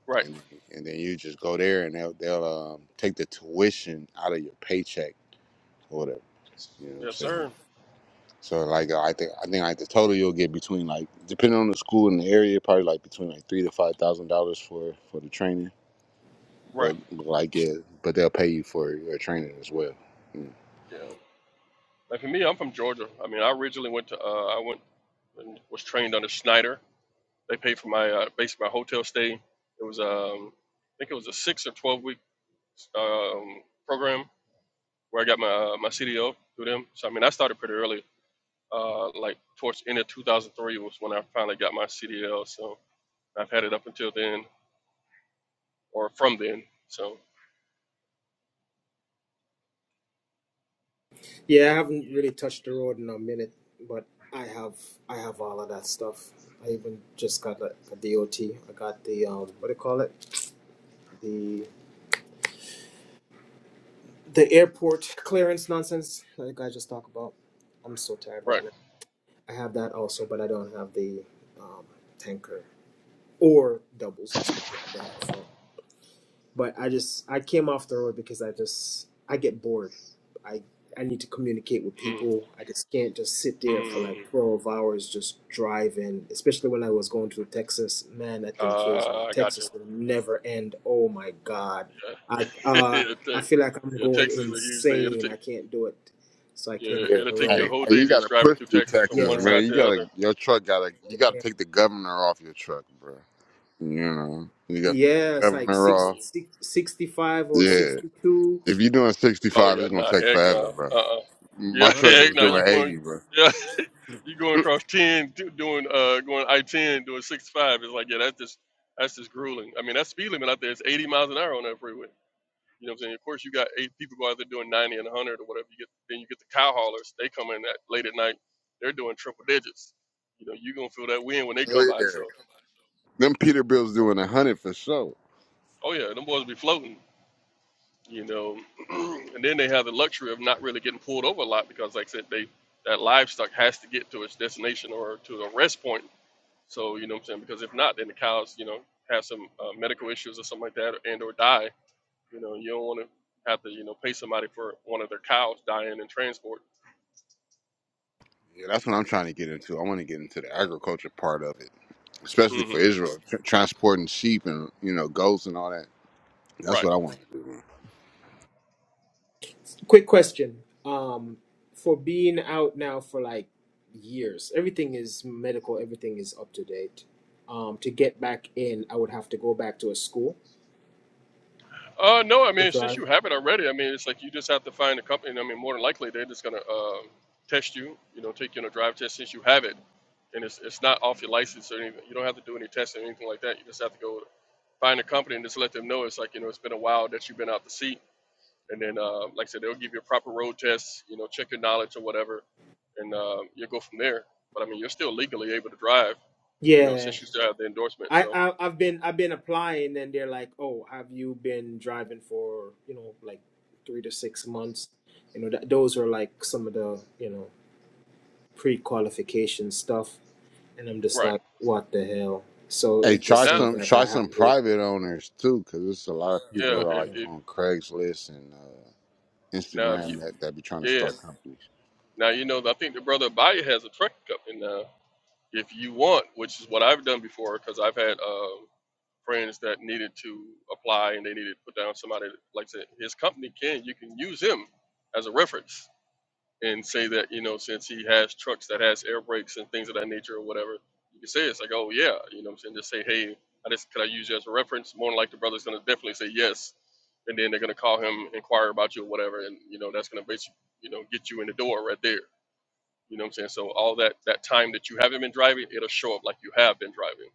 right, and then, and then you just go there and they'll they'll um, take the tuition out of your paycheck or whatever. yes, You know what I'm yes, saying? sir. So like I think I think like the total you'll get between like depending on the school and the area probably like between like three to five thousand dollars for for the training, Right, but but, like yeah, but they'll pay you for your training as well. Mm. yeah. Like for me, I'm from Georgia. I mean, I originally went to uh, I went and was trained under Snyder. They paid for my uh, basically my hotel stay. It was um, I think it was a six or twelve week um, program where I got my uh, my CDO through them. So I mean, I started pretty early. Uh, like towards the end of 2003 was when I finally got my CDL. So I've had it up until then, or from then. So Yeah, I haven't really touched the road in a minute, but I have I have all of that stuff. I even just got a, DOT. I got the um, what do you call it? The the airport clearance nonsense that you just talked about. I'm so tired right right. now. I have that also, but I don't have the um, tanker or doubles and stuff like that. So. But I just I came off the road because I just I get bored. I I need to communicate with Mm, people. I just can't just sit there for like mm, twelve hours just driving. Especially when I was going to Texas, man, that thing kills me. uh, I got you. Texas will never end. Oh my God, Yeah. I uh it'll I take, feel like I'm yeah, going Texas is a huge thing. It'll insane. take I can't do it. So I yeah, came off Yeah, it'll the take you a hey, road. whole hey, day you just gotta driving push through through Texas from Texas, one Yeah, man. side You to the gotta other. your truck gotta you gotta damn. take the governor off your truck, bro. You know you got Yeah, the it's like governor six, off. Mm. 65 or Yeah, 62. If you're doing Oh 65, yeah, it's gonna nah, take heck forever, no. bro. Uh uh My Yeah, My truck heck was no. God. doing You going? 80, bro. yeah, You going across ten, do- doing uh, going I ten, doing sixty five. It's like, yeah, that's just that's just grueling. I mean, that speed limit out there is eighty miles an hour on that freeway. You know what I'm saying? Of course, you got eight people go out there doing ninety and one hundred or whatever. You get then you get the cow haulers. They come in at late at night. They're doing triple digits. You know, you gonna feel that wind when they come Oh by. yeah. So, Them Peterbilt's doing 100 for sure. oh yeah, them boys be floating. You know, and then they have the luxury of not really getting pulled over a lot because, like I said, they that livestock has to get to its destination or to the rest point So you know what I'm saying? Because if not, then the cows, you know, have some uh, medical issues or something like that, and or die. You know, you don't want to have to, you know, pay somebody for one of their cows dying in transport. Yeah, that's what I'm trying to get into. I want to get into the agriculture part of it, especially for hmm Israel, tr- transporting sheep and you know goats and all that. That's Right. what I want. Quick question. Um, for being out now for like years, everything is medical, everything is up to date. Um, to get back in, I would have to go back to a school Uh, no, I to mean, since drive. you have it already, I mean, it's like you just have to find a company. and I mean, more than likely, they're just gonna uh, test you. You know, take you on a drive test since you have it, and it's it's not off your license or anything. You don't have to do any testing or anything like that. You just have to go find a company and just let them know it's like you know it's been a while that you've been out to sea and then uh, like I said, they'll give you a proper road test, you know, check your knowledge or whatever, and uh, you'll go from there. But I mean, you're still legally able to drive, you know, Yeah. since you still have the endorsement. I, So I I've been I've been applying and they're like, "Oh, have you been driving for, you know, like 3 to 6 months?" You know, that, those are like some of the, you know, pre-qualification stuff, and I'm just right like, "What the hell?" So Hey, it try just now, seems some like try I have some to private owners too, because there's a lot of people yeah, if, Okay. like if on Craigslist and uh, now if you Instagram that that be trying to yeah start companies. now you know I think the brother Abaya has a truck company now. if you want, which is what I've done before, because I've had uh, friends that needed to apply and they needed to put down somebody like I said, his company can you can use him as a reference and say that you know since he has trucks that has air brakes and things of that nature or whatever you can say it's like oh yeah you know what i'm saying just say hey i just could i use you as a reference more than like the brother's gonna definitely say yes and then they're gonna call him inquire about you or whatever and you know that's gonna basically you know get you in the door right there you know what i'm saying so all that that time that you haven't been driving it'll show up like you have been driving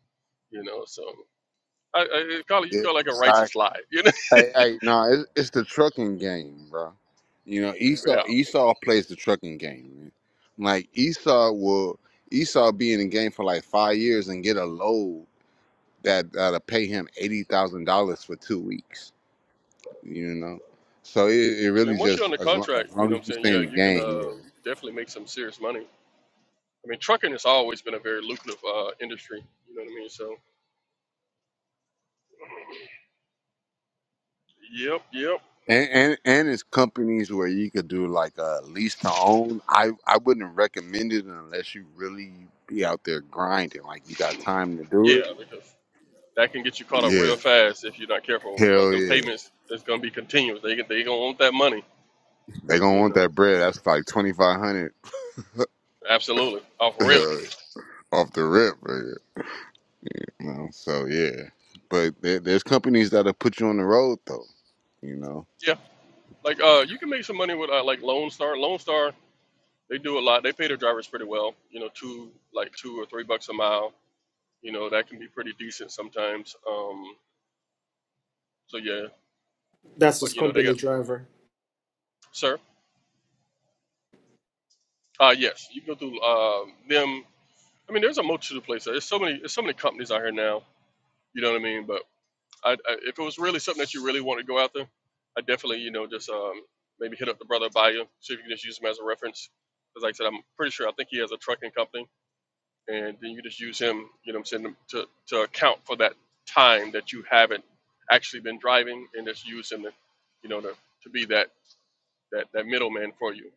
you know so i, I call it you call it like a Yeah, righteous lie you know Hey, hey, no, it, it's the trucking game, bro. You know, yeah Esau i Esau plays the trucking game, man. Like Esau will Esau be in the game for like five years and get a load that that'll pay him eighty thousand dollars for two weeks. You know, so it, it really mean once you're on just the as long, contract as you long know what as i'm you saying stay yeah in the you can game, uh, yeah. definitely make some serious money I mean, trucking has always been a very lucrative uh, industry. You know what I mean? So, yep, yep, And, and and it's companies where you could do like a lease to own. I I wouldn't recommend it unless you really be out there grinding, like you got time to do yeah, it. because that can get you caught up Yeah. real fast if you're not careful. Because Hell them yeah. payments is gonna be continuous. They they gonna want that money. They gonna You want know, that bread. That's like twenty five hundred absolutely, off real. off the rip, right? You know, so yeah. But there, there's companies that'll put you on the road though, you know. Yeah, like uh, you can make some money with uh, like Lone Star. Lone Star, they do a lot. They pay their drivers pretty well. You know, two like two or three bucks a mile. You know, that can be pretty decent sometimes. Um, so yeah, That's but his you know, they company got driver. sir. Uh, yes, you go through uh, them I mean, there's a multitude of places. There's so many. There's so many companies out here now. You know what I mean? But I, I, if it was really something that you really want to go out there, I definitely, you know, just um, maybe hit up the brother by see if you can just use him as a reference. Because, like I said, I'm pretty sure I think he has a trucking company, and then you just use him. You know, what I'm saying to to account for that time that you haven't actually been driving, and just use him, to, you know, to, to be that that that middleman for you.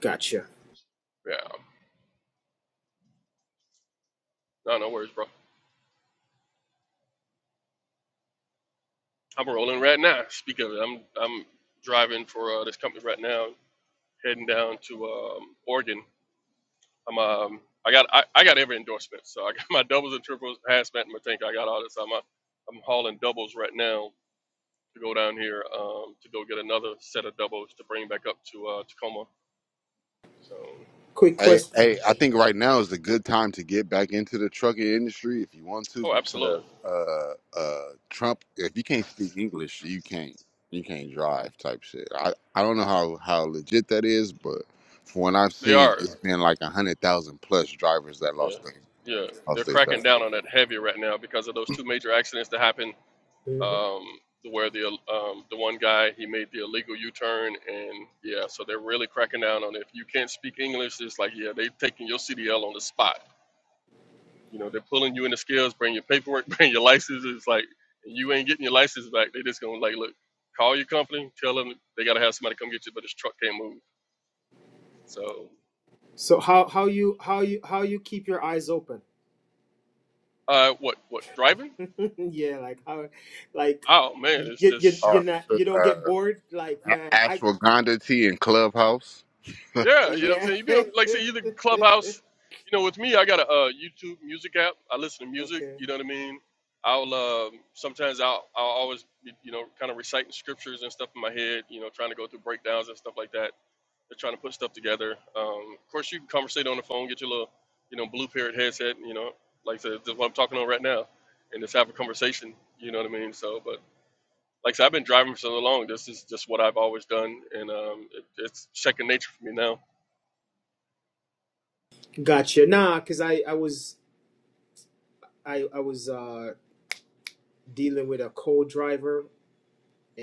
Gotcha. Yeah. No, no worries, bro. I'm rolling right now. Speak of it, I'm I'm driving for uh, this company right now, heading down to um, Oregon. I'm um I got I, I got every endorsement, so I got my doubles and triples, hazmat in my tank. I got all this. I'm uh, I'm hauling doubles right now to go down here um, to go get another set of doubles to bring back up to uh, Tacoma. So Quick Hey, hey, question. I think right now is the good time to get back into the trucking industry if you want to, oh, because absolutely, uh uh Trump if you can't speak English, you can't you can't drive type shit. I, I don't know how, how legit that is, but from what I've they seen, are. it's been like a hundred thousand plus drivers that Yeah, lost their yeah, they're lost their jobs. cracking down on that heavy right now because of those two major accidents that happened Mhm. um, where the um, the one guy he made the illegal U-turn, and yeah, so they're really cracking down on it. If you can't speak English, it's like yeah, they taking your CDL on the spot. You know, they're pulling you in the scales, bring your paperwork, bring your license. It's like you ain't getting your license back. They just gonna like look, call your company, tell them they gotta have somebody come get you, but this truck can't move. So, So how how you how you how you keep your eyes open? uh, what what driving? yeah, like how, like Oh man, you it's you just. Oh, you're not you shit, don't get uh, bored. Like man, I ashwagandha tea and clubhouse. Yeah, you know what I'm yeah. saying? You be like I say either Clubhouse, you know, with me I got a uh, YouTube music app. I listen to music, okay. you know what I mean? I'll um, sometimes I'll I'll always be, you know, kind of reciting scriptures and stuff in my head, you know, trying to go through breakdowns and stuff like that. They're trying to put stuff together. Um, of course you can conversate on the phone, get your little, you know, blue parrot headset, you know, like the, the what I'm talking on right now and just have a conversation, you know what I mean? So but like I said, I've been driving for so long. This is just what I've always done, and um, it, it's second nature for me now. Gotcha. Nah, cause I I was I I was uh dealing with a co driver,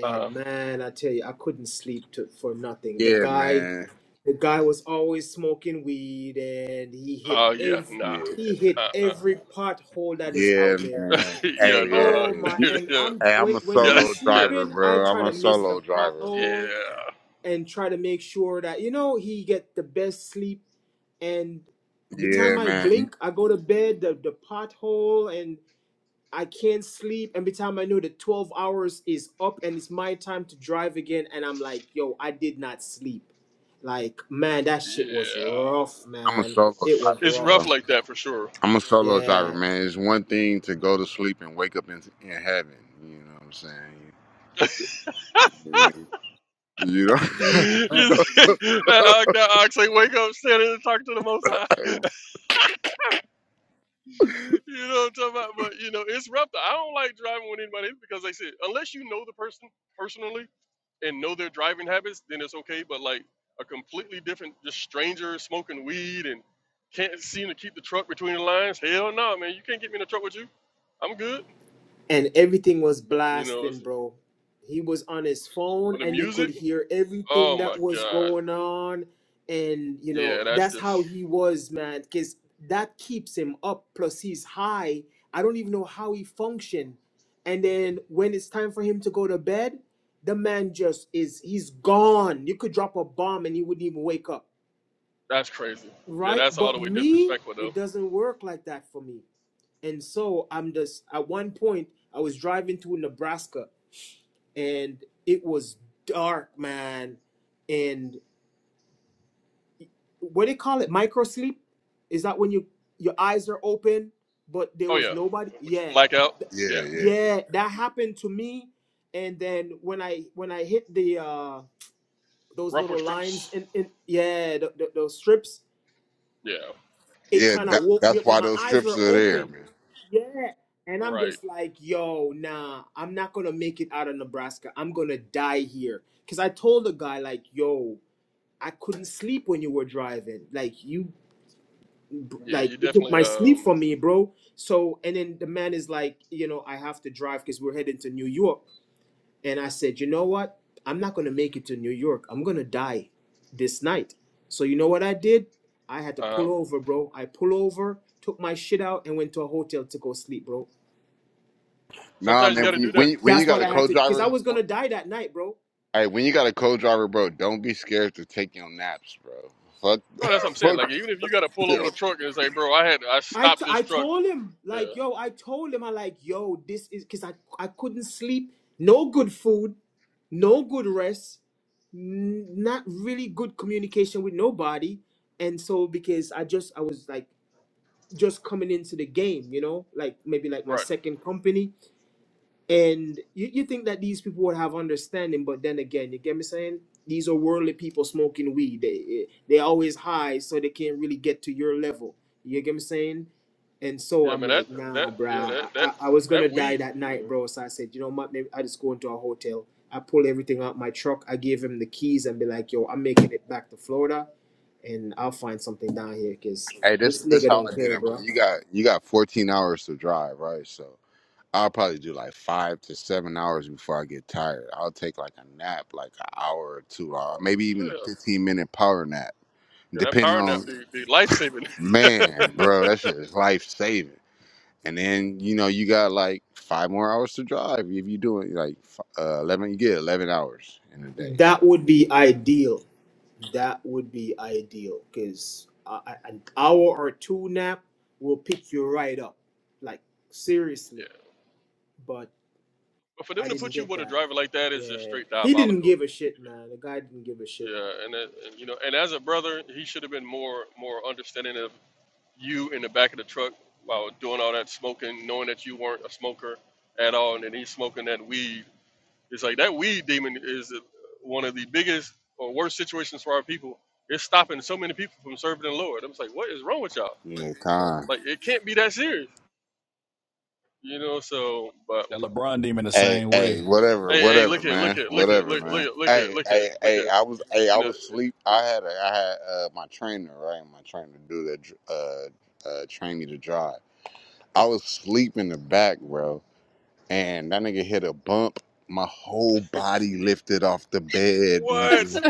Uh, man, I tell you, I couldn't sleep to, for nothing. The Yeah, guy. man. The guy was always smoking weed, and he hit Oh yeah, every nah. Yeah, he hit Uh-uh. every pothole that is yeah, out there. man. Hey, yeah, nah. Oh yeah. my! You, And yeah, I'm hey, I'm when a when yeah, solo he's driver, sleeping, I bro. I'm try to a miss the solo driver, bro. pothole yeah, and try to make sure that you know he get the best sleep. And by the time Yeah, I man. blink, I go to bed. The the pothole and I can't sleep. Every time I know the 12 hours is up and it's my time to drive again, and I'm like, yo, I did not sleep. Like, man, that shit was yeah. rough, I'm a man. solo It was driver, It's rough. bro. rough like that for sure. I'm a solo driver, Yeah. man. It's one thing to go to sleep and wake up in, in heaven. You know what I'm saying? You know. You yeah, see, that ox, that ox ain't wake up, stand in and talk to the Most High. you know what I'm talking about? But you know, it's rough. I don't like driving with anybody because they said unless you know the person personally. and know their driving habits, then it's okay. But like a completely different, just stranger smoking weed and can't seem to keep the truck between the lines. Hell no, man, you can't get me in the truck with you. I'm good. and everything was You know, blasting, it's- bro. He was on his phone, for the and you could music, hear oh everything my that was god, going on, and you know yeah, that's that's just how he was, man. Cause that keeps him up. Plus, he's high. I don't even know how he functioned. And then when it's time for him to go to bed, the man just is—he's gone. You could drop a bomb, and he wouldn't even wake up, that's crazy. Yeah, right? that's all But the way me, disrespectful though. it doesn't work like that for me. And so I'm just at one point I was driving to Nebraska and it was dark, man. And what do they call it? Micro sleep? Is that when you your eyes are open but there Oh was yeah, nobody? but you Yeah. black out. Yeah, yeah, Yeah, that happened to me. And then when I when I hit the uh those rumple little lines strips. in, in yeah, the, the, those strips Yeah, it yeah. kind That, of woke me that's up, but why my those eyes trips were are there, open. man. Yeah. And I'm right. just like, yo, nah, I'm not gonna make it out of Nebraska. I'm gonna die here. Cause I told the guy, like, yo, I couldn't sleep when you were driving. Like you Yeah, like you you took definitely my sleep um. from me, bro. So and then the man is like, you know, I have to drive because we're heading to New York. And I said, you know what? I'm not going to make it to New York. I'm going to die this night. So you know what I did? I had to Uh, pull over, bro. I pull over, took my shit out, and went to a hotel to go sleep, bro. Nah, sometimes you man. got That's to When you do when that. you, when you that's got what a I you know. had to, cause I co-driver, was gonna don't, die that night, bro. all Hey, When you got a co-driver, bro, don't be scared to take your naps, bro. Fuck, Oh, that's what I'm saying. Like even if you fuck. got to pull over Yo. the truck and say, "Bro, I had I I, stopped t- this I truck." told him Yeah, like yo I told him I like yo this is because I I couldn't sleep no good food no good rest n- not really good communication with nobody and so because I just I was like just coming into the game, you know, like maybe like my right. second company. And you, you think that these people would have understanding, but then again, you get me saying? These are worldly people smoking weed. They they always high, so they can't really get to your level. You get me saying? And so Yeah, I'm man. That like, that nah, bruh. yeah that I, that I, I was gonna that die weed. that Yeah, night, bro. So I said, you know what? Maybe I just go into a hotel. I pull everything out my truck. I gave him the keys and be like, yo, I'm making it back to Florida, and I'll find something down here, cause Hey, this this this nigga how don't I did care, it, bro. bro. You got you got 14 hours to drive, right? So I'll probably do like five to seven hours before I get tired. I'll take like a nap, like an hour or two, hour, maybe Oh, even a yeah. 15 minute power nap, Yeah, that depending power on nap be be life saving. man, bro. That shit is life saving. and then you know you got like five more hours to drive if you doing like uh, eleven. You get eleven hours in a day, Now, That so would be ideal. That would be ideal because an hour or two nap will pick you right up. Like, seriously. yeah. But But for I them to didn't put you get with a that. driver like that is just Yeah. straight He didn't diabolical. give a shit, man. The guy didn't give a shit. Yeah, and, that, and you know, and as a brother, he should have been more more understanding of you in the back of the truck while doing all that smoking, knowing that you weren't a smoker at all, and then he's smoking that weed It's like that weed demon is one of the biggest or worst situations for our people. It's stopping so many people from serving the Lord. I'm just like, what is wrong with y'all? you know time. Like, it can't be that serious, you know. So, but That LeBron demon the Hey, same hey, way. whatever, hey, hey, look whatever, here, look man, here, look here, whatever, look, look, man. here, look here, Hey, look here, hey, look hey, here. I was, hey, I You know, was sleep. I had, a, I had uh, my trainer, right? My trainer do that, dr- uh, uh, train me to drive. I was sleep in the back, bro, and that nigga hit a bump. My whole body lifted off the bed, what, nigga.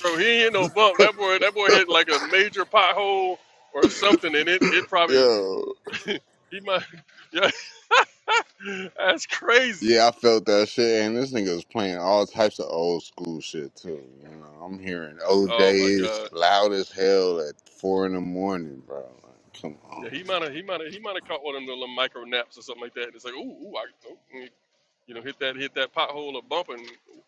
bro? He ain't hit no bump. That boy, that boy hit like a major pothole or something, and it, it probably Yo, he might. Yeah, that's crazy. Yeah, I felt that shit, and this nigga was playing all types of old school shit too. You know, I'm hearing Oh my OJ's God. loud as hell at four in the morning, bro. Like, come Yeah, on, he might have he might have he might have caught one of them little micro naps or something like that. it's like, ooh, ooh I, oh, mm," you know, hit that hit that pothole or bump and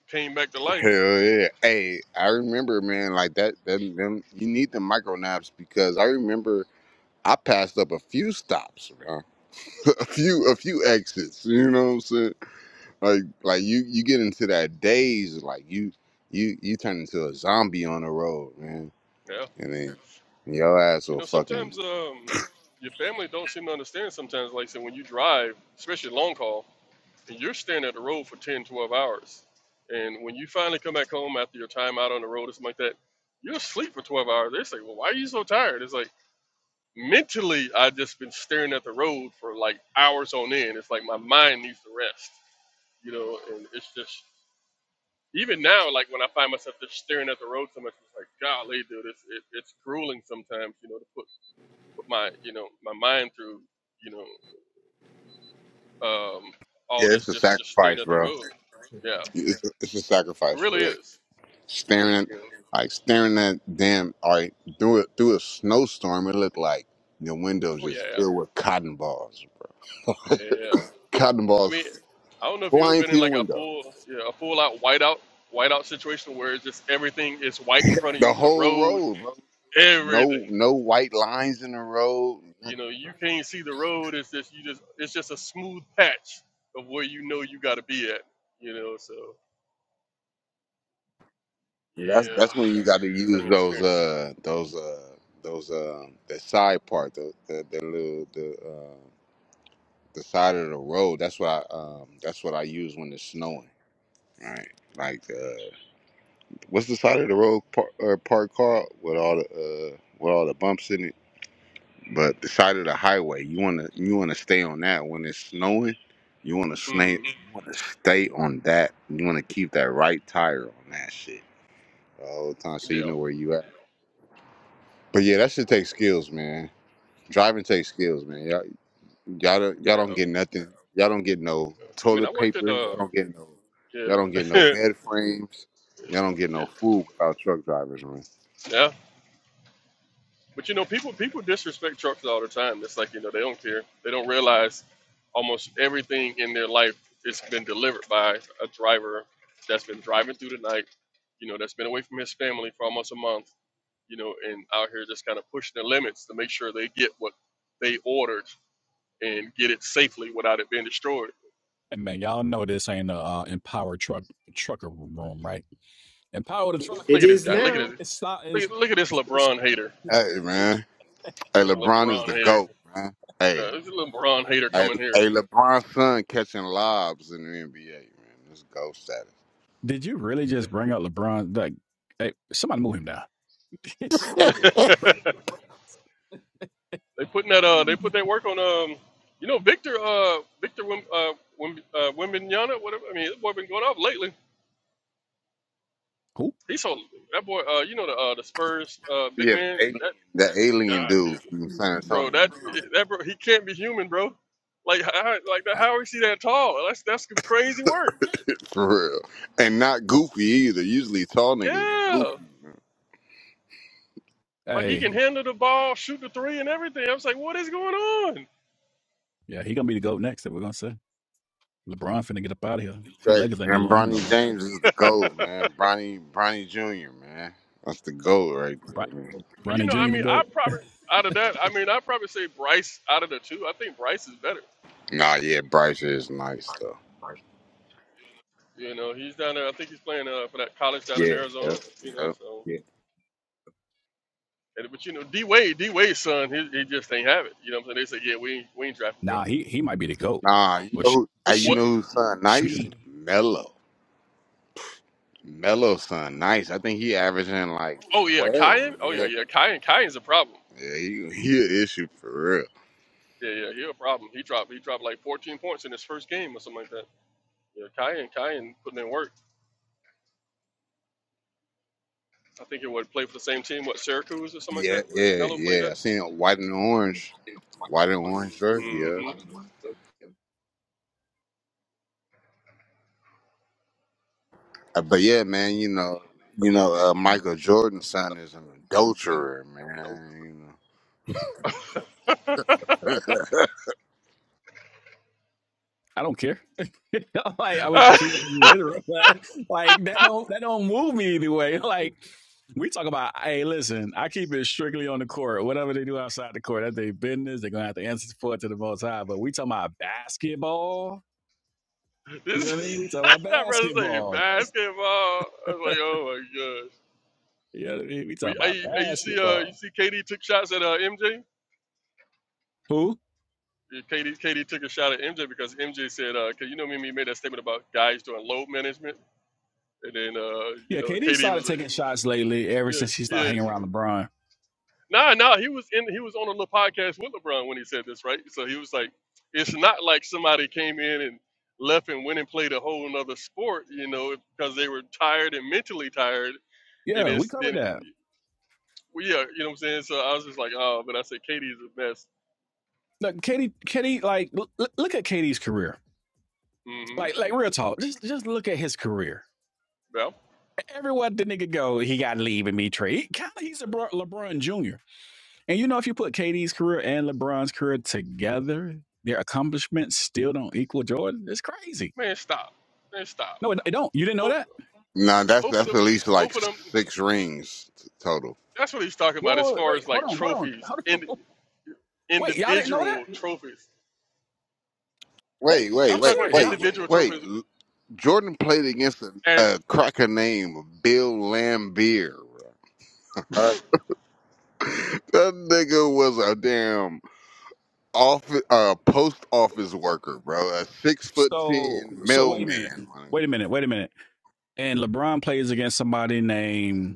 came back to life. hell yeah. Hey, I remember, man, like that. That them, you need the micro naps because I remember I passed up a few stops, bro. a few, a few exits. You know what I'm saying? Like, like you, you get into that daze, like you, you, you turn into a zombie on the road, man. Yeah, I mean, your ass you will know, fucking. sometimes um, your family don't seem to understand. Sometimes, like I said, when you drive, especially long haul, and you're staring at the road for 10, 12 hours, and when you finally come back home after your time out on the road or something like that, you're asleep for 12 hours. They say, well, why are you so tired? It's like mentally, I just been staring at the road for like hours on end. It's like my mind needs to rest you know, and it's just even now, like when I find myself just staring at the road so much, it's like, golly, dude, it's it, it's grueling sometimes, you know, to put put my you know my mind through, you know, um, all Yeah, it's this a just just staring sacrifice, at the bro. road. Yeah, it It's a, it's a sacrifice for really real. is. Staring at, You know? like staring at damn. All right, through it through a snowstorm, it looked like your window Oh yeah, just yeah. filled with cotton balls. Yeah. Cotton I mean, balls I don't know if you've ever flying been through in your like a window. full you know, a full out whiteout whiteout situation where it's just everything is white in front of The you, the whole road, road, bro. everything. No, no white lines in the road. You know, you can't see the road. It's just you just it's just a smooth patch of where you know you got to be at. You know, so That's yeah, that's when you got to use I'm those experienced. uh those uh those uh the side part the the, the little the uh, the side of the road. That's what I um that's what I use when it's snowing. Right. Like uh what's the side of the road park uh, park car with all the uh with all the bumps in it? But the side of the highway, you wanna you wanna stay on that when it's snowing. You wanna stay Hmm. you wanna stay on that. You wanna keep that right tire on that shit all the whole time so Yeah. you know where you at. But yeah, that shit takes skills, man. Driving takes skills, man. Y'all. Y'all don't, y'all Yeah. don't get nothing. Y'all don't get no I mean, I toilet worked at paper. uh. Y'all don't get no. Y'all Yeah. don't get no bed frames. Y'all don't get yeah. no food without truck drivers, man. Yeah. But you know, people people disrespect trucks all the time. It's like you know they don't care. They don't realize almost everything in their life has been delivered by a driver that's been driving through the night. You know, that's been away from his family for almost a month you know, and out here just kind of pushing the limits to make sure they get what they ordered and get it safely without it being destroyed. Hey, man, y'all know this ain't a uh, empowered truck trucker room, right? Empower the Look It at this is guy. truckers. Look at now. this. It's not. Look It's, at, look at this it's, LeBron hater. Hey, man. Hey, This LeBron is LeBron the hater. goat, man. Hey, Uh, this LeBron hater hey, coming here. hey LeBron's son catching lobs in the NBA, man. This goat status. Did you really just bring up LeBron? Like, hey, somebody move him down. They putting that uh they put that work on um you know Victor uh Victor Wim, uh Wim, uh Wimbignana whatever I mean this boy been going off lately. Who? He's so that boy uh you know the uh the Spurs uh big Yeah, the man alien, that the God alien dude dude from San bro. Antonio, That that bro, he can't be human, bro. Like how, like that, how is he that tall? That's that's some crazy work. for real, and not goofy either. Usually tall niggas be Yeah, goofy. like he can Hey, handle the ball, shoot the three, and everything. I was like, what is going on? yeah, he gonna be the goat next. That we're gonna say LeBron finna get up out of here. See, crazy, Lakers ain't man. dealing with him no Bronny more. James is the well, gold, man. Bronny, Bronny Junior, man. That's the gold right Bron, there, man. you Bronny know, I Junior the mean, I goat. probably out of that, I mean, I probably say Bryce out of the two. I think Bryce is better. Nah, yeah, Bryce is nice though. You know, he's down there. I think he's playing uh, for that college down in Yeah, Arizona. yeah, You know, yeah. so. and- But you know, D Wade, D Wade's son, he, he just ain't have it. You know what I'm saying? They say, yeah, we ain't, we ain't drafting him. Nah, he he might be the goat. Nah, you Well, know she who? uh, Who? You What? she, know who's son nice? she Mello, Mello son nice. I think he averaging like Oh yeah, twelve. Kyan. Oh yeah, Yeah, yeah, Kyan. Kyan's a problem. yeah. He he an issue for real. Yeah, yeah, he a problem. He dropped he dropped like 14 points in his first game or something like that. Yeah, Kyan, Kyan putting in work. I think he would play for the same team, what Syracuse or something like Yeah, that, where yeah, Melo played yeah. at. I seen it white and orange, white and orange jersey. Yeah. Mm-hmm. Uh, But yeah, man, you know, you know, uh, Michael Jordan's son is an adulterer, man. I don't care. like, I mean, I uh, care if but like that don't that don't move me either way. Like we talk about, hey, listen, I keep it strictly on the court. Whatever they do outside the court, that's their business. They're gonna have to answer for it to the most high. But we talking about basketball. You know what I this mean? We talking about I rather say basketball. basketball. I was like, oh my gosh. You know what I mean? We talking Well, about hey, hey, you see, uh, you basketball. see, KD took shots at uh, MJ. Who? Yeah, KD, took a shot at MJ because MJ said, because you know, me me made that statement about guys doing load management, and then, uh, you Yeah, know, KD KD started was like, taking shots lately. Ever yeah, since she started yeah, hanging around LeBron. No, no, he was in. He was on a little podcast with LeBron when he said this, right? So he was like, "It's not like somebody came in and left and went and played a whole another sport, you know, because they were tired and mentally tired." And Yeah, we it's covered then, that. well, yeah, you know what I'm saying. So I was just like, "Oh," but I said, Katie is the best." Look, Katie, Katie, like l- look at Katie's career Mm-hmm. Like, like real talk. Just, just look at his career. Well, Everywhere the nigga go, he got to leave and be traded. kind of, he's a LeBron Jr. And you know, if you put KD's career and LeBron's career together, their accomplishments still don't equal Jordan. It's crazy. man, stop, man, stop. No, it, it don't. You didn't know Both, that? You know, no, that's both of that's them, at least both like of them. six rings t- total. That's what he's talking Whoa, about as whoa, far wait, as hold like on, hold on, trophies, hold ind- on. Wait, y'all didn't know that? individual trophies. Wait, Wait, wait, You I'm wait, talking about serious, y'all. wait, individual wait. trophies L- Jordan played against a, as a cracker named Bill Lambier. Right? That nigga was a damn off uh, post office worker, bro. A six foot So, ten so wait a minute, mailman. man. wait a minute, wait a minute. And LeBron plays against somebody named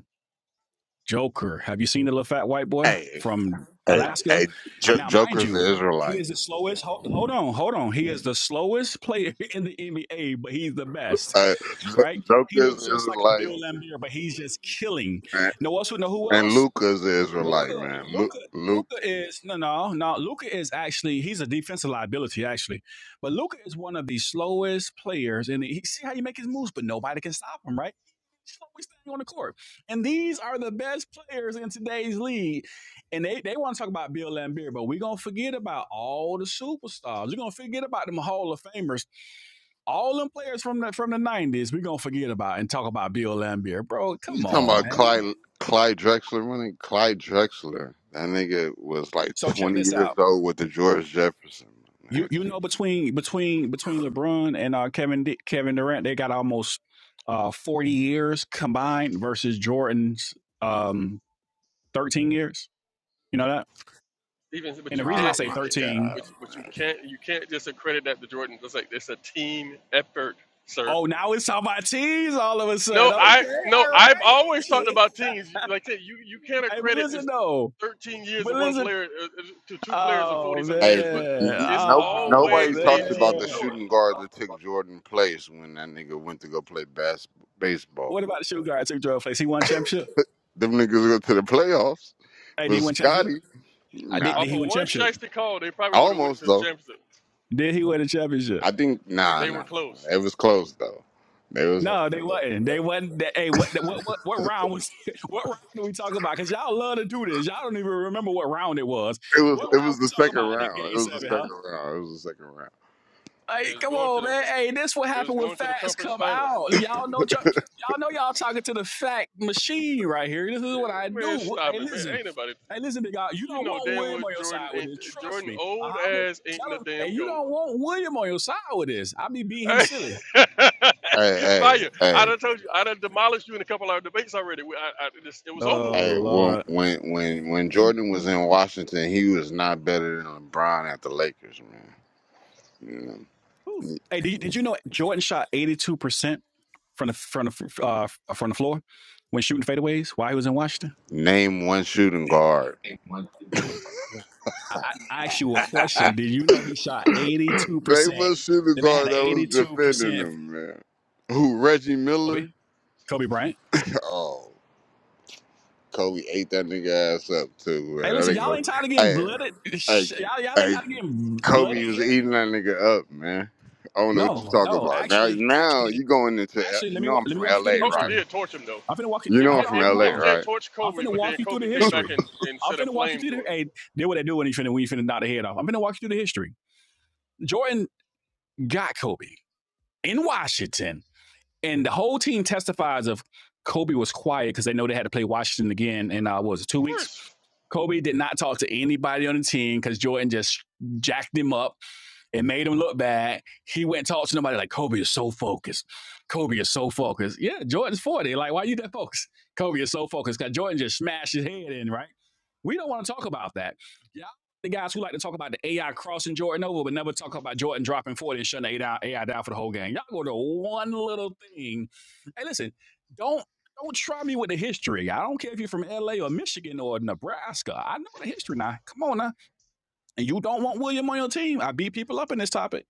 Joker. Have you seen the little fat white boy Hey, from hey, Alaska? hey, J- Now, mind Joker's an you, Israelite. he is the slowest. Hold, hold on, hold on. He is the slowest player in the NBA, but he's the best, Uh, Jo- right? He Joker's looks just like a Israelite Bill Laimbeer, but he's just killing. and, No, also know who and else? Luca's the Luca, Israelite, man. Luke, Luca, Luke. Luca is no, no, no. Luca is actually he's a defensive liability actually, but Luca is one of the slowest players, and he see how you make his moves, but nobody can stop him, right? He's Slowest thing on the court, and these are the best players in today's league, and they they want to talk about Bill Laimbeer, but we are gonna forget about all the superstars. We're gonna forget about them Hall of Famers, all them players from the from the nineties. We are gonna forget about and talk about Bill Laimbeer, bro. You Come talking on, about man. Clyde, Clyde Drexler running? Clyde Drexler. That nigga was like So check 20 this out. years old with the George Jefferson. Nigga. You you know between between between LeBron and uh, Kevin D- Kevin Durant, they got almost uh, forty years combined versus Jordan's um, thirteen years. You know that. even but And the you reason I Oh can't say you my can't you, thirteen, God. but, you- but you can't you can't just accredit that to Jordan. It's like it's a team effort, sir. oh, now it's talking about teams all of a sudden. No, I Okay, no, all right, I've I always got talked you. about teams. Like I said, you you can't Hey, but accredit listen just though, 13 years but of one listen. player uh, uh, to two players of Oh 40 some Hey, years, but n- man, n- it's no, oh nobody always a talks about team the man. sport. shooting guard that took Jordan place when that nigga went to go play bas- baseball. What about the shoe guard? Took Jordan place. He won championship. Them niggas go to the playoffs, Hey, did but he win Scotty, championship? I did. nah, Did Off he of win one championship? shiesty call, they probably would have went almost to the though. championship. Did he win a championship? I think nah, They nah, were close. nah. It was close though. It was hella No, they close. wasn't. bro. They wasn't. They, hey, what, what what what round was? What round did we talk about? Cause y'all love to do this. Y'all don't even remember what round it was. It What was it round was we the talk second about in the round. game It was the seven, huh? second round. It was the second round. They Hey, was come going to on, the man. Hey, this what they was happened when going to the facts conference come finals. out. Y'all know y'all know y'all talking to the fact machine right here. This is what I Yeah, Man, do. Hey, stop it, man. listen. Ain't nobody Hey, listen, big guy. You You don't know want damn well William on your side Jordan with ain't this. Trust Jordan me. I old have a ass ain't Tell no him, hey, damn you goat. don't want William on your side with this. I be beating him silly. Hey, Vaya, hey, I done told you, I done demolished you in a couple of our debates already. We, I, I, this, it was over hey, Oh with. hey. When Lord. when when when Jordan was in Washington, he was not better than LeBron at the Lakers, man. You know? Ooh. Hey, did you, did you know Jordan shot 82% from the from the uh, from the floor when shooting fadeaways while he was in Washington? Name one shooting guard. I, I asked you a question. Did you know he shot Name 82%? one shooting Then they had guard an that was defending 82% him, man. Who Reggie Kobe, Miller? Kobe Bryant. Oh, Kobe ate that nigga ass up too, Hey, man. listen, That y'all nigga, was- ain't tired of getting hey, blooded. hey, Y'all, y'all ain't Hey, tired of getting Kobe blooded was yet. eating that nigga up, man. I don't know what you No, talking no. about. Now, Actually, now actually, you going into L- actually, you let me know wa- I'm let me from walk you through L.A. the Kobe right? history. did torch him though. I'm finna walk you. You know MJ, I'm Hold on, from hold on, hold L.A. on. MJ right? torched I'm Kobe, finna but then walk you through Kobe the came back history. and, and I'm set a finna walk you flame through to the. him. Hey, Do what they do when you finna when you finna knock the head off. I'm finna walk you through the history. Jordan got Kobe in Washington, and the whole team testifies of Kobe was quiet because they know they had to play Washington again in uh, what was it two weeks. First, Kobe did not talk to anybody on the team because Jordan just jacked him up it made him look bad. He went and talked to nobody like Kobe is so focused. Kobe is so focused. Yeah, Jordan's 40. Like, why are you that focused? Kobe is so focused because Jordan just smashed his head in, right? We don't want to talk about that. Yeah, the guys who like to talk about the AI crossing Jordan over, but never talk about Jordan dropping 40 and shutting the AI down for the whole game. Y'all go to one little thing. Hey, listen, don't don't try me with the history. I don't care if you're from LA or Michigan or Nebraska. I know the history now. Come on now and you don't want William on your team, I beat people up in this topic.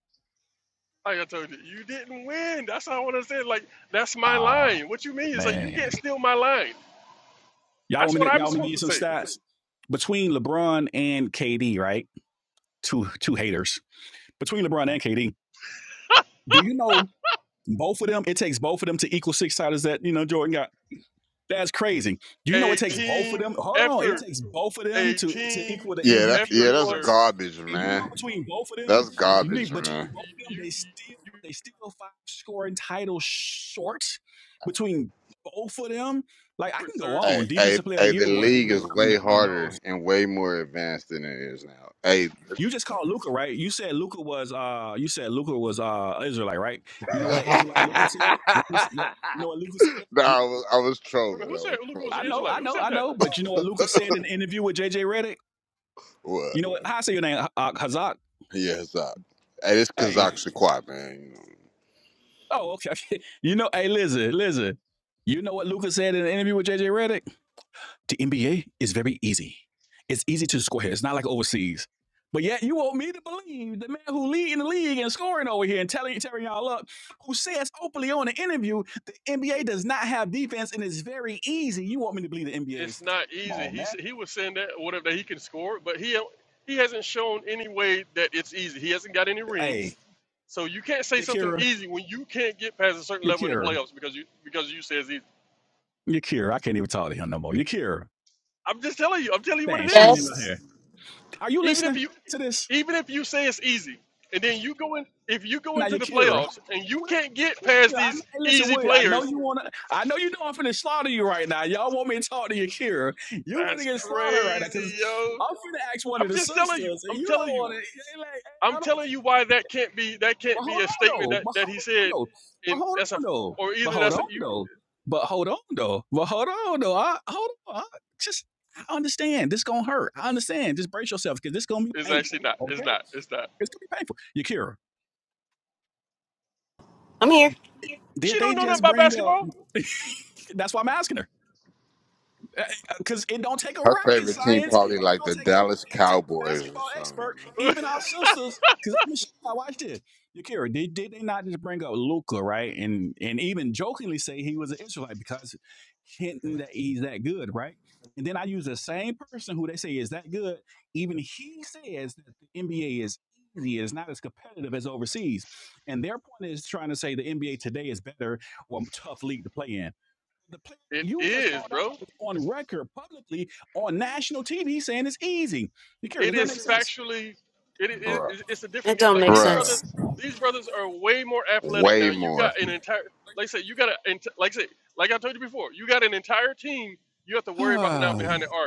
like I told you, you didn't win. That's how I want to say. it. Like that's my Ah, line. What you mean is like you can't man. steal my line. Y'all That's want what me to I'm y'all want me to give supposed you to some say. stats? Between LeBron and KD, right? Two two haters. Between LeBron and KD, do you know both of them? It takes both of them to equal six titles that you know Jordan got. That's crazy. Do you know it A takes both of team them? Hold on. It effort. takes both of them A to, to team equal the Yeah, that, MVP yeah, effort, that's awards. sir. garbage, And you know man. between both of them, That's you garbage, need man. between both You, of you, them, they still you, they still five scoring titles short between both of them. Like I can different, go sir. Hey, on. hey, Defensive player of the hey, year the was league neither one is of them way got one of those. harder and way more advanced than it is now. Hey, You just called Luca, right? You said Luca was uh you said Luca was uh Israelite, right? You know what that Israelite Luca said? You know what Luca said? no, You- I was, I was Wait a trolling. minute, I who said was Luca was I an trolling. Bro. know, Israelite? I Who know, said I that? know, but you know what Luca said in an interview with JJ Redick. What? You know what? How I say your name? Uh, Kazak. Yeah, Zach. Hey, this Hey, Kazakh Shaquat, man. You know. Oh, okay. You know, hey, listen, listen. You know what Luca said in an interview with JJ Redick? The NBA is very easy. It's easy to score here. It's not like overseas. But yet, you want me to believe the man who leading the league and scoring over here and telling tearing y'all up, who says openly on the interview the NBA does not have defense and it's very easy. You want me to believe the NBA It's is? not Come easy. on, He man. s- he was saying that whatever that he can score, but he he hasn't shown any way that it's easy. He hasn't got any rings, Hey, so you can't say something Yakira, easy when you can't get past a certain level in the Yakira, playoffs because you because you say it's easy. Yakira. I can't even talk to him no more. Yakira, I'm just telling you. I'm telling you what dang, it she ain't is. even Yes. here. Are you Even if listening you to this? even if you say it's easy, and then you go in if you go Now, into the Yakira, playoffs and you what? can't get past yeah, I, these hey, listen, easy William, I know players, you want to, I know you know I'm finna slaughter you right now. Y'all want me to talk to Yakira. You finna that's get slaughtered right now crazy, because yo. I'm finna ask one of I'm the just telling you. sisters and I'm you don't telling you. want to, like, hey, I'm I don't, telling you why that can't be that but can't be hold a on statement though, that, but that he hold on said, though, but and hold that's a on though, or but either hold that's a on you though, but hold on though, but hold on though, I, hold on, I, just, I understand this gonna hurt. I understand. Just brace yourself because this gonna be is actually painful. not. Okay, It's not. It's not. it's gonna be painful. Yakira, I'm here. did She they don't know nothing just about bring up? basketball. That's why I'm asking her because it don't take a Her rocket favorite team science. It probably like don't the take a Dallas it don't take a Cowboys or basketball something. expert. Even our sisters. Cause let I watched this. Yakira, did, did they not just bring up Luca, right? And and even jokingly say he was an Israelite because hinting that he's that good, right? And then I use the same person who they say is that good. Even he says that the NBA is easy, it's not as competitive as overseas. And their point is trying to say the NBA today is better or tough league to play in. The player that it you just called is, bro. out is on record publicly on national TV saying it's easy. You care? It Does that is make sense? factually. It, it, Bruh. it it's a That different game. don't Like make these Bruh. brothers, sense. these brothers are way more athletic Way now. You more. got an entire like I said, you got a ent- like I said, like I told you before, you got an entire team you have to worry about now behind the arc.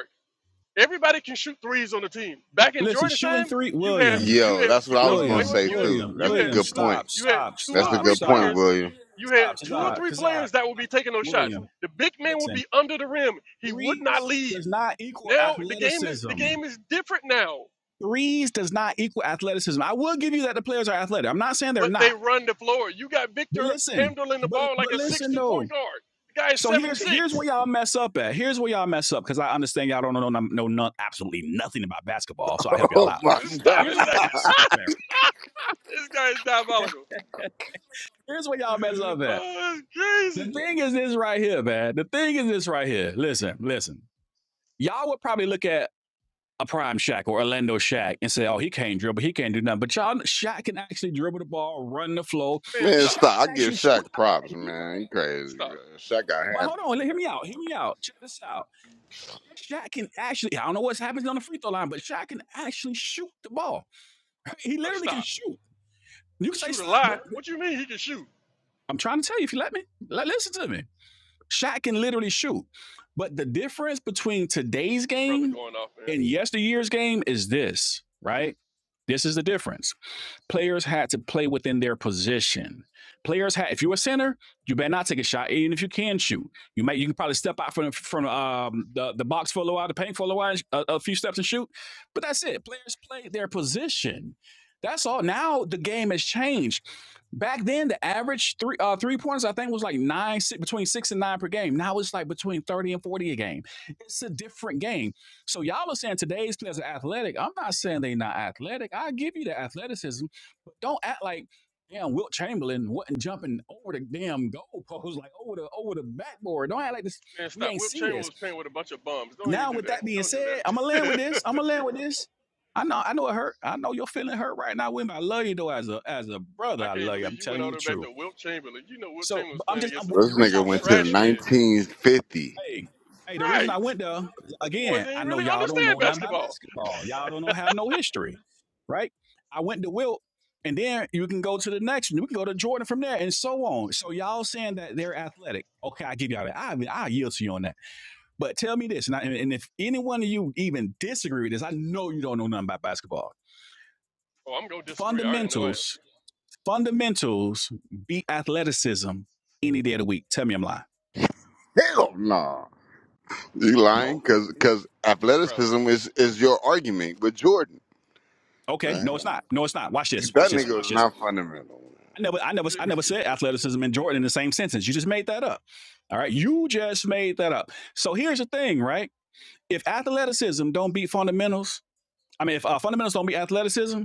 Everybody can shoot threes on the team. Back in Listen, Jordan's shooting time, three, you had William, you Yo, had that's what you I no was no gonna wait William, wait say you had William, too. you That's a had William. good two point. Stop, you had stop, two or That's a stop, three good point, stop, players, William. you had stop. two or Kazak, three Kazak, players that would be taking those shots. William. The big man would Listen, be under the rim. He would not threes leave. does not equal Now the game is athleticism. the game is different now. Threes does not equal athleticism. I will give you that the players are athletic. I'm not saying they're But they not, run the floor. You got but Victor listen, handling the but ball like but a listen six-two point though. guard. The guy is So seven here's here's six. where y'all mess up at. Here's where y'all mess up because I understand y'all don't know know, know none, absolutely nothing about basketball. So I help y'all Oh out. my Uh, Stop Here's it. where god. y'all mess up at. this guy is diabolical. Here's where y'all mess up at. Oh, that's The crazy. thing is this right here, man. The thing is this right here. Listen, listen. Y'all would probably look at a prime Shaq or Orlando Shaq and say, "Oh, he can't dribble. He can't do nothing." But y'all, Shaq can actually dribble the ball, run the flow. Man, Man, stop. Shaq stop. I can give actually shoot. Shaq props, man. He crazy, Stop. bro. Shaq got But handled. hold on, hear me out. Hear me out. Check this out. Shaq can actually, I don't know what's happening on the free throw line, but Shaq can actually shoot the ball. He I literally can stop. shoot. You can say Shoot a stop, lie? but What you mean he can shoot? I'm trying to tell you if you let me, let, listen to me. Shaq can literally shoot. But the difference between today's This brother game going off, man. and yesteryear's game is this, right? This is the difference. Players had to play within their position. Players had, if you're a center, you better not take a shot, even if you can shoot. You might, you can probably step out from from um, the the box for a little while, the paint for a little while, a, a few steps and shoot. But that's it. Players play their position. That's all. Now the game has changed. Back then, the average three uh, three pointers I think was like nine si- between six and nine per game. Now it's like between thirty and forty a game. It's a different game. So y'all are saying today's players are athletic. I'm not saying they're not athletic. I give you the athleticism, but don't act like damn Wilt Chamberlain wasn't jumping over the damn goalpost, like over the over the backboard. Don't act like this. Man, We stop. ain't Will see Chamberlain this. was playing with a bunch of bums. Don't even Now, do with that. that being Don't do said, I'ma land with that. this. I'ma land with this. I know, I know it hurt. I know you're feeling hurt right now, Wimby. I love you though, as a as a brother. I I can't love you. I'm believe you went telling you all the the way back truth. to Wilt Chamberlain. You know Wilt So Chamberlain was but I'm playing just against I'm, some the This reason nigga I went went back to the there. trash men. nineteen fifty. Hey, hey, the reason Right. I Them went there, boys again, ain't I know really y'all don't understand know nothing about basketball. basketball. Y'all don't know have no history, right? I went to Wilt, and then you can go to the next one. You can go to Jordan from there, and so on. So y'all saying that they're athletic. Okay, I give y'all that. I mean, I yield to you on that. But tell me this, and, I, and if any one of you even disagree with this, I know you don't know nothing about basketball. Oh, I'm going to disagree. I already know I am. Fundamentals, fundamentals beat athleticism any day of the week. Tell me I'm lying. Hell no. You lying? No. Cause cause Bro, athleticism is is your argument with Jordan, Okay. right? No, it's not. No, it's not. Watch this. Watch That this. nigga was Watch this. not fundamental. I never, I never, you, you, I never said you- athleticism and Jordan in the same sentence. You just made that up. All right, you just made that up. So here's the thing, right? If athleticism don't beat fundamentals, I mean, if uh, fundamentals don't beat athleticism,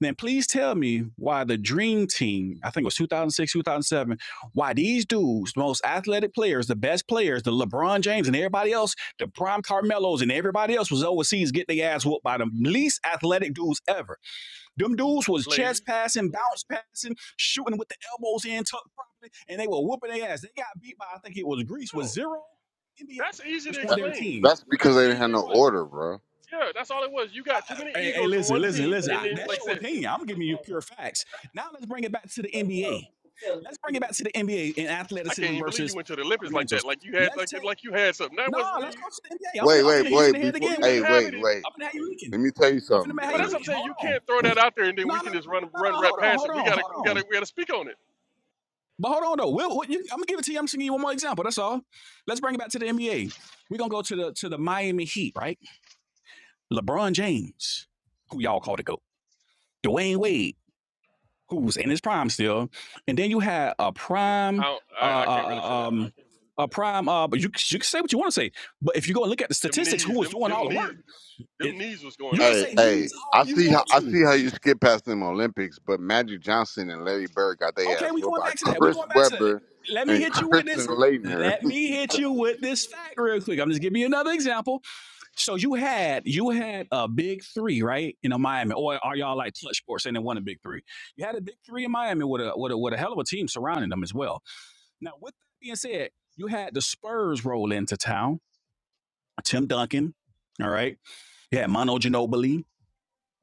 then please tell me why the Dream Team, I think it was 2006, 2007, why these dudes, the most athletic players, the best players, the LeBron James and everybody else, the prime Carmelos and everybody else was overseas get their ass whooped by the least athletic dudes ever. Them dudes was lazy? chest passing, bounce passing, shooting with the elbows in tucked properly, and they were whooping their ass. They got beat by I think it was Greece with No. zero NBA That's easy to players on That, their explain. team. that's because That's they easy didn't have to no explain. order, bro. Yeah, that's all it was. You got too many Hey, hey egos on listen, one listen, team, listen. and I- then, that's like I your said, opinion. I'm giving you pure facts. Now let's bring it back to the NBA. Let's bring it back to the NBA in I can't athleticism even believe you versus went to the Olympics like that. fundamentals. Like you had Let's like take like you had something. That no, wasn't nah, let's go to the NBA. I'm finna, Wait, I'm you. wait, finna hit You you in wait. the you, head Before, again. you Wait, a hey, didn't minute. have wait, any. wait. I'm finna have you leaking. Let me tell you I'm finna something, make how But you that's man. what I'm leaking. saying. You Hold on. can't throw that out there and then No, we no, can no, just no, no, run run no. right Hold on, past hold it. We on, gotta hold we on. gotta we gotta speak on it. But hold on though. Will, what, you, I'm gonna give it to you. I'm just gonna give you one more example. That's all. Let's bring it back to the NBA. We're gonna go to the to the Miami Heat, right? LeBron James, who y'all call the GOAT. Dwayne Wade, who's in his prime still. And then you had a I prime don't, uh, I, I uh can't really say that. uh, um a prime uh but you you can say what you want to say. But if you go and look at the Them statistics, who knees, was them doing all them the knees, work, it, them knees was going you can out. Hey, say hey. these I all you see how want I to. see how you skip past them Olympics, but Magic Johnson and Larry Bird got their Okay, ass we whooped going by back to that. We Chris going back to that. Webber Let me and hit you with this. Kristen Leitner, Let me hit you with this fact real quick. I'm just giving you another example. So you had you had a big three, right? In a Miami, or are y'all like clutch sports and they won a big three? You had a big three in Miami with a with a with a hell of a team surrounding them as well. Now, with that being said, you had the Spurs roll into town. Tim Duncan, all right. You had Mono Ginobili,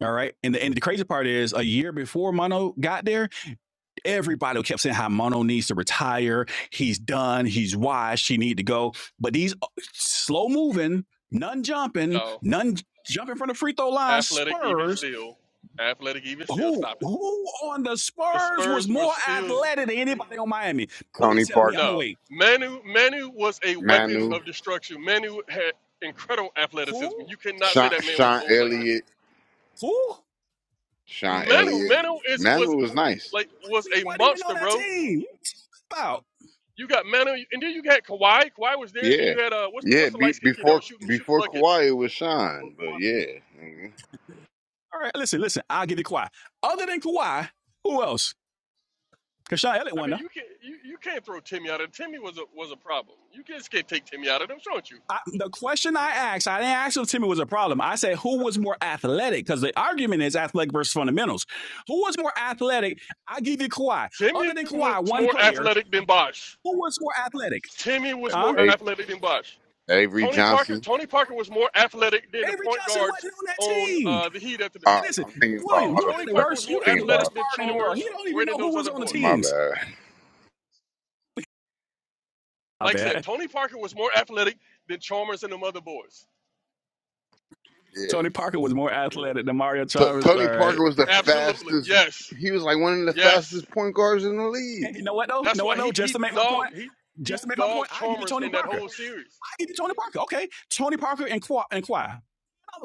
all right. And the and the crazy part is, a year before Mono got there Everybody kept saying how Mono needs to retire. He's done. He's washed. He need to go. But these uh, slow moving, none jumping, No, none jumping from the free throw line. athletic even Spurs. still, athletic even still. Who Stop it. who on the The Spurs was Spurs were more still athletic than anybody on Miami? Please Tony tell me. I'm gonna Parker, no. wait. Manu Manu was a weapon Manu, of destruction. Manu had incredible Who athleticism. You cannot say Sean, that man was Sean old like that. Elliott, who? Sean Manu, Elliott. Manu is was Manu was nice. like was He a wasn't even monster, on that bro. team. About You got Manu, and then you got Kawhi. Kawhi was there. Then Yeah, you had uh, what's the yeah. what's the Be, light skinned kid that before was shooting shooting before buckets? Kawhi it was Sean, but yeah. Mhm. all right. Listen, listen. I'll give you Kawhi. Other than Kawhi, who else? Because Sean Elliott I won mean, though. you can't you, you can't throw Timmy out of it. Timmy was a was a problem. You just can't take Timmy out of them, don't you. I, the question I asked, I didn't ask if Timmy was a problem. I said who was more athletic because the argument is athletic versus fundamentals. Who was more athletic? I give you Kawhi. Other Timmy than was Kawhi, one more player athletic than Bosh. who was more athletic, Timmy was more huh? A- athletic than Bosh. Avery Tony Parker Johnson. Tony Parker was more athletic than the Avery point Johnson guards wasn't on that on team. uh, the Heat after the. Uh, Hey, Listen, I'm thinking about No, William, you auto got Tony the Parker first. worst. was more I'm You got thinking the about worst athletic auto than part in the world. He Chalmers don't or even any of know who those was other on the boys. My teams. bad. My Like I said, bad. Tony Parker was more athletic than Chalmers and the other boys. Yeah. Tony Parker was more athletic than Mario T- Chavez. All Tony right. Parker was the Absolutely. fastest. Yes. He was like one of the Yes. fastest point guards in the league. Okay, you know what though? You That's know why what though? he Just he to make my dogged point. he he Just to make my dogged point, I give you Chalmers Tony in that Parker. whole series. Hey, Tony Parker. Okay, Tony Parker and Kawhi. And Kawhi. Another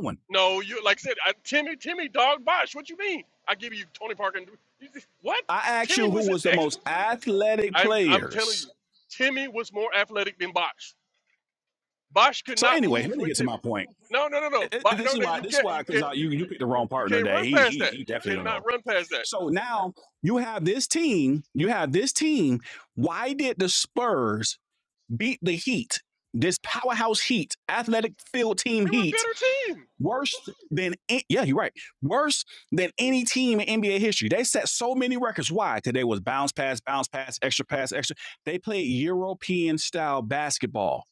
one. No, you like I said, I, Timmy Timmy dogged Bosh. What you mean? I give you Tony Parker. And, you just- what? I asked Timmy you was who an was the ex. most athletic I'm I'm telling you, players. Timmy was more athletic than Bosh. Bosh could So not anyway, move let me with get to my Timmy. point. No, no, no, no. It- it- But this no, is no, why. you This is can't. why You because can't. You, you you you picked the wrong you partner. can't That run he past he that. he You definitely don't cannot know. run past that. So now you have this team. You have this team. Why did the Spurs beat the Heat? This powerhouse Heat, athletic field team They were a Heat better team. Worse than yeah, you're right. Worse than any team in NBA history. They set so many records. Why? Today was bounce pass, bounce pass, extra pass, extra. They played European style basketball.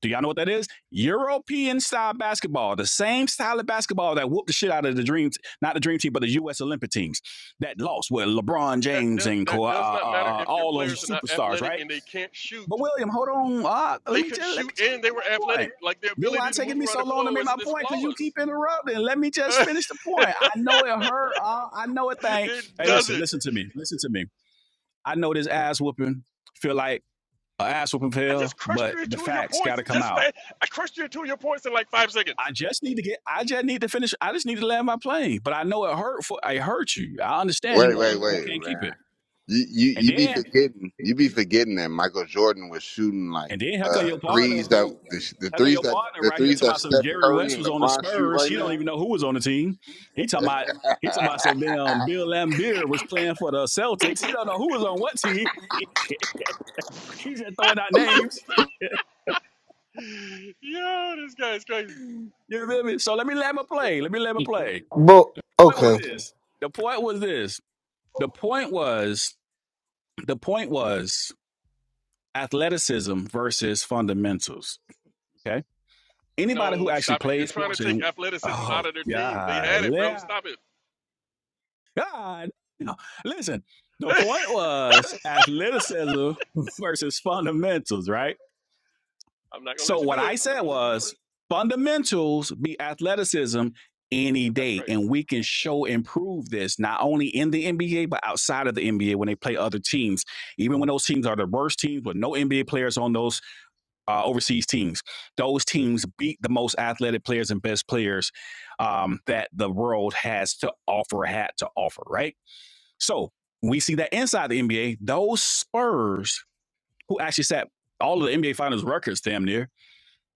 Do y'all know what that is? European style basketball, the same style of basketball that whooped the shit out of the dream, not the dream team, but the U.S. Olympic teams that lost with LeBron That, James does and uh, that does not matter uh, uh, if your all of the players are not superstars, athletic right? and they can't shoot. But William, hold on. Uh, let They me could just let shoot me just and they make my were athletic. point. Like their Then why ability it to taking move me around so the long to floor make was my this point? Cause you flawless. keep interrupting. Let me just finish the point. I know it hurt. Uh, I know it thing. it Hey, listen, doesn't. listen to me. Listen to me. I know this ass whooping feel like a ass whooping I feel, just crushed but you the into your facts got points. to come Just out. fa- I crushed you into your points in like five seconds. I just need to get. I just need to finish. I just need to land my plane. But I know it hurt. For it hurt you. I understand Wait, you. wait, You wait, can't keep man. it. You, you And you be then forgetting. You be forgetting that Michael Jordan was shooting like And then how come uh, your partner threes that who the, sh- the how come threes your that partner the right here threes talking that about some Steph Jerry Curry West and was on the LeBron shoot Spurs? right He don't now. even know who was on the team. He talking about he talking about some damn Bill Laimbeer was playing for the Celtics. He don't know who was on what team. He's just throwing out names. Yeah, this guy is crazy. You feel me? So let me let me play. Let me let me play. Point was this. The point was this. The point was the point was athleticism versus fundamentals. Okay. Anybody who No, actually stop it. You're plays trying to sports take and athleticism out oh of their team. They yeah, had it, bro. yeah, Stop it. God. No. Listen, the point was athleticism versus fundamentals, right? I'm not gonna So let you what do it. I said was fundamentals be athleticism any That's day, crazy. and we can show and prove this not only in the NBA but outside of the NBA when they play other teams, even when those teams are the worst teams with no NBA players on those uh, overseas teams. Those teams beat the most athletic players and best players um, that the world has to offer, had to offer, right? So we see that inside the NBA, those Spurs who actually set all of the NBA Finals records damn near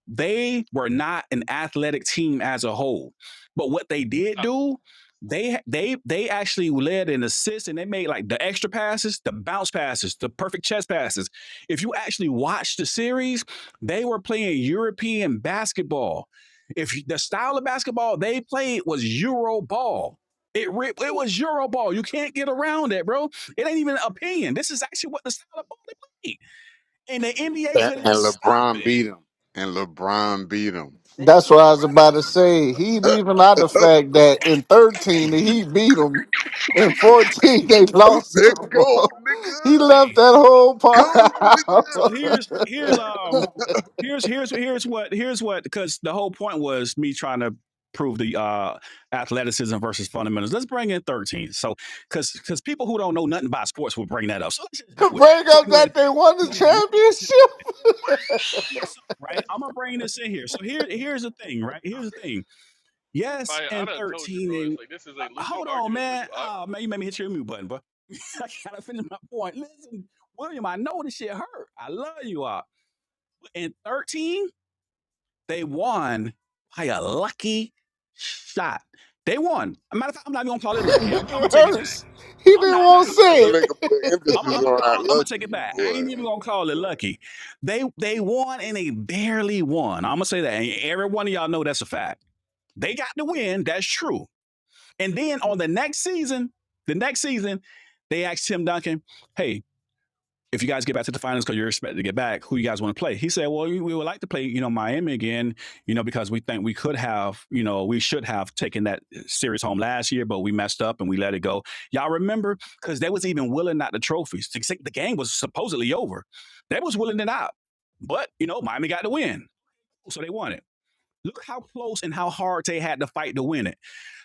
they were not an athletic team as a whole. But what they did Stop it. do, they they they actually led in assists and they made like the extra passes, the bounce passes, the perfect chest passes. If you actually watch the series, they were playing European basketball. If the style of basketball they played was Euro ball. It, it was Euro ball. You can't get around it, bro. It ain't even an opinion. This is actually what the style of ball they played. And the NBA and couldn't stop LeBron it, beat him. And LeBron beat him. That's what I was about bro. to say. He leaving out the Hold on. fact that Here's in the 13 thing. he beat them. In Hold on. Here's the 14 thing. they lost to That Go, him. nigga. he left Hey. that whole part Go, nigga. So out. here's here's um here's here's here's what here's what because the whole point was me trying to prove the uh athleticism versus fundamentals. Let's bring in 13. So because because people who don't know nothing about sports will bring that up. So let's just To do it. Bring So I up can go ahead. that they So I won can the go ahead and make this championship. this up, right. I'm gonna bring this in here. So here here's the thing. Right. Here's the thing. Yes, Maya, I and done told you, 13 bro. they. It's like this is uh, a losing Hold on, argument for you. man. I, Oh, man, you made me hit your mute button, bro. I gotta finish my point. Listen, William, I know this shit hurt. I love you all. In 13, they won by a lucky shot. They won. As A matter of fact, I'm not even gonna call it lucky. I'm, I'm gonna it take it back. hurts. He I'm didn't not even gonna want to call it That say lucky. nigga put it. I'm gonna, emphasis I'm gonna, on I'm our gonna, I'm gonna take it lucky back. I boy. ain't even gonna call it lucky. They they won and they barely won. I'm gonna say that. And every one of y'all know that's a fact. They got the win. That's true. And then on the next season, the next season, they asked Tim Duncan, hey, if you guys get back to the finals because you're expected to get back, who you guys want to play? He said, well, we, we would like to play, you know, Miami again, you know, because we think we could have, you know, we should have taken that uh, series home last year, but we messed up and we let it go. Y'all remember? Because they was even willing out the trophies. The game was supposedly over. They was willing it out. But, you know, Miami got the win. So they won it. Look how close and how hard they had to fight to win it.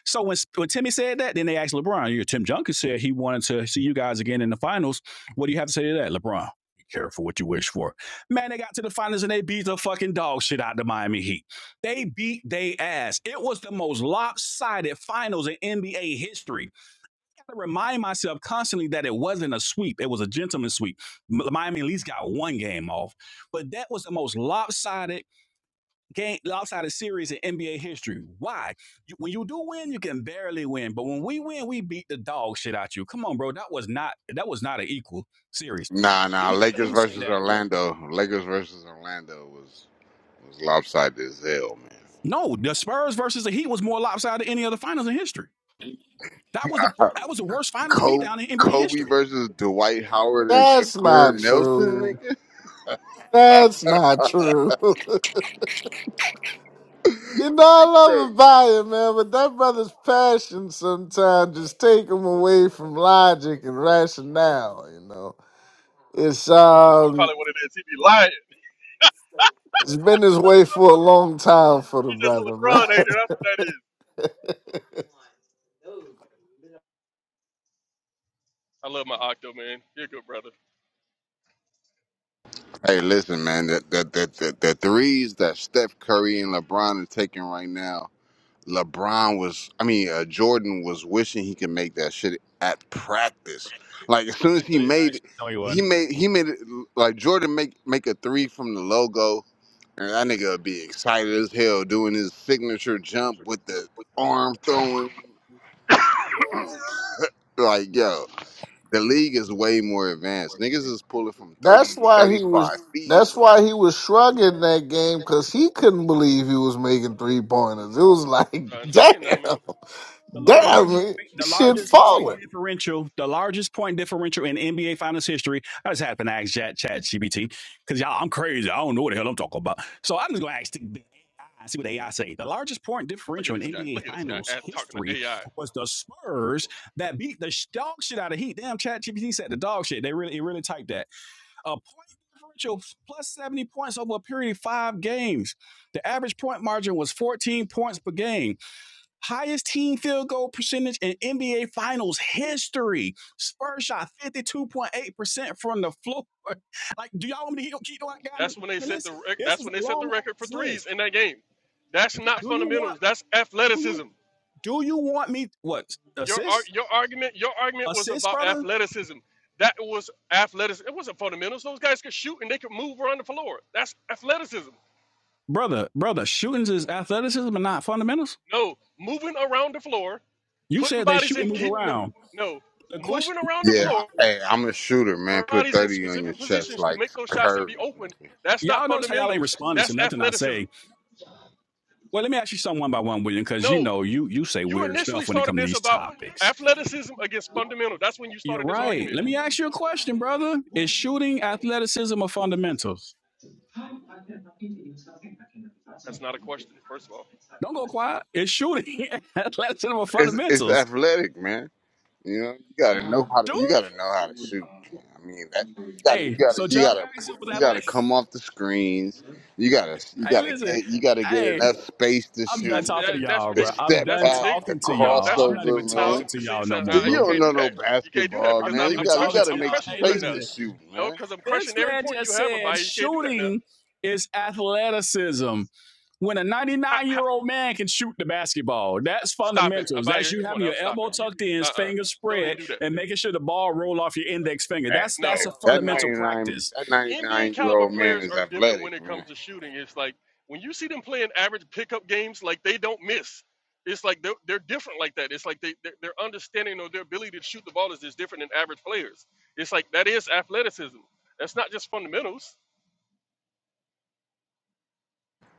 So when, when Timmy said that, then they asked LeBron. You Tim Duncan said he wanted to see you guys again in the finals. What do you have to say to that, LeBron? Be careful what you wish for. Man, they got to the finals and they beat the fucking dog shit out of the Miami Heat. They beat they ass. It was the most lopsided finals in NBA history. I remind myself constantly that it wasn't a sweep. It was a gentleman's sweep. Miami at least got one game off. But that was the most lopsided game lopsided series in NBA history. Why? You, when you do win, you can barely win, but when we win, we beat the dog shit out you. Come on, bro. That was not that was not an equal series. Nah, nah. Anybody Lakers who say versus that? Orlando. Lakers versus Orlando was was lopsided as hell, man. No, the Spurs versus the Heat was more lopsided than any other finals in history. That was the that was the worst finals Kobe, beatdown in NBA Kobe history. versus Dwight Howard and That's Jameer not Nelson, true. nigga. That's not true. You know I love a buyer, man, but that brother's passion sometimes just take him away from logic and rationale, you know. It's I'm just gonna call um, it what it is. He be lying. it's been this way for a long time for the He's just a brother, man. LeBron hater. That's what that is. I love my Octo man. You're a good brother. Hey, listen, man. The the, the, the the threes that Steph Curry and LeBron are taking right now LeBron was, I mean, uh, Jordan was wishing he could make that shit at practice. Like as soon I as he tell you, made, it, actually, no, you he wasn't. made, he made it like Jordan make make a three from the logo, and that nigga would be excited as hell doing his signature jump with the arm throwing. like yo, the league is way more advanced. Niggas is pulling from thirty That's to why thirty he was. five feet. That's why he was shrugging that game because he couldn't believe he was making three pointers. It was like, I to tell you now, man. damn, The largest damn, it, the shit largest falling. point differential, the largest point differential in NBA finals history. I just happened to ask chat GPT Cause y'all I'm crazy. I don't know what the hell I'm talking about. So I'm just gonna ask the AI, see what AI say. The largest point Look at differential in this guy. NBA Look at this guy finals ass- talking to history AI. was the Spurs that beat the dog shit out of Heat. Damn chat GPT said the dog shit. They really it really typed that. A point differential plus 70 points over a period of five games. The average point margin was 14 points per game highest team field goal percentage in NBA Finals history. Spurs shot 52.8% from the floor. Like, do y'all want me to keep- keep going on the That's when they set the list? rec- This that's is a when they set the long record for ass list. threes in that game. That's Do, not do you want fundamentals. That's do you athleticism. do you want me what Your ar- assist? your argument your argument was Assist, about brother? athleticism. That was athleticism. It wasn't fundamentals. Those guys could shoot and they could move around the floor. That's athleticism. Brother, brother, shootings is athleticism and not fundamentals. No, moving around the floor, You putting said they bodies shoot in, and move keeping them. around. No, The moving question around the Yeah, floor I, hey, I'm a shooter, man. our Put bodies in thirty on your specific chest positions to like make those shots and be Curry. open, that's not y'all notice how y'all ain't fundamentals. responding to That's nothing I athleticism. say. Well, let me ask you something one by one, William, because you No, know you you say you weird initially stuff when it started comes to this these about topics. athleticism against fundamental. That's when you You're started this right. argument. Let me ask you a question, brother. Is shooting athleticism or fundamentals? That's not a question, first of all. Don't go quiet. It's shooting athleticism or it's it's fundamentals? athletic, man. You know, you gotta know how to Shooting? you gotta know how to shoot. Man. I mean, that you gotta you Hey, gotta so you John gotta Paxson was you gotta athletic. come off the screens. You gotta you Hey, gotta listen. get you gotta get Hey, enough space to I'm done That's shoot. talking to that, that's y'all, The bro. ridiculous. I'm step That's done back, ridiculous. the talking to No, y'all. that's I'm rid- not crossover, even no. man. talking to See, y'all so, uh, no See, more, you bro. you don't can't know do no that. You can't do that basketball, because I'm I'm, not man. You I'm even gotta you talking crushing. to gotta I'm make y'all. crushing Hey, you right space now. to listen. shoot, No, man. because I'm This crushing every man point you just have said about it. You can't do that now. shooting is athleticism. When a Ha, 99 ha, year old man can shoot the basketball, that's stop it, fundamentals. That's Abaya. you Come on having now, your stop it. elbow You tucked in, uh uh-uh. uh. fingers do not even spread, do that. and making sure the ball roll off your index finger. Hey, That's that's hey, a No, that fundamental ninety no. nine practice. that ninety NBA nine year caliber old man players is are different when athletic, it man. comes to shooting. It's like when you see them playing average pickup games, like they don't miss. It's like they're, they're different like that. It's like they their their understanding or their ability to shoot the ball is just different than average players. It's like that is athleticism. That's not just fundamentals.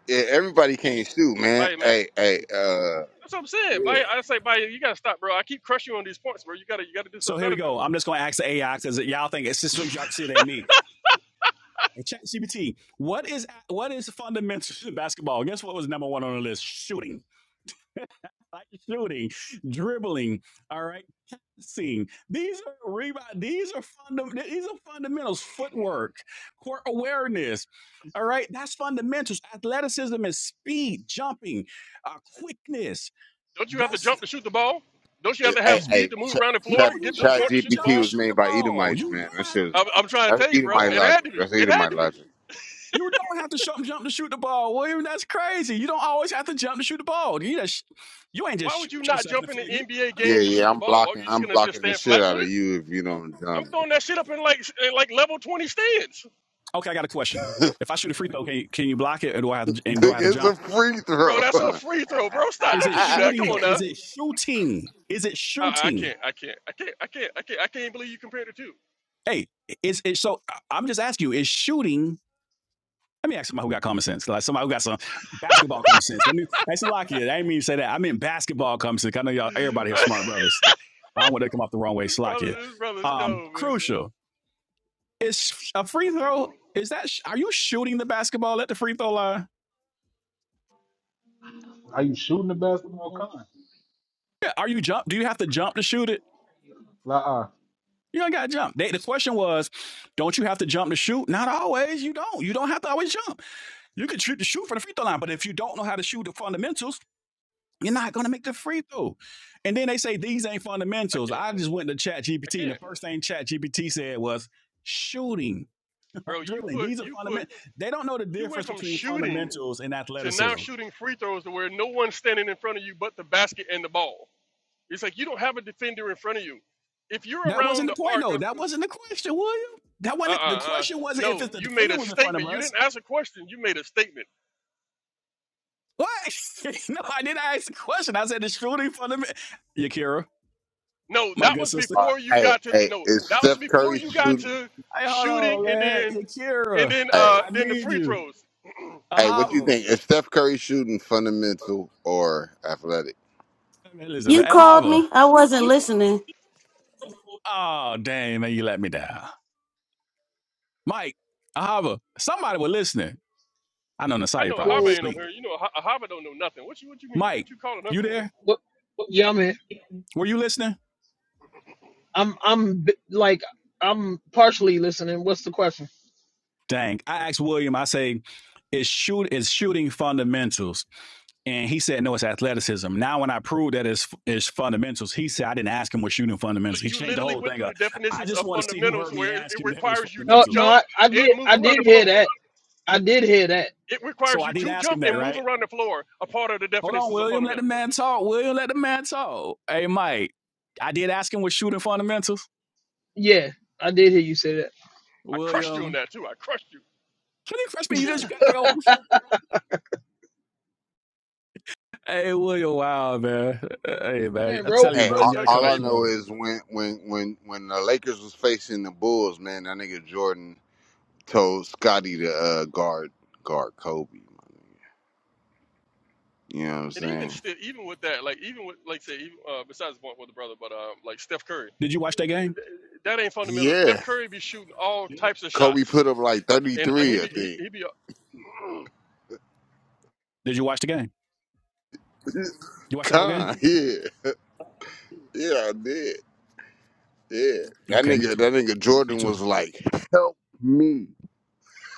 Yeah, everybody can't shoot, man. Bye, man. Hey, hey, uh, That's what I'm saying. yeah. Bye. I say, bye. You gotta stop, bro. I keep crushing you on these points, bro. You gotta you gotta do So something here we better now. go. I'm just going to ask the AI because y'all think it's just so y'all can see it ain't me. Hey, ChatGPT, what is what is fundamentals to basketball? Guess what was number one on the list? Shooting, Like shooting, dribbling. All right. Seeing these are rebound, these are fundamental, these are fundamentals, footwork, court awareness. All right, that's fundamentals. Athleticism is speed, jumping, uh, quickness. Don't you have to That's jump to shoot the ball? Don't you have to have Hey, um, speed hey, to move around in Ch- no, Florida, Chat you get to the don't Chat point have to to shoot the jump GPT to ball? was shoot made the by ball. Edomites, You man. That don't have shit was, to I'm, jump I'm the trying to that's tell you, bro. Edomite It ball. logic. had to be. That's It had Edomite to be. logic. You don't have to jump, jump to shoot the ball, William. That's crazy. You don't always have to jump to shoot the ball. You just, you ain't Why just would shoot you not yourself in jump the in the foot. You NBA them Yeah, game to motherfuckers. shoot yeah, the I'm ball? Why are blocking. you just I'm gonna just blocking the stand shit flat out of footed? you if you don't I'm jump. throwing that shit up in like in like level 20 stands, Okay, I got a question. If I shoot a free throw, can you, can you block it, or do I have to? And do I have to it's jump? a free bro. throw. That's a free throw, bro. Stop! Is Don't it you do that? Come shooting on though? Is now. it shooting? Is it I, I shooting? can't. I can't. I can't. I can't. I can't. I can't believe you compared the two. Hey, it's it so I- am just asking you, is shooting let me ask somebody who got common sense, like somebody who got some basketball common sense. Let me that's a lock I didn't mean to say that. I mean basketball common sense. I know y'all everybody here this smart brothers. I don't want to come off the wrong way, slack brother, this brother's Um, cold, man. crucial. Is a free throw, is that are you shooting the basketball at the free throw line? Yeah, Are you jump? Do you have to jump to shoot it? You don't got to jump. They, the question was, don't you have to jump to shoot? Not always. You don't. You don't have to always jump. You can shoot to shoot for the free throw line, but if you don't know how to shoot the fundamentals, you're not going to make the free throw. And then they say these ain't I fundamentals. can't. I just went to Chat I GPT, and the can't, first thing Chat GPT said was shooting, right? bro. You dribbling. put. These are You put. fundamentals. They don't know the You went difference from between shooting fundamentals and to now athleticism. shooting free throws to where no one's standing in front of you but the basket and the ball. It's like you don't have a defender in front of you. If you're That around wasn't the the point, arc, though. of, That wasn't the question, William. That wasn't the uh-uh. uh. question. Wasn't if No, it's the you made defender a was in front of statement. You us. didn't ask a question. You made a statement. What? no, I didn't ask the question. I said the shooting for the mi- Yakira, No, my that good was sister. All before right, you hey, got to. hey, No, is that was Steph before Curry you got shooting? to Hey, hold shooting, on, and man. then and Yakira, then I, Hey, uh I then the need free you. throws. hey, what do you Ahava. think? Is Steph Curry shooting fundamental or athletic? Man, listen, You man. called Ahava. me. I wasn't listening. Oh, dang, man, you let me down. Mike, Ahava. Somebody was listening. I know I Nasaya know probably Hava Whoa. ain't on asleep. here. You know Ha- Hava don't know nothing. What you what you mean? Mike, What you calling her you for? there? What? Yeah, man. Were you listening? I'm, I'm b- like, I'm partially listening. What's the question? Dang. I asked William, I say, is shoot is shooting fundamentals. And he said, no, it's athleticism. Now, when I proved that it's, it's fundamentals, he said, I didn't ask him what shooting fundamentals. But He you changed the literally whole went thing through the up. I definitions just of want to see who fundamentals heard me where it, ask it him that it was requires you to No, fundamentals. no, jump I, I and did, move I around did the hear floor. that. I did hear that. It So requires I you did to ask him jump that, and move right? around the floor. A part of the Hold on, definitions of William, let the fundamental. man talk. William, let the man talk. Hey, Mike, I did ask him what shooting fundamentals. Yeah, I did hear you say that. I crushed William, you on that too. I crushed you. can you trust me? You just got to go. Hey, William, wow, man. Hey, man, Man, I bro, tell you, Hey, I bro, didn't you all, got tell to you cut the about all I it. floor. know is when when when when the Lakers was facing the Bulls, man, that nigga Jordan told Scotty to uh, guard guard Kobe. my nigga. You know what I'm and even saying? still, even with that, like even with like say, even, uh, besides the point with the brother, but um, like Steph Curry, Did you watch that game? that ain't fundamental. Steph Yeah, Curry be shooting all Did types of Kobe shots, put up like and he 33, I be he, think. he be. i you watch the game? You watch the whole game? Con, yeah, yeah, I did. Yeah, that Okay, me nigga, too. that nigga Me Jordan was too. like, "Help me,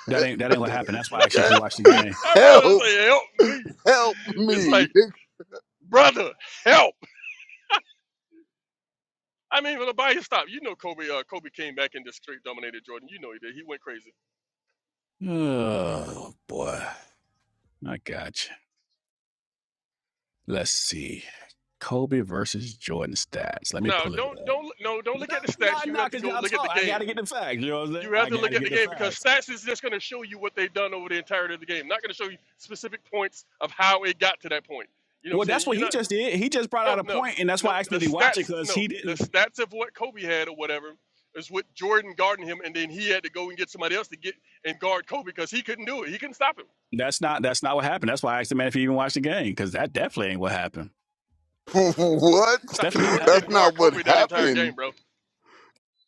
That ain't that ain't what happened. That's why actually if you Nigga, watch the game. I'd rather help, say help me. help It's me." like brother, help. I mean, when the body stop, you know Kobe. Uh, Kobe came back and just straight dominated Jordan. You know he did. He went crazy. Oh boy. I got you. Let's see. Kobe versus Jordan stats. Let me No, pull it don't up. don't no don't look No, at the no, stats. You no, have to because go y'all look at the talk. I game. gotta get the facts. You know what I'm saying? You have I to look gotta at the get the game because facts. stats is just going to show you what they've done over the entirety of the game. Not going to show you specific points of how it got to that point. You know Well, what I'm that's saying? what You're he not. just did. He just brought No, out a no, point, and that's why no. I The accidentally watched it stats. because No, he the didn't. stats of what Kobe had or whatever is what Jordan guarding him, and then he had to go and get somebody else to get and guard Kobe because he couldn't do it. He couldn't stop him. That's not. That's not what happened. That's why I asked the man if he even watched the game because that definitely ain't what happened. what? It's Stop it. definitely not what Jordan That's didn't happened. guard not what Kobe that entire happened. game, bro.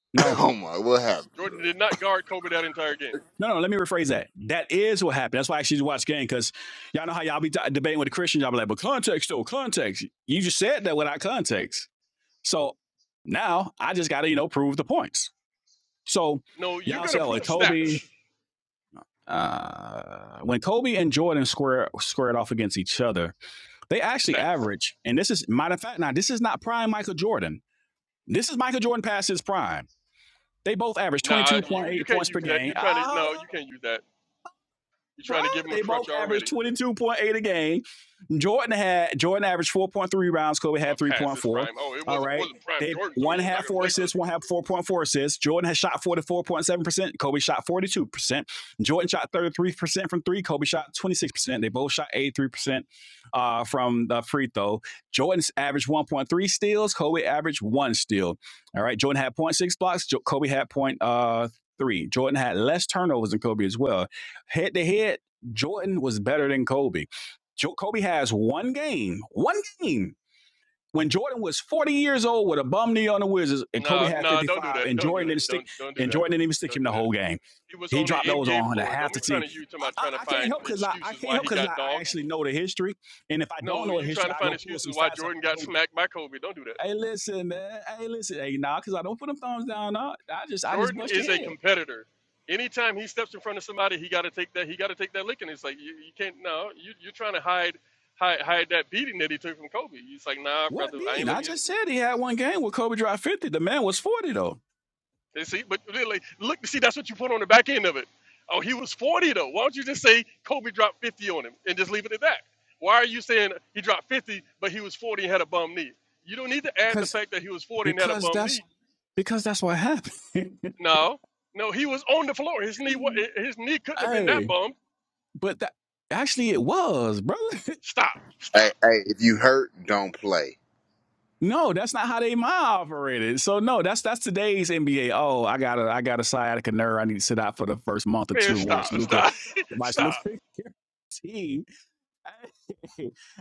No, Oh my, what happened? Jordan did not guard Kobe that entire game. No, no, let me rephrase that. That is what happened. That's why I actually watch game because y'all know how y'all be d- debating with the Christians. Y'all be like, but context, though, context. You just said that without context. So now I just got to, you know, prove the points. So No, you're y'all going to say, oh, prove Kobe, stats. uh, when Kobe and Jordan square, squared off against each other, they actually Stats. average, and this is, matter of fact, now this is not prime Michael Jordan. This is Michael Jordan past his prime. They both average Nah, you, you 22.8 can't points per use that. game. You're trying to. Ah, No, you can't use that You're bro. trying to give him a They both crutch averaged already. twenty two point eight a game. Jordan had Jordan averaged four point three rebounds. Kobe So I had three passed point this four. prime. Oh, it All wasn't right. wasn't prime They Jordan, so one he's not had gonna four play to us. assists, one had four point four assists. Jordan has shot forty four point seven percent. Kobe shot forty two percent. Jordan shot thirty three percent from three. Kobe shot twenty six percent. They both shot eighty three percent uh, from the free throw. Jordan's averaged one point three steals. Kobe averaged one steal. All right. Jordan had zero point 0.6 blocks. Jo- Kobe had zero point uh three. Jordan had less turnovers than Kobe as well. Head to head, Jordan was better than Kobe. Jo- Kobe has one game, one game when Jordan was 40 years old with a bum knee on the Wizards, and Kobe Nah, had nah, don't do 55, that. and Don't do Jordan that. didn't stick, Don't don't do and that. Jordan didn't even stick Don't him do the that. whole game. He was He on the dropped those NBA on the floor. Don't half the be trying team. to use him I, out I, trying to I can't find help because I, I excuses can't why help he because I, got I dogged. actually know the history, and if I don't No, know the you trying history, to I find go pull excuses some why stats up. Jordan got smacked by Kobe. Don't do that. Hey, listen, man. Hey, listen. Hey, nah, because I don't put them thumbs down. Nah, I just I just Jordan bust your is a head. competitor. Anytime he steps in front of somebody, he got to take that. He got to take that licking. It's like you, you can't. No, you, you're trying to hide, hide, hide that beating that he took from Kobe. It's like, nah, What brother, I ain't mean? let I you. just said he had one game where Kobe dropped 50. The man was 40 though. And see, but really, look, see, that's what you put on the back end of it. Oh, he was 40 though. Why don't you just say Kobe dropped 50 on him and just leave it at that? Why are you saying he dropped 50 but he was 40 and had a bum knee? You don't need to add the Because fact that he was 40 and had a because bum that's knee. because that's what happened. No, no, he was on the floor. His knee, wa- his knee couldn't have been that hey, bummed. but that actually it was, brother. Stop, Hey, stop, hey, if you hurt, don't play. No, that's not how they mind operated. So no, that's that's today's NBA. Oh, I got a I got a sciatica nerve. I need to sit out for the first month or man, two and stop, watch Luca, stop, watch Luca. stop. Hey,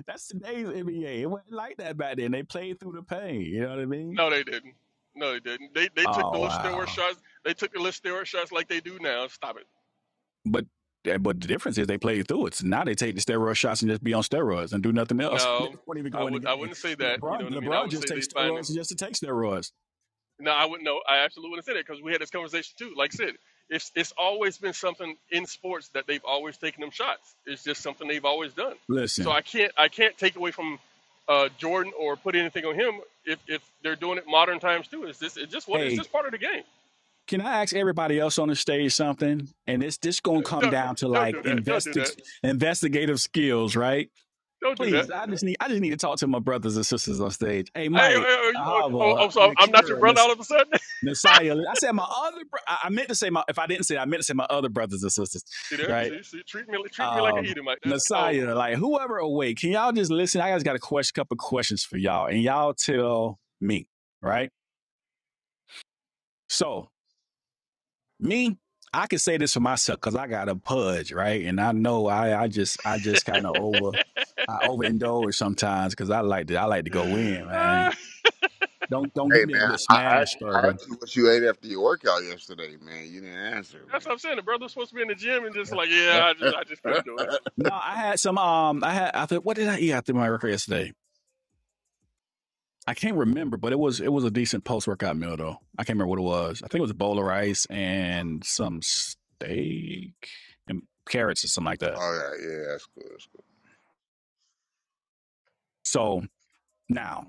that's today's NBA. It wasn't like that back then. They played through the pain. You know what I mean? No, they didn't. No, they didn't. They they took the Oh little steroid wow. shots. They took the little steroid shots like they do now. Stop it. But eh, but the difference is they played through it. So now they take the steroid shots and just be on steroids and do nothing else. they No, won't even I go in the would I game. wouldn't say that. You know LeBron what I mean? I LeBron would just say they takes finding. steroids just to take steroids. No, I wouldn't. No, I absolutely wouldn't say that because we had this conversation too. Like I said, it's it's always been something in sports that they've always taken them shots. It's just something they've always done. So Listen, I can't I can't take away from uh, Jordan or put anything on him if, if they're doing it modern times too. It's just it's just what it's hey, just part of the game. can I ask everybody else on the stage something? And it's this gonna come Don't down to don't do like that. Don't do that. investi- investigative skills, right? Don't do that. Please, I just need I just need to talk to my brothers and sisters on stage. Hey, Hey, Mike, oh, oh, oh, oh, Ahava, so I'm not your Akira, brother Nas- all of a sudden. Nasiah. I said my other. Bro- I I meant to say my. If I didn't say, it, I meant to say my other brothers and sisters see there? right? See, see, treat me treat me like an um, Edomite. That's cold. Messiah, like whoever awake, can y'all just listen? I just got a question, couple questions for y'all, and y'all tell me, right? So me, I can say this for myself because I got a pudge, right? And I know I, I just, I just kind of over, I overindulge sometimes because I like to, I like to go in, Uh, man. Don't, don't Hey give me a man, good I I smash I burger. asked you what you ate after your workout yesterday, man. You didn't answer, that's what I'm saying. The brother's supposed to be in the gym and just like, yeah, man. I just, I just couldn't do No, I had some. Um, I had. I thought, what did I eat after my record yesterday? I can't remember, but it was it was a decent post workout meal though. I can't remember what it was. I think it was a bowl of rice and some steak and carrots or something like that. All right, yeah, that's cool. That's cool. So now,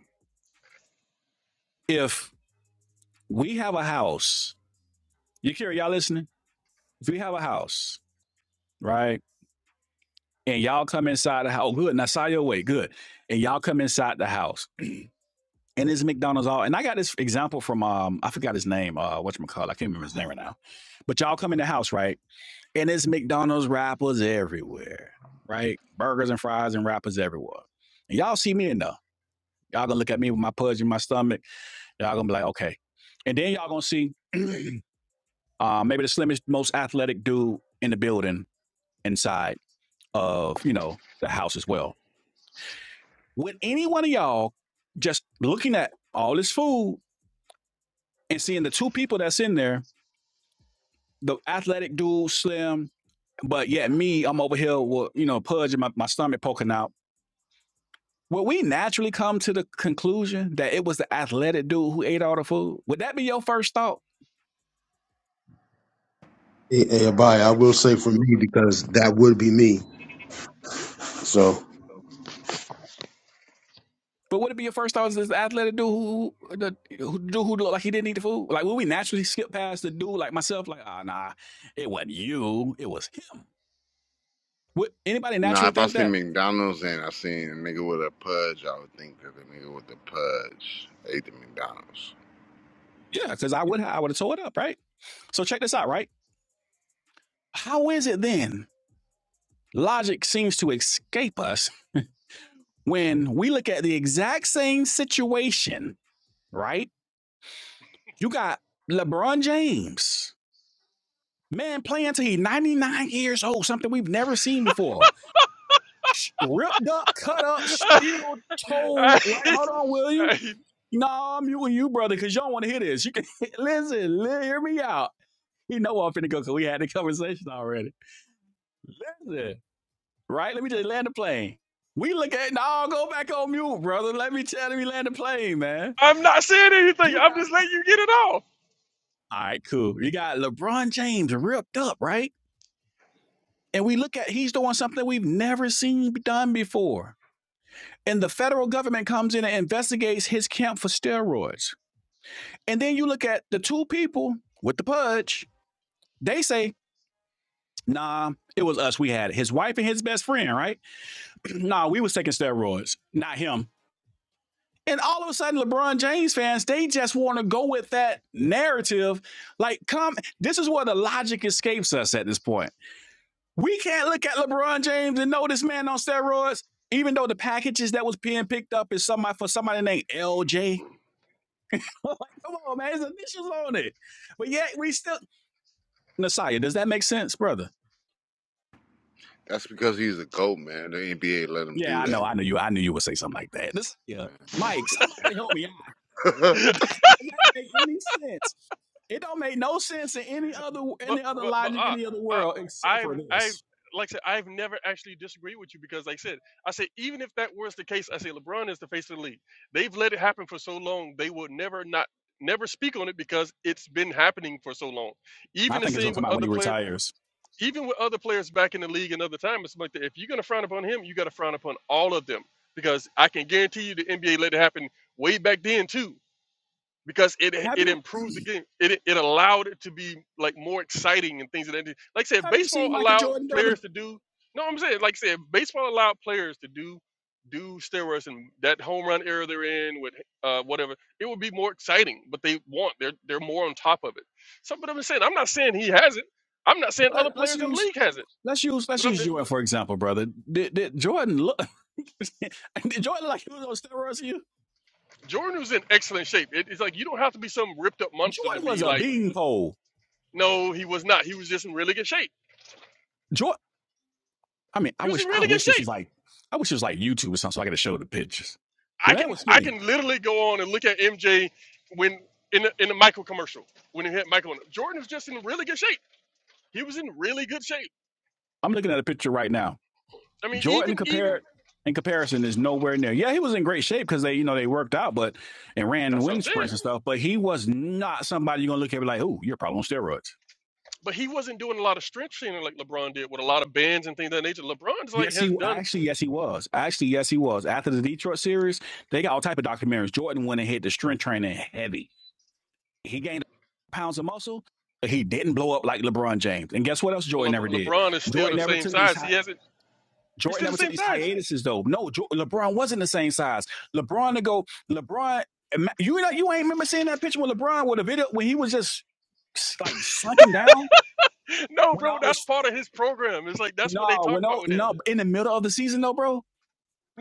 if we have a house, you care, y'all listening? If we have a house, right, and y'all come inside the house, oh, good, now saw your way, good, and y'all come inside the house, and it's McDonald's all, and I got this example from um I forgot his name, uh, whatchamacallit, I can't remember his name right now, but y'all come in the house, right? And it's McDonald's wrappers everywhere, right? Burgers and fries and wrappers everywhere. And y'all see me enough. Y'all gonna look at me with my pudge in my stomach. Y'all gonna be like, okay. And then y'all gonna see uh, maybe the slimmest, most athletic dude in the building inside of, you know, the house as well. Would any one of y'all just looking at all this food and seeing the two people that's in there, the athletic dude, slim, but yet me, I'm over here with, you know, pudge in my, my stomach poking out. Will we naturally come to the conclusion that it was the athletic dude who ate all the food? Would that be your first thought? Hey, hey, Abaya, I will say for me because that would be me. So, But would it be your first thought is this athletic dude who, the who, dude who looked like he didn't eat the food? Like, would we naturally skip past the dude like myself? Like, ah, oh, nah, it wasn't you, it was him. Would anybody Now, naturally if I think see that? McDonald's and I seen a nigga with a pudge, I would think that the nigga with the pudge ate the McDonald's. Yeah, because I would I would have tore it up, right? So check this out, right? How is it then? Logic seems to escape us when we look at the exact same situation, right? You got LeBron James Man, playing till he 99 years old, something we've never seen before. Ripped up, cut it. up, still I, told. Right, hold on, William. Nah, I'm you and you, brother, because y'all want to hear this. You can listen, hear me out. You know I'm finna go because we had the conversation already. Listen, right? Let me just land the plane. We look at no, go back on mute, brother. Let me tell you, land the plane, man. am not saying anything. You I'm got just letting you get it off. all right, cool. You got LeBron James ripped up, right? And we look at he's doing something we've never seen done before and the federal government comes in and investigates his camp for steroids. And then you look at the two people with the pudge, they say, nah, it was us. We had it. His wife and his best friend, right? nah, we was taking steroids, not him. And all of a sudden, LeBron James fans, they just want to go with that narrative. Like, come, this is where the logic escapes us at this point. We can't look at LeBron James and know this man on steroids, even though the packages that was being picked up is somebody for somebody named LJ I'm like, come on, man, his initials on it. But yet we still Messiah, does that make sense, brother? That's because he's a goat, man. The NBA let him Yeah, do I that. know, I knew you, I knew you would say something like that. This, yeah, Mike, somebody help me out. man. Did that, does that make any sense? It don't make no sense in any other But, any other but, but, logic, uh, any other uh, world except I've, for I've, this. like I said, I've never actually disagreed with you because, like I said, I say even if that was the case, I say LeBron is the face of the league. They've let it happen for so long, they will never not, never speak on it because it's been happening for so long. I Even the think it's gonna same come with out when other he players retires. even with other players back in the league and other time, it's like that. If you're gonna frown upon him, you gotta frown upon all of them because I can guarantee you the NBA let it happen way back then too because it Have it you improved the game. It it allowed it to be like more exciting and things of that. Like I said, have you baseball seen Michael allowed Jordan, brother? players to do. No, I'm saying like I said, baseball allowed players to do do steroids and that home run era they're in with uh, whatever. It would be more exciting, but they want they're they're more on top of it. So, but I'm saying I'm not saying he has it. I'm not saying Well, other Let, let's players in the use league has it. let's use let's But I'm use just Jordan for example, brother. Did, did Jordan look? did Jordan look like he was on steroids? here? Jordan was in excellent shape. It, it's like you don't have to be some ripped up monster to Jordan was be a like beanpole. no, he was not. He was just in really good shape. Jordan. I mean, I He was in wish I really good wish this shape. was like I wish it was like YouTube or something, so I could show the pictures. The I man can was I skinny. can literally go on and look at MJ when in the, in the Michael commercial when he had Michael. on it. Jordan was just in really good shape. He was in really good shape. I'm looking at a picture right now. I mean, even Jordan even compared in comparison is nowhere near. Yeah, he was in great shape because they you know they worked out, but and ran that's what I'm wind saying. sprints and stuff. But he was not somebody you're gonna look at and be like, oh, you're probably on steroids. But he wasn't doing a lot of strength training like LeBron did with a lot of bands and things of that nature. LeBron's like Yes, has he done actually, yes, he was. Actually, yes, he was. After the Detroit series, they got all type of documentaries. Jordan went and hit the strength training heavy. He gained pounds of muscle, but he didn't blow up like LeBron James. And guess what else Jordan well. never Le, did? LeBron is still Jordan the never same took these size. He high. hasn't. He's Jordan still the never took same these size. hiatuses though. No, jo- LeBron wasn't the same size. LeBron to go, LeBron, you know, you ain't remember seeing that picture with LeBron with a video when he was just like sunken down No, when bro, all that's this part of his program. It's like that's what they no when talk about no with him. no in the middle of the season though, bro.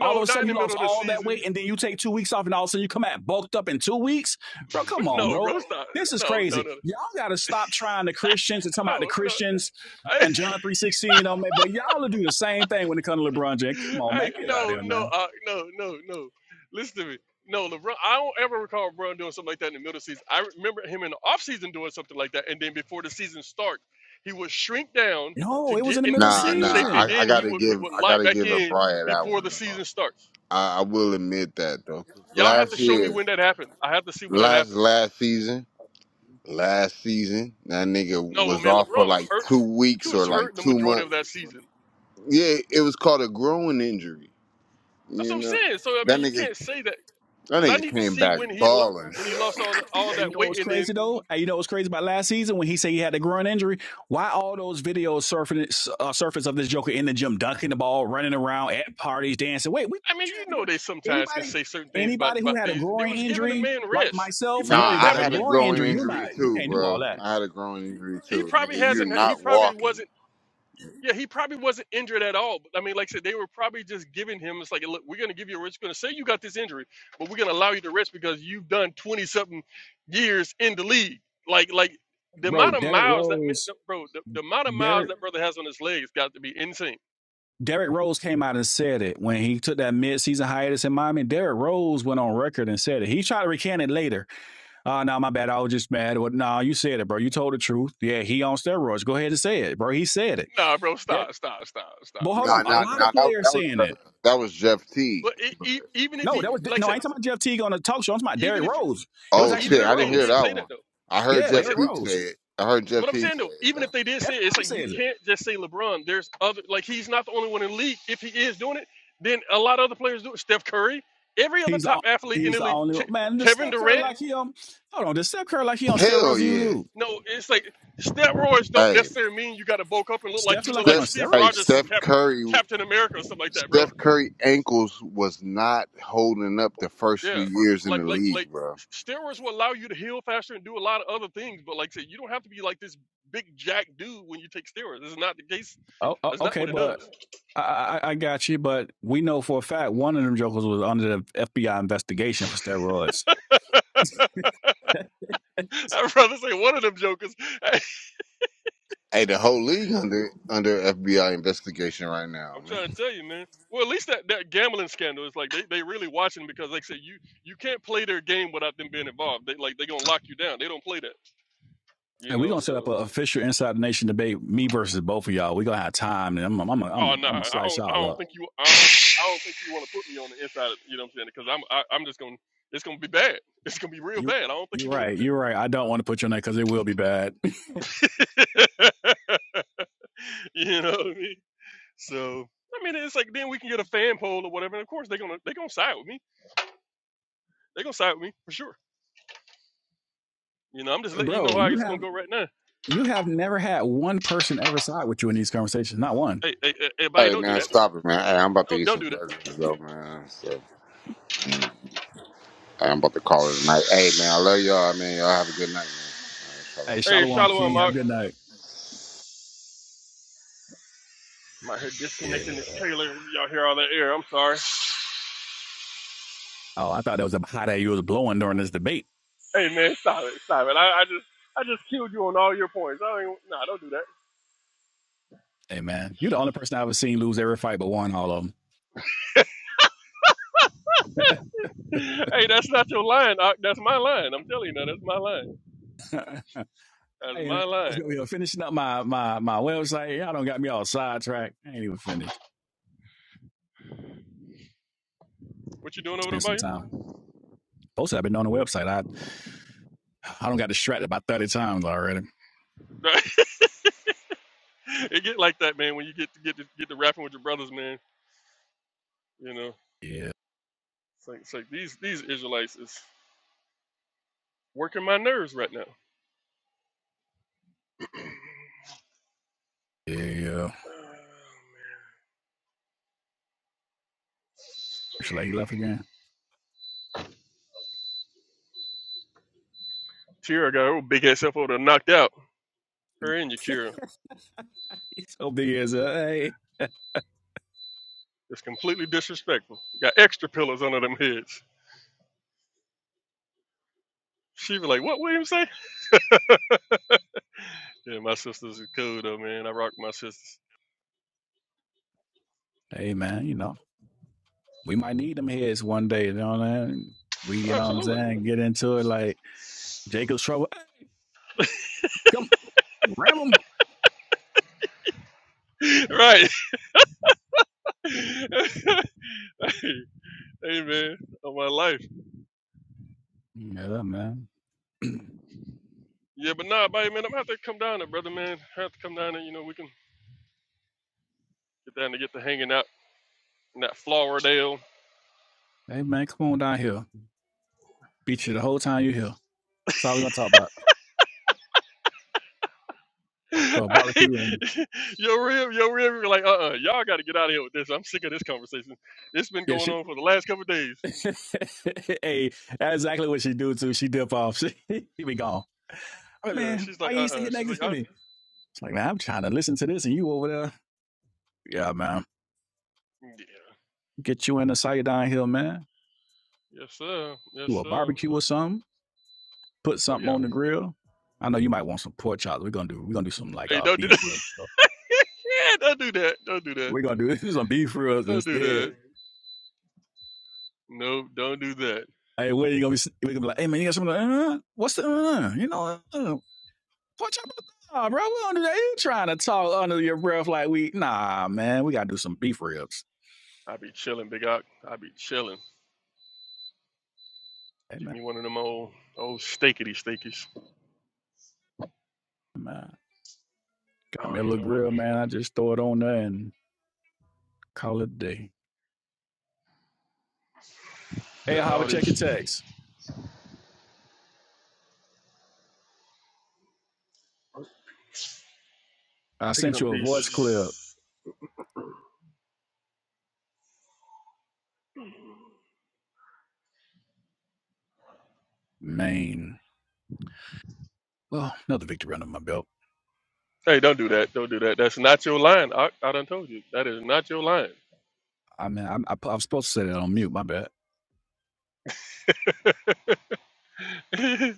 All of a not sudden, in the you middle lost of the all that season. weight, and then you take two weeks off, and all of a sudden, you come out bulked up in two weeks, bro. Come on, No, bro. bro, stop. This is No, no, crazy. no, Y'all gotta stop trying the Christians and talking about the no, no. Christians and John three sixteen on me, but y'all will do the same thing when it comes to LeBron James. Come on, Hey, man, get out of no, here, no, man. uh, no, no, no. Listen to me. No, LeBron, I don't ever recall LeBron doing something like that in the middle of the season. I remember him in the offseason doing something like that, and then before the season starts, he would shrink down to No, it was get in the in middle of the to nah, get in shape, nah, and season. I, I then he gotta would he give would I light gotta back give a in Brian that before the one though. season starts. I, I will admit that though. Y'all have to Last show me year, when that happened. I have to see when that last happened. last season. last season. That nigga No, was man, off for LeBron was like hurt. two He weeks was or like hurt the two majority months. of that season. Yeah, it was called a growing injury. That's You what I'm know, saying. So I that mean, you nigga, can't say that that because I nigga need to came see back when he lo- balling. when he lost all the, all Hey, you that know what's weight, and then crazy though? Hey, you know what's crazy about last season when he said he had a groin injury? Why all those videos surface uh, surface of this Joker in the gym dunking the ball, running around at parties, dancing? Wait, we I mean, thought you had you a know, groin. they sometimes can Anybody, say certain things about anybody who about had a things. There groin was giving a injury man like rest. He myself, probably Nah, know didn't I that have a an. had a in- groin growing injury, you're He not, injury you too, can't do all bro. that, I had a growing injury he too, nigga. probably You're hasn't. He not probably walking. wasn't. Yeah, he probably wasn't injured at all. But I mean, like I said, they were probably just giving him. It's like, look, we're gonna give you a rest. We're gonna say you got this injury, but we're gonna allow you to rest because you've done twenty something years in the league. Like like the bro. amount of Derrick miles that Rose, mi- bro, the, the amount of miles Derrick. that brother has on his legs got to be insane. Derrick Rose came out and said it when he took that midseason hiatus in Miami. Derrick Rose went on record and said it. He tried to recant it later, Uh, no, my bad. I was just mad. What? No, you said it, bro. You told the truth. Yeah, he on steroids. Go ahead and say it, bro. He said it. Nah, bro, Yeah. stop, stop, stop, But stop, hold bro. on, Nah, a nah, lot of nah. That players that was saying uh, it. that was Jeff Teague. But e But e even if yeah. No, he, that was like no. I I said, ain't talking about Jeff Teague on the talk show. I'm talking about even Derrick if Rose. It But was Oh actually even shit, Derrick I if didn't they hear Rose. did that say one. that though, I heard Yeah, like I Jeff said, Derrick Teague Rose. say it. I heard Jeff but I'm Teague saying say though, it even if they though. did say it, it's Everybody like you says it. can't just say LeBron. There's other like he's not the only one in the league. If he is doing it, then a lot of other players do it. Steph Curry, every other He's top the athlete in he's the the league, only Ke- one. man. Does Kevin Steph Curry Durant. like he on? Hold on, does Steph Curry like he on Hell steroids? or You yeah. do. No, it's like steroids don't Hey, necessarily mean you got to bulk up and look like Steph you look like he like on Steph. Steve Hey, Rogers from steroids? Steph Cap- Curry. Captain America or something like that, bro. Steph Curry ankles was not holding up the first Yeah, few years in like the like league, like bro. steroids will allow you to heal faster and do a lot of other things. But like I said, you don't have to be like this big jack dude when you take steroids. This is not the case Oh, oh That's not okay, what it but does. I, I, I got you. But we know for a fact one of them jokers was under the FBI investigation for steroids. I'd rather say one of them jokers. Hey, the whole league under under FBI investigation right now, I'm trying to man. tell you, man. Well, at least that, that gambling scandal is like they, they really watching because they say you you can't play their game without them being involved. They like they gonna lock you down. They don't play that, you And we're know. gonna set up an So official inside the nation debate, me versus both of y'all. We're gonna have time, and I'm I'm I'm I'm, oh I'm no, nah, gonna I slice don't I y'all don't up. think you I don't, I don't think you want to put me on the inside. Of, you know what I'm saying? Because I'm I, I'm just gonna it's gonna be bad. It's gonna be real You bad. I don't think you're you want right. You're to right. I don't want to put your name because it will be bad, do that. you know what I mean? So I mean, it's like then we can get a fan poll or whatever. And of course they're gonna they're gonna side with me. They're gonna side with me for sure. You know, I'm just letting you know bro. how You it's gonna have go right now. you have never had one person ever side with you in these conversations. Not one. Hey, hey, hey, everybody, Hey, don't do man, that. stop it, man. Hey, I'm about to Don't eat don't some do that. burgers, though, man. Yeah. So, mm, hey, I'm about to call it a night. Hey, man, I love y'all, man. Y'all have a good night, man. All right, shalom. Hey, Hey, Shalom Shalom, King. I'm Have out. a good night. I'm out here disconnecting Yeah. this trailer. Y'all hear all that air? I'm sorry. Oh, I thought that was a hot air you was blowing during this debate. Hey, man, stop it, stop it. I, I just I just killed you on all your points. I don't even, nah, don't do Hey man, you're the only person I ever seen lose every fight but one. All of them. that. hey, that's not your line. Ock. that's my line. I'm telling you now, that's my line. That's Hey my man, I was line. gonna be finishing up my my my website. Y'all don't got me all sidetracked. I ain't even finished. What you doing over there, Spend some buddy? time. Posted. I've been on the website. I I don't got distracted about thirty times already. it get like that, man. When you get to get to get to rapping with your brothers, man. You know, Yeah, it's like, it's like these these Israelites is working my nerves right now. yeah, yeah. Should I he left again? Kira got her big ass up over there knocked out. Her and Yakira. He's so big as a hey, It's completely disrespectful. Got extra pillows under them heads. She be like, what William say? Yeah, my sisters are cool though, man. I rock with my sisters. hey man. You know, we might need them heads one day. You know what i mean? We, you know what I'm Absolutely. saying? Get into it like Jacob's trouble. Hey, Come, ram him. right. hey, hey, man. On my life. Yeah, man. hey Yeah, but nah, buddy, man, I'm gonna have to come down there, brother, man. I have to come down there, you know, we can get down to get to hanging out in that Floridale. man, come on down here. Beat you the whole time you here. That's all we gonna talk about. So barbecue and yo, real, yo, real, are like, uh, uh-uh, y'all got to get out of here with this. I'm sick of this conversation. It's been yeah, going she on for the last couple of days. hey, that's exactly what she do too. She dip off. She, she be gone. I mean, Yeah, man, she's why like, uh, you ain't sit uh-uh. uh here she's next like, to uh, me? It's like, man, I'm trying to listen to this and you over there. Yeah, man. yeah, Get you in the Sayadine Hill, man. yes, sir, yes, Do a sir. barbecue or something. Put Oh something yeah. on the grill. I know you might want some pork chops. We're gonna do we're gonna do some like Hey, uh don't do, beef ribs. So yeah, don't do that. Don't do that. We're gonna do this some beef ribs Don't do that. instead. No, don't do that. Hey, what are you gonna be? We're gonna be like, hey man, you got something? Like, uh, what's the? Uh, you know, uh, What y'all nah, bro? We don't do that. You trying to talk under your breath like we nah, man. We gotta do some beef ribs. I be chilling, Big Ock. I be chilling. Hey Get man, me one of them old, old steakity steakies. man. I Got me don't a even little know what. grill, man. I just throw it on there and call it a day. Hey, Got Hava, all check your these. text. oh, I Picking sent up you a voice clip. these. Man, Well, another victory under my belt. Hey, don't do that. Don't do that. That's not your line. I, I done told you. That is not your line. I mean, I'm, I, I'm supposed to set it on mute. My bad. I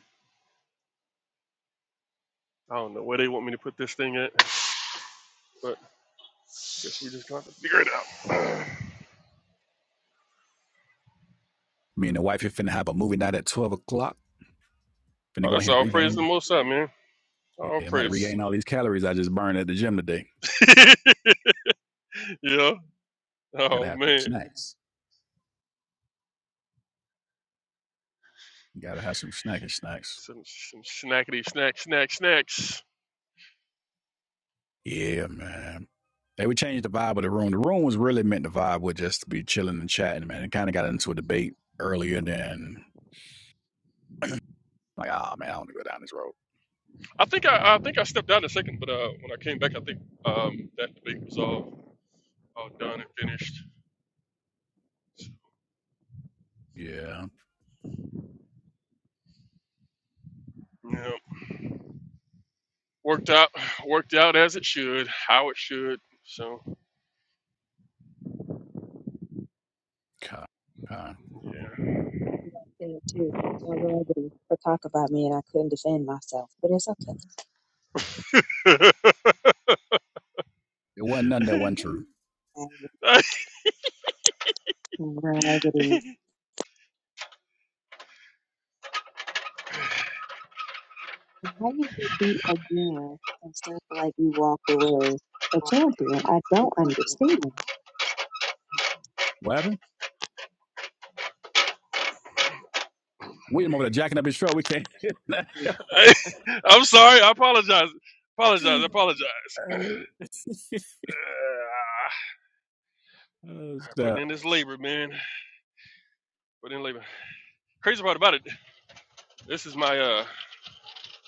don't know where they want me to put this thing at, but guess we just got to to figure it out. Me and the wife here finna have a movie night at twelve o'clock. Finna Oh, go that's ahead and all praise to the regain. most high, man. All Yeah, I'm about to praise. regain all these calories I just burned at the gym today. yeah. Gotta Oh have some man. snacks. Gotta have some snacky snacks. Some some snackety snack snack snacks. Yeah, man. They would change the vibe of the room. The room was really meant to vibe with just to be chilling and chatting, man. It kind of got into a debate earlier than like, ah, man, I don't want to go down this road. I think I, I think I stepped down a second, but uh, when I came back, I think um, that debate was all all done and finished. Yeah, Yeah, worked out worked out as it should, how it should. So okay. okay. Yeah. heard that thing too. Now, raggedy to talk about me, and I couldn't defend myself, but it's okay. It wasn't nothing that wasn't true. I, Raggedy, I, how you could be again and stuff like you walked away a champion? I don't understand. What happened? William over there jacking up his truck. We can't. hit that. I'm sorry. I apologize. Apologize. Apologize. oh, Uh, putting in stop. this labor, man. Putting in labor. Crazy part about it. This is my uh.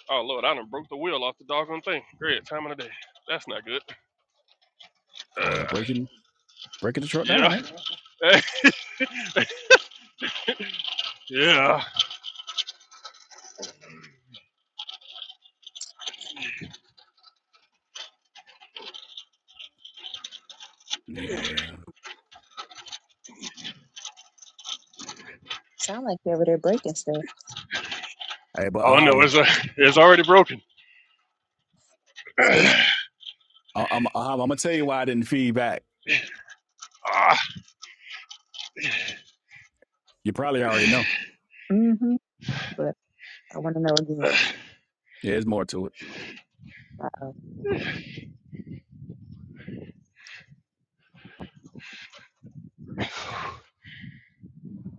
Oh Lord, I done broke the wheel off the doggone thing. Great time of the day. That's not good. Uh, Over there breaking. breaking the truck down, yeah. eh? yeah. Yeah. Sound like they were there breaking stuff. Hey, but Oh no, Ahava, it's uh, it's already broken. See? ah. I- I'm I'm gonna tell you why I didn't feed back. You probably already know. Mm-hmm. But I want to know again. Yeah, there's more to it. Uh-oh.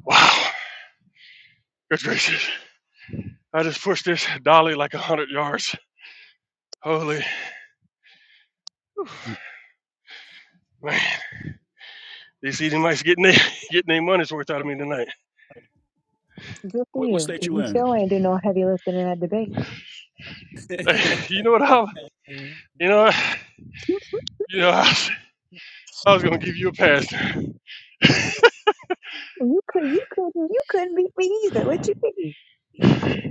Wow. Good gracious. I just pushed this dolly like a hundred yards. Holy Whew. Hmm. man. They see them nice getting their getting their money's worth out of me tonight. Good for What, what you, state 'cause you you in? still ain't do no heavy lifting in that debate. Like, you know what I you know you know I was, I was gonna give you a pass. You could, you couldn't, you couldn't beat me either. What you mean? Like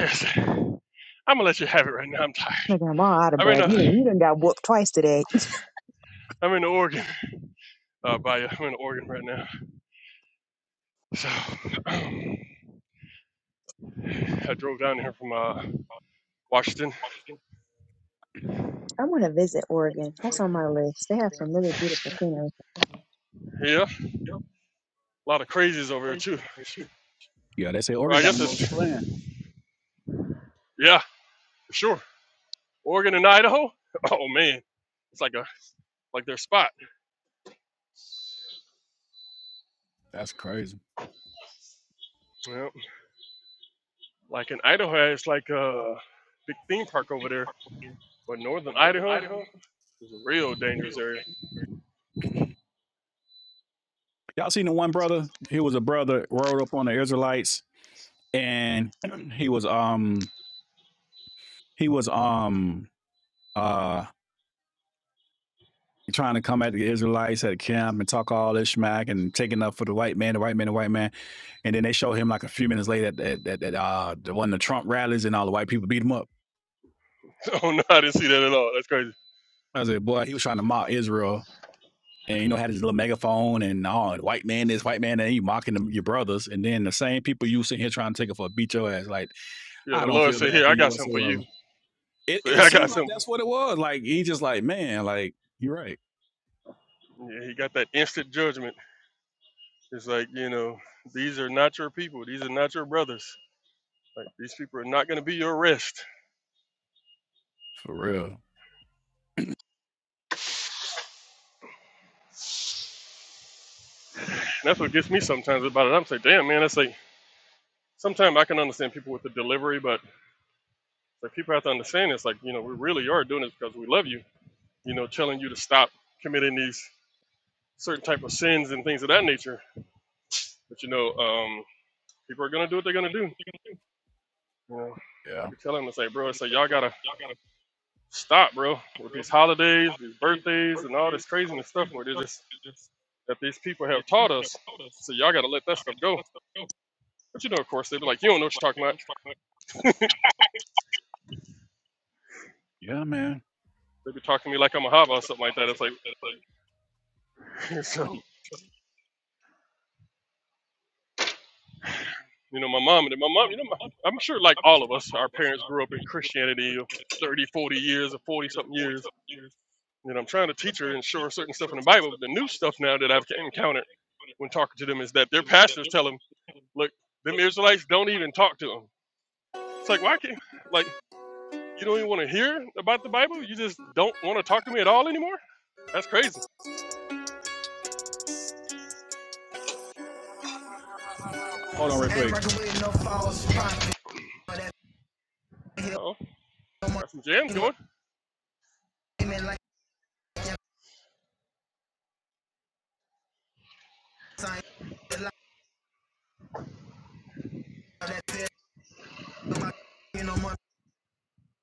I said, I'm gonna let you have it right now. I'm tired. Look, I'm all out of I'm in breath. You done, a you done got whooped twice today. I'm in Oregon. Uh by I'm in Oregon right now. So um, I drove down here from uh Washington. I want to visit Oregon. That's on my list. They have some really beautiful scenery. Yeah. A lot of crazies over here too. yeah, they say Well Oregon I got the guess most. it's yeah, for sure. Oregon and Idaho? Oh man. It's like a like their spot. That's crazy. Yeah. Like in Idaho, it's like a big theme park over there, but northern Idaho is a real dangerous area. Y'all seen the one brother? He was a brother rode up on the Israelites, and he was um he was um uh trying to come at the Israelites at a camp and talk all this smack and taking up for the white man, the white man, the white man. And then they show him like a few minutes later that that, that uh the one of the Trump rallies and all the white people beat him up. oh no, I didn't see that at all. That's crazy. I was like, boy, he was trying to mock Israel and you know had his little megaphone and all oh, white man this white man and you mocking them, your brothers and then the same people you sitting here trying to take it for a beat your ass like Yeah, I the don't Lord feel said, bad "Here, for I you got something for you." whatsoever. It So yeah, it I got seemed like something. that's what it was. Like he just like man, like you're right Yeah, he got that instant judgment. It's like you know, these are not your people. These are not your brothers. Like these people are not going to be your rest. for real. And that's what gets me sometimes about it. I'm like, damn man, that's like sometimes I can understand people with the delivery, but like people have to understand it's like you know we really are doing this because we love you. You know, telling you to stop committing these certain type of sins and things of that nature. But you know, um, people are gonna do what they're gonna do. You know, I Yeah, be telling them, I say, bro, I say, y'all gotta stop, bro, with these holidays, these birthdays, and all this craziness stuff where they just that these people have taught us. So y'all gotta let that stuff go. But you know, of course, they be like, you don't know what you're talking about. yeah, man. They be talking to me like I'm a hava or something like that. It's like, so you know, my mom and my mom, you know, my, I'm sure like all of us, our parents grew up in Christianity 30, 40 years or 40 something years You know, I'm trying to teach her and show her certain stuff in the Bible. But the new stuff now that I've encountered when talking to them is that their pastors tell them, look, them Israelites don't even talk to them. It's like, why can't, like, you don't even want to hear about the Bible? You just don't want to talk to me at all anymore? That's crazy. Hold on, real Oh, got some jams going. Why quick.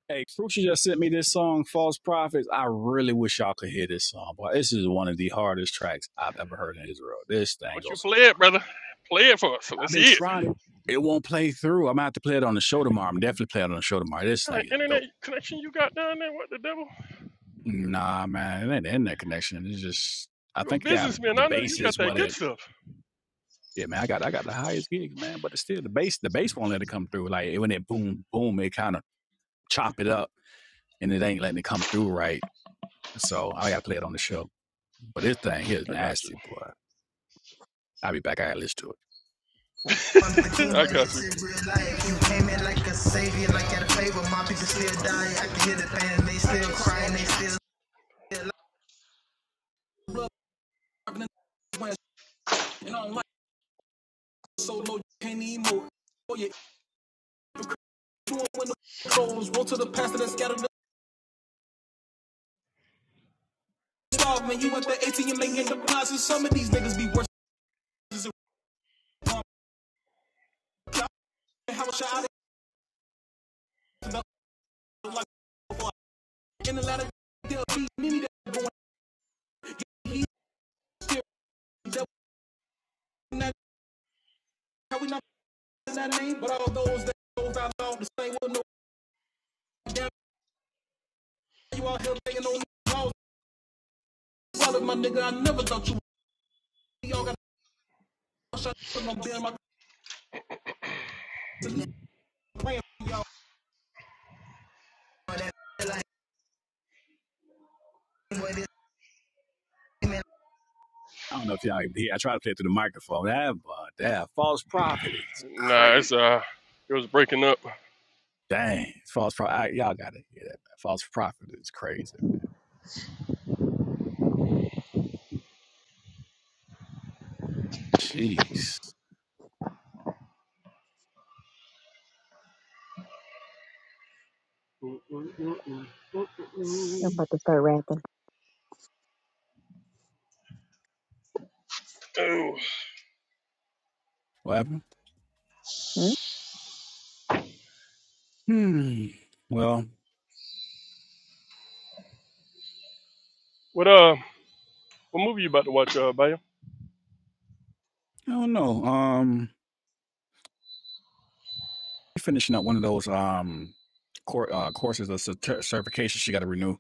Hey, Crucial just sent me this song, False Prophets. I really wish y'all could hear this song, but this is one of the hardest tracks I've ever heard in Israel. This thing don't you goes so play it, hard. brother? Play it for us. So I've let's been see it. trying to, it won't play through. I'm gonna have to play it on the show tomorrow. I'm definitely playing it on the show tomorrow. This What kind thing of is internet dope. connection you got down there? What the devil? Nah, man, it ain't the internet connection. It's just, I You're a think I got businessman. the I know you bass got is that what good it. stuff. Yeah, man, I got I got the highest gigs, man, but it's still the bass. The bass won't let it come through. Like when it boom boom, it kind of chop it up, and it ain't letting it come through right. So I gotta play it on the show. But this thing here is I got you. nasty, boy. I'll be back. I gotta listen to it. Under the king, I but got it's you. real life. You came in like a savior, like at a favor. My people still dying. I can hear the pain, they still crying, they still. like so low, you can't emote. Oh, yeah, you won't win the clothes. Roll to the pastor that scattered the swab. Man, you at the ATM making deposits. Some of these niggas be worse How much I in the ladder, they'll beat many that are going. He's still Not how we not that name, but all those that those I love the same with no damn. You out here laying on laws. Brother, my nigga, I never thought you. would. Y'all got on being I don't know if y'all can hear. I try to play through the microphone. That, but that false prophet is Nah, crazy. it's uh, it was breaking up. Dang, false prophet. Y'all gotta hear that. Man. False prophet is crazy. Man. Jeez, Oh, I'm about to start rapping. what happened? Hmm? Hmm. Well, what uh, what movie you about to watch, uh, Baya? I don't know. Um. finishing up one of those um cour uh, courses or certi- certification she got to renew,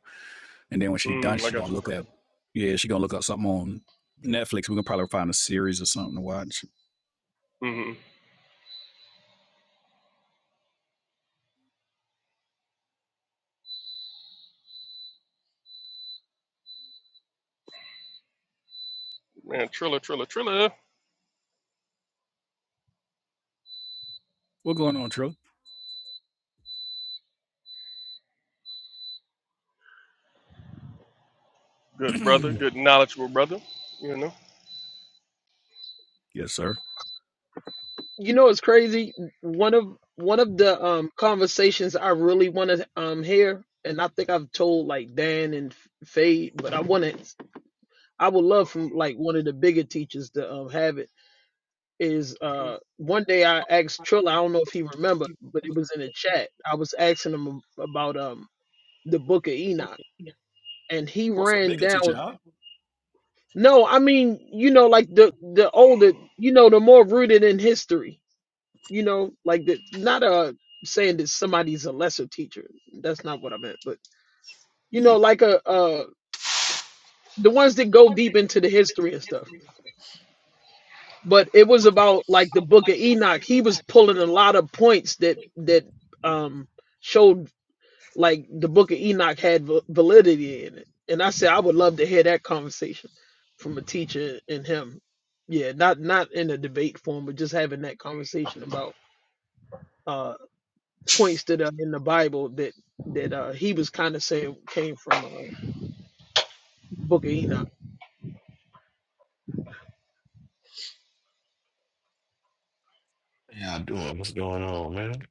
and then when she done, Mm, I she got gonna you. look at yeah, she gonna look up something on Netflix. We gonna probably find a series or something to watch. Mm-hmm. Man, Triller, Triller, Triller. What going on, Trill? Good brother, yes, good knowledgeable brother. You know, sir. you know it's crazy. One of one of the um conversations I really want to um hear, and I think I've told like Dan and Fade, but I want to. I would love from like one of the bigger teachers to um, have it. Is uh, one day I asked Trilla, I don't know if he remember, but it was in the chat. I was asking him ab- about um the Book of Enoch, and he What's a ran bigger down. teacher? Huh? No, I mean you know like the the older you know the more rooted in history, you know like the not uh saying that somebody's a lesser teacher. That's not what I meant, but you know like a uh the ones that go deep into the history and stuff but it was about like the book of enoch he was pulling a lot of points that that um showed like the book of enoch had va- validity in it and i said i would love to hear that conversation from a teacher and him yeah not not in a debate form but just having that conversation about uh points that are in the bible that that uh he was kind of saying came from uh book of enoch Y'all doing? What's going on, man?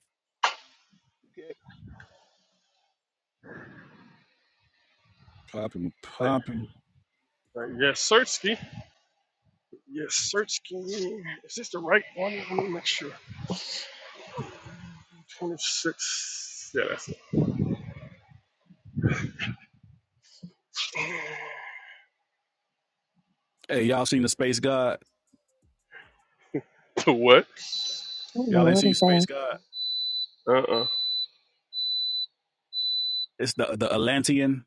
Popping, like, popping. like yes, Searchski. Yes, Searchski. Is this the right one? Let me make sure. Twenty six. Yeah, that's it. Hey, y'all seen the Space God? To what? What in the Y'all ain't world seen is Space that? God? Uh uh It's the the Atlantean.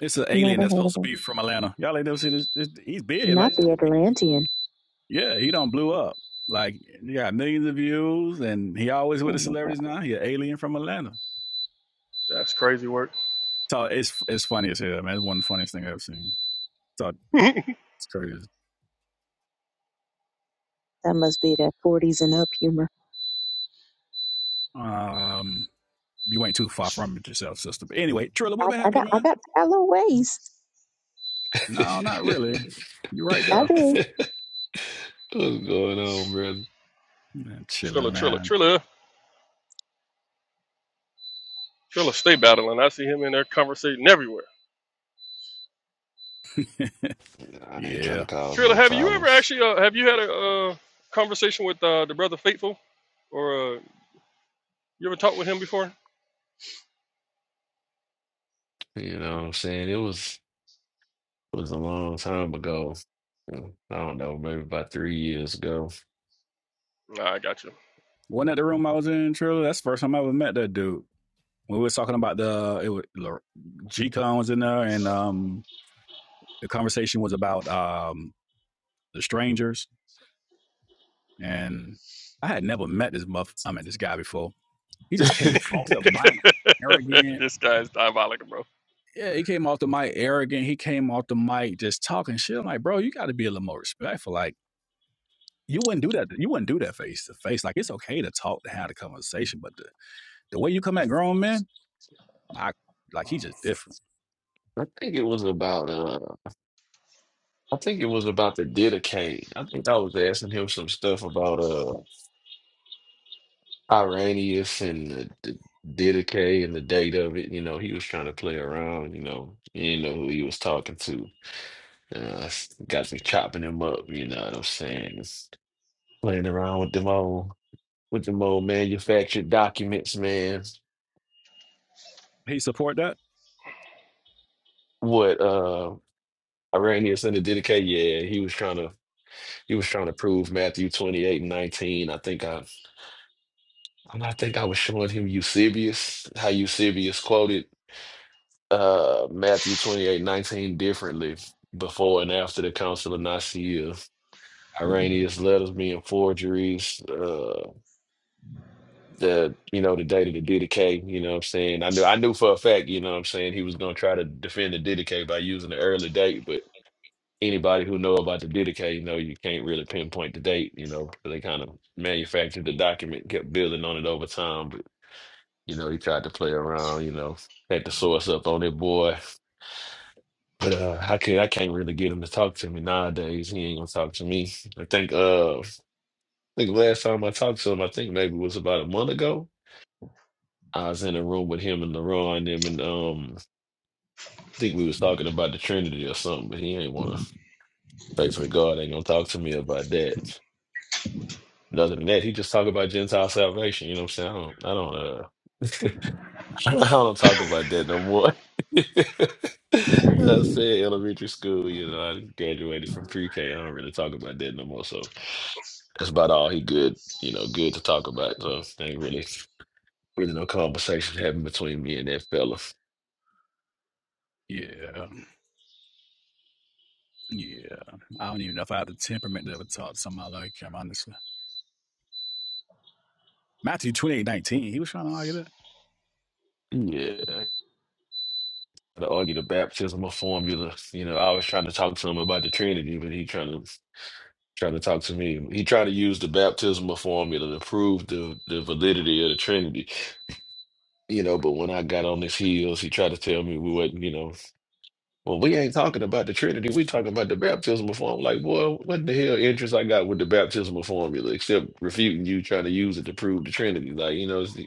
It's an alien Never that's heard of supposed to it. be from Atlanta. Y'all ain't never seen this. this he's big. Not Like the Atlantean. yeah, he don't blew up. Like he got millions of views, and he always with Oh the my god, celebrities now. He an alien from Atlanta. That's crazy work. So it's it's funny as hell, man. It's one of the funniest thing I've ever seen. So it's crazy. that must be that 40s and up humor. Um, you ain't too far from it yourself, sister. But anyway, Trilla, what I, been I happening, got, I man? got a little waist. No, not really. You right I there. What's do. going on, brother? Man, Triller, chilling, Triller, man. Triller. Triller stay battling. I see him in there conversating everywhere. I ain't trying to Yeah. cause Trilla, no have you ever problems. actually uh, have you had a uh, conversation with uh, the brother Faithful, or uh, you ever talked with him before? You know what I'm saying? It was it was a long time ago. Mm, I don't know, maybe about three years ago. Nah, I got you. Wasn't that the room I was in, Trilla? That's the first time I ever met that dude. When we were talking about the it was G-Con was in there, and um, the conversation was about um, the strangers. And I had never met this muff. I mean, this guy before. He I just came off the mic arrogant. this guy is diabolical, bro. Yeah, he came off the mic arrogant. He came off the mic just talking shit. I'm like, bro, you got to be a little more respectful. Like, you wouldn't do that. You wouldn't do that face to face. Like, it's okay to talk to have a conversation, but the, the way you come at grown men, I like he just different. think it was about uh I think it was about the Didache. I think I was asking him some stuff about uh Irenaeus and the, the Didache and the date of it. You know, he was trying to play around, you know, he didn't know who he was talking to. Uh, s- got me chopping them up, you know what I'm saying? Just playing around with them old with them old manufactured documents, man. He support that? What uh Irenaeus under dedicate, yeah, he was trying to he was trying to prove Matthew 28 and 19. I think I I I think I was showing him Eusebius, how Eusebius quoted uh Matthew 28 and 19 differently before and after the Council of Nicaea. Irenaeus letters being forgeries, uh. the you know the day to the DDK, you know what I'm saying? I knew I knew for a fact, you know what I'm saying, he was gonna try to defend the DDK by using the early date, but anybody who know about the DDK, you know, you can't really pinpoint the date, you know, 'cause they kind of manufactured the document, kept building on it over time, but you know, he tried to play around, you know, had the source up on it, boy. But uh I could I can't really get him to talk to me nowadays. He ain't gonna talk to me. I think uh I think last time I talked to him, I think maybe it was about a month ago I was in a room with him and LaRon and them, and um, I think we was talking about the Trinity or something, but he ain't wanna faithful to God ain't gonna talk to me about that. And other than that, he just talk about Gentile salvation. You know what I'm saying? I don't, I don't, uh, I don't talk about that no more. I said elementary school. You know, I graduated from pre-K. I don't really talk about that no more. So that's about all he good. You know, good to talk about. So ain't really, really no conversation happened between me and that fella. Yeah, yeah. I don't even know if I have the temperament to ever talk to somebody like him, honestly. Matthew twenty eight nineteen. he was trying to argue that. Yeah. to argue the baptismal formula. You know, I was trying to talk to him about the Trinity, but he trying to trying to talk to me. He tried to use the baptismal formula to prove the the validity of the Trinity. You know, but when I got on his heels, he tried to tell me we wasn't. You know, well, we ain't talking about the Trinity. We talking about the baptismal formula. Like, boy, what the hell interest I got with the baptismal formula, except refuting you trying to use it to prove the Trinity. Like, you know, it's-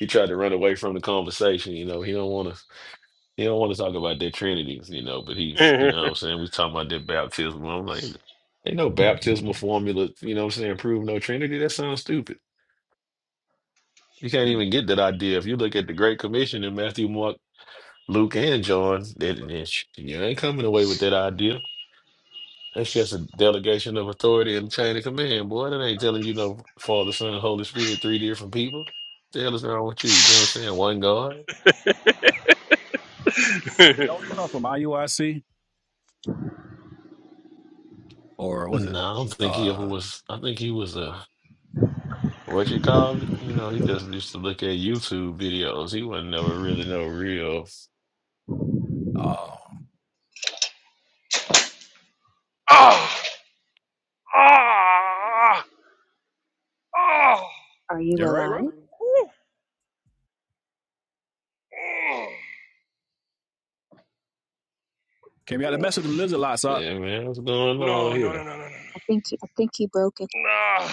he tried to run away from the conversation. You know, he don't want to. He don't want to talk about their trinities, you know, but he's, you know what I'm saying? We talking about their baptism. I'm like, ain't no baptismal formula, you know what I'm saying? Prove no trinity. That sounds stupid. You can't even get that idea. If you look at the Great Commission in Matthew, Mark, Luke, and John, that, that sh- you ain't coming away with that idea. That's just a delegation of authority and chain of command, boy. That ain't telling you no Father, Son, Holy Spirit, three different people. The hell is wrong with you? You know what I'm saying? One God? Don't you come from IUIC or was it? No, I don't think he ever Uh, was. I think he was a. What you call it? You know, he just used to look at YouTube videos. He wasn't never really no real. uh, ah, ah, ah. Are you you're right, bro. alive? Woo. Mm. Came out to mess with them Oof. lizard lots up. Yeah, man, what's going No, on no, no, here? no, no, no. no. I think, he, I think he broke it. Nah,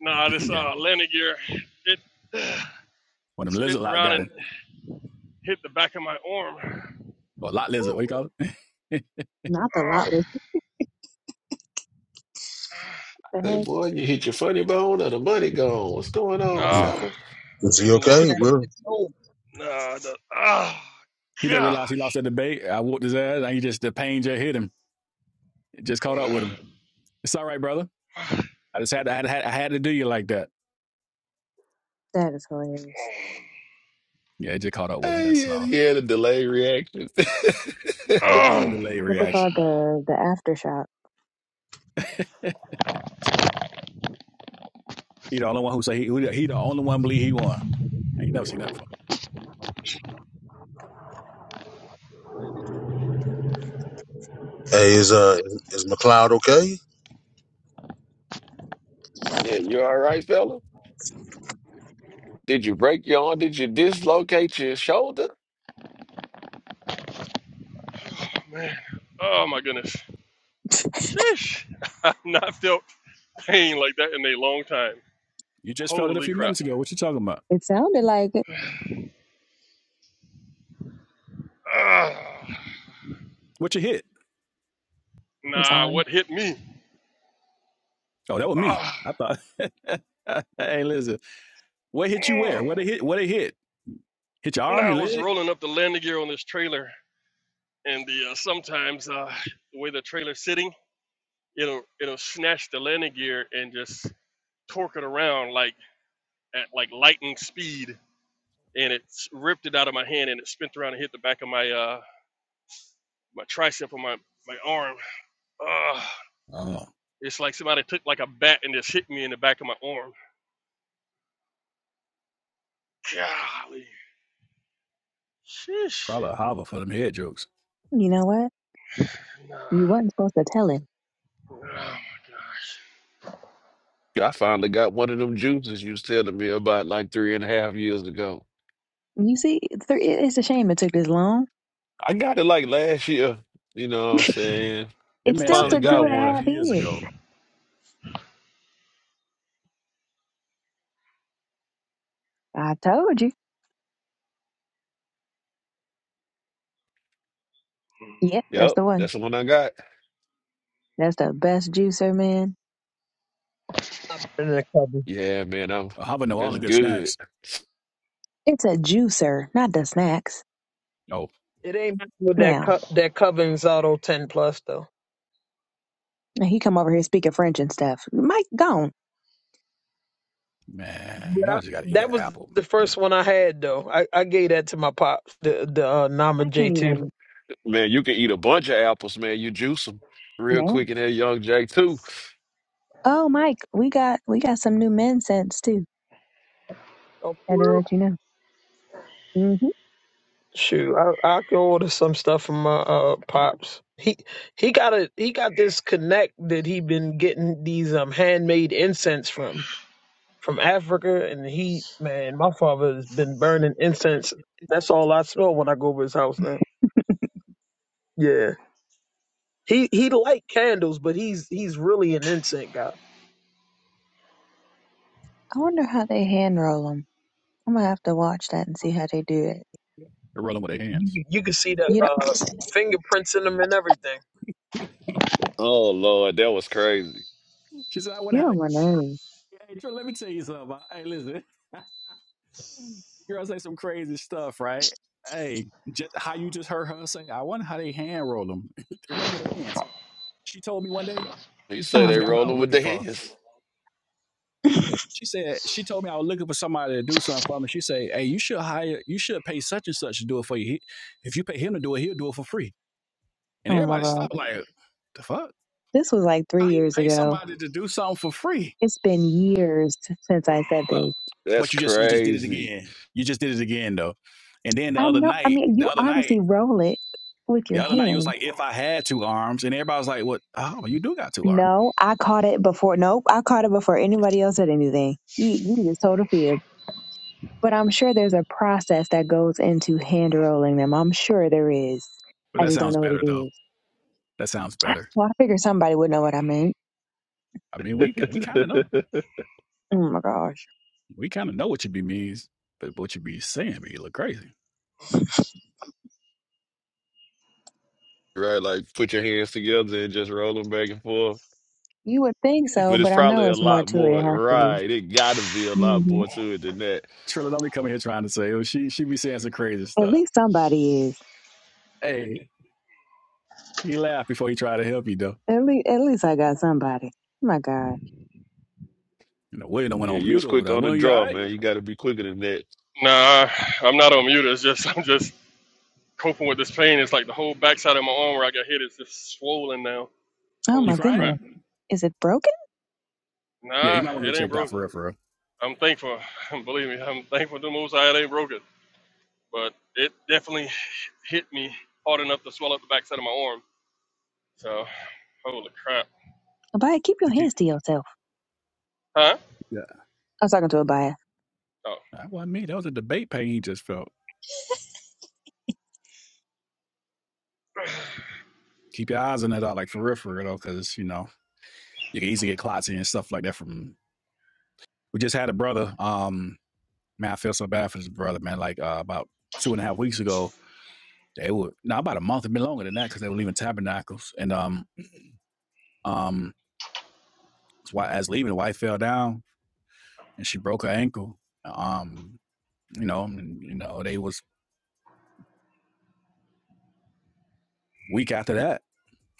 nah. This okay. uh, landing gear, it When them lizard spent lot around got and it. hit the back of my arm. or lot lizard, Woo. what you call it? Not the Ah, lot list. the Hey, head. boy, you hit your funny bone or the money gone? What's going on, nah. I is fella? think he the Lord. okay? Snatched Will? and sold. Nah, the, oh, he didn't realize he gosh. lost that debate. I whooped his ass, and he just the pain just hit him. It just caught up with him. It's all right, brother. I just had to, I had, I had to do you like that. That is hilarious. Yeah, it just caught up with him. Hey, he That's had, all. he had a delayed reaction. A long Oh, delay What they reaction. call the the aftershock. He the only one who say he, who- he the only one believe he won. I ain't never seen that before. Hey, is, uh, is McLeod okay? Yeah, you all right, fella? Did you break your arm? Did you dislocate your shoulder? man. Oh, my goodness. Sheesh. I've not felt pain like that in a long time. You just felt it a Holy few crap. minutes ago. What you talking about? It sounded like it. Ah, What you hit? It's nah, on. what hit me? Oh, that was me. Ah, I thought. hey, listen. What hit you where? mm. What they hit? What they hit? Hit your Nah, arm, I your was leg? rolling up the landing gear on this trailer, and the uh, sometimes uh, the way the trailer's sitting, it'll it'll snatch the landing gear and just torque it around like at like lightning speed and it ripped it out of my hand and it spun around and hit the back of my uh my tricep on my my arm. Ugh. Oh, It's like somebody took like a bat and just hit me in the back of my arm. Golly, sheesh. Probably a hobble for them head jokes. You know what? Nah. You wasn't supposed to tell him. Oh my gosh. I finally got one of them juices you was telling me about like three and a half years ago. You see, it's it's a shame it took this long. I got it like last year. You know what I'm saying? That It man still Finally said took three two and got a and a one. half half years years. ago, I told you. Yep, that's Yep, the one. that's the one I got. That's the best juicer, man. Not better than that coven. Yeah, man, I'm, a hobble know all that's the good good. snacks. It's a juicer, not the snacks. Oh. it ain't with that Now, co- that covens auto 10 plus though now he come over here speaking French and stuff. Mike gone. Man, But I, y'all just gotta eat that an was apple. the first one I had though. I, I gave that to my pops, the the uh, Nama I J can't two. even. Man, you can eat a bunch of apples, man. You juice them real Yeah. quick in that Young Jack too. Oh, Mike, we got we got some new men scents too. Oh, Had to for real? let you know. hmm shoot, I I can order some stuff from my uh, pops. He he got a he got this connect that he been getting these um handmade incense from from Africa, and he man, my father has been burning incense. That's all I smell when I go over his house now. Yeah, he he like candles, but he's he's really an incense guy. I wonder how they hand roll them. I'm gonna have to watch that and see how they do it. They're rolling with their You, hands. can- you can see the You know, uh, fingerprints in them and everything. Oh Lord, that was crazy. She said, I wonder you how they. don't want to. Hey, Drew, let me tell you something. Hey, listen. Girl say some crazy stuff, right? Hey, just, how you just heard her say, I wonder how they hand roll them. they roll them with their hands. She told me one day. You say Oh I they my forgot god. what I was rolling with looking their for. hands. She said she told me I was looking for somebody to do something for me. She said, "Hey, you should hire, you should pay such and such to do it for you. He, if you pay him to do it, he'll do it for free." And Oh my everybody god. stopped like, "The fuck? This was like How three you years pay ago. somebody to do something for free?" It's been years since I said Well, this. That's but you just you just did it crazy. again. You just did it again though. And then the I other know. I night, mean, the you other night, obviously roll it with the your other night, you was hand. like, Mm. "If I had two arms," and everybody was like, "What? Oh, you do got two arms." No, I caught it before. Nope, I caught it before anybody else said anything. You, you just told a fib. But I'm sure there's a process that goes into hand rolling them. I'm sure there is. But I that just don't sounds know what better it though. is. That sounds better. Well, I figured somebody would know what I meant. I mean, we we kind of know Oh my gosh. we kind of know what you be means, but what you be saying be you look crazy. Right, like put your hands together and just roll them back and forth. You would think so, But it's but I probably know a it's more lot to it. more. It has to be. Right, it gotta be a lot hmm more to it than that. Trilla don't be coming here trying to say, oh, she she be saying some crazy At stuff. least somebody is. Hey, he laughed before he tried to help you though. At least, at least I got somebody. Oh my God. You know, William went Yeah, on you was mute over quick there. on the William, you all draw, right? man. You gotta be quicker than that. Nah, I'm not on mute. It's just I'm just coping with this pain. It's like the whole backside of my arm where I got hit is just swollen now. Oh You Holy my goodness. crap. crying? Is it broken? Yeah, you Nah, might want to go it ain't check that broken. for real, for real. I'm thankful. Believe me, I'm thankful to the most high it ain't broken. but it definitely hit me hard enough to swell up the backside of my arm. So, holy crap. Abaya, keep your keep- hands to yourself. Huh? Yeah. I was talking to Abaya. Oh. That wasn't me. That was a debate pain he just felt. keep your eyes on that, like for real, for real, because you know you can easily get clotsy and stuff like that. From we just had a brother. Um, man, I feel so bad for this brother, man. Like uh, about two and a half weeks ago, they were now about a month, a bit longer than that, because they were leaving Tabernacles, and um, um, as leaving, the wife fell down and she broke her ankle. Um, you know, and, you know, they was week after that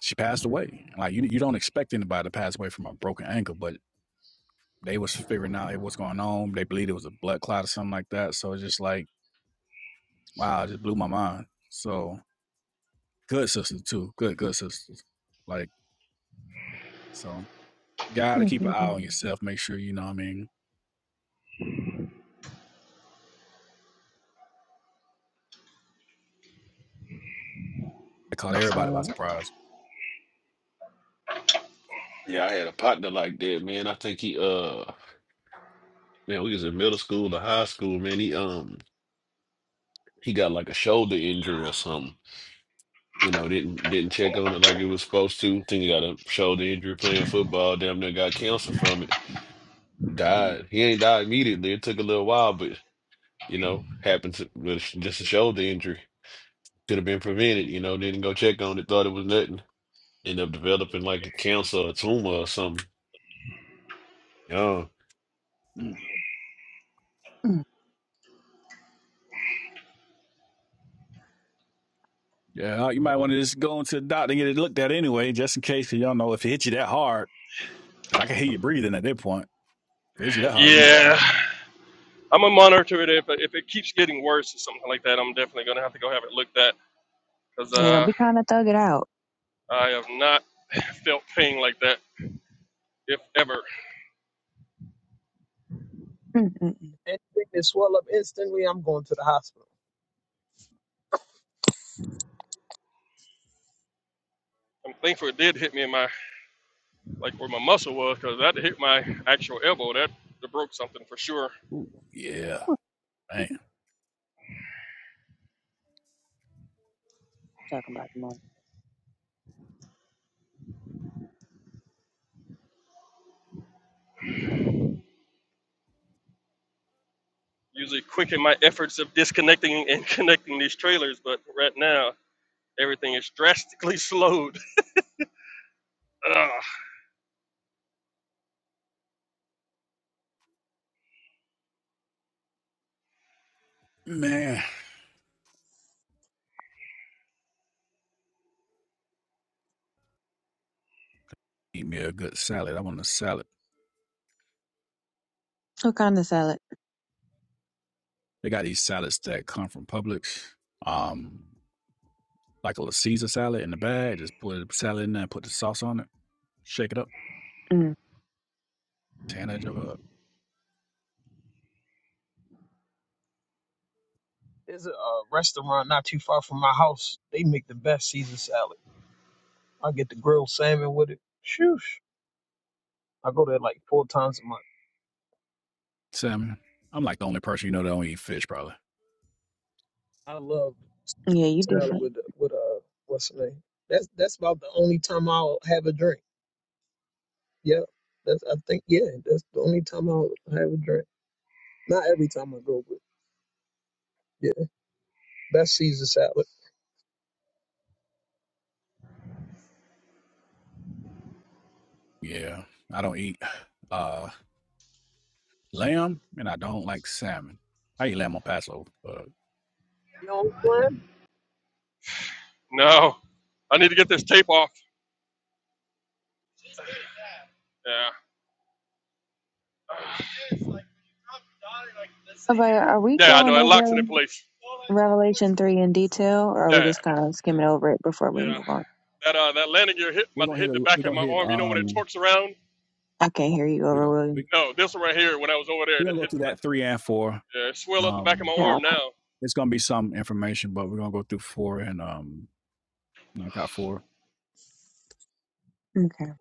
she passed away. Like you, you don't expect anybody to pass away from a broken ankle, but they was figuring out hey, what's going on. They believed it was a blood clot or something like that. So it's just like wow, it just blew my mind. So good sisters too. Good, good sisters. Like, so gotta keep an eye Mm-mm-mm. on yourself. Make sure you know what I mean. I caught I'm everybody by saying, surprise. Yeah, I had a partner like that, man. I think he, uh, man, we was in middle school to high school, man. He, um, he got like a shoulder injury or something. You know, didn't didn't check on it like it was supposed to. Think he got a shoulder injury playing football. Damn near got cancer from it. Mm, Died. He ain't died immediately. It took a little while, but you know, happened to, with just a shoulder injury. Could have been prevented. You know, didn't go check on it. Thought it was nothing. End up developing like a cancer, or a tumor, or something. Yeah. mm. mm. Yeah, you might want to just go into the doctor and get it looked at anyway, just in case 'cause you all know if it hit you that hard. Cause I can hear you breathing at that point. Fidget that hard. You might want Yeah. to. I'm going to monitor it. If, if it keeps getting worse or something like that, I'm definitely going to have to go have it looked at because yeah, don't uh, be trying to thug it out. I have not felt pain like that, if ever. Mm-mm-mm. Anything that swell up instantly, I'm going to the hospital. I'm thankful it did hit me in my, like where my muscle was because that hit my actual elbow. That, that broke something for sure. Yeah. Man. Talking about the money. Usually quicken my efforts of disconnecting and connecting these trailers, but right now everything is drastically slowed Ugh, Man. Eat me a good salad. I want a salad. What kind of salad? They got these salads that come from Publix. Um, like a little Caesar salad in the bag. Just put a salad in there, put the sauce on it, shake it up. Mm. Tana Joa. There's a uh, restaurant not too far from my house. They make the best Caesar salad. I get the grilled salmon with it. Shoosh. I go there like four times a month. Salmon. I'm like the only person you know that don't eat fish, probably. I love Yeah, you salad different. with the- with uh what's the name? That's that's about the only time I'll have a drink. Yeah, that's I think yeah, that's the only time I'll have a drink. Not every time I go, but yeah, best Caesar salad. Yeah, I don't eat uh lamb, and I don't like salmon. I eat lamb on Passover, but You know what I'm saying? no, I need to get this tape off. Yeah, Abaya, are we yeah, I going know it locks over it in place. Revelation 3 in detail, or are we Yeah, just yeah. kind of skimming over it before we move on? That uh, that landing gear hit we're my gonna hit. hit A, the we're back of gonna my hit. arm. You know when it Um, torques around? I can't hear you we're over, gonna William. we, No, this one right here. When I was over there, it we're gonna go hit through the back. that three and four. Yeah, it swelled up the back of Um, my Yeah, arm okay. now. it's gonna be some information, but we're gonna go through four and um No, I got four. Okay.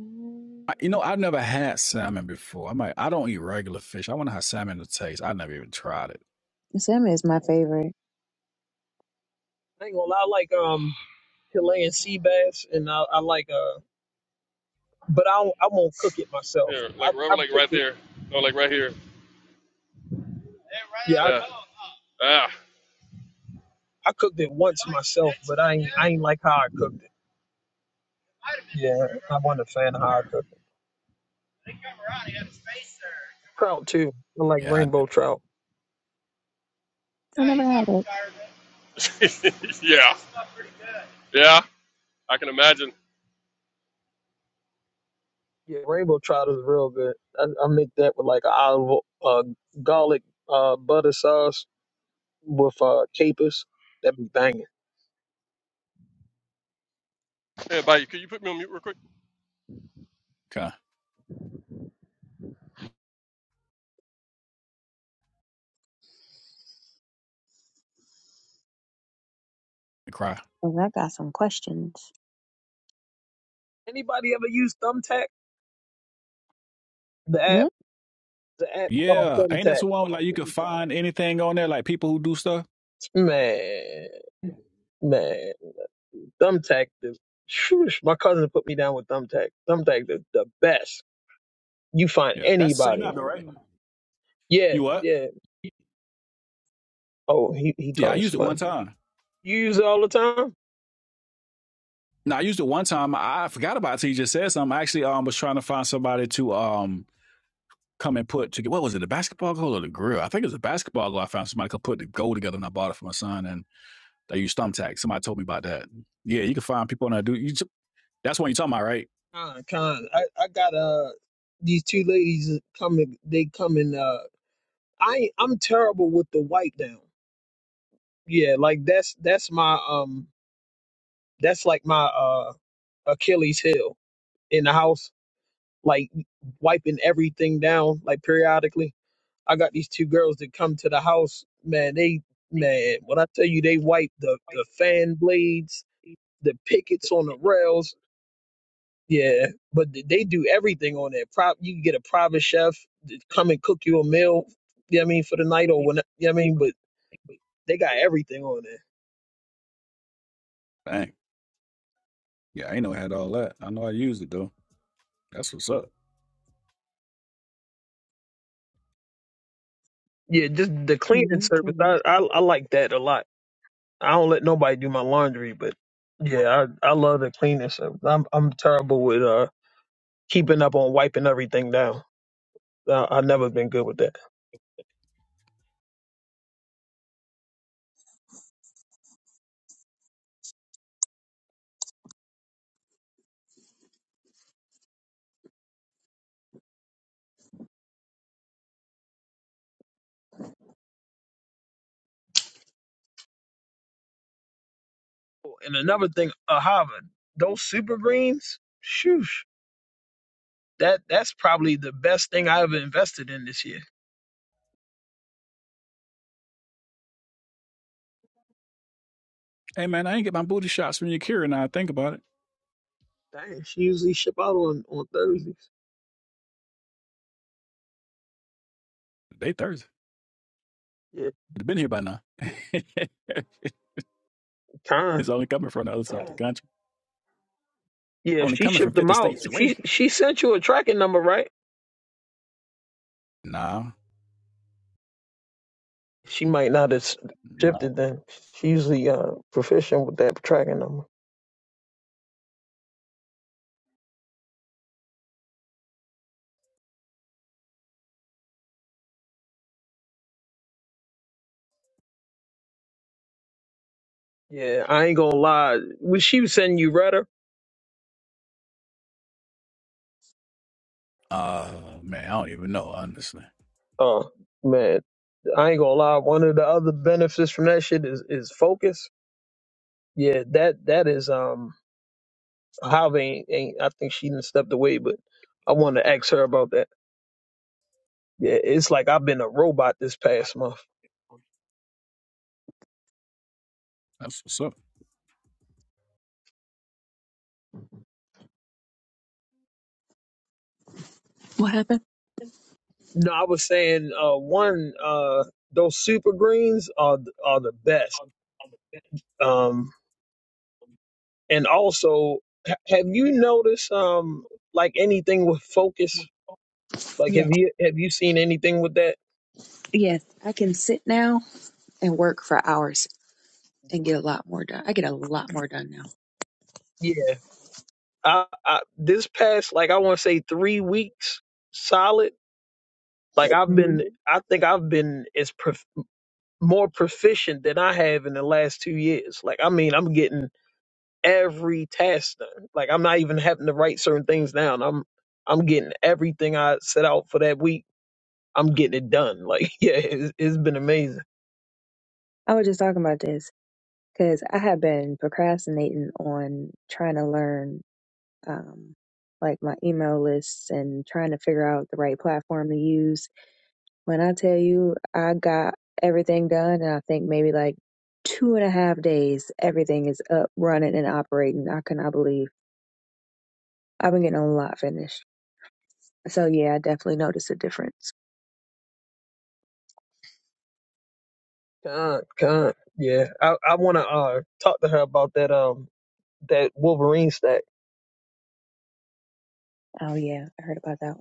Mm. I, you know, I've never had salmon before. I might. I don't eat regular fish. I wonder how salmon will taste. I never even tried it. Sim is my favorite. I ain't gonna lie, I like um. Chilean sea bass, and I, I like uh, but I don't, I won't cook it myself. Here, I like rubber, I've like cooked right it. there. No, like right here. Yeah. Yeah, I, right out of the bone, huh? I cooked it once myself, but I ain't I ain't like how I cooked it. Yeah, I wasn't a fan of how I cooked it. Trout too. I like Yeah, I rainbow trout. I never had it. Ah. yeah. Yeah, I can imagine. Yeah, rainbow trout is real good. I, I make that with like olive, uh, garlic, uh, butter sauce with uh capers. That be banging. Hey, buddy, could you put me on mute real quick? kind of cry. And I got some questions. Anybody ever use Thumbtack? The app, Hmm? the app called Yeah, ain't that Thumbtack. the one like you can find anything on there like people who do stuff. Man, man. Thumbtack, the, shoosh, my cousin put me down with Thumbtack. Thumbtack, the, the best. You find Yeah, that's the same anybody. app, though, right? Yeah, You what? yeah. Oh, he, he Yeah, I talking to used it somebody. one time. You use it all the time? No, I used it one time. I forgot about it. till You just said something. I actually um was trying to find somebody to um come and put together. What was it? The basketball goal or the grill? I think it was a basketball goal. I found somebody could put the goal together, and I bought it for my son. and. They use thumbtack. Somebody told me about that. Yeah, you can find people on that. Do you? That's what you're talking about, right? Con, con. I, I got uh these two ladies coming. They coming. Uh, I I'm terrible with the wipe down. Yeah, like that's that's my um that's like my uh Achilles heel in the house. Like wiping everything down like periodically. I got these two girls that come to the house, man. They, man, when I tell you they wipe the, the fan blades, the pickets on the rails, yeah. But th- they do everything on there. Prop, you can get a private chef to come and cook you a meal. You know what I mean for the night or when you know what I mean, but they got everything on there. Dang. Yeah, I ain't know I had all that. I know I used it though. That's what's up. Yeah, just the cleaning New service. tools. I, I I like that a lot. I don't let nobody do my laundry, but yeah, I I love the cleaning service. I'm I'm terrible with uh keeping up on wiping everything down. I, I've never been good with that. And another thing, uh, Harvard, those super greens, shoosh, that that's probably the best thing I ever invested in this year. Hey man, I ain't get my booty shots from Yakira now. I think about it. Dang, she usually ship out on on Thursdays. They Thursday. Yeah, They've been here by now. time. it's only coming from the other side of the country. Yeah, if Only she coming from shipped them 50 out, states away. she she sent you a tracking number, right? Nah, She might not have s- shipped nah. it then. She usually uh, proficient with that tracking number. Yeah, I ain't gonna lie. When she was sending you Rudder? Uh, man, I don't even know, honestly. Oh man, I ain't gonna lie. One of the other benefits from that shit is is focus. Yeah, that that is um. Javi ain't, ain't I think she done stepped away, but I want to ask her about that. Yeah, it's like I've been a robot this past month. That's what's up. What happened? No, I was saying uh one uh those super greens are th- are the best. Um, and also ha- have you noticed um like anything with focus? Like have Yes. you have you seen anything with that? Yes. I can sit now and work for hours and get a lot more done. I get a lot more done now. Yeah. I, I this past like I want to say three weeks solid. Like I've hmm been, I think I've been as prof- more proficient than I have in the last two years. Like I mean, I'm getting every task done. Like I'm not even having to write certain things down. I'm I'm getting everything I set out for that week. I'm getting it done. Like yeah, it's, it's been amazing. I was just talking about this because I have been procrastinating on trying to learn um, like my email lists and trying to figure out the right platform to use. When I tell you I got everything done, and I think maybe like two and a half days, everything is up, running, and operating. I cannot believe I've been getting a lot finished. So yeah, I definitely noticed a difference. Con, con, yeah. I I want to uh talk to her about that um that Wolverine stack. Oh yeah, I heard about that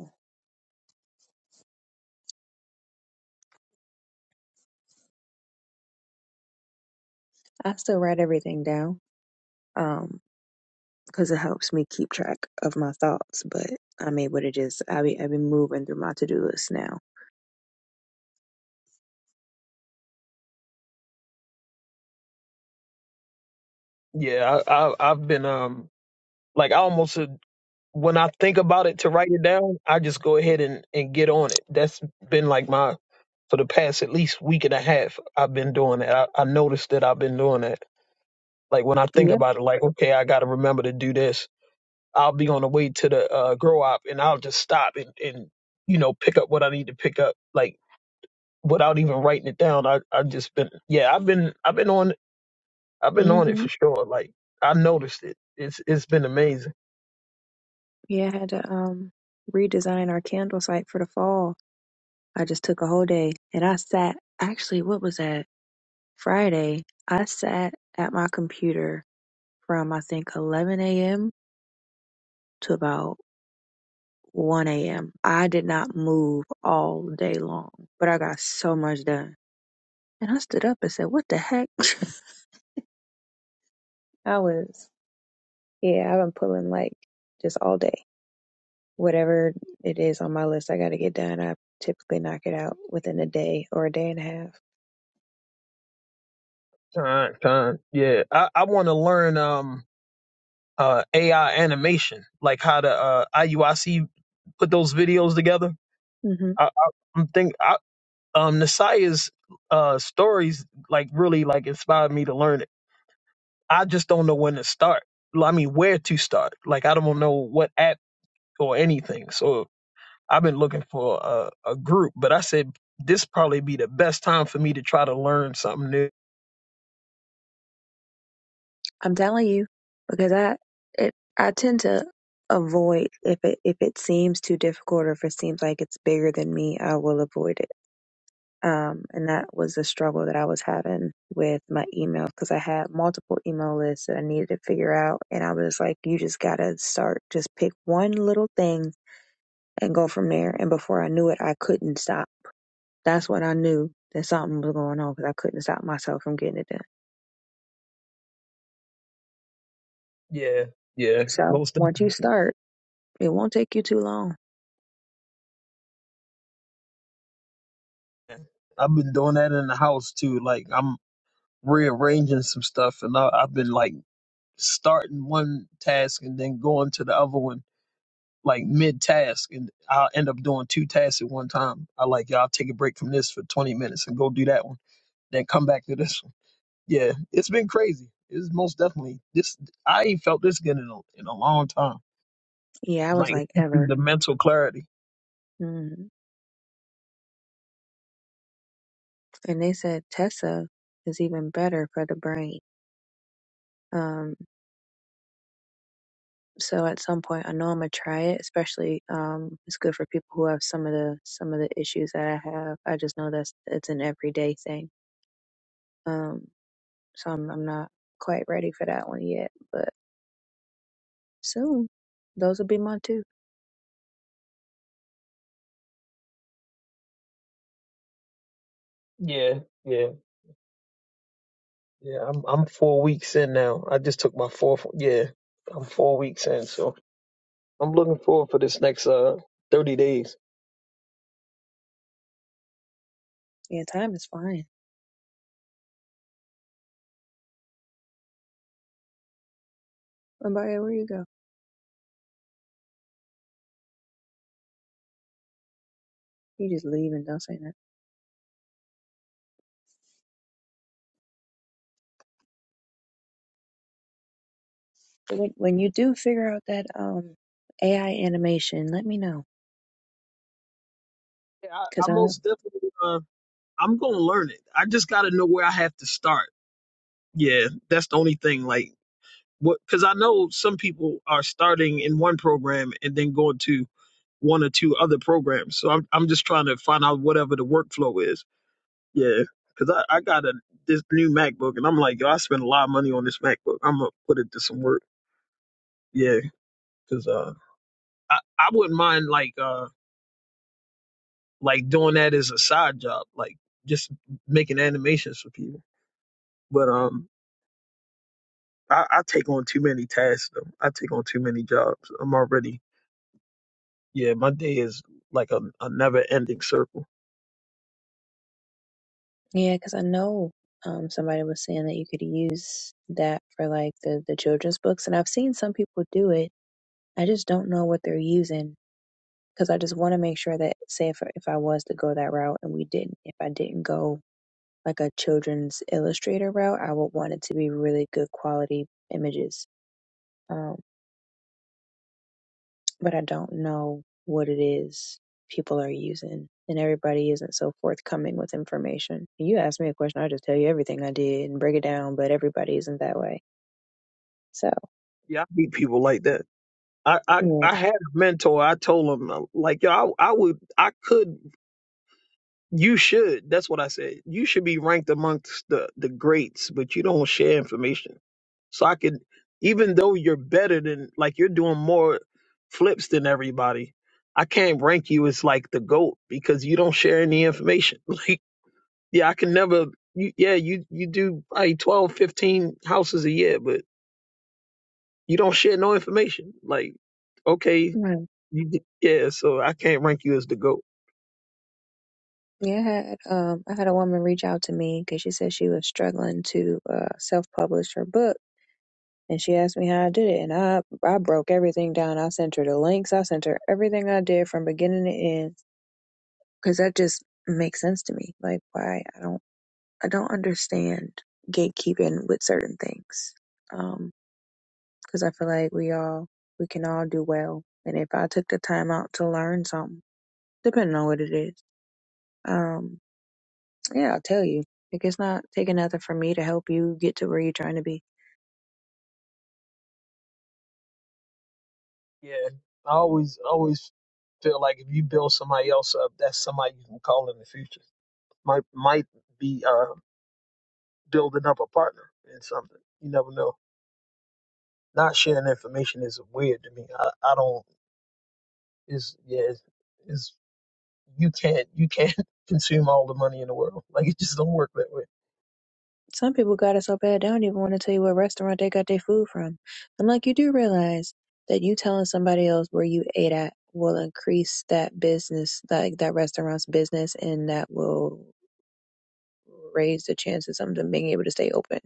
I still write everything down um because it helps me keep track of my thoughts. But I'm able to just I be I be moving through my to do list now. Yeah, I, I I've been um like I almost when I think about it to write it down, I just go ahead and, and get on it. That's been like my for the past at least week and a half. I've been doing that. I, I noticed that I've been doing that. Like when I think Yeah. about it, like okay, I got to remember to do this. I'll be on the way to the uh, grow up, and I'll just stop and and you know pick up what I need to pick up, like without even writing it down. I I just been yeah, I've been I've been on I've been on it Mhm. for sure. Like I noticed it. It's it's been amazing. Yeah, I had to um redesign our candle site for the fall. I just took a whole day and I sat. Actually, what was that? Friday. I sat at my computer from I think 11 a.m. to about 1 a.m. I did not move all day long, but I got so much done. And I stood up and said, What the heck? I was, yeah, I've been pulling like just all day. Whatever it is on my list I got to get done, I typically knock it out within a day or a day and a half. Time time yeah. I I want to learn um uh, AI animation, like how the uh, IUIC put those videos together. Mm-hmm. I, I, I'm think I, um, Nasaya's uh, stories like really like inspired me to learn it. I just don't know when to start. Well, I mean, where to start? Like I don't know what app or anything. So I've been looking for a, a group, but I said this probably be the best time for me to try to learn something new. I'm telling you because I it I tend to avoid if it if it seems too difficult or if it seems like it's bigger than me, I will avoid it. Um, and that was a struggle that I was having with my email because I had multiple email lists that I needed to figure out, and I was like, you just gotta start, just pick one little thing and go from there. And before I knew it, I couldn't stop. That's when I knew that something was going on because I couldn't stop myself from getting it done. Yeah, yeah, So most. once you start, it won't take you too long Definitely. I've been doing that in the house too. Like I'm rearranging some stuff, and I, I've been like starting one task and then going to the other one like mid task, and I'll end up doing two tasks at one time. I like y'all take a break from this for twenty minutes and go do that one, then come back to this one. Yeah, it's been crazy. It's most definitely this. I ain't felt this good in a, in a long time. Yeah, I was Like like, ever. the mental clarity. Mm. And they said Tessa is even better for the brain. Um, so at some point, I know I'm gonna try it. Especially, um, it's good for people who have some of the some of the issues that I have. I just know that's it's an everyday thing. Um, so I'm I'm not quite ready for that one yet, but soon. Those will be mine too. Yeah, yeah, yeah. I'm I'm four weeks in now. I just took my fourth. Yeah, I'm four weeks in. So I'm looking forward for this next uh 30 days. Yeah, time is flying. Lombardi, where you go? You just leave and don't say that. When when you do figure out that um AI animation, let me know. Yeah, I, I 'Cause most definitely. Uh, I'm gonna learn it. I just gotta know where I have to start. Yeah, that's the only thing. Like, what? Because I know some people are starting in one program and then going to one or two other programs. So I'm I'm just trying to find out whatever the workflow is. Yeah, because I I got a this new MacBook and I'm like, yo, I spent a lot of money on this MacBook. I'm gonna put it to some work. Yeah, because uh, I I wouldn't mind like. uh. like doing that as a side job, like just making animations for people. But um, I, I take on too many tasks. Though. I take on too many jobs. I'm already yeah. My day is like a, a never ending circle. Yeah, because I know um, somebody was saying that you could use that for like the, the children's books, and I've seen some people do it. I just don't know what they're using because I just want to make sure that, say, if, if I was to go that route and we didn't, if I didn't go like a children's illustrator route, I would want it to be really good quality images. um, but I don't know what it is people are using. And everybody isn't so forthcoming with information. You ask me a question, I just tell you everything I did and break it down, but everybody isn't that way. So Yeah, I meet people like that. I, I yeah, I had a mentor. I told him uh, like yo, I, I would I could You should. That's what I said. You should be ranked amongst the the greats, but you don't share information. So I could, even though you're better than, like you're doing more flips than everybody, I can't rank you as like the goat because you don't share any information. Like, yeah, I can never. You, yeah, you you do probably 12, 15 houses a year, but you don't share no information. Like, okay, Mm. you, d- yeah, so I can't rank you as the goat. yeah. I had um, I had a woman reach out to me because she said she was struggling to uh, self-publish her book, and she asked me how I did it, and I I broke everything down. I sent her the links. I sent her everything I did from beginning to end because that just makes sense to me. Like why I don't I don't understand gatekeeping with certain things. um, cause I feel like we all we can all do well. And if I took the time out to learn something, depending on what it is, um, yeah, I'll tell you. Like it's not taking nothing from me to help you get to where you're trying to be. Yeah, I always always feel like if you build somebody else up, that's somebody you can call in the future. Might might be uh building up a partner in something. You never know. Not sharing information is weird to me. I, I don't is yeah is is- you can't you can't consume all the money in the world. Like it just don't work that way. Some people got it so bad they don't even want to tell you what restaurant they got their food from. I'm like, you do realize that you telling somebody else where you ate at will increase that business, like that restaurant's business, and that will raise the chances of them being able to stay open.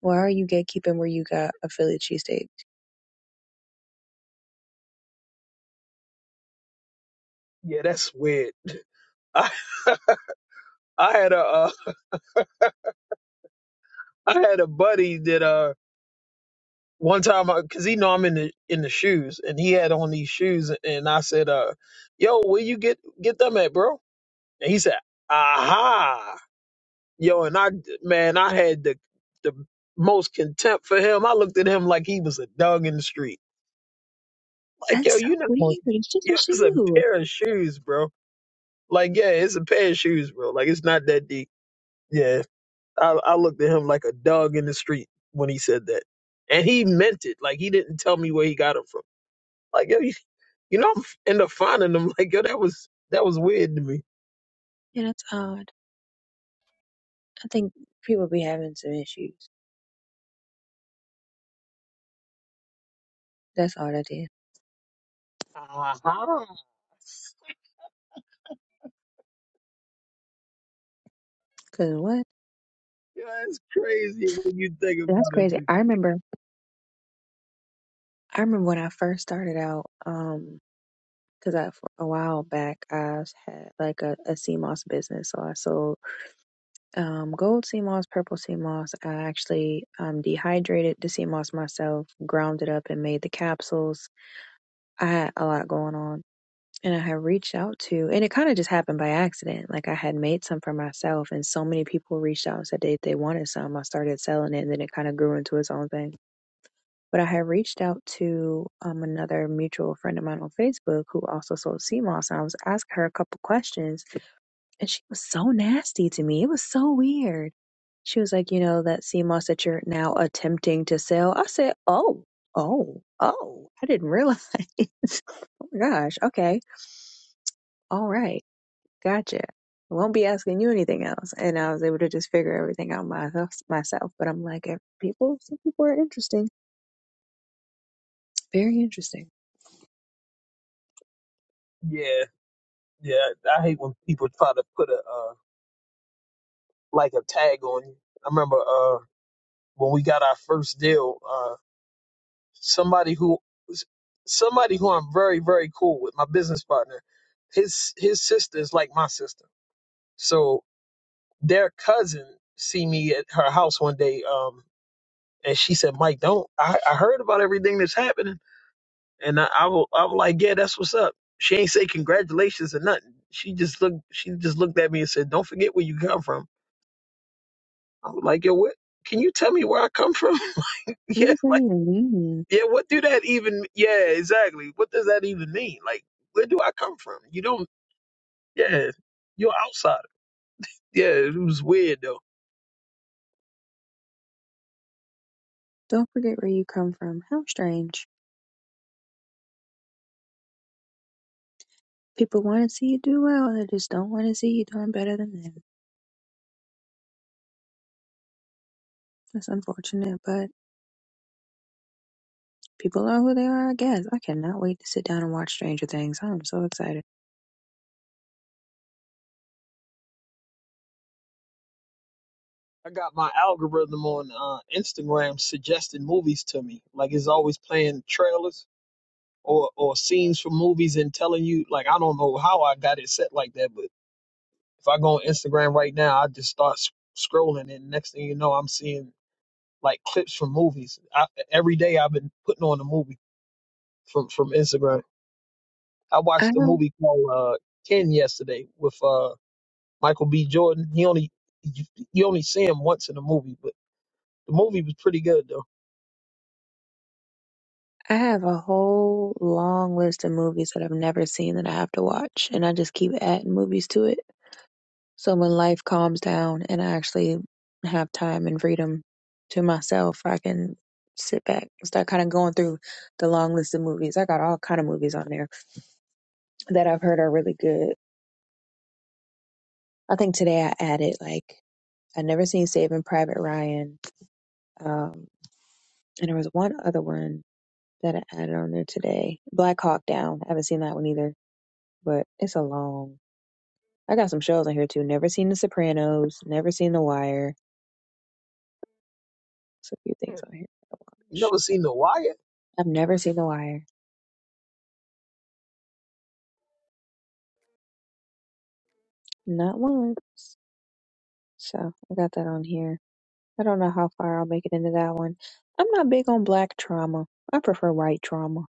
Why are you gatekeeping where you got a Philly cheesesteak? Yeah, that's weird. I I had a uh, I had a buddy that uh one time because he know I'm in the in the shoes, and he had on these shoes, and I said, "Uh, yo, where you get get them at, bro?" And he said, "Aha, yo," and I man, I had the the most contempt for him. I looked at him like he was a dog in the street. Like, yo, That's so you know, yo, weird. It's just a it's a shoe. pair of shoes, bro. Like, yeah, it's a pair of shoes, bro. Like, it's not that deep. Yeah, I, I looked at him like a dog in the street when he said that, and he meant it. Like, he didn't tell me where he got them from. Like, yo, you You know, I'm f- end up finding them like, yo, that was that was weird to me. Yeah, that's odd. I think people be having some issues. That's all that is. Uh-huh. Cause what? Yeah, it's crazy when you think That's about it. crazy. But I remember. I remember when I first started out. Um, cause I for a while back I had like a, a sea moss business, so I sold um gold sea moss, purple sea moss. I actually um dehydrated the sea moss myself, ground it up, and made the capsules I had a lot going on and I had reached out to, and it kind of just happened by accident. Like I had made some for myself and so many people reached out and said they, they wanted some. I started selling it and then it kind of grew into its own thing. But I had reached out to um, another mutual friend of mine on Facebook who also sold sea moss and I was asking her a couple questions and she was so nasty to me. It was so weird. She was like, you know, that sea moss that you're now attempting to sell. I said, oh, oh, oh, I didn't realize. oh my gosh, okay all right, gotcha. I won't be asking you anything else. And I was able to just figure everything out myself. myself. But I'm like, if people, some people are interesting, very interesting. yeah, yeah, I hate when people try to put a uh, like a tag on you. I remember uh, when we got our first deal, uh, somebody who somebody who I'm very very cool with, my business partner, his his sister is like my sister, so their cousin see me at her house one day. Um, And she said, Mike, don't. I, I heard about everything that's happening. And I, I, was, I was like, yeah, that's what's up. She ain't say congratulations or nothing. She just looked, she just looked at me and said, don't forget where you come from. I was like, yo, what? Can you tell me where I come from? What yeah. does that Like, even mean? yeah, what do that even, yeah, exactly. What does that even mean? Like, where do I come from? You don't, yeah, you're outsider. Yeah, it was weird though. Don't forget where you come from. How strange. People want to see you do well, they just don't want to see you doing better than them. That's unfortunate, but people are who they are, I guess. I cannot wait to sit down and watch Stranger Things. I'm so excited. I got my algorithm on uh, Instagram suggesting movies to me. Like it's always playing trailers or or scenes from movies and telling you like I don't know how I got it set like that, but if I go on Instagram right now, I just start s- scrolling, and next thing you know, I'm seeing like clips from movies. I, every day I've been putting on a movie from from Instagram. I I watched a have, movie called uh, Ken yesterday with uh, Michael B. Jordan. He only you, you only see him once in a movie, but the movie was pretty good though. I have a whole long list of movies that I've never seen that I have to watch, and I just keep adding movies to it. So when life calms down and I actually have time and freedom to myself, I can sit back and start kind of going through the long list of movies. I got all kind of movies on there that I've heard are really good. I think today I added like I never seen Saving Private Ryan, um, and there was one other one that I added on there today. Black Hawk Down. I haven't seen that one either, but it's a long. I got some shows on here too. Never seen The Sopranos. Never seen The Wire. It's a few things on here. You Sh- never seen The Wire? I've never seen The Wire, not once. So I got that on here. I don't know how far I'll make it into that one. I'm not big on black trauma. I prefer white trauma.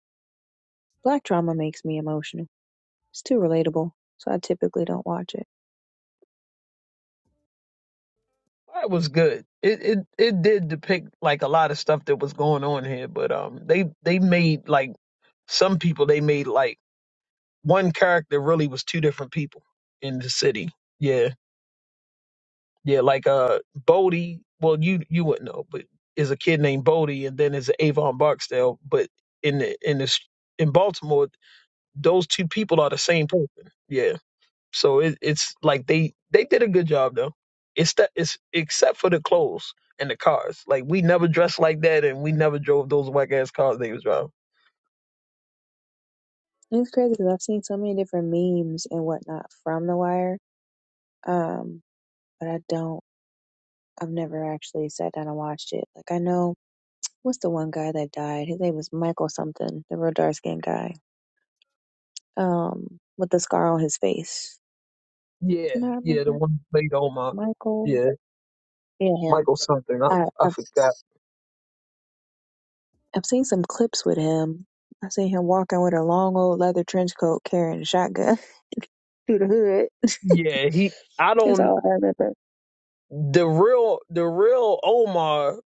Black trauma makes me emotional It's too relatable, so I typically don't watch it. It was good. It it it did depict like a lot of stuff that was going on here, but um, they they made like some people they made like one character really was two different people in the city. Yeah, yeah, like uh, Bodie. Well, you you wouldn't know, but is a kid named Bodie, and then is Avon Barksdale. But in the in this in Baltimore, those two people are the same person. Yeah So it, it's like they they did a good job though. It's that it's except for the clothes and the cars. Like we never dressed like that, and we never drove those whack ass cars they was driving. It's crazy because I've seen so many different memes and whatnot from The Wire, um, but I don't. I've never actually sat down and watched it. Like I know what's the one guy that died? His name was Michael something, the real dark skinned guy. um, with the scar on his face. Yeah, Can I yeah, the remember one who played Omar. Michael? Yeah, Yeah, him. Michael something. I I, I I've forgot. I've seen some clips with him. I seen him walking with a long old leather trench coat, carrying a shotgun through the hood. Yeah, he. I That's don't. all I remember. The real the real Omar.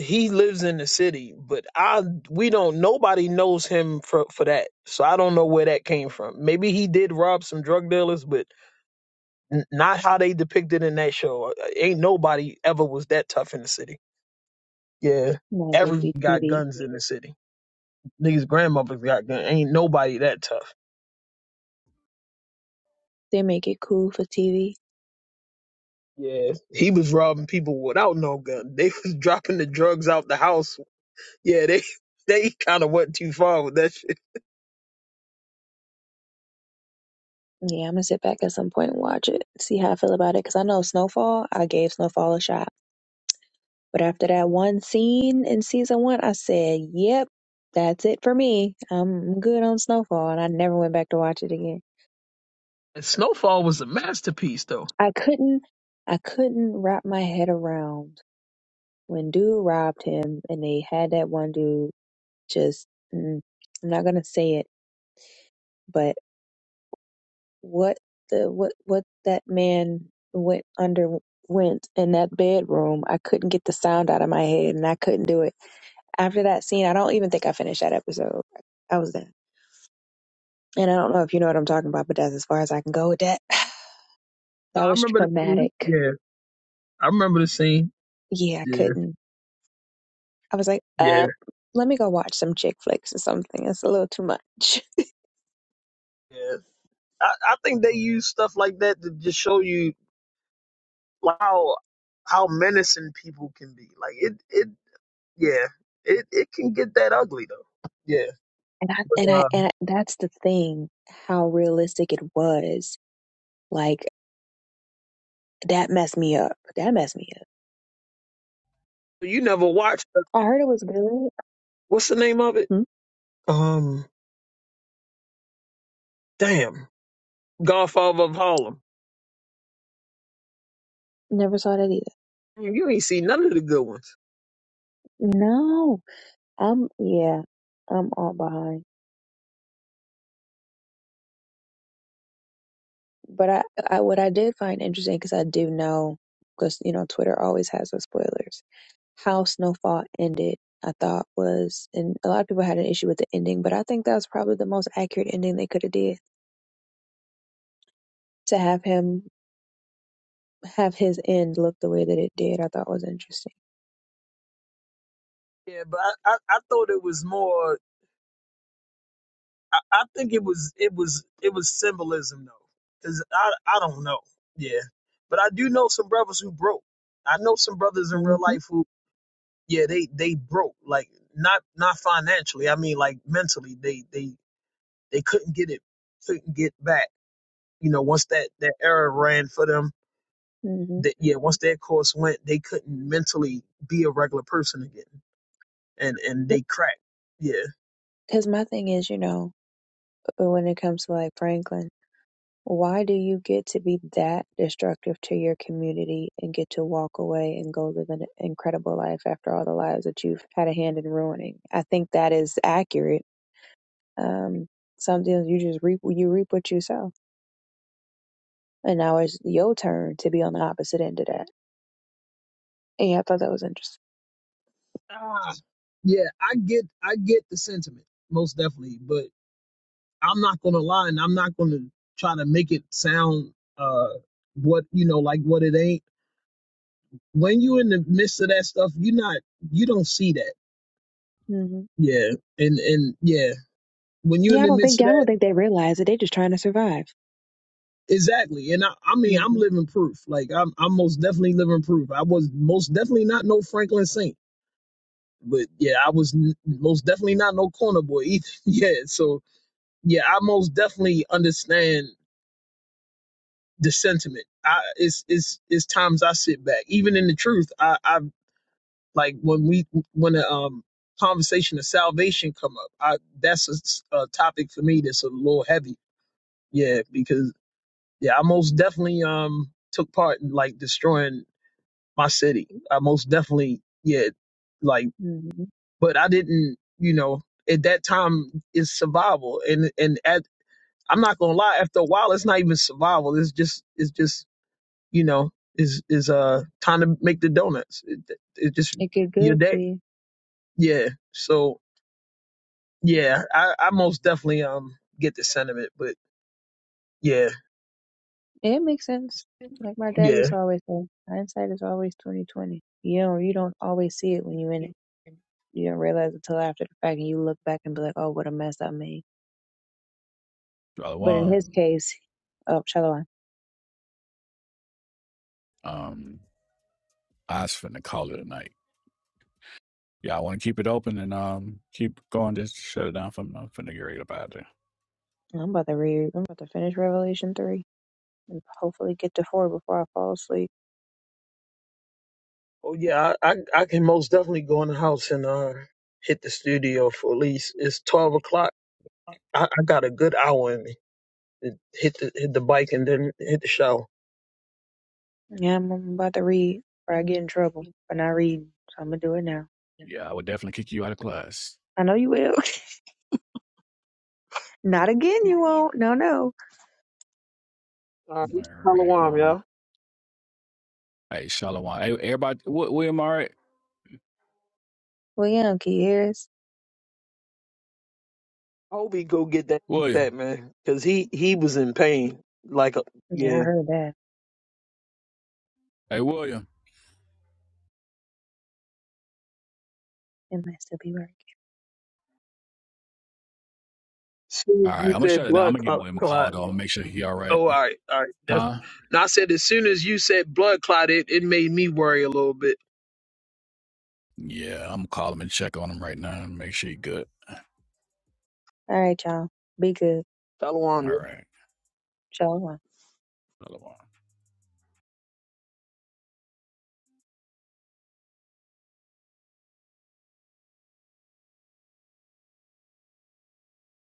He lives in the city, but I we don't. Nobody knows him for for that. So I don't know where that came from. Maybe he did rob some drug dealers, but N- not how they depicted in that show. Uh, Ain't nobody ever was that tough in the city. Yeah, Not just every be got TV. guns in the city. Niggas' grandmothers got guns. Ain't nobody that tough. They make it cool for TV. Yeah, he was robbing people without no gun. They was dropping the drugs out the house. Yeah, they they kind of went too far with that shit. Yeah, I'm gonna sit back at some point and watch it, see how I feel about it. Cause I know Snowfall, I gave Snowfall a shot. But after that one scene in season one, I said, yep, that's it for me. I'm good on Snowfall. And I never went back to watch it again. And Snowfall was a masterpiece, though. I couldn't, I couldn't wrap my head around when dude robbed him and they had that one dude just, mm, I'm not gonna say it, but. what the what what that man went underwent in that bedroom. I couldn't get the sound out of my head, and I couldn't do it. After that scene, I don't even think I finished that episode. I was done, and I don't know if you know what I'm talking about, but that's as far as I can go with that. No, That I was remember the scene. traumatic. Yeah, I remember the scene. Yeah, I Yeah, couldn't. I was like, yeah, uh, let me go watch some chick flicks or something. It's a little too much. yeah. I, I think they use stuff like that to just show you how how menacing people can be. Like it it yeah. It it can get that ugly though. Yeah. And I, But and I, uh and that's the thing, how realistic it was. Like, that messed me up. That messed me up. you never watched uh, I heard it was good. what's the name of it? Hmm? Um damn. Godfather of Harlem. Never saw that either. Man, You ain't seen none of the good ones. No. I'm, yeah, I'm all behind. But I, I what I did find interesting because I do know because you know Twitter always has those spoilers. How Snowfall ended, I thought was, and a lot of people had an issue with the ending, but I think that was probably the most accurate ending they could have did. To have him have his end look the way that it did, I thought was interesting. Yeah, but I, I, I thought it was more I, I think it was it was it was symbolism though. Cause I I don't know. Yeah. But I do know some brothers who broke. I know some brothers in hmm real life who yeah they they broke like not not financially i mean like mentally they they they couldn't get it couldn't get back you know once that that era ran for them hmm that yeah once that course went they couldn't mentally be a regular person again and and they cracked yeah Because my thing is, you know, when it comes to like Franklin. Why do you get to be that destructive to your community and get to walk away and go live an incredible life after all the lives that you've had a hand in ruining? I think that is accurate. Um, sometimes you just reap you reap what you sow, and now it's your turn to be on the opposite end of that. And yeah, I thought that was interesting. Ah, yeah i get i get the sentiment most definitely but i'm not gonna lie and i'm not gonna try to make it sound uh what you know like what it ain't when you in the midst of that stuff you're not you don't see that hmm Yeah, and and yeah, when you're Yeah, in I the don't midst think of I don't that, think they realize it. They're just trying to survive. exactly. And I, I mean, I'm Mhm. living proof. Like I'm, I'm most definitely living proof. I was most definitely not no Franklin Saint, but yeah, I was n- most definitely not no corner boy either. yeah, so yeah, I most definitely understand the sentiment. I it's it's it's times I sit back, even in the truth. I I like when we when the um conversation of salvation come up. I that's a, s- a topic for me that's a little heavy. Yeah, because Yeah, I most definitely um took part in like destroying my city. I most definitely yeah, like Mhm. but I didn't, you know, at that time it's survival and and at I'm not gonna lie, after a while it's not even survival. It's just it's just, you know, is is uh time to make the donuts. It, it just It get your good to day. you. Yeah. So yeah, I, I most definitely um get the sentiment, but yeah, It makes sense. Like my dad yeah. used to always say, hindsight is always twenty twenty. You don't you don't always see it when you're in it. You don't realize until after the fact, and you look back and be like, "Oh, what a mess I made." Brother But in his Juan. case, oh, Shalom. Um, I was finna call it a night. Yeah, I want to keep it open and um keep going. Just shut it down from I'm finna get ready to buy it. I'm about to read. I'm about to finish Revelation three and hopefully get to four before I fall asleep. Oh yeah, I, I I can most definitely go in the house and uh hit the studio for at least it's twelve o'clock. I, I got a good hour in me. Hit the hit the bike and then hit the shower. Yeah, I'm, I'm about to read, or I get in trouble for not reading. So I'm gonna do it now. Yeah, I would definitely kick you out of class. I know you will. not again. You won't. No, no. All right, All right. Shalom, Well, y'all. hey, Shalom. Hey, everybody, Wi- William, all right? Well, yeah, Kiers. I hope he go get that William. that man because he he was in pain. Like a, Yeah, I yeah, heard that. Hey, William. It might still be working. All soon as right, I'm you gonna shut said it down. I'm blood gonna give clot, William a call clot. though. I'm gonna make sure he all right. Oh, all right, all right. That's. Huh? Now I said as soon as you said blood clot, it, it made me worry a little bit. Yeah, I'm gonna call him and check on him right now and make sure he good. All right, y'all. Be good. Shalom, All y'all. right. Shalom. Another one.